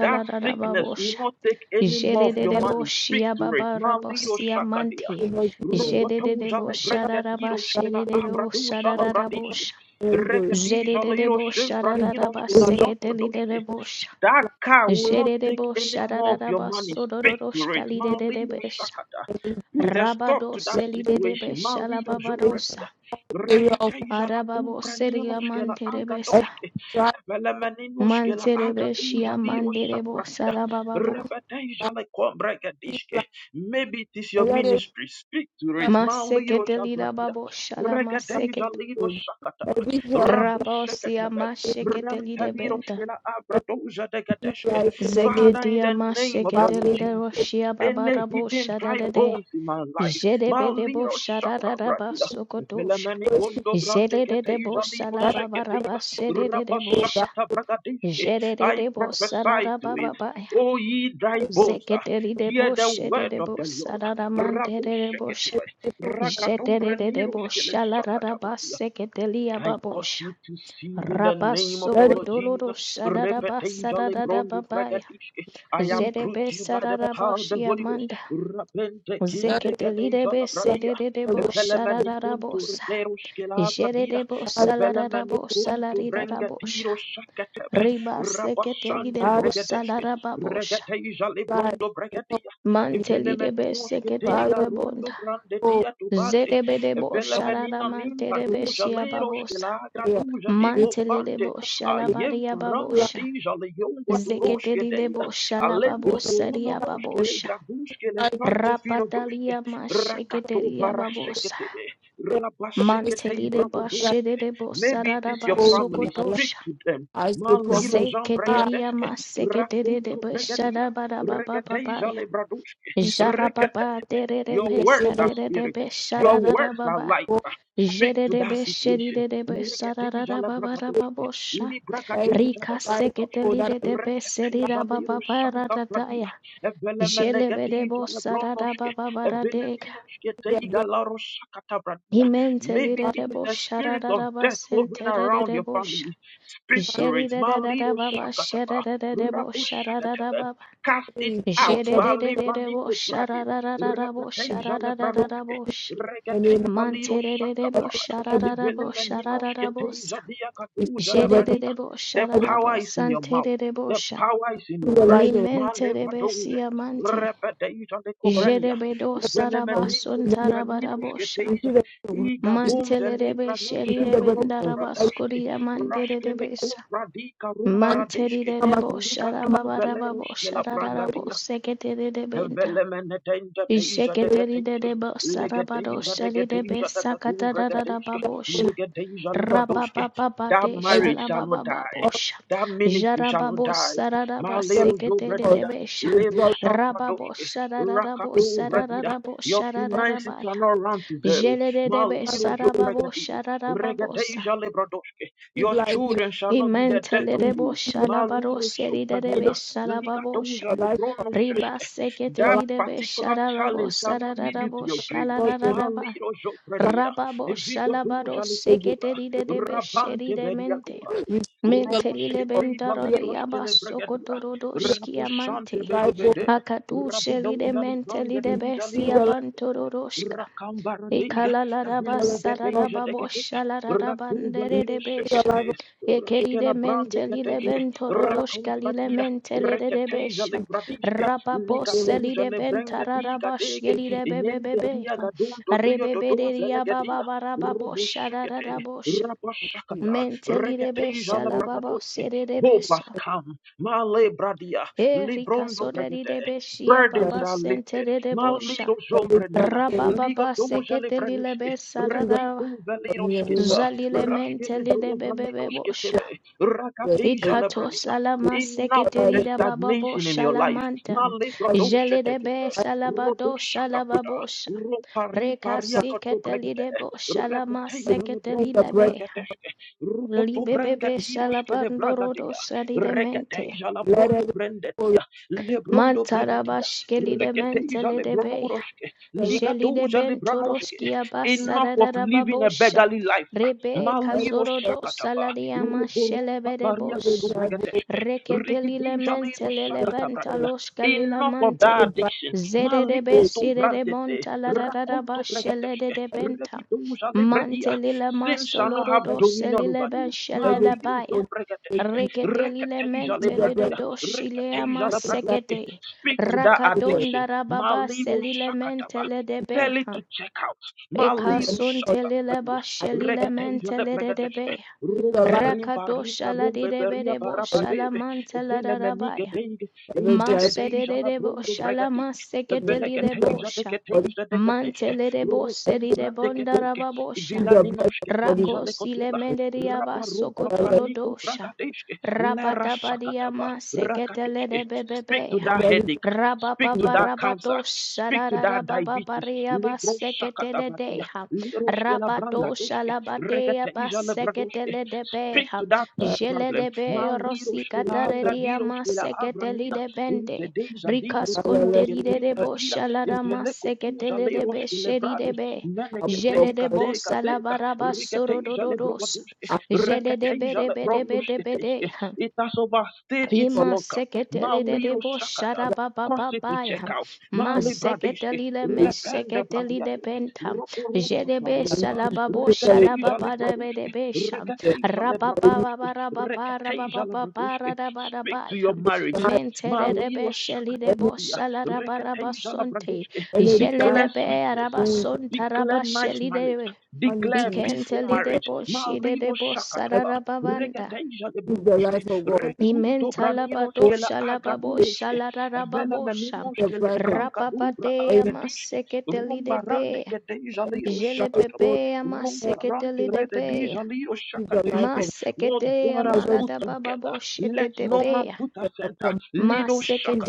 [SPEAKER 2] That sickness will not take any more of your
[SPEAKER 8] Jededebo
[SPEAKER 2] money. Speak
[SPEAKER 8] Shia
[SPEAKER 2] to it.
[SPEAKER 8] Baba
[SPEAKER 2] Ma liro
[SPEAKER 8] Rabosia
[SPEAKER 2] shakadia.
[SPEAKER 8] Mante.
[SPEAKER 3] of the Lord
[SPEAKER 2] Robotoja
[SPEAKER 8] Jededebo
[SPEAKER 2] le
[SPEAKER 3] Jesus.
[SPEAKER 2] brenga
[SPEAKER 8] Shararaba
[SPEAKER 2] diroske la
[SPEAKER 3] Father,
[SPEAKER 8] Shedebo
[SPEAKER 2] abradusa la
[SPEAKER 3] Holy
[SPEAKER 2] bradiske.
[SPEAKER 8] Shararabosha.
[SPEAKER 3] Ghost.
[SPEAKER 2] Regedeja liro
[SPEAKER 8] Jededebo
[SPEAKER 3] We just
[SPEAKER 8] Shararaba
[SPEAKER 2] shembraninoske
[SPEAKER 3] we
[SPEAKER 2] la
[SPEAKER 3] just love
[SPEAKER 2] zonkodoske.
[SPEAKER 8] Seketelidebosha.
[SPEAKER 2] That
[SPEAKER 3] you,
[SPEAKER 2] car
[SPEAKER 3] we
[SPEAKER 2] will
[SPEAKER 3] just
[SPEAKER 2] not take
[SPEAKER 8] Jededebo
[SPEAKER 2] any more of your
[SPEAKER 8] Shararaba
[SPEAKER 2] money. Speak to it. Maliru
[SPEAKER 8] Sodoroshkalidebesha.
[SPEAKER 2] Shakata.
[SPEAKER 3] Holy
[SPEAKER 2] Put
[SPEAKER 3] Ghost.
[SPEAKER 2] a stop
[SPEAKER 8] Rabado
[SPEAKER 2] to that
[SPEAKER 3] Let
[SPEAKER 8] Selidebe
[SPEAKER 2] situation. Maliru
[SPEAKER 3] everything from
[SPEAKER 2] Zobrakida.
[SPEAKER 8] Shalababarosa.
[SPEAKER 3] every altar,
[SPEAKER 2] Reketeja la
[SPEAKER 8] Arababo Selia
[SPEAKER 2] compreniroske la
[SPEAKER 8] Mante Rebesa.
[SPEAKER 3] every
[SPEAKER 2] angadoske.
[SPEAKER 3] right
[SPEAKER 2] Velemeninoske la
[SPEAKER 8] Manterebe
[SPEAKER 2] agraduja
[SPEAKER 8] shia
[SPEAKER 2] liro
[SPEAKER 8] manderebo
[SPEAKER 2] saprakida.
[SPEAKER 8] sarababo.
[SPEAKER 3] back,
[SPEAKER 2] Repeteja la
[SPEAKER 3] keep
[SPEAKER 2] combregadiske. Maybe it is your
[SPEAKER 3] let every
[SPEAKER 2] ministry. Speak to
[SPEAKER 3] life
[SPEAKER 2] it. Maliru
[SPEAKER 8] Maseketelida
[SPEAKER 2] Sabrakida.
[SPEAKER 8] babo shala
[SPEAKER 3] God
[SPEAKER 2] Reketeja
[SPEAKER 8] maseket.
[SPEAKER 2] liro
[SPEAKER 3] good.
[SPEAKER 2] shakata.
[SPEAKER 3] Every help God is
[SPEAKER 2] Rapu
[SPEAKER 8] Rabosia
[SPEAKER 2] Shakata.
[SPEAKER 8] masheketelide benta.
[SPEAKER 2] Rampeliroshkela
[SPEAKER 3] going to
[SPEAKER 2] abradoja
[SPEAKER 3] keep
[SPEAKER 2] degadeshke.
[SPEAKER 3] life in the name of
[SPEAKER 2] Father, in
[SPEAKER 8] Zeketia
[SPEAKER 2] the name of the Lord
[SPEAKER 8] masheketelida
[SPEAKER 2] Jesus,
[SPEAKER 8] roshia
[SPEAKER 2] any
[SPEAKER 8] babarabo
[SPEAKER 2] hidden dry
[SPEAKER 8] shadadede.
[SPEAKER 2] bones in my life, my
[SPEAKER 8] Jedebedebo
[SPEAKER 2] little shaka
[SPEAKER 8] sharadadaba
[SPEAKER 2] bradida.
[SPEAKER 8] sokotosha.
[SPEAKER 2] Velemeni gondo brande
[SPEAKER 8] Jededebo
[SPEAKER 2] keteja liro
[SPEAKER 8] shala
[SPEAKER 3] that
[SPEAKER 8] babaraba
[SPEAKER 2] sheketeiba.
[SPEAKER 3] I
[SPEAKER 8] sededebo
[SPEAKER 3] will
[SPEAKER 8] sha.
[SPEAKER 3] God.
[SPEAKER 2] Rabashakata bragadeshke. I
[SPEAKER 8] Jededebo
[SPEAKER 2] prophesy to it.
[SPEAKER 8] salarabababaya.
[SPEAKER 2] O ye dry bones, ah, hear
[SPEAKER 8] Zeketelidebo
[SPEAKER 2] the word of
[SPEAKER 8] shededebo
[SPEAKER 2] the Lord. Rabo
[SPEAKER 8] salaramanderebo sha.
[SPEAKER 2] sheketeiba. Ragadombra niro
[SPEAKER 8] Jeterebo
[SPEAKER 2] shkele shakata
[SPEAKER 8] shalaraba
[SPEAKER 2] bradida.
[SPEAKER 8] seketelia
[SPEAKER 2] I cause
[SPEAKER 8] babosha.
[SPEAKER 2] you to seize in the name of the
[SPEAKER 3] Let it
[SPEAKER 2] Lord
[SPEAKER 8] Rabasokotoloro
[SPEAKER 2] Jesus.
[SPEAKER 8] shadaraba
[SPEAKER 2] Repetition, Lebrondo
[SPEAKER 8] sadarababaya.
[SPEAKER 2] Bragadish. I
[SPEAKER 3] be
[SPEAKER 2] approach
[SPEAKER 8] Zerebe
[SPEAKER 2] you by the
[SPEAKER 3] said,
[SPEAKER 2] power of the
[SPEAKER 8] sararaboshia
[SPEAKER 2] Holy Ghost.
[SPEAKER 8] manda.
[SPEAKER 2] Repente
[SPEAKER 3] let it
[SPEAKER 2] kinde gadeja
[SPEAKER 8] Zeketelidebe
[SPEAKER 2] la
[SPEAKER 3] be said,
[SPEAKER 2] bradia.
[SPEAKER 8] sederebo
[SPEAKER 3] Father,
[SPEAKER 2] Evelemani kuntu
[SPEAKER 8] shararabosa.
[SPEAKER 2] rederush kela bradira.
[SPEAKER 8] Jeredebo
[SPEAKER 2] Evelemani
[SPEAKER 3] it's
[SPEAKER 8] salarabo
[SPEAKER 2] kuntu
[SPEAKER 8] salarirabosha.
[SPEAKER 2] brengatiro shakatebe.
[SPEAKER 8] Riba
[SPEAKER 2] Rabashante
[SPEAKER 3] God
[SPEAKER 8] seketelidebo
[SPEAKER 3] of
[SPEAKER 2] bregadeshke.
[SPEAKER 8] salarababosha.
[SPEAKER 2] Regateja
[SPEAKER 3] life,
[SPEAKER 2] Lebrondo
[SPEAKER 3] the
[SPEAKER 2] bragadia.
[SPEAKER 3] Holy
[SPEAKER 2] Evelemani
[SPEAKER 8] Mantelidebe
[SPEAKER 2] noshke teiga
[SPEAKER 3] Father, the
[SPEAKER 2] rundo
[SPEAKER 8] seketelidebonda.
[SPEAKER 3] Holy
[SPEAKER 2] brandedia tubande.
[SPEAKER 8] Zerebedebo
[SPEAKER 2] Vele nimba
[SPEAKER 3] of
[SPEAKER 8] shararamanterebe
[SPEAKER 3] the Lord, we
[SPEAKER 2] duja
[SPEAKER 8] shia
[SPEAKER 2] leros que
[SPEAKER 8] babosa.
[SPEAKER 2] lagra
[SPEAKER 3] pray,
[SPEAKER 2] duja di
[SPEAKER 3] we
[SPEAKER 8] Mantelele
[SPEAKER 2] copante.
[SPEAKER 8] bosha
[SPEAKER 2] A
[SPEAKER 8] la
[SPEAKER 3] pray,
[SPEAKER 2] yev
[SPEAKER 8] baria babosha.
[SPEAKER 2] dija le yongo duros que
[SPEAKER 8] Zeketeri de
[SPEAKER 2] deida.
[SPEAKER 8] bosha la
[SPEAKER 3] we pray,
[SPEAKER 2] Alento
[SPEAKER 3] we
[SPEAKER 8] babosa
[SPEAKER 2] duruno
[SPEAKER 8] ria
[SPEAKER 2] nos
[SPEAKER 3] pray,
[SPEAKER 2] que le
[SPEAKER 8] babosha.
[SPEAKER 2] gradus que le
[SPEAKER 3] I
[SPEAKER 2] pante firo duske.
[SPEAKER 8] Rapatalia
[SPEAKER 2] Rakato
[SPEAKER 8] masheketeria babosa.
[SPEAKER 2] barasheketebe. Rabashekete
[SPEAKER 8] Manteli de
[SPEAKER 2] ibrago
[SPEAKER 8] bashe de de bosa
[SPEAKER 2] Maybe it is your
[SPEAKER 8] rarabaso
[SPEAKER 2] family. Speak
[SPEAKER 8] kotosha.
[SPEAKER 2] to them.
[SPEAKER 3] As
[SPEAKER 2] Ma
[SPEAKER 3] the
[SPEAKER 2] little
[SPEAKER 3] prophet
[SPEAKER 2] Jean
[SPEAKER 3] said,
[SPEAKER 8] Zeketeria
[SPEAKER 2] Bregadeske.
[SPEAKER 8] maseketeri de
[SPEAKER 2] Raconto
[SPEAKER 8] bosha
[SPEAKER 2] Bregadia.
[SPEAKER 8] la
[SPEAKER 2] Regadeja
[SPEAKER 8] barabababaya.
[SPEAKER 2] le
[SPEAKER 3] we should
[SPEAKER 2] braduske.
[SPEAKER 8] Jarababa tere de
[SPEAKER 2] Your
[SPEAKER 3] in the
[SPEAKER 2] words
[SPEAKER 3] name
[SPEAKER 8] besa
[SPEAKER 2] are
[SPEAKER 3] of
[SPEAKER 8] re de de
[SPEAKER 2] spirit.
[SPEAKER 8] besha
[SPEAKER 2] Your
[SPEAKER 3] every
[SPEAKER 2] words are
[SPEAKER 8] rarababa.
[SPEAKER 2] life.
[SPEAKER 3] book,
[SPEAKER 2] Speak
[SPEAKER 8] Jere
[SPEAKER 2] to
[SPEAKER 8] de
[SPEAKER 2] that
[SPEAKER 8] besheri
[SPEAKER 2] situation.
[SPEAKER 8] de de besa
[SPEAKER 2] Leketeja
[SPEAKER 8] rarababa
[SPEAKER 2] lebragadoshke.
[SPEAKER 8] rababosha.
[SPEAKER 3] every
[SPEAKER 2] Libragadoja
[SPEAKER 8] Rika
[SPEAKER 3] Bible
[SPEAKER 8] sekete
[SPEAKER 2] lebragadoshke.
[SPEAKER 3] that
[SPEAKER 8] lide
[SPEAKER 3] I
[SPEAKER 8] de beseri da
[SPEAKER 2] Reketeja
[SPEAKER 3] said,
[SPEAKER 8] ba
[SPEAKER 2] lero
[SPEAKER 8] ba ba ra
[SPEAKER 2] shanka
[SPEAKER 8] da da
[SPEAKER 2] pradira.
[SPEAKER 8] ya. Jelebe de
[SPEAKER 2] Evelemenegadeja
[SPEAKER 8] bo sara da ba
[SPEAKER 2] lebronoshke.
[SPEAKER 8] ba ba ra de ka.
[SPEAKER 2] Eveleninoshke
[SPEAKER 3] the
[SPEAKER 2] teiga
[SPEAKER 3] bread,
[SPEAKER 2] laro shakata bradia.
[SPEAKER 8] Imente
[SPEAKER 2] Maybe
[SPEAKER 8] lide
[SPEAKER 3] Father,
[SPEAKER 2] it
[SPEAKER 8] de
[SPEAKER 2] is
[SPEAKER 8] bo
[SPEAKER 2] a
[SPEAKER 8] shara
[SPEAKER 2] spirit
[SPEAKER 8] da
[SPEAKER 2] of
[SPEAKER 8] da ba
[SPEAKER 2] death hovering
[SPEAKER 8] sente de de
[SPEAKER 2] around
[SPEAKER 8] de
[SPEAKER 2] your
[SPEAKER 8] bo sha.
[SPEAKER 2] family. Speak
[SPEAKER 3] Father,
[SPEAKER 2] to
[SPEAKER 8] Jeri
[SPEAKER 2] it.
[SPEAKER 8] de da da da
[SPEAKER 2] Malio
[SPEAKER 8] ba ba
[SPEAKER 2] shakataba.
[SPEAKER 8] shere de de de bo
[SPEAKER 2] Rabo
[SPEAKER 8] shara da da
[SPEAKER 2] shakataba.
[SPEAKER 8] ba ba.
[SPEAKER 2] Cast it
[SPEAKER 3] we see
[SPEAKER 2] out.
[SPEAKER 8] Jere
[SPEAKER 3] the bread
[SPEAKER 8] de de
[SPEAKER 2] Bali
[SPEAKER 8] de de bo
[SPEAKER 2] vaniko
[SPEAKER 8] shara da da da da bo shara
[SPEAKER 2] Repetenza
[SPEAKER 8] da da da
[SPEAKER 3] of
[SPEAKER 8] da
[SPEAKER 2] lebranoske,
[SPEAKER 8] bo sha.
[SPEAKER 3] the name of
[SPEAKER 2] regetenza liro
[SPEAKER 8] Mante de de de bo
[SPEAKER 2] shakapa,
[SPEAKER 3] every
[SPEAKER 8] shara
[SPEAKER 3] Bible,
[SPEAKER 8] da da bo shara da
[SPEAKER 2] ivelemeninoske
[SPEAKER 8] da bo sa.
[SPEAKER 2] teza
[SPEAKER 3] We see
[SPEAKER 2] diakaduza
[SPEAKER 3] the
[SPEAKER 8] Jere
[SPEAKER 3] bread
[SPEAKER 8] de
[SPEAKER 3] of
[SPEAKER 8] de
[SPEAKER 2] lebrania.
[SPEAKER 8] bo
[SPEAKER 2] The
[SPEAKER 8] shara
[SPEAKER 3] every
[SPEAKER 8] da
[SPEAKER 2] power
[SPEAKER 8] bo
[SPEAKER 2] is in your
[SPEAKER 8] sante
[SPEAKER 2] mouth.
[SPEAKER 8] de de bo
[SPEAKER 2] The
[SPEAKER 8] sha.
[SPEAKER 2] power is in your
[SPEAKER 3] single
[SPEAKER 2] words.
[SPEAKER 3] life of
[SPEAKER 8] Limente
[SPEAKER 2] Malevadoze,
[SPEAKER 8] rebesia mante.
[SPEAKER 2] repetenza
[SPEAKER 3] God, receive
[SPEAKER 2] lekobrania,
[SPEAKER 8] Jerebedo
[SPEAKER 3] the bread of God,
[SPEAKER 2] ivelemeninko
[SPEAKER 8] sarabason
[SPEAKER 3] in the name
[SPEAKER 2] tubraninuske
[SPEAKER 8] tarabarabosha.
[SPEAKER 3] we see the
[SPEAKER 2] teza,
[SPEAKER 3] bread of God, receive the,
[SPEAKER 2] igabonze
[SPEAKER 8] Mantele rebe
[SPEAKER 3] we
[SPEAKER 8] sheri
[SPEAKER 2] limbranoshe
[SPEAKER 3] see the bread
[SPEAKER 2] lerontu
[SPEAKER 3] of God, every
[SPEAKER 2] radaske,
[SPEAKER 8] rebendarabaskuria mandere
[SPEAKER 2] rashke
[SPEAKER 8] rebesa.
[SPEAKER 2] lekompradika
[SPEAKER 8] Manteri
[SPEAKER 2] rumbaradeshke,
[SPEAKER 8] rebo
[SPEAKER 3] come out, come out,
[SPEAKER 2] likatuze
[SPEAKER 8] sharababarababo
[SPEAKER 2] leruske
[SPEAKER 8] shararabo
[SPEAKER 2] labrangadia.
[SPEAKER 8] seketeri rebenda.
[SPEAKER 2] Velemenetenda teisha
[SPEAKER 8] Isheketeri
[SPEAKER 2] teketeishka,
[SPEAKER 8] rebo sarabado
[SPEAKER 2] legedeisha
[SPEAKER 8] shari rebe
[SPEAKER 2] teketeisha tekatum bregedeishka,
[SPEAKER 8] sakatararababosha.
[SPEAKER 3] every
[SPEAKER 2] legedeisha
[SPEAKER 3] Bible,
[SPEAKER 2] labradoshke. That
[SPEAKER 8] Rababababade
[SPEAKER 3] every
[SPEAKER 2] marriage shall not die.
[SPEAKER 8] shalababababosha.
[SPEAKER 2] That ministry shall not
[SPEAKER 8] Jarababo
[SPEAKER 2] die. Ma
[SPEAKER 8] sararaba
[SPEAKER 3] your life
[SPEAKER 2] lero
[SPEAKER 8] sekete de
[SPEAKER 3] for us.
[SPEAKER 2] zobradida,
[SPEAKER 8] debesha.
[SPEAKER 3] We
[SPEAKER 2] lero
[SPEAKER 3] glorify
[SPEAKER 8] Rababo
[SPEAKER 2] sankradoske,
[SPEAKER 8] sararabo
[SPEAKER 3] the
[SPEAKER 2] rakato bradida.
[SPEAKER 3] Father,
[SPEAKER 8] sararabo
[SPEAKER 2] Your
[SPEAKER 3] your
[SPEAKER 2] finances shall
[SPEAKER 8] sararabaya.
[SPEAKER 2] not run to zero.
[SPEAKER 8] Jele de
[SPEAKER 2] Ma
[SPEAKER 8] debe
[SPEAKER 2] lero
[SPEAKER 3] Father, we
[SPEAKER 8] sarababo
[SPEAKER 2] zobragadi,
[SPEAKER 8] sararababosa.
[SPEAKER 2] regadeja lebradoske.
[SPEAKER 3] give
[SPEAKER 2] Your
[SPEAKER 3] life in
[SPEAKER 2] children shall not be the death
[SPEAKER 3] we
[SPEAKER 2] of
[SPEAKER 8] Imentelerebo
[SPEAKER 2] you.
[SPEAKER 3] give
[SPEAKER 2] Ma
[SPEAKER 8] shalabaro
[SPEAKER 2] luro
[SPEAKER 8] seri de
[SPEAKER 3] every
[SPEAKER 2] sopranina,
[SPEAKER 8] debe salababosha.
[SPEAKER 2] ligadoja
[SPEAKER 3] your life for
[SPEAKER 2] lebrono
[SPEAKER 3] our children,
[SPEAKER 8] Riba
[SPEAKER 2] sheske.
[SPEAKER 8] sekete
[SPEAKER 3] your
[SPEAKER 2] That
[SPEAKER 3] life
[SPEAKER 8] de debe
[SPEAKER 2] particular
[SPEAKER 8] shararabo
[SPEAKER 2] challenge shall not lead you to
[SPEAKER 8] sararabo
[SPEAKER 2] your grave.
[SPEAKER 3] for us in the
[SPEAKER 2] Ma
[SPEAKER 8] shalararaba.
[SPEAKER 2] lero
[SPEAKER 3] right
[SPEAKER 2] zobranida,
[SPEAKER 8] Rababo shalabaro
[SPEAKER 2] evigodoja
[SPEAKER 3] wages.
[SPEAKER 2] lekotubra,
[SPEAKER 8] sekete de debe sheri
[SPEAKER 2] rabante
[SPEAKER 8] de mente.
[SPEAKER 3] Receive
[SPEAKER 2] beriakopade.
[SPEAKER 3] your life,
[SPEAKER 8] Mentelile
[SPEAKER 2] Romoshkete
[SPEAKER 3] receive your
[SPEAKER 8] bendarore
[SPEAKER 3] life,
[SPEAKER 2] valiroshkele
[SPEAKER 8] yabaso
[SPEAKER 2] bregadia.
[SPEAKER 3] with your
[SPEAKER 8] kotorodoshki
[SPEAKER 2] raposante
[SPEAKER 8] amante.
[SPEAKER 2] bede
[SPEAKER 3] life,
[SPEAKER 2] bede.
[SPEAKER 8] Akatushelide
[SPEAKER 2] Rabidozali
[SPEAKER 8] mentelide
[SPEAKER 2] bangedeja
[SPEAKER 3] receive
[SPEAKER 8] besia
[SPEAKER 3] your life,
[SPEAKER 2] liroshkete.
[SPEAKER 8] bantorodoshka.
[SPEAKER 2] Rakambaradiga.
[SPEAKER 8] Ekala
[SPEAKER 3] with your life, Lord.
[SPEAKER 2] Vilenigedeja deketika.
[SPEAKER 8] larabasarababosha
[SPEAKER 2] Ratuza
[SPEAKER 3] Receive
[SPEAKER 8] larabandere de
[SPEAKER 3] your life, receive your
[SPEAKER 8] besha.
[SPEAKER 2] liroshkete.
[SPEAKER 3] life,
[SPEAKER 8] Ekeride
[SPEAKER 2] Roshkela brande
[SPEAKER 8] mentelile
[SPEAKER 2] gedeshte.
[SPEAKER 3] receive your life, with your life,
[SPEAKER 8] bentorodoshka lile
[SPEAKER 2] Rakomfradida.
[SPEAKER 8] mentelide de
[SPEAKER 2] Reketeja
[SPEAKER 8] besha.
[SPEAKER 2] libradishke.
[SPEAKER 3] receive every
[SPEAKER 2] Ligaduja
[SPEAKER 8] Rapaposelide
[SPEAKER 2] lebrengadiga dege.
[SPEAKER 8] bentarabashkelide
[SPEAKER 2] Inende
[SPEAKER 8] bebebebeha.
[SPEAKER 2] diaga dundo duyo dodon
[SPEAKER 8] Rebebede yababa
[SPEAKER 2] felegadia. Rubushkete.
[SPEAKER 8] rababosha
[SPEAKER 2] Rabashakata.
[SPEAKER 8] Menteli
[SPEAKER 2] Reketeja
[SPEAKER 8] rebesha
[SPEAKER 2] la
[SPEAKER 8] la Mentelirebe shalababa
[SPEAKER 2] bragadote. Hope has
[SPEAKER 8] sererebesha.
[SPEAKER 2] come. Male bradia.
[SPEAKER 8] Erika
[SPEAKER 2] Librondo bregade.
[SPEAKER 8] sorerebe shia
[SPEAKER 2] Burdens
[SPEAKER 3] life,
[SPEAKER 8] baba
[SPEAKER 2] are lifted. Malido
[SPEAKER 8] sentererebosha.
[SPEAKER 3] every life,
[SPEAKER 2] zombrenina.
[SPEAKER 3] receive
[SPEAKER 2] Liga
[SPEAKER 8] Rabababa
[SPEAKER 2] doja lebraniske.
[SPEAKER 8] seketelilebe
[SPEAKER 3] your life
[SPEAKER 8] sarara.
[SPEAKER 2] Retiko
[SPEAKER 3] in the name of
[SPEAKER 2] velirosketa.
[SPEAKER 8] Zalile
[SPEAKER 3] Jesus.
[SPEAKER 2] Raskele
[SPEAKER 8] mentelilebe bebebosha.
[SPEAKER 3] Yes,
[SPEAKER 2] zolovraninoskedebe.
[SPEAKER 3] yes, yes. Receive your life, receive your
[SPEAKER 2] Ragadeja
[SPEAKER 3] life,
[SPEAKER 8] Ikato
[SPEAKER 2] lebranina.
[SPEAKER 8] salama
[SPEAKER 2] Enough of the
[SPEAKER 8] seketerida baba bo
[SPEAKER 2] stagnation in your life.
[SPEAKER 8] shalamanta.
[SPEAKER 2] Male bradoshe
[SPEAKER 8] Jelirebe
[SPEAKER 2] tekebe.
[SPEAKER 8] shalabado
[SPEAKER 2] Rodoshakapada.
[SPEAKER 8] shalababosha.
[SPEAKER 2] Ropari
[SPEAKER 8] Reka
[SPEAKER 2] paria kato bregade.
[SPEAKER 8] siketelidebo shalama
[SPEAKER 3] Father,
[SPEAKER 2] Repeteja
[SPEAKER 3] receive
[SPEAKER 2] lebrongo
[SPEAKER 3] the
[SPEAKER 2] to
[SPEAKER 3] breath
[SPEAKER 8] seketelilebe.
[SPEAKER 2] bregade. Rukoto
[SPEAKER 8] Libebebe
[SPEAKER 2] brengadiroshke le
[SPEAKER 8] shalabandorodo
[SPEAKER 2] bragadia.
[SPEAKER 8] saridemente.
[SPEAKER 2] Reketeja la
[SPEAKER 3] of let
[SPEAKER 2] brondo
[SPEAKER 3] every
[SPEAKER 2] brendetia.
[SPEAKER 3] people
[SPEAKER 2] Le brondo bregadia.
[SPEAKER 8] Mantarabashkeli gelide
[SPEAKER 2] Reketeja
[SPEAKER 8] mentele
[SPEAKER 2] le
[SPEAKER 8] de be,
[SPEAKER 2] bronuroshke.
[SPEAKER 8] jeli de
[SPEAKER 2] Ligatoja le branoshke.
[SPEAKER 8] bentoroskia
[SPEAKER 2] Enough of living a
[SPEAKER 8] basadarababosha,
[SPEAKER 2] beggarly life.
[SPEAKER 8] rebe
[SPEAKER 3] every
[SPEAKER 2] Maliro
[SPEAKER 8] kazoro do
[SPEAKER 2] shakataba.
[SPEAKER 8] salaria
[SPEAKER 2] Ruboru
[SPEAKER 8] mashelebe de
[SPEAKER 2] paparia
[SPEAKER 3] every
[SPEAKER 2] koto
[SPEAKER 8] bosha,
[SPEAKER 3] driver every
[SPEAKER 2] bregadeshke.
[SPEAKER 8] reketeli le
[SPEAKER 2] Reketeja liro
[SPEAKER 8] mentele
[SPEAKER 3] driver
[SPEAKER 8] le
[SPEAKER 3] every person,
[SPEAKER 2] shakatabradia.
[SPEAKER 8] bentaloskali la
[SPEAKER 2] Enough of
[SPEAKER 8] mante,
[SPEAKER 2] that
[SPEAKER 3] every driver
[SPEAKER 2] addiction.
[SPEAKER 8] zere de
[SPEAKER 2] Malikoto
[SPEAKER 8] besire de
[SPEAKER 2] brantete.
[SPEAKER 8] bonta la
[SPEAKER 2] Rakonto
[SPEAKER 8] bontalarabashele de
[SPEAKER 2] bregadeshke.
[SPEAKER 8] de benta,
[SPEAKER 2] Rebidoja le bredia.
[SPEAKER 8] manteli le
[SPEAKER 2] Sin shall not
[SPEAKER 8] masoloro
[SPEAKER 2] have
[SPEAKER 8] do
[SPEAKER 2] dominion
[SPEAKER 8] selile
[SPEAKER 2] over you.
[SPEAKER 3] every
[SPEAKER 8] benshele le
[SPEAKER 2] Maliu
[SPEAKER 8] baya,
[SPEAKER 2] dum
[SPEAKER 3] you
[SPEAKER 2] regadeske,
[SPEAKER 8] Reketelile
[SPEAKER 2] regateja
[SPEAKER 3] through the
[SPEAKER 8] mentele de
[SPEAKER 3] breath
[SPEAKER 2] lebradia,
[SPEAKER 8] doshile
[SPEAKER 2] regateja
[SPEAKER 3] of every driver
[SPEAKER 2] lebradoske.
[SPEAKER 8] amasekete.
[SPEAKER 2] Speak
[SPEAKER 3] for
[SPEAKER 2] to
[SPEAKER 3] my
[SPEAKER 2] that
[SPEAKER 3] children
[SPEAKER 8] Rakadonda
[SPEAKER 2] addiction.
[SPEAKER 8] rababa
[SPEAKER 2] Maliu
[SPEAKER 8] selile
[SPEAKER 2] shakataba.
[SPEAKER 8] mentele
[SPEAKER 2] Tell it
[SPEAKER 8] debeha.
[SPEAKER 2] to check out.
[SPEAKER 3] in the
[SPEAKER 2] Maliu
[SPEAKER 3] name
[SPEAKER 8] Ekasun
[SPEAKER 3] of Jesus.
[SPEAKER 8] telile
[SPEAKER 2] shatabradia.
[SPEAKER 3] I
[SPEAKER 8] bashelile
[SPEAKER 2] Regateja
[SPEAKER 8] mentele de
[SPEAKER 2] lebregadeske.
[SPEAKER 8] debeha.
[SPEAKER 3] give the
[SPEAKER 2] Rumbe
[SPEAKER 3] life
[SPEAKER 2] rimba rimba
[SPEAKER 8] Rakadosha la di
[SPEAKER 2] rumbe
[SPEAKER 8] debe
[SPEAKER 2] beria
[SPEAKER 8] de
[SPEAKER 3] of
[SPEAKER 8] bosha la
[SPEAKER 2] barabadebe.
[SPEAKER 8] mantela
[SPEAKER 2] Vele
[SPEAKER 8] da
[SPEAKER 2] menike
[SPEAKER 8] rabaya.
[SPEAKER 2] teige.
[SPEAKER 3] every
[SPEAKER 2] Inte
[SPEAKER 3] driver
[SPEAKER 2] de
[SPEAKER 8] Masse de
[SPEAKER 2] deja
[SPEAKER 8] de de
[SPEAKER 2] labrondo
[SPEAKER 8] bosha la
[SPEAKER 2] bregadik.
[SPEAKER 8] masse
[SPEAKER 3] to
[SPEAKER 2] Vele
[SPEAKER 8] keteli
[SPEAKER 3] give
[SPEAKER 8] de
[SPEAKER 3] the
[SPEAKER 2] keteja de
[SPEAKER 8] bosha.
[SPEAKER 3] body
[SPEAKER 2] keteja de keteske.
[SPEAKER 8] Mantele de bosse
[SPEAKER 2] Rutum
[SPEAKER 8] di de bonda
[SPEAKER 2] bradeke
[SPEAKER 8] rababosha.
[SPEAKER 3] give the breath of
[SPEAKER 2] Vilaninoshke
[SPEAKER 3] body.
[SPEAKER 2] Teja
[SPEAKER 8] Rako sile
[SPEAKER 2] Lekotura,
[SPEAKER 8] menderia
[SPEAKER 2] Raparupa
[SPEAKER 3] Father,
[SPEAKER 8] basokoto
[SPEAKER 3] let
[SPEAKER 2] Pariku
[SPEAKER 8] lodosha.
[SPEAKER 2] Prakateshke, Lera
[SPEAKER 8] Rabadabadia
[SPEAKER 2] Shakataba,
[SPEAKER 8] maseketele
[SPEAKER 2] Rakatoshke.
[SPEAKER 8] de
[SPEAKER 2] Speak to that
[SPEAKER 3] let
[SPEAKER 8] bebebeha.
[SPEAKER 3] every
[SPEAKER 2] headache, speak
[SPEAKER 8] Rababa
[SPEAKER 2] to that cancer,
[SPEAKER 8] rabadosha
[SPEAKER 2] speak
[SPEAKER 8] la
[SPEAKER 2] to
[SPEAKER 8] la la
[SPEAKER 2] that
[SPEAKER 8] baba
[SPEAKER 2] diabetes,
[SPEAKER 8] baria
[SPEAKER 2] Lebro
[SPEAKER 8] baseketele
[SPEAKER 2] Shakatabatia,
[SPEAKER 8] deha.
[SPEAKER 2] Leroshke
[SPEAKER 8] Rabadosha
[SPEAKER 2] Labrangadoshke,
[SPEAKER 8] la batea
[SPEAKER 2] Regateja Lebradoshke.
[SPEAKER 8] baseketele de
[SPEAKER 2] Speak
[SPEAKER 8] beha.
[SPEAKER 2] to that tooth
[SPEAKER 3] driver
[SPEAKER 8] Jele
[SPEAKER 2] problem,
[SPEAKER 8] de be
[SPEAKER 2] Maliroshke La
[SPEAKER 8] rosikatare dia
[SPEAKER 2] Angradiroshke La
[SPEAKER 8] maseketeli
[SPEAKER 2] Avranina,
[SPEAKER 8] de bente.
[SPEAKER 2] Intedeja Dingo
[SPEAKER 8] Rikas
[SPEAKER 3] Father, let
[SPEAKER 2] Duroshke
[SPEAKER 8] conteli
[SPEAKER 2] Le
[SPEAKER 3] me
[SPEAKER 8] de
[SPEAKER 2] Ingradira,
[SPEAKER 8] debosha la la
[SPEAKER 2] Evelekotuja
[SPEAKER 8] maseketele de
[SPEAKER 2] Leroshke
[SPEAKER 8] besheri
[SPEAKER 2] Lebradi
[SPEAKER 8] de be.
[SPEAKER 3] our
[SPEAKER 2] menekete
[SPEAKER 8] Jele de
[SPEAKER 3] prophet
[SPEAKER 2] kate
[SPEAKER 8] bossa
[SPEAKER 2] kate
[SPEAKER 8] la
[SPEAKER 2] ka
[SPEAKER 8] baraba soro do
[SPEAKER 2] riketeja
[SPEAKER 8] do
[SPEAKER 2] le
[SPEAKER 8] dos.
[SPEAKER 2] brokoduske
[SPEAKER 3] our
[SPEAKER 8] Jele de
[SPEAKER 2] reketeja
[SPEAKER 8] bede
[SPEAKER 2] le
[SPEAKER 8] bede bede bede.
[SPEAKER 2] bronushketeske it has overstayed its
[SPEAKER 8] Ima
[SPEAKER 2] welcome my
[SPEAKER 8] seketeli de de
[SPEAKER 2] little
[SPEAKER 8] bosha
[SPEAKER 2] shakata
[SPEAKER 8] ra
[SPEAKER 3] prophet
[SPEAKER 8] ba ba
[SPEAKER 2] cause
[SPEAKER 8] ba
[SPEAKER 2] it to
[SPEAKER 8] ba ya.
[SPEAKER 2] check out my
[SPEAKER 8] Ma
[SPEAKER 3] and
[SPEAKER 2] libradeske
[SPEAKER 8] seketeli le
[SPEAKER 3] the
[SPEAKER 8] me
[SPEAKER 2] repende
[SPEAKER 8] seketeli de
[SPEAKER 2] variate
[SPEAKER 8] benta.
[SPEAKER 2] roboruka
[SPEAKER 8] Jele besha
[SPEAKER 2] variata
[SPEAKER 8] la ba bosha
[SPEAKER 3] evil
[SPEAKER 8] la ba
[SPEAKER 2] reketeja le
[SPEAKER 8] ba de bede
[SPEAKER 2] brokoduske
[SPEAKER 8] besha.
[SPEAKER 3] the
[SPEAKER 2] reketeja
[SPEAKER 8] Ra
[SPEAKER 2] le
[SPEAKER 8] ba ba
[SPEAKER 3] evil
[SPEAKER 8] ba
[SPEAKER 2] brokoduske
[SPEAKER 8] ba ra ba ba ra ba
[SPEAKER 2] reketeja
[SPEAKER 8] ba
[SPEAKER 2] le
[SPEAKER 8] ba ba
[SPEAKER 2] brokoduske
[SPEAKER 8] ra da ba da
[SPEAKER 2] speak
[SPEAKER 8] ba
[SPEAKER 2] to
[SPEAKER 8] ya.
[SPEAKER 2] your marriage
[SPEAKER 3] guy
[SPEAKER 2] my
[SPEAKER 8] Mentere de de
[SPEAKER 2] little
[SPEAKER 8] besha
[SPEAKER 2] shakata
[SPEAKER 8] de
[SPEAKER 3] any
[SPEAKER 2] varia
[SPEAKER 8] bosha la ra ba ra ba
[SPEAKER 2] reketeja la
[SPEAKER 8] sonte.
[SPEAKER 2] bradoske
[SPEAKER 3] any
[SPEAKER 8] Jele
[SPEAKER 3] guy
[SPEAKER 8] de
[SPEAKER 2] declare
[SPEAKER 8] be ra
[SPEAKER 2] sweetness
[SPEAKER 8] ba
[SPEAKER 3] who is
[SPEAKER 8] sonta ra
[SPEAKER 2] Declare
[SPEAKER 8] ba
[SPEAKER 2] nice
[SPEAKER 8] sheli
[SPEAKER 2] marriage.
[SPEAKER 8] de.
[SPEAKER 3] trying to
[SPEAKER 2] Declare
[SPEAKER 3] receive
[SPEAKER 2] peaceful
[SPEAKER 8] Ikentele de
[SPEAKER 3] the
[SPEAKER 2] marriage.
[SPEAKER 8] boshire de
[SPEAKER 2] Malino
[SPEAKER 3] life
[SPEAKER 2] shakataba.
[SPEAKER 8] bosararabavanda.
[SPEAKER 2] Reketeja de
[SPEAKER 3] This is the
[SPEAKER 2] brunoske.
[SPEAKER 3] life of God.
[SPEAKER 2] Rekunto
[SPEAKER 8] Imentalabado
[SPEAKER 2] braninoske
[SPEAKER 3] Oh,
[SPEAKER 2] la
[SPEAKER 8] shalababo
[SPEAKER 3] this is
[SPEAKER 2] agraduroske. Vela
[SPEAKER 8] shalarababosha.
[SPEAKER 3] the
[SPEAKER 2] meninoske le
[SPEAKER 3] life of God.
[SPEAKER 2] kankadubra
[SPEAKER 8] Rapapatea
[SPEAKER 3] Amen.
[SPEAKER 2] angediske.
[SPEAKER 8] maseketeli de
[SPEAKER 2] Romba rande
[SPEAKER 8] be.
[SPEAKER 2] kedeja
[SPEAKER 3] And
[SPEAKER 2] liro
[SPEAKER 3] life,
[SPEAKER 2] shakataba.
[SPEAKER 3] God,
[SPEAKER 8] Jelepepea
[SPEAKER 3] there,
[SPEAKER 2] Romba rante
[SPEAKER 8] maseketeli de
[SPEAKER 2] rede
[SPEAKER 8] be.
[SPEAKER 2] deja liro
[SPEAKER 3] is the life
[SPEAKER 2] shakadeske.
[SPEAKER 3] of
[SPEAKER 2] What
[SPEAKER 8] Maseketea
[SPEAKER 2] God has
[SPEAKER 3] every life
[SPEAKER 2] put together,
[SPEAKER 8] maladabababoshe de
[SPEAKER 2] let
[SPEAKER 8] de
[SPEAKER 3] of
[SPEAKER 2] no man
[SPEAKER 8] be.
[SPEAKER 2] put
[SPEAKER 3] the
[SPEAKER 2] asunder.
[SPEAKER 3] command.
[SPEAKER 2] Lido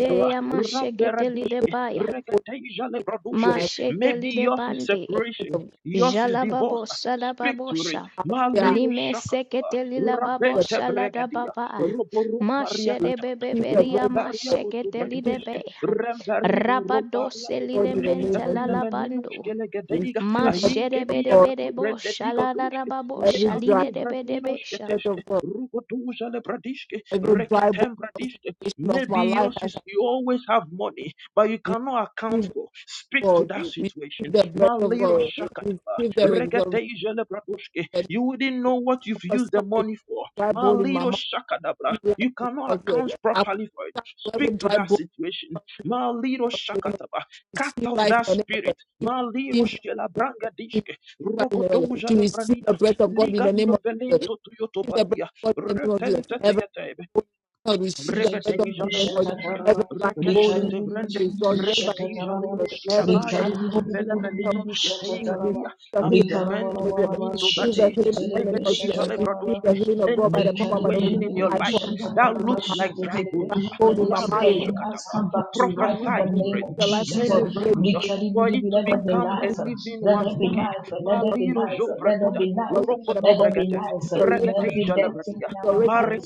[SPEAKER 3] is the life
[SPEAKER 8] maseketeli
[SPEAKER 3] of
[SPEAKER 8] de
[SPEAKER 2] Ramberadiske.
[SPEAKER 8] baya.
[SPEAKER 2] Reketeja le
[SPEAKER 3] life, God, who
[SPEAKER 2] bradoske.
[SPEAKER 3] has
[SPEAKER 2] Maybe
[SPEAKER 8] Masheteli de
[SPEAKER 2] yours is
[SPEAKER 3] the
[SPEAKER 8] bande.
[SPEAKER 3] breath
[SPEAKER 2] separation,
[SPEAKER 3] of
[SPEAKER 2] yours is divorce.
[SPEAKER 8] Jalababosha
[SPEAKER 2] Speak to it.
[SPEAKER 8] lababosha.
[SPEAKER 3] God.
[SPEAKER 2] My little
[SPEAKER 8] Lime
[SPEAKER 2] shaka.
[SPEAKER 8] sekete
[SPEAKER 2] Rabenta
[SPEAKER 8] lilababosha
[SPEAKER 2] bregadia,
[SPEAKER 8] ladababa.
[SPEAKER 2] roboropa
[SPEAKER 8] Mashere
[SPEAKER 2] riakataba,
[SPEAKER 3] We are the people of Jesus. This is the
[SPEAKER 8] bebeberia
[SPEAKER 3] breath of
[SPEAKER 2] rombaria
[SPEAKER 3] God.
[SPEAKER 2] koto
[SPEAKER 8] mashekete
[SPEAKER 3] This is the
[SPEAKER 8] lidebe.
[SPEAKER 2] bragadeske, rembariba rombaria
[SPEAKER 8] Rabadose
[SPEAKER 3] God
[SPEAKER 2] kotube,
[SPEAKER 3] in the name
[SPEAKER 8] lilemente
[SPEAKER 3] of Jesus.
[SPEAKER 8] lalabando.
[SPEAKER 2] vilameninoske
[SPEAKER 3] This is
[SPEAKER 2] legedeiga,
[SPEAKER 3] the breath
[SPEAKER 8] Mashere
[SPEAKER 2] ainke
[SPEAKER 3] of
[SPEAKER 2] dia
[SPEAKER 3] God.
[SPEAKER 2] katu brende
[SPEAKER 8] bedebedebosha
[SPEAKER 2] digo duske, le
[SPEAKER 8] ladababosha
[SPEAKER 3] Every dry
[SPEAKER 2] katu vreninoske
[SPEAKER 8] lidebedebesha.
[SPEAKER 3] breath
[SPEAKER 2] teske,
[SPEAKER 3] of God.
[SPEAKER 2] rugotuja le bradiske,
[SPEAKER 3] Every dry bone
[SPEAKER 2] reketem bradiske.
[SPEAKER 3] situation of my
[SPEAKER 2] Maybe
[SPEAKER 3] life,
[SPEAKER 2] yours
[SPEAKER 3] as
[SPEAKER 2] is
[SPEAKER 3] I
[SPEAKER 2] you always have money, but you cannot account
[SPEAKER 3] receive the
[SPEAKER 2] for. Speak to
[SPEAKER 3] God.
[SPEAKER 2] that
[SPEAKER 3] Receive
[SPEAKER 2] situation.
[SPEAKER 3] the breath of
[SPEAKER 2] Malero
[SPEAKER 3] God.
[SPEAKER 2] shakataba,
[SPEAKER 3] Receive the exaltation
[SPEAKER 2] reketeja lebradoshke. You wouldn't know what you've used
[SPEAKER 3] prophesy
[SPEAKER 2] the
[SPEAKER 3] to
[SPEAKER 2] money for.
[SPEAKER 3] dry bone in my
[SPEAKER 2] Malero
[SPEAKER 3] mouth
[SPEAKER 2] shakadabra. You
[SPEAKER 3] life
[SPEAKER 2] cannot
[SPEAKER 3] in your
[SPEAKER 2] account
[SPEAKER 3] ear. I
[SPEAKER 2] properly for it.
[SPEAKER 3] prophesy to every
[SPEAKER 2] Speak to
[SPEAKER 3] dry
[SPEAKER 2] that
[SPEAKER 3] bone
[SPEAKER 2] situation. Malero
[SPEAKER 3] to
[SPEAKER 2] shakataba. Cut
[SPEAKER 3] receive
[SPEAKER 2] off
[SPEAKER 3] life in
[SPEAKER 2] that
[SPEAKER 3] the name of
[SPEAKER 2] spirit.
[SPEAKER 3] God. To
[SPEAKER 2] Malero shkelabranga dishke.
[SPEAKER 3] receive life in the name of God.
[SPEAKER 2] Rogotoja
[SPEAKER 3] To receive
[SPEAKER 2] lebranina.
[SPEAKER 3] the breath of God in the name
[SPEAKER 2] Ligando
[SPEAKER 3] of Jesus.
[SPEAKER 2] velento
[SPEAKER 3] Receive the breath
[SPEAKER 2] tuyotobatia.
[SPEAKER 3] of God in the name of Jesus.
[SPEAKER 2] Retente
[SPEAKER 3] Every
[SPEAKER 2] teyatebe.
[SPEAKER 3] bone in my mouth, receive the breath of
[SPEAKER 2] Rebedeja
[SPEAKER 3] God in the name of Jesus.
[SPEAKER 2] Lebronoske,
[SPEAKER 3] Every dry bone
[SPEAKER 2] Rekeshke
[SPEAKER 3] in
[SPEAKER 2] Tevrende,
[SPEAKER 3] my mouth is already by
[SPEAKER 2] Rekedeja
[SPEAKER 3] the Lord.
[SPEAKER 2] Liroske
[SPEAKER 3] Every
[SPEAKER 2] Davade,
[SPEAKER 3] dry bone.
[SPEAKER 2] Velemeninoske
[SPEAKER 3] Receive
[SPEAKER 2] Teigadia,
[SPEAKER 3] the healing of God
[SPEAKER 2] Ampemente Meninto Bade,
[SPEAKER 3] in
[SPEAKER 5] Richard
[SPEAKER 3] the name
[SPEAKER 2] Legedeja
[SPEAKER 3] Receive the healing of God in the name of Jesus. Receive the healing of
[SPEAKER 2] any
[SPEAKER 3] God
[SPEAKER 5] Let
[SPEAKER 3] by
[SPEAKER 5] the
[SPEAKER 3] the power and by the Holy Ghost.
[SPEAKER 2] situation in your
[SPEAKER 3] I
[SPEAKER 2] life
[SPEAKER 3] prophesy
[SPEAKER 2] that
[SPEAKER 3] to
[SPEAKER 2] looks
[SPEAKER 3] my
[SPEAKER 2] like dry bones,
[SPEAKER 3] life, bone in my
[SPEAKER 5] dead
[SPEAKER 3] marriage.
[SPEAKER 5] in us come back to life in the
[SPEAKER 2] prophesy
[SPEAKER 3] Receive
[SPEAKER 2] to
[SPEAKER 5] name
[SPEAKER 2] it.
[SPEAKER 5] of
[SPEAKER 3] the
[SPEAKER 2] ah,
[SPEAKER 3] life of
[SPEAKER 5] Jesus.
[SPEAKER 2] Mele
[SPEAKER 5] Let
[SPEAKER 3] God.
[SPEAKER 5] there
[SPEAKER 3] Raise the
[SPEAKER 2] for
[SPEAKER 3] life
[SPEAKER 2] it
[SPEAKER 5] be
[SPEAKER 2] to
[SPEAKER 3] of Jesus.
[SPEAKER 2] become a
[SPEAKER 3] Receive
[SPEAKER 5] life.
[SPEAKER 2] living
[SPEAKER 3] the
[SPEAKER 5] Let
[SPEAKER 3] life
[SPEAKER 2] once
[SPEAKER 5] there be
[SPEAKER 2] again.
[SPEAKER 5] life. Let there
[SPEAKER 3] of
[SPEAKER 5] be life. Let there be
[SPEAKER 3] God
[SPEAKER 5] life.
[SPEAKER 3] by the
[SPEAKER 5] Let
[SPEAKER 3] power and
[SPEAKER 5] there
[SPEAKER 3] by the
[SPEAKER 5] be
[SPEAKER 3] Holy Ghost.
[SPEAKER 5] life
[SPEAKER 3] Receive the life
[SPEAKER 5] in
[SPEAKER 3] of God.
[SPEAKER 5] every dead thing in our life.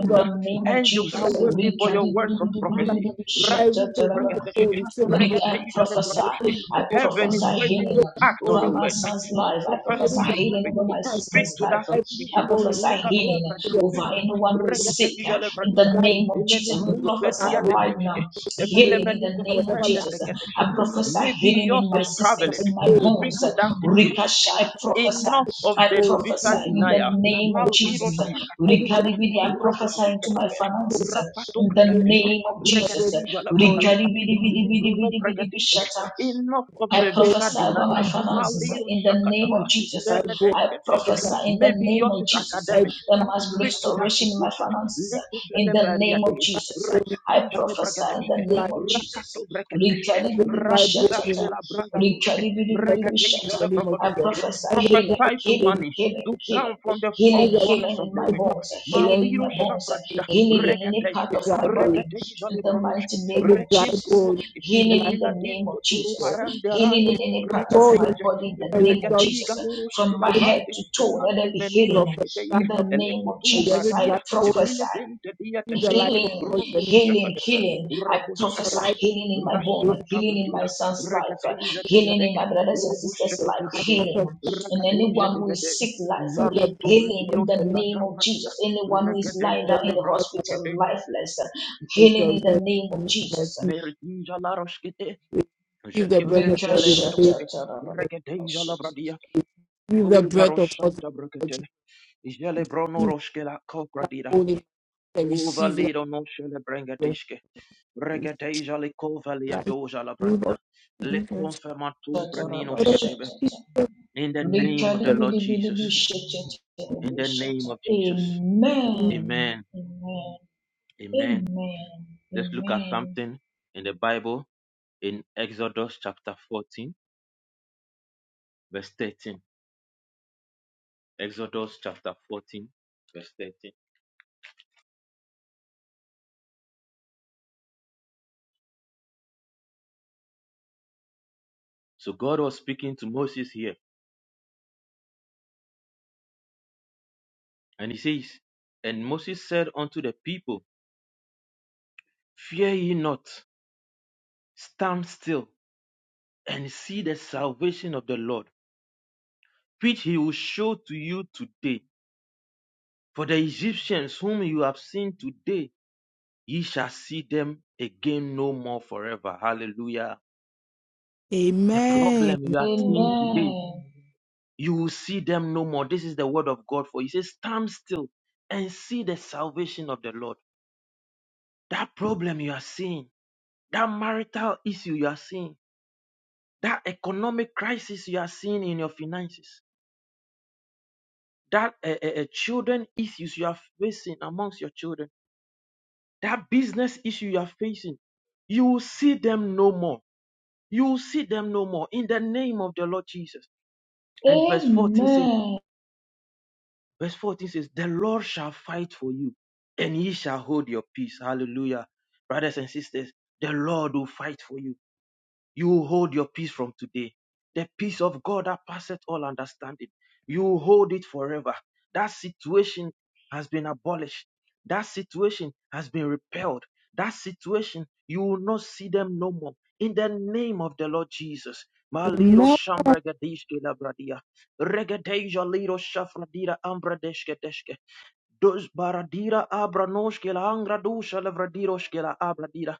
[SPEAKER 5] In the name of
[SPEAKER 2] Angels
[SPEAKER 5] Jesus.
[SPEAKER 2] are
[SPEAKER 3] like
[SPEAKER 2] waiting for your words of
[SPEAKER 3] like
[SPEAKER 2] prophecy.
[SPEAKER 3] every dry bone, receive like
[SPEAKER 5] Rick,
[SPEAKER 3] this.
[SPEAKER 5] I prophesy.
[SPEAKER 3] Every
[SPEAKER 5] I
[SPEAKER 3] bone,
[SPEAKER 2] Heaven is
[SPEAKER 5] prophesy
[SPEAKER 2] waiting
[SPEAKER 5] healing
[SPEAKER 3] every
[SPEAKER 2] to act on
[SPEAKER 3] bone
[SPEAKER 5] over
[SPEAKER 2] your
[SPEAKER 3] in my
[SPEAKER 5] my
[SPEAKER 2] word.
[SPEAKER 5] son's life. I
[SPEAKER 3] every
[SPEAKER 5] prophesy
[SPEAKER 3] dry
[SPEAKER 2] Prophesy to
[SPEAKER 5] healing
[SPEAKER 2] it.
[SPEAKER 5] over my
[SPEAKER 3] bone,
[SPEAKER 2] Speak
[SPEAKER 5] sister's
[SPEAKER 2] to
[SPEAKER 5] life.
[SPEAKER 2] that
[SPEAKER 3] every
[SPEAKER 2] situation.
[SPEAKER 3] dry
[SPEAKER 5] I
[SPEAKER 3] bone in my
[SPEAKER 5] prophesy
[SPEAKER 3] life
[SPEAKER 5] healing
[SPEAKER 2] Likatombra dirosh.
[SPEAKER 5] over anyone who is
[SPEAKER 2] Rekete
[SPEAKER 5] sick
[SPEAKER 2] ijale
[SPEAKER 5] in
[SPEAKER 2] vradia.
[SPEAKER 5] the
[SPEAKER 3] right
[SPEAKER 5] name of
[SPEAKER 2] Inene
[SPEAKER 5] Jesus. We
[SPEAKER 3] now is I
[SPEAKER 5] prophesy right
[SPEAKER 2] teteshke.
[SPEAKER 5] now
[SPEAKER 3] believe
[SPEAKER 5] healing
[SPEAKER 2] Evilemeni
[SPEAKER 5] in the
[SPEAKER 3] so
[SPEAKER 5] name of
[SPEAKER 3] whenever we
[SPEAKER 2] kutubrende
[SPEAKER 3] ask
[SPEAKER 5] Jesus.
[SPEAKER 3] God,
[SPEAKER 5] I
[SPEAKER 2] tekedeshke.
[SPEAKER 5] prophesy
[SPEAKER 2] Maybe
[SPEAKER 5] healing
[SPEAKER 2] yours
[SPEAKER 5] in my
[SPEAKER 2] is
[SPEAKER 3] I
[SPEAKER 5] systems,
[SPEAKER 2] traveling.
[SPEAKER 5] in my
[SPEAKER 3] hey,
[SPEAKER 2] Speak
[SPEAKER 5] bones.
[SPEAKER 2] to that situation.
[SPEAKER 5] Rikasha, I
[SPEAKER 3] every
[SPEAKER 5] prophesy.
[SPEAKER 2] Enough of
[SPEAKER 5] I
[SPEAKER 2] the
[SPEAKER 3] flagpole, it's
[SPEAKER 2] visa
[SPEAKER 5] prophesy
[SPEAKER 3] like
[SPEAKER 5] in the
[SPEAKER 2] denial.
[SPEAKER 5] name of
[SPEAKER 2] Mal
[SPEAKER 5] Jesus.
[SPEAKER 2] irosh sakata
[SPEAKER 3] every drag
[SPEAKER 2] vradia.
[SPEAKER 5] Rikadibidi, I
[SPEAKER 2] Robo
[SPEAKER 5] prophesy into
[SPEAKER 3] every
[SPEAKER 5] my
[SPEAKER 2] sheketebe.
[SPEAKER 3] flagpole,
[SPEAKER 5] finances
[SPEAKER 2] Rapato
[SPEAKER 5] in the
[SPEAKER 3] I it's
[SPEAKER 2] pregadeshke.
[SPEAKER 5] name of Jesus.
[SPEAKER 2] Rekete
[SPEAKER 3] every
[SPEAKER 2] ijale
[SPEAKER 3] flagpole, it's
[SPEAKER 5] Rigadi
[SPEAKER 2] bragadoshke.
[SPEAKER 5] bidi bidi bidi
[SPEAKER 2] Libro no
[SPEAKER 5] bidi bidi bishata.
[SPEAKER 2] Enough of
[SPEAKER 3] like
[SPEAKER 5] I
[SPEAKER 3] every
[SPEAKER 2] the
[SPEAKER 3] pole,
[SPEAKER 2] visa
[SPEAKER 5] prophesy over my
[SPEAKER 2] denial.
[SPEAKER 5] finances uh,
[SPEAKER 2] Maliro
[SPEAKER 5] in the name
[SPEAKER 2] shakataba.
[SPEAKER 5] of Jesus. uh,
[SPEAKER 3] flagpole,
[SPEAKER 5] I
[SPEAKER 2] Meredeshke
[SPEAKER 3] every
[SPEAKER 2] Deshke,
[SPEAKER 3] flag,
[SPEAKER 5] prophesy in the
[SPEAKER 2] Maybe
[SPEAKER 5] name
[SPEAKER 2] yours
[SPEAKER 5] of
[SPEAKER 2] is
[SPEAKER 5] Jesus. uh,
[SPEAKER 3] every
[SPEAKER 2] academics.
[SPEAKER 5] There must be
[SPEAKER 2] Speak to that
[SPEAKER 5] restoration in my
[SPEAKER 2] situation.
[SPEAKER 5] finances uh, in
[SPEAKER 2] Lekufele
[SPEAKER 5] the name of
[SPEAKER 2] Mariade,
[SPEAKER 5] Jesus.
[SPEAKER 3] flagpole in
[SPEAKER 5] uh, I
[SPEAKER 3] my
[SPEAKER 2] Reketenjale
[SPEAKER 5] prophesy in the
[SPEAKER 2] Bragadeske,
[SPEAKER 3] life,
[SPEAKER 5] name of Jesus.
[SPEAKER 2] Rakato Breketeske,
[SPEAKER 3] every flagpole in my
[SPEAKER 2] Rambirashke
[SPEAKER 5] Rikadibidibishatata,
[SPEAKER 3] life,
[SPEAKER 2] la
[SPEAKER 3] every
[SPEAKER 2] Brangadoske,
[SPEAKER 3] let us in
[SPEAKER 5] rikadibidibidibishata.
[SPEAKER 3] the
[SPEAKER 2] Reketenjale
[SPEAKER 3] name of
[SPEAKER 5] I
[SPEAKER 3] Jesus.
[SPEAKER 2] Bragadoske.
[SPEAKER 5] prophesy
[SPEAKER 3] Every
[SPEAKER 5] healing,
[SPEAKER 3] flagpole
[SPEAKER 2] Prophesy to
[SPEAKER 3] in
[SPEAKER 5] healing,
[SPEAKER 2] money
[SPEAKER 5] healing,
[SPEAKER 2] to come
[SPEAKER 5] healing,
[SPEAKER 3] my
[SPEAKER 2] from the four
[SPEAKER 5] healing,
[SPEAKER 3] Jesus,
[SPEAKER 2] corners
[SPEAKER 5] healing
[SPEAKER 2] of
[SPEAKER 5] in
[SPEAKER 2] the
[SPEAKER 5] my
[SPEAKER 3] in
[SPEAKER 2] wind.
[SPEAKER 3] power
[SPEAKER 5] bones, uh,
[SPEAKER 3] of the
[SPEAKER 5] healing
[SPEAKER 3] Lord
[SPEAKER 5] in
[SPEAKER 2] Maliro
[SPEAKER 5] my
[SPEAKER 3] Jesus,
[SPEAKER 5] bones, uh,
[SPEAKER 3] in the
[SPEAKER 2] Shapradida,
[SPEAKER 3] name of
[SPEAKER 5] healing
[SPEAKER 3] Jesus,
[SPEAKER 5] in any part
[SPEAKER 2] Regadeske,
[SPEAKER 5] of my
[SPEAKER 3] every
[SPEAKER 5] body, in
[SPEAKER 2] Reketenjale
[SPEAKER 5] the
[SPEAKER 2] Bronoske,
[SPEAKER 5] mighty
[SPEAKER 3] flagpole,
[SPEAKER 5] name of
[SPEAKER 2] Rekim
[SPEAKER 5] Jesus, uh,
[SPEAKER 3] every
[SPEAKER 2] Brunoske,
[SPEAKER 3] flagpole.
[SPEAKER 5] healing in the name
[SPEAKER 2] Viladinto
[SPEAKER 5] of
[SPEAKER 3] This
[SPEAKER 5] Jesus.
[SPEAKER 2] Turumarande Rande,
[SPEAKER 5] Healing in any
[SPEAKER 3] is
[SPEAKER 5] part of
[SPEAKER 3] bone
[SPEAKER 5] my
[SPEAKER 3] in
[SPEAKER 2] Reketenja,
[SPEAKER 5] body in the
[SPEAKER 3] my marriage,
[SPEAKER 5] name of
[SPEAKER 3] God,
[SPEAKER 2] Vilegadeiga
[SPEAKER 5] Jesus.
[SPEAKER 2] Loroski
[SPEAKER 5] From
[SPEAKER 2] la
[SPEAKER 5] my
[SPEAKER 3] in the
[SPEAKER 5] head
[SPEAKER 3] name
[SPEAKER 2] brande.
[SPEAKER 5] to toe, let
[SPEAKER 2] Ilante
[SPEAKER 5] there be
[SPEAKER 3] of
[SPEAKER 2] meninos
[SPEAKER 5] healing
[SPEAKER 3] the
[SPEAKER 2] que
[SPEAKER 3] God
[SPEAKER 2] teiga,
[SPEAKER 5] in the
[SPEAKER 3] of
[SPEAKER 2] ele
[SPEAKER 5] name of
[SPEAKER 3] my
[SPEAKER 2] cotubra
[SPEAKER 5] Jesus.
[SPEAKER 3] every
[SPEAKER 5] I
[SPEAKER 2] dira,
[SPEAKER 3] dry bone,
[SPEAKER 2] vile
[SPEAKER 5] prophesy
[SPEAKER 2] dente dia te
[SPEAKER 3] give the life
[SPEAKER 2] teiva,
[SPEAKER 3] of
[SPEAKER 5] healing,
[SPEAKER 3] God in the
[SPEAKER 2] rubu
[SPEAKER 3] name
[SPEAKER 5] healing,
[SPEAKER 2] sakatebe,
[SPEAKER 3] of Jesus.
[SPEAKER 5] healing. I
[SPEAKER 2] rabu
[SPEAKER 3] Give the
[SPEAKER 5] prophesy
[SPEAKER 3] life
[SPEAKER 2] sakatebe,
[SPEAKER 3] of
[SPEAKER 5] healing in my
[SPEAKER 3] the
[SPEAKER 5] bone,
[SPEAKER 3] name
[SPEAKER 2] rasanta
[SPEAKER 5] healing in
[SPEAKER 2] bradira,
[SPEAKER 5] my son's life,
[SPEAKER 2] regateja de
[SPEAKER 3] of
[SPEAKER 5] healing in
[SPEAKER 2] gedege,
[SPEAKER 5] my brothers and
[SPEAKER 2] rubu
[SPEAKER 5] sisters'
[SPEAKER 3] the
[SPEAKER 5] life,
[SPEAKER 3] life of
[SPEAKER 2] sakitibede,
[SPEAKER 5] healing
[SPEAKER 3] the son.
[SPEAKER 5] in
[SPEAKER 2] regateja
[SPEAKER 5] anyone
[SPEAKER 2] de
[SPEAKER 5] who
[SPEAKER 2] bede,
[SPEAKER 5] is sick life,
[SPEAKER 3] Give the
[SPEAKER 2] marunto
[SPEAKER 3] breath of
[SPEAKER 5] healing
[SPEAKER 3] God
[SPEAKER 5] in
[SPEAKER 2] bradiros
[SPEAKER 5] the
[SPEAKER 3] in the
[SPEAKER 2] que
[SPEAKER 3] name
[SPEAKER 2] la
[SPEAKER 5] name of
[SPEAKER 2] zapratira,
[SPEAKER 5] Jesus. Anyone who is lying
[SPEAKER 3] of
[SPEAKER 5] down
[SPEAKER 2] regateja
[SPEAKER 3] Jesus.
[SPEAKER 5] in the
[SPEAKER 2] levranti que
[SPEAKER 5] hospital
[SPEAKER 2] te,
[SPEAKER 5] lifeless, healing
[SPEAKER 3] Give the breath of God the
[SPEAKER 5] in the
[SPEAKER 3] rest
[SPEAKER 5] name
[SPEAKER 3] in
[SPEAKER 5] of
[SPEAKER 3] the name of
[SPEAKER 5] Jesus.
[SPEAKER 3] Jesus.
[SPEAKER 2] merdija laros que te,
[SPEAKER 3] Give the
[SPEAKER 2] jeque
[SPEAKER 3] breath of
[SPEAKER 2] fente
[SPEAKER 3] God in the name of Jesus. Give the breath of God in the name of Jesus.
[SPEAKER 2] lerodos
[SPEAKER 3] Give
[SPEAKER 2] que, regateja la
[SPEAKER 5] Rinkashatatarabashi.
[SPEAKER 2] bradia, pubaros santa bracate, jele
[SPEAKER 3] the
[SPEAKER 2] bronoros que la
[SPEAKER 3] dry
[SPEAKER 2] copradira,
[SPEAKER 3] bone in my marriage, receive life,
[SPEAKER 2] Uvalido no shele brengadishke. Regadeja li kovalia
[SPEAKER 3] life.
[SPEAKER 2] la
[SPEAKER 3] Give
[SPEAKER 2] branina.
[SPEAKER 3] the-
[SPEAKER 2] Le
[SPEAKER 3] give the-
[SPEAKER 2] confirmatum branino
[SPEAKER 3] name
[SPEAKER 2] shketebe.
[SPEAKER 5] Shatarabashatata.
[SPEAKER 2] In the name of the
[SPEAKER 3] of
[SPEAKER 2] Lord Jesus. In the name
[SPEAKER 5] Rikadibidibidibi-shatarabashata.
[SPEAKER 2] of Jesus.
[SPEAKER 3] Jesus.
[SPEAKER 5] Amen.
[SPEAKER 2] Amen.
[SPEAKER 5] Amen.
[SPEAKER 2] Amen.
[SPEAKER 5] Amen.
[SPEAKER 2] Let's look at something in the Bible in Exodus chapter 14, verse 13. Exodus chapter 14, verse 13. So God was speaking to Moses here, and he says, And Moses said unto the people, Fear ye not, stand still and see the salvation of the Lord, which he will show to you today. For the Egyptians whom you have seen today, ye shall see them again no more forever. Hallelujah. The
[SPEAKER 3] Amen.
[SPEAKER 2] problem you
[SPEAKER 5] Amen.
[SPEAKER 2] are
[SPEAKER 5] Amen.
[SPEAKER 2] seeing today, you will see them no more. This is the word of God for you. He says, Stand still and see the salvation of the Lord. That problem you are seeing, that marital issue you are seeing, that economic crisis you are seeing in your finances, that uh, uh, children issues you are facing amongst your children, that business issue you are facing, you will see them no more. You will see them no more in the name of the Lord Jesus. And verse 14 says,
[SPEAKER 5] Amen.
[SPEAKER 2] verse 14 says, the Lord shall fight for you and ye shall hold your peace. Hallelujah. Brothers and sisters, the Lord will fight for you. You will hold your peace from today. The peace of God that passeth all understanding. You will hold it forever. That situation has been abolished. That situation has been repelled. That situation, you will not see them no more. In the name of the Lord Jesus. Malido
[SPEAKER 3] Amen.
[SPEAKER 2] Shambregadishke Labradia. Regadeja Lido Shafradira Ambradeshke deshke. Dos baradira abra noshkela angra dusha levradiroshkela abra dira.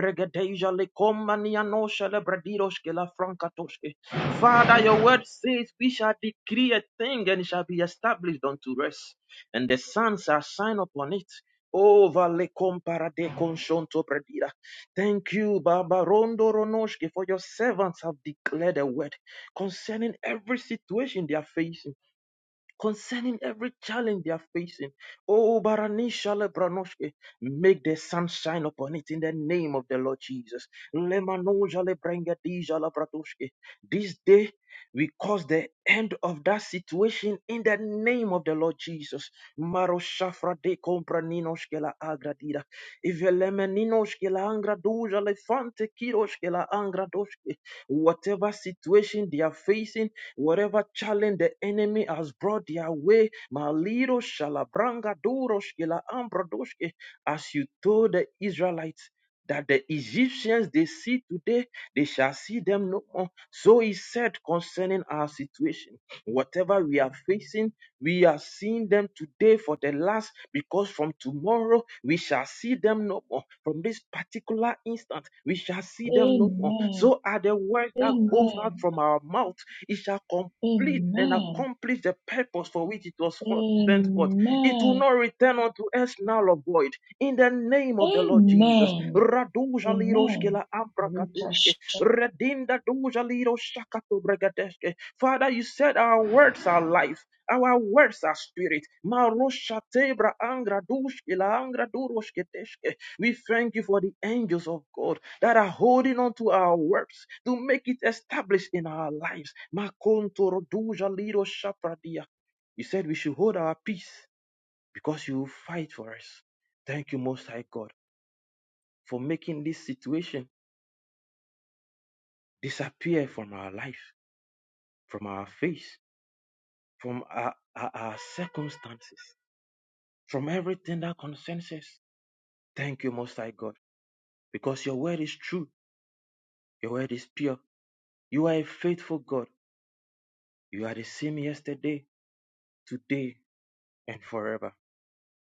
[SPEAKER 2] Regedeja le komania nosha levradiroshkela frankatoshke. Father, your word says we shall decree a thing and it shall be established unto rest. And the sun shall shine upon it. Over le comparade conshonto predira. Thank you, Baba Rondo Ronoshke, for your servants have declared a word concerning every situation they are facing concerning every challenge they are facing. Oh, Baranisha Lebranoshke, make the sun shine upon it in the name of the Lord Jesus. Lemanoja Lebrengadija Labradoshke. This day, we cause the end of that situation in the name of the Lord Jesus. Maro shafra de compraninoshke la agradida. Ivelemeninoshke la angradoja lefante kiroshke la angradoshke. Whatever situation they are facing, Whatever challenge the enemy has brought their way, Malido Shalabranga Doroshkila Ambradoshke, as you told the Israelites. That the Egyptians they see today, they shall see them no more. So he said concerning our situation, whatever we are facing. We are seeing them today for the last, because from tomorrow we shall see them no more. From this particular instant, we shall see them no more. So are the words that goes out from our mouth, it shall complete and accomplish the purpose for which it was sent forth. It will
[SPEAKER 5] Amen.
[SPEAKER 2] not return unto us null or void. In the name of the Lord Jesus.
[SPEAKER 5] Amen. Amen. Rikasha-
[SPEAKER 2] Redinda duja lido shakato bregadeske. Father, you said our words are life. Our words are spirit. Marosha tebra angra dushke la angra duroshke deshke. We thank you for the angels of God that are holding on to our words to make it established in our lives. Makontoro duja lido shapradia. You said we should hold our peace because you will fight for us. Thank you, Most High God, for making this situation disappear from our life. from our face, from our, our, our circumstances, from everything that concerns us. Thank you, Most High God, because your word is true, your word is pure. You are a faithful God. You are the same yesterday, today, and forever.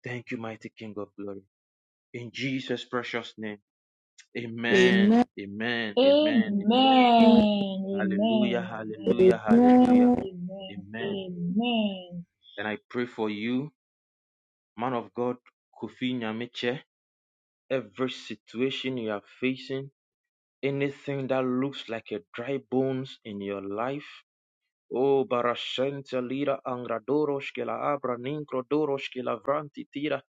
[SPEAKER 2] Thank you, mighty King of glory. In Jesus' precious name. Amen.
[SPEAKER 3] Amen.
[SPEAKER 2] Amen. Amen. Amen.
[SPEAKER 3] Amen.
[SPEAKER 5] Amen. Amen.
[SPEAKER 2] Hallelujah.
[SPEAKER 5] Amen.
[SPEAKER 2] Hallelujah.
[SPEAKER 5] Amen.
[SPEAKER 2] Hallelujah.
[SPEAKER 5] Amen.
[SPEAKER 2] Amen.
[SPEAKER 5] Amen.
[SPEAKER 2] And I pray for you, man of God, Kofi Nyamiche. every situation you are facing, anything that looks like a dry bones in your life, O barascente lira angradoros que la abra nincrodoros que la vranti tira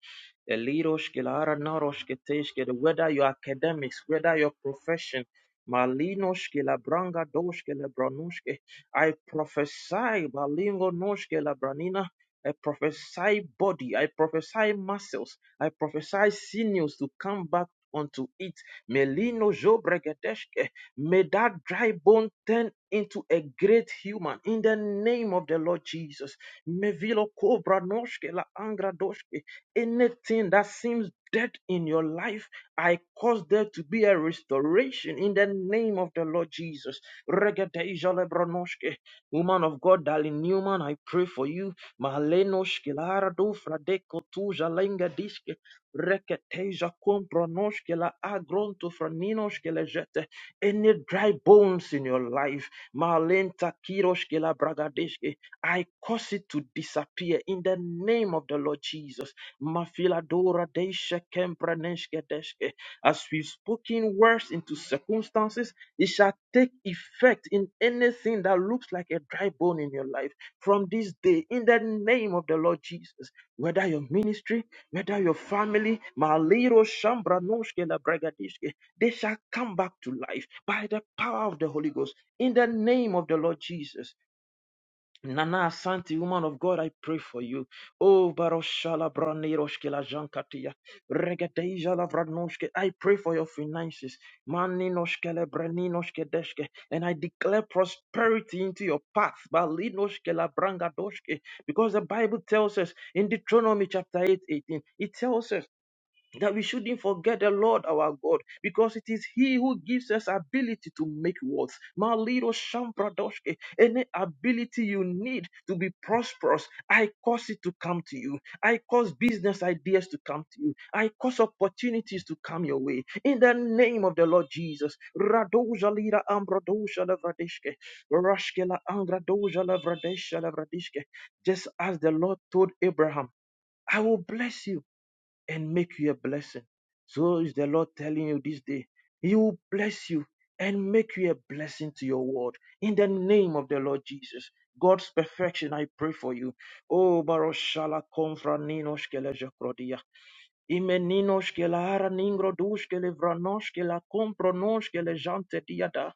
[SPEAKER 2] eliros que la ara naros que teis que the- whether your academics, whether your profession, malinos que la branga dos que la branus que I prophesy malingo nos que la branina. I prophesy body, I prophesy muscles, I prophesy sinews to come back unto it. Melino jobregedeske May that dry bone turn into a great human in the name of the Lord Jesus. Mevilo kobra noshke la angra doshke. Anything that seems dead in your life, I cause there to be a restoration in the name of the Lord Jesus. Regedeja lebra noshke. Woman of God, Darlene Newman, I pray for you. Malenoshke la arado fradeko tuja lenga dishke. Reketeja kompronoshke la agronto franinoshke lejete. Any dry bones in your life, Malenta Kiroshke Labragadeshke, I cause it to disappear in the name of the Lord Jesus. Mafiladora Deshe Kempraneshke Deshke. As we've spoken words into circumstances, it shall take effect in anything that looks like a dry bone in your life from this day in the name of the Lord Jesus. Whether your ministry, whether your family, Maliro Shambra Noshke la Bragadeshke, they shall come back to life by the power of the Holy Ghost in the name of the Lord Jesus. Nana Santi, woman of God, I pray for you. Oh, Baroshala Braniroshke la Jankatia, Regadeja la Vranoshke, I pray for your finances. Maninoshke le Breninoshke Deshke, and I declare prosperity into your path. Balinoshke la Brangadoshke, because the Bible tells us in Deuteronomy chapter 8, 18, it tells us that we shouldn't forget the Lord our God, because it is He who gives us ability to make wealth. My little Shambradoshke, any ability you need to be prosperous, I cause it to come to you. I cause business ideas to come to you. I cause opportunities to come your way. In the name of the Lord Jesus. Radoja lira ambradosha levradeshke, rashke la angradosha levradesha levradeshke. Just as the Lord told Abraham, I will bless you and make you a blessing. So is the Lord telling you this day, He will bless you and make you a blessing to your world in the name of the Lord Jesus. God's perfection, I pray for you. Oh, Baroshala Confra Nino Imeninoshke la hara ningro dushke le vranoshke la kompronoshke le jante diada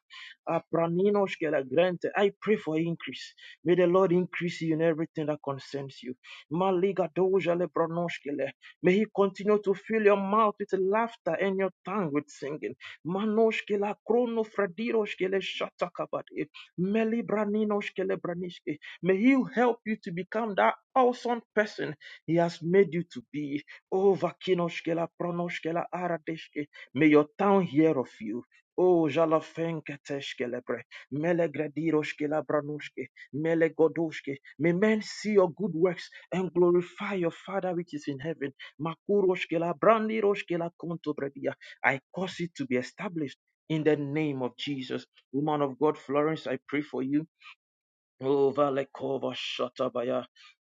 [SPEAKER 2] apraninoshke la grante. I pray for increase. May the Lord increase you in everything that concerns you. Maliga doja le branoshke le. May He continue to fill your mouth with laughter and your tongue with singing. Manoshke la krono fradiroshke le shatakabade. Meli braninoshke le branishke. May He help you to become that awesome person He has made you to be. Oh, Vakinoshkela, Pronoshkela, Aradeshke. May your town hear of you. Oh, Jalafenketeshkelebre, Melegrediroshkela, Branoshke, Melegodoshke. May men see your good works and glorify your Father which is in heaven. Makuroshkela, Brandiroshkela, Kontobredia. I cause it to be established in the name of Jesus. Woman of God, Florence, I pray for you. O Valekova Shatabaya.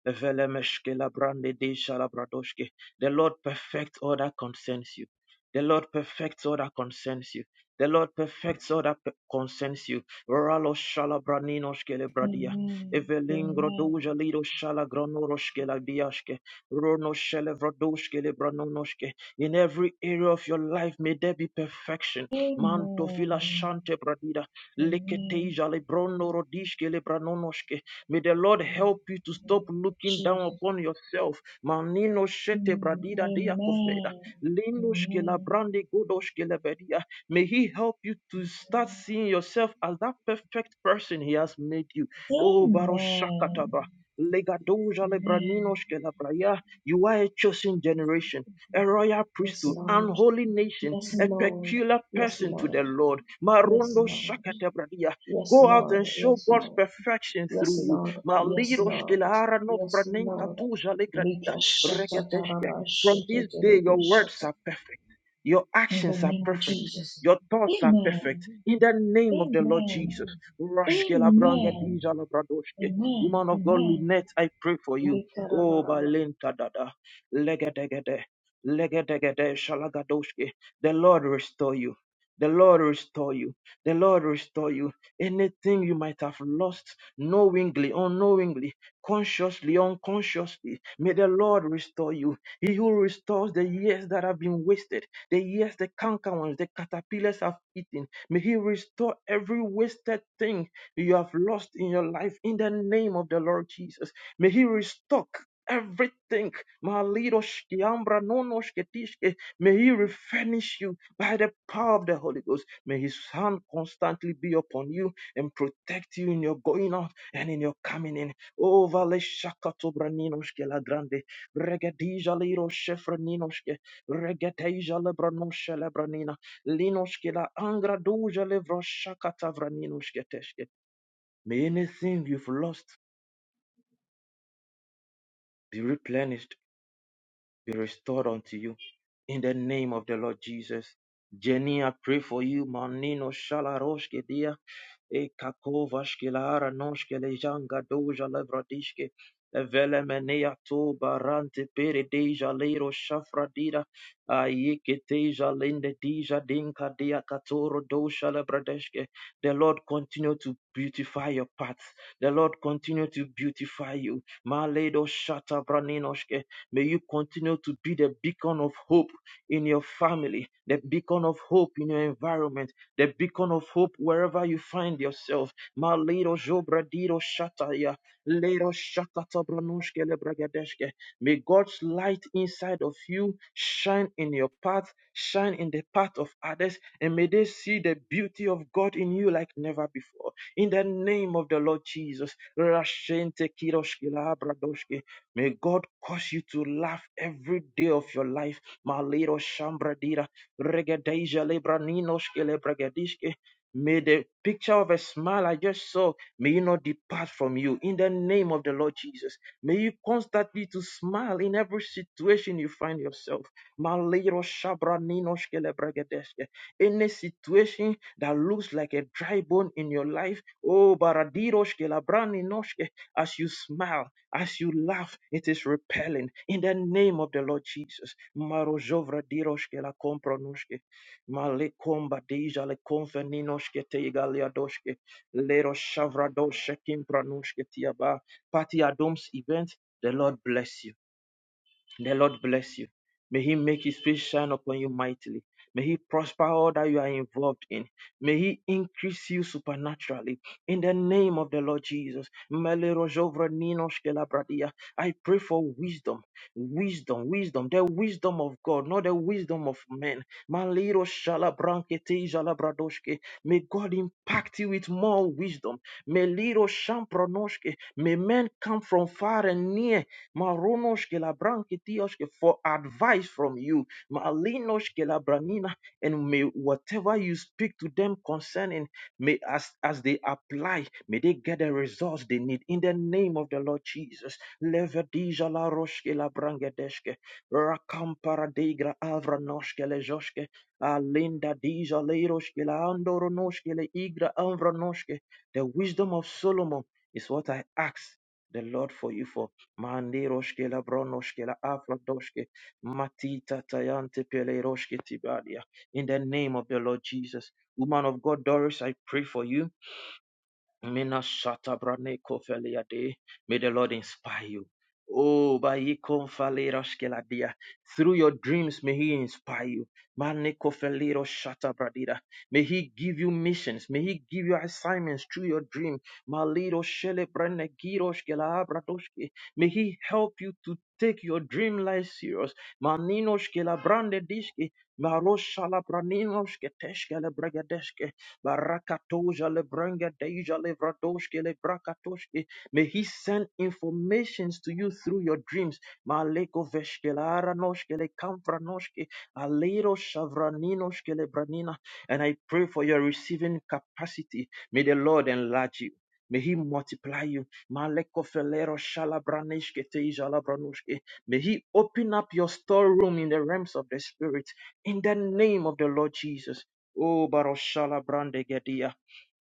[SPEAKER 2] Velemeshke Labrande De Shalabradoshke. The Lord perfects all that concerns you. The Lord perfects all that concerns you. The Lord perfects all that pe- concerns you. Ralo Shalabraninos Kelebradia. Evelingro Doja Lido Shalagronoros Keladiashke. Rono Shelevradosh Kelebranonoshke. In every area of your life, may there be perfection. Mantofila Shante Bradida. Leketeja lebrono rodishke lebranonoshke. May the Lord help you to stop looking down
[SPEAKER 5] Jesus.
[SPEAKER 2] upon yourself. Manino shete
[SPEAKER 5] Mm.
[SPEAKER 2] bradida dea kofeda.
[SPEAKER 5] Amen.
[SPEAKER 2] Linoshke
[SPEAKER 5] Amen.
[SPEAKER 2] labrande godoshke lebedia. May He help you to start seeing yourself as that perfect person He has made you. Oh, Baroshakataba.
[SPEAKER 5] Amen.
[SPEAKER 2] Legadoja
[SPEAKER 5] Amen.
[SPEAKER 2] lebraninos ke labraya. You are a chosen generation a royal
[SPEAKER 5] Yes,
[SPEAKER 2] priesthood, an
[SPEAKER 5] Lord.
[SPEAKER 2] holy nation,
[SPEAKER 5] Yes,
[SPEAKER 2] a
[SPEAKER 5] Lord.
[SPEAKER 2] peculiar
[SPEAKER 5] Yes,
[SPEAKER 2] person to the
[SPEAKER 5] Lord.
[SPEAKER 2] Lord.
[SPEAKER 5] Yes,
[SPEAKER 2] Marondo
[SPEAKER 5] Lord.
[SPEAKER 2] shakatabradia.
[SPEAKER 5] Yes,
[SPEAKER 2] Go out
[SPEAKER 5] Lord.
[SPEAKER 2] and show
[SPEAKER 5] Yes,
[SPEAKER 2] God's
[SPEAKER 5] Lord.
[SPEAKER 2] perfection
[SPEAKER 5] Yes,
[SPEAKER 2] through you.
[SPEAKER 5] Lord. Yes,
[SPEAKER 2] Maliro
[SPEAKER 5] Lord.
[SPEAKER 2] shkilara no
[SPEAKER 5] Yes,
[SPEAKER 2] franenka
[SPEAKER 5] Lord.
[SPEAKER 2] tuja legradida.
[SPEAKER 5] Rika shata
[SPEAKER 2] Reketeshke.
[SPEAKER 5] taraba
[SPEAKER 2] From
[SPEAKER 5] shete
[SPEAKER 2] this day, your
[SPEAKER 5] terebe
[SPEAKER 2] words
[SPEAKER 5] shata.
[SPEAKER 2] are perfect. Your
[SPEAKER 5] In the
[SPEAKER 2] actions are
[SPEAKER 5] name of
[SPEAKER 2] perfect.
[SPEAKER 5] Jesus.
[SPEAKER 2] Your thoughts are perfect.
[SPEAKER 5] Amen.
[SPEAKER 2] In the name of the Lord Jesus.
[SPEAKER 5] Amen.
[SPEAKER 2] Roshke labranga
[SPEAKER 5] Amen.
[SPEAKER 2] dija labradoshke.
[SPEAKER 5] Amen.
[SPEAKER 2] Woman of God,
[SPEAKER 5] Amen.
[SPEAKER 2] Lunette, I pray for you.
[SPEAKER 5] Rika
[SPEAKER 2] Oh,
[SPEAKER 5] raba raba.
[SPEAKER 2] Balenta dada. Legedegede shalagadoshke. The Lord restore you. The Lord restore you. The Lord restore you. Anything you might have lost knowingly, unknowingly, consciously, unconsciously, may the Lord restore you. He who restores the years that have been wasted, the years the canker ones, the caterpillars have eaten, may He restore every wasted thing you have lost in your life in the name of the Lord Jesus. May He restore everything. Malidoshki, ambra, nonoshki, tishki. May He replenish you by the power of the Holy Ghost. May His hand constantly be upon you and protect you in your going out and in your coming in. Oh, vale shakatobra ninoshki la grande. Regadija liro shefra ninoshki. Regadeja lebra noshe lebra nina. Linoshki la angra doja levro shakatavra ninoshki teshki. May anything you've lost be replenished be restored unto you in the name of the Lord Jesus. Jenny, I pray for you. Manino Shalaroshke dear. Ekakovashkilara noshkelejanga doja lebradishke velemenea to barante peredeja lero shafradira ayeketeja lende deja dinka dea katoro dosha lebradeshke. The Lord continue to beautify your path. The Lord continue to beautify you. Maledo shata braninoshke. May you continue to be the beacon of hope in your family, the beacon of hope in your environment the beacon of hope wherever you find yourself. Ma little Jobradiro Shataya, little Shakatabranushkele Bragadeshke. May God's light inside of you shine in your path, shine in the path of others, and may they see the beauty of God in you like never before. In the name of the Lord Jesus, Rashente Kiroshke, Bradoshke. May God cause you to laugh every day of your life. Ma little Shambradira. Regedeja Lebraninoshke Lebregedishke. May the picture of a smile I just saw, may it not depart from you in the name of the Lord Jesus. May you constantly to smile in every situation you find yourself. Any situation that looks like a dry bone in your life, oh as you smile. As you laugh, it is repelling in the name of the Lord Jesus. Marozovra diroshke la kompronoshke. Malekomba deja le konfeninoshke teigaliadoshke. Lero shavradoshe kimpranoshke tiaba. Party Adom's event. The Lord bless you. The Lord bless you. May He make His face shine upon you mightily. May He prosper all that you are involved in. May He increase you supernaturally. In the name of the Lord Jesus. Mele rojovra ninosh kelabradia. I pray for wisdom, wisdom, wisdom, the wisdom of God, not the wisdom of men. Malero shalabrankete jalabradoshke. May God impact you with more wisdom. Meliro shampronoshke. May men come from far and near Marunoshke labranke tioshke for advice from you. Malinoshke labranina. And may whatever you speak to them concerning, may as, as they apply, may they get the results they need in the name of the Lord Jesus. Levedija la roshke labrangedeshke. Rakampara degra avranoshke lejoshke. Alinda dija leiroshke la andoronoshke le igra avranoshke. The wisdom of Solomon is what I ask the Lord for you for. Mandiroshke la bronoshke la afradoshke matita tayante peleroshke tibadia. In the name of the Lord Jesus. Woman of God, Doris, I pray for you. Mina shata brane kofelia de. May the Lord inspire you. Oh, by dia. Through your dreams, may He inspire you. Mane kofeliro shata bradida. May He give you missions. May He give you assignments through your dream. Maliro shele brane girosh kela abradoshke. May He help you to take your dream life serious. Maninosh kela brande dishke. Maroshala braninosh keteshkele bregadeshke. Barakatoja lebrenga deja levradoshke lebrakatoshke. May he send informations to you through your dreams. Maleko veshkelara noshke le kamfra noshke. Alero shavraninoshke lebranina. And I pray for your receiving capacity. May the Lord enlarge you. May he multiply you. Maleko felero shalabraneshke teja labranushke. May he open up your storeroom in the realms of the spirit in the name of the Lord Jesus. O baroshala brandegedia.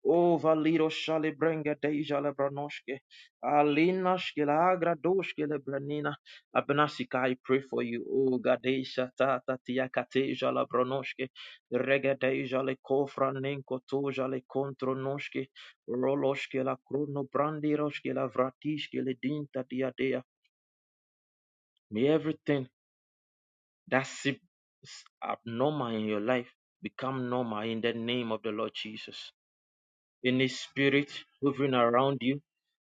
[SPEAKER 2] O valido shale brenga deja le branoshke. Alina shkilagra doshke le branina. Abnasika, I pray for you. O gadesha tata tiakateja la branoshke. Regadeja le kofra nenko toja le kontro noshke. Roloshke la krono brandiroshke la vratishke le dinta diadea. May everything that's abnormal in your life become normal in the name of the Lord Jesus. In any spirit hovering around you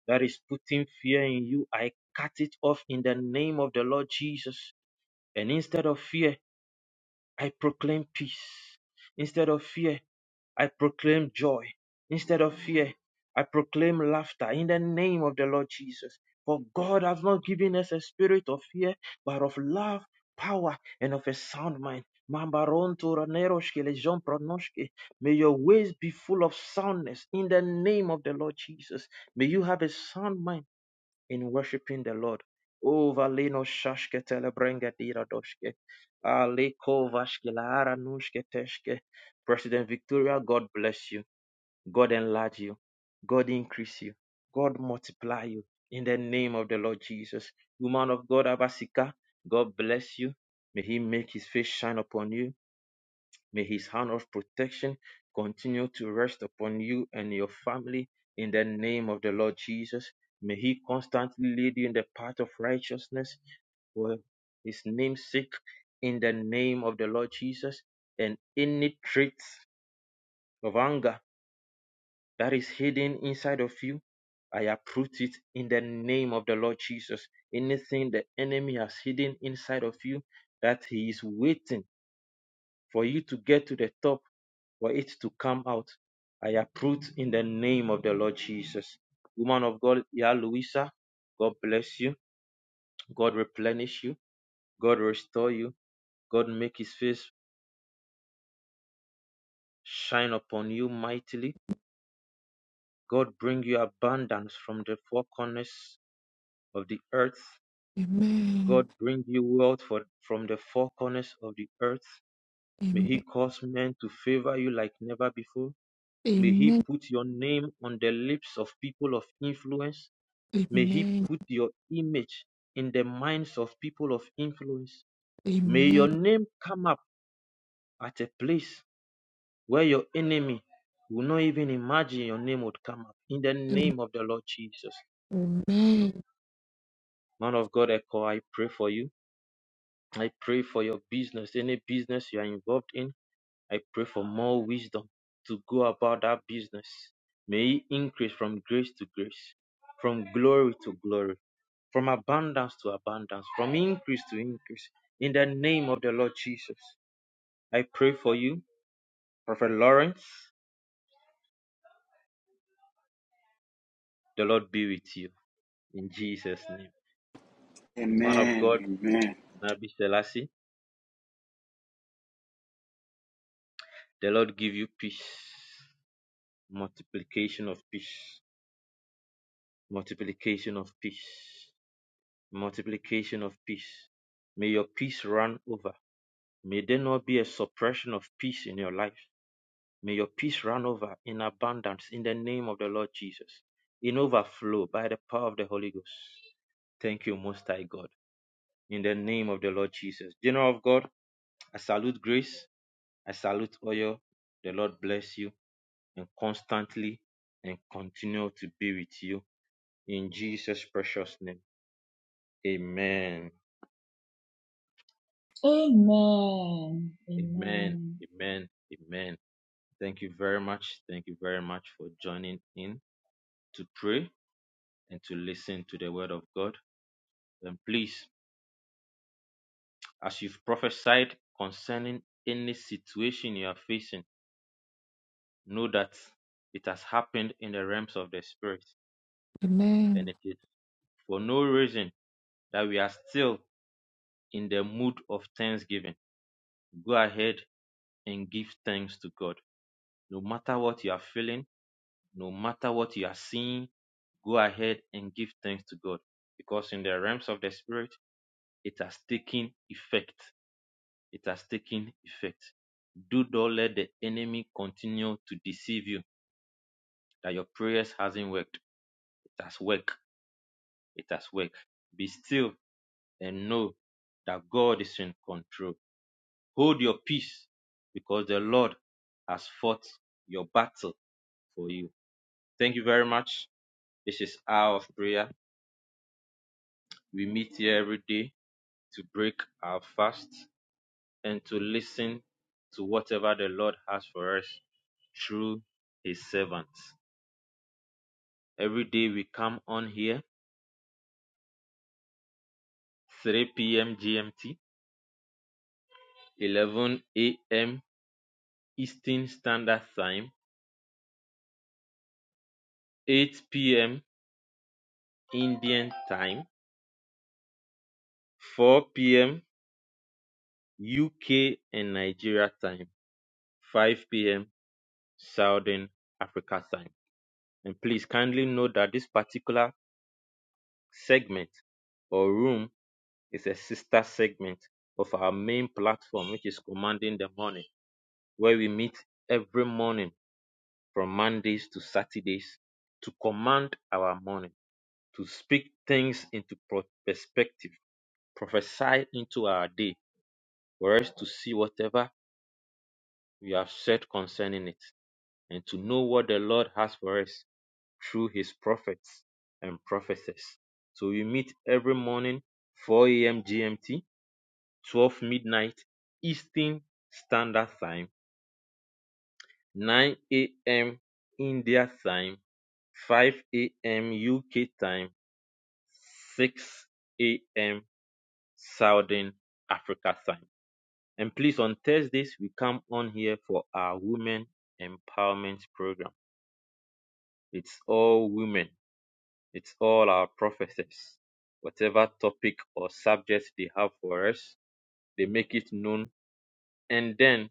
[SPEAKER 2] that is putting fear in you, I cut it off in the name of the Lord Jesus. And instead of fear, I proclaim peace. Instead of fear, I proclaim joy instead of fear. I proclaim laughter in the name of the Lord Jesus. For God has not given us a spirit of fear, but of love, power, and of a sound mind. May your ways be full of soundness in the name of the Lord Jesus. May you have a sound mind in worshiping the Lord. O valino shashke telebrenga dira doshke. Aleko vashke laara nushke teshke. President Victoria, God bless you. God enlarge you. God increase you. God multiply you in the name of the Lord Jesus. Woman of God, Abasika, God bless you. May he make his face shine upon you. May his hand of protection continue to rest upon you and your family in the name of the Lord Jesus. May he constantly lead you in the path of righteousness for his name's sake in the name of the Lord Jesus. And any traits of anger that is hidden inside of you, I uproot it in the name of the Lord Jesus. Anything the enemy has hidden inside of you that he is waiting for you to get to the top for it to come out. I uproot in the name of the Lord Jesus. Woman of God, Ya Louisa, God bless you. God replenish you. God restore you. God make his face shine upon you mightily. God bring you abundance from the four corners of the earth. God
[SPEAKER 3] Amen.
[SPEAKER 2] bring you wealth for, from the four corners of the earth. May he
[SPEAKER 3] Amen.
[SPEAKER 2] cause men to favor you like never before. May he
[SPEAKER 3] Amen.
[SPEAKER 2] put your name on the lips of people of influence May He
[SPEAKER 3] Amen.
[SPEAKER 2] put your image in the minds of people of influence. May your
[SPEAKER 3] Amen.
[SPEAKER 2] name come up at a place where your enemy will not even imagine your name would come up. In the
[SPEAKER 3] Amen.
[SPEAKER 2] name of the Lord Jesus.
[SPEAKER 3] Amen.
[SPEAKER 2] Man of God, Echo, I pray for you. I pray for your business, any business you are involved in. I pray for more wisdom to go about that business. May it increase from grace to grace, from glory to glory from abundance to abundance, from increase to increase. In the name of the Lord Jesus, I pray for you, Prophet Lawrence. The Lord be with you in Jesus' name. Man of God,
[SPEAKER 1] Amen. Amen.
[SPEAKER 2] Nabi Selassie, the Lord give you peace, multiplication of peace, multiplication of peace, multiplication of peace. May your peace run over. May there not be a suppression of peace in your life. May your peace run over in abundance in the name of the Lord Jesus, in overflow by the power of the Holy Ghost. Thank you, Most High God, in the name of the Lord Jesus. General of God, I salute grace, I salute oil. The Lord bless you and constantly and continue to be with you in Jesus' precious name. Amen.
[SPEAKER 5] Amen.
[SPEAKER 2] Amen.
[SPEAKER 5] Amen.
[SPEAKER 2] Amen. Amen. Thank you very much. Thank you very much for joining in to pray and to listen to the word of God. Then please, as you've prophesied concerning any situation you are facing, know that it has happened in the realms of the spirit. And
[SPEAKER 3] Amen.
[SPEAKER 2] it is for no reason that we are still in the mood of thanksgiving. Go ahead and give thanks to God. No matter what you are feeling, no matter what you are seeing, go ahead and give thanks to God. Because in the realms of the spirit, it has taken effect. It has taken effect. Do not let the enemy continue to deceive you that your prayers hasn't worked. It has worked. It has worked. Be still and know that God is in control. Hold your peace because the Lord has fought your battle for you. Thank you very much. This is Hour of Prayer. We meet here every day to break our fast and to listen to whatever the Lord has for us through his servants. every day we come on here 3 p.m. GMT, 11 a.m. Eastern Standard Time, 8 p.m. Indian Time, 4 p.m. UK and Nigeria Time, 5 p.m. Southern Africa Time. And please kindly note that this particular segment or room is a sister segment of our main platform, which is Commanding the Morning, where we meet every morning from Mondays to Saturdays to command our morning, to speak things into perspective, prophesy into our day, for us to see whatever we have said concerning it, and to know what the Lord has for us through his prophets and prophetess. So we meet every morning, 4 a.m. GMT, 12 midnight Eastern Standard Time, 9 a.m. India time, 5 a.m. UK time. 6 a.m. Southern Africa time. And please, on Thursdays, we come on here for our Women Empowerment Program. It's all women, it's all our professors. Whatever topic or subject they have for us, they make it known and then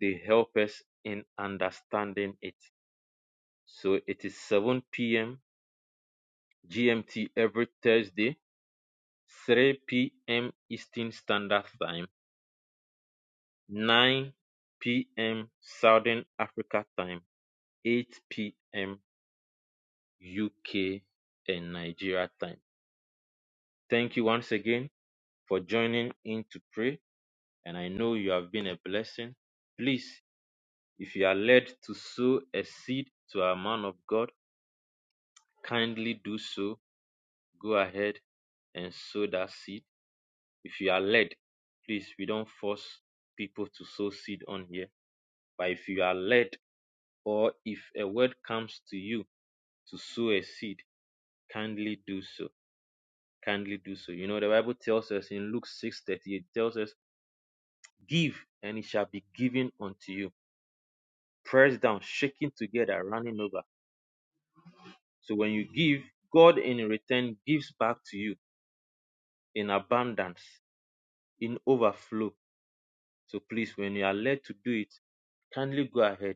[SPEAKER 2] they help us in understanding it. So it is 7 p.m. GMT every Thursday, 3 p.m. Eastern Standard Time. 9pm Southern Africa time, 8pm UK and Nigeria time. Thank you once again for joining in to pray. And I know you have been a blessing. Please, if you are led to sow a seed to a man of God, kindly do so. Go ahead and sow that seed. If you are led, please, we don't force people to sow seed on here. But if you are led or if a word comes to you to sow a seed, kindly do so. Kindly do so. You know, the Bible tells us in Luke six thirty-eight. 38, tells us, Give and it shall be given unto you. Pressed down, shaking together, running over. So when you give, God in return gives back to you in abundance, in overflow. So please, when you are led to do it, kindly go ahead.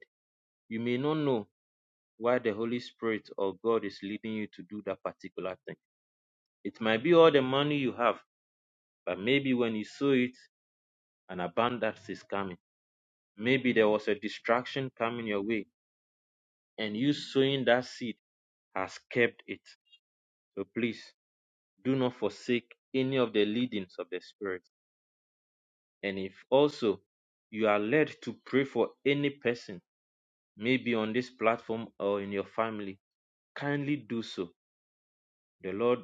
[SPEAKER 2] You may not know why the Holy Spirit or God is leading you to do that particular thing. It might be all the money you have, but maybe when you sow it, An abundance is coming. Maybe there was a distraction coming your way, and you sowing that seed has kept it. So please do not forsake any of the leadings of the Spirit. And if also you are led to pray for any person, maybe on this platform or in your family, kindly do so. The Lord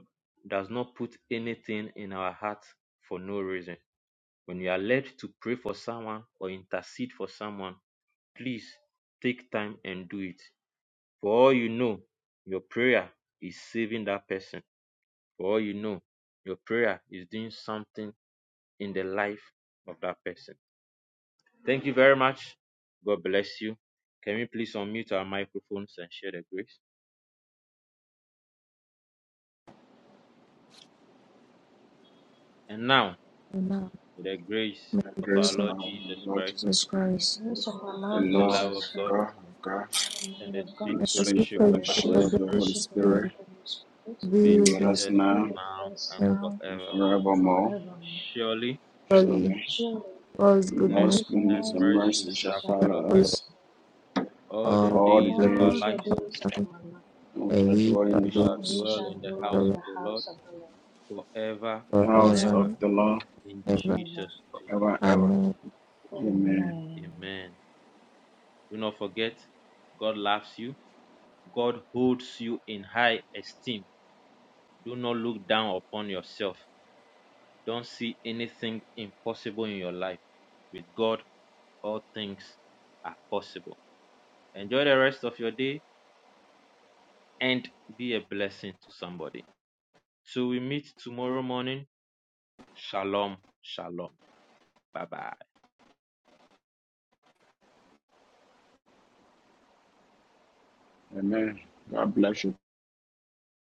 [SPEAKER 2] does not put anything in our hearts for no reason. When you are led to pray for someone or intercede for someone, please take time and do it. For all you know, your prayer is saving that person. For all you know, your prayer is doing something in the life of that person. Thank you very much. God bless you. Can we please unmute our microphones and share the grace? And now,
[SPEAKER 3] And now,
[SPEAKER 2] with the grace
[SPEAKER 3] may
[SPEAKER 1] The
[SPEAKER 3] the
[SPEAKER 2] of our
[SPEAKER 1] grace
[SPEAKER 3] grace
[SPEAKER 1] of
[SPEAKER 3] of
[SPEAKER 2] Lord
[SPEAKER 1] our
[SPEAKER 2] Jesus
[SPEAKER 1] Lord
[SPEAKER 2] Christ,
[SPEAKER 3] Christ
[SPEAKER 1] Jesus
[SPEAKER 3] our
[SPEAKER 1] Christ, the
[SPEAKER 2] the
[SPEAKER 3] Lord
[SPEAKER 1] love
[SPEAKER 2] love of
[SPEAKER 1] of
[SPEAKER 2] God,
[SPEAKER 1] God, of God,
[SPEAKER 2] and the
[SPEAKER 1] and
[SPEAKER 2] sweet
[SPEAKER 1] the
[SPEAKER 3] and the
[SPEAKER 1] sweet
[SPEAKER 3] sweet
[SPEAKER 2] fellowship
[SPEAKER 3] fellowship
[SPEAKER 2] of the
[SPEAKER 1] fellowship
[SPEAKER 2] Holy
[SPEAKER 3] of
[SPEAKER 1] of
[SPEAKER 3] the
[SPEAKER 1] the
[SPEAKER 2] Spirit
[SPEAKER 3] Holy
[SPEAKER 1] Holy Spirit
[SPEAKER 3] Spirit be
[SPEAKER 1] be
[SPEAKER 2] Remain
[SPEAKER 3] with
[SPEAKER 1] with
[SPEAKER 2] with
[SPEAKER 3] us
[SPEAKER 1] us
[SPEAKER 2] us
[SPEAKER 1] now
[SPEAKER 2] now and
[SPEAKER 3] and
[SPEAKER 1] and
[SPEAKER 2] forever.
[SPEAKER 1] forevermore.
[SPEAKER 2] Surely
[SPEAKER 3] fully
[SPEAKER 1] Surely.
[SPEAKER 3] God's goodness
[SPEAKER 1] Lord's
[SPEAKER 2] goodness and
[SPEAKER 1] goodness and
[SPEAKER 2] mercy
[SPEAKER 1] mercy shall
[SPEAKER 2] shall
[SPEAKER 3] shall
[SPEAKER 2] follow
[SPEAKER 1] follow
[SPEAKER 3] follow
[SPEAKER 2] us
[SPEAKER 3] us
[SPEAKER 1] us
[SPEAKER 2] all the
[SPEAKER 3] all
[SPEAKER 1] all the
[SPEAKER 2] days of
[SPEAKER 3] the
[SPEAKER 2] our
[SPEAKER 3] days
[SPEAKER 1] days,
[SPEAKER 2] lives,
[SPEAKER 3] of our life,
[SPEAKER 1] and we
[SPEAKER 3] and
[SPEAKER 1] shall
[SPEAKER 3] we
[SPEAKER 1] dwell
[SPEAKER 3] shall
[SPEAKER 2] and
[SPEAKER 1] in
[SPEAKER 2] we
[SPEAKER 1] the
[SPEAKER 3] do
[SPEAKER 2] shall
[SPEAKER 1] house,
[SPEAKER 2] dwell in the
[SPEAKER 3] the
[SPEAKER 2] house of
[SPEAKER 3] Lord
[SPEAKER 2] the Lord forever and
[SPEAKER 1] house
[SPEAKER 3] forever
[SPEAKER 2] ever.
[SPEAKER 1] of
[SPEAKER 3] and
[SPEAKER 1] the Lord
[SPEAKER 2] In
[SPEAKER 3] ever.
[SPEAKER 2] Jesus'
[SPEAKER 1] forever and ever.
[SPEAKER 3] Amen.
[SPEAKER 1] Amen.
[SPEAKER 2] name, amen. Do not forget, God loves you. God holds you in high esteem. Do not look down upon yourself. Don't see anything impossible in your life. With God, all things are possible. Enjoy the rest of your day and be a blessing to somebody. So we meet tomorrow morning. Shalom. Shalom. Bye bye.
[SPEAKER 1] Amen. God bless you.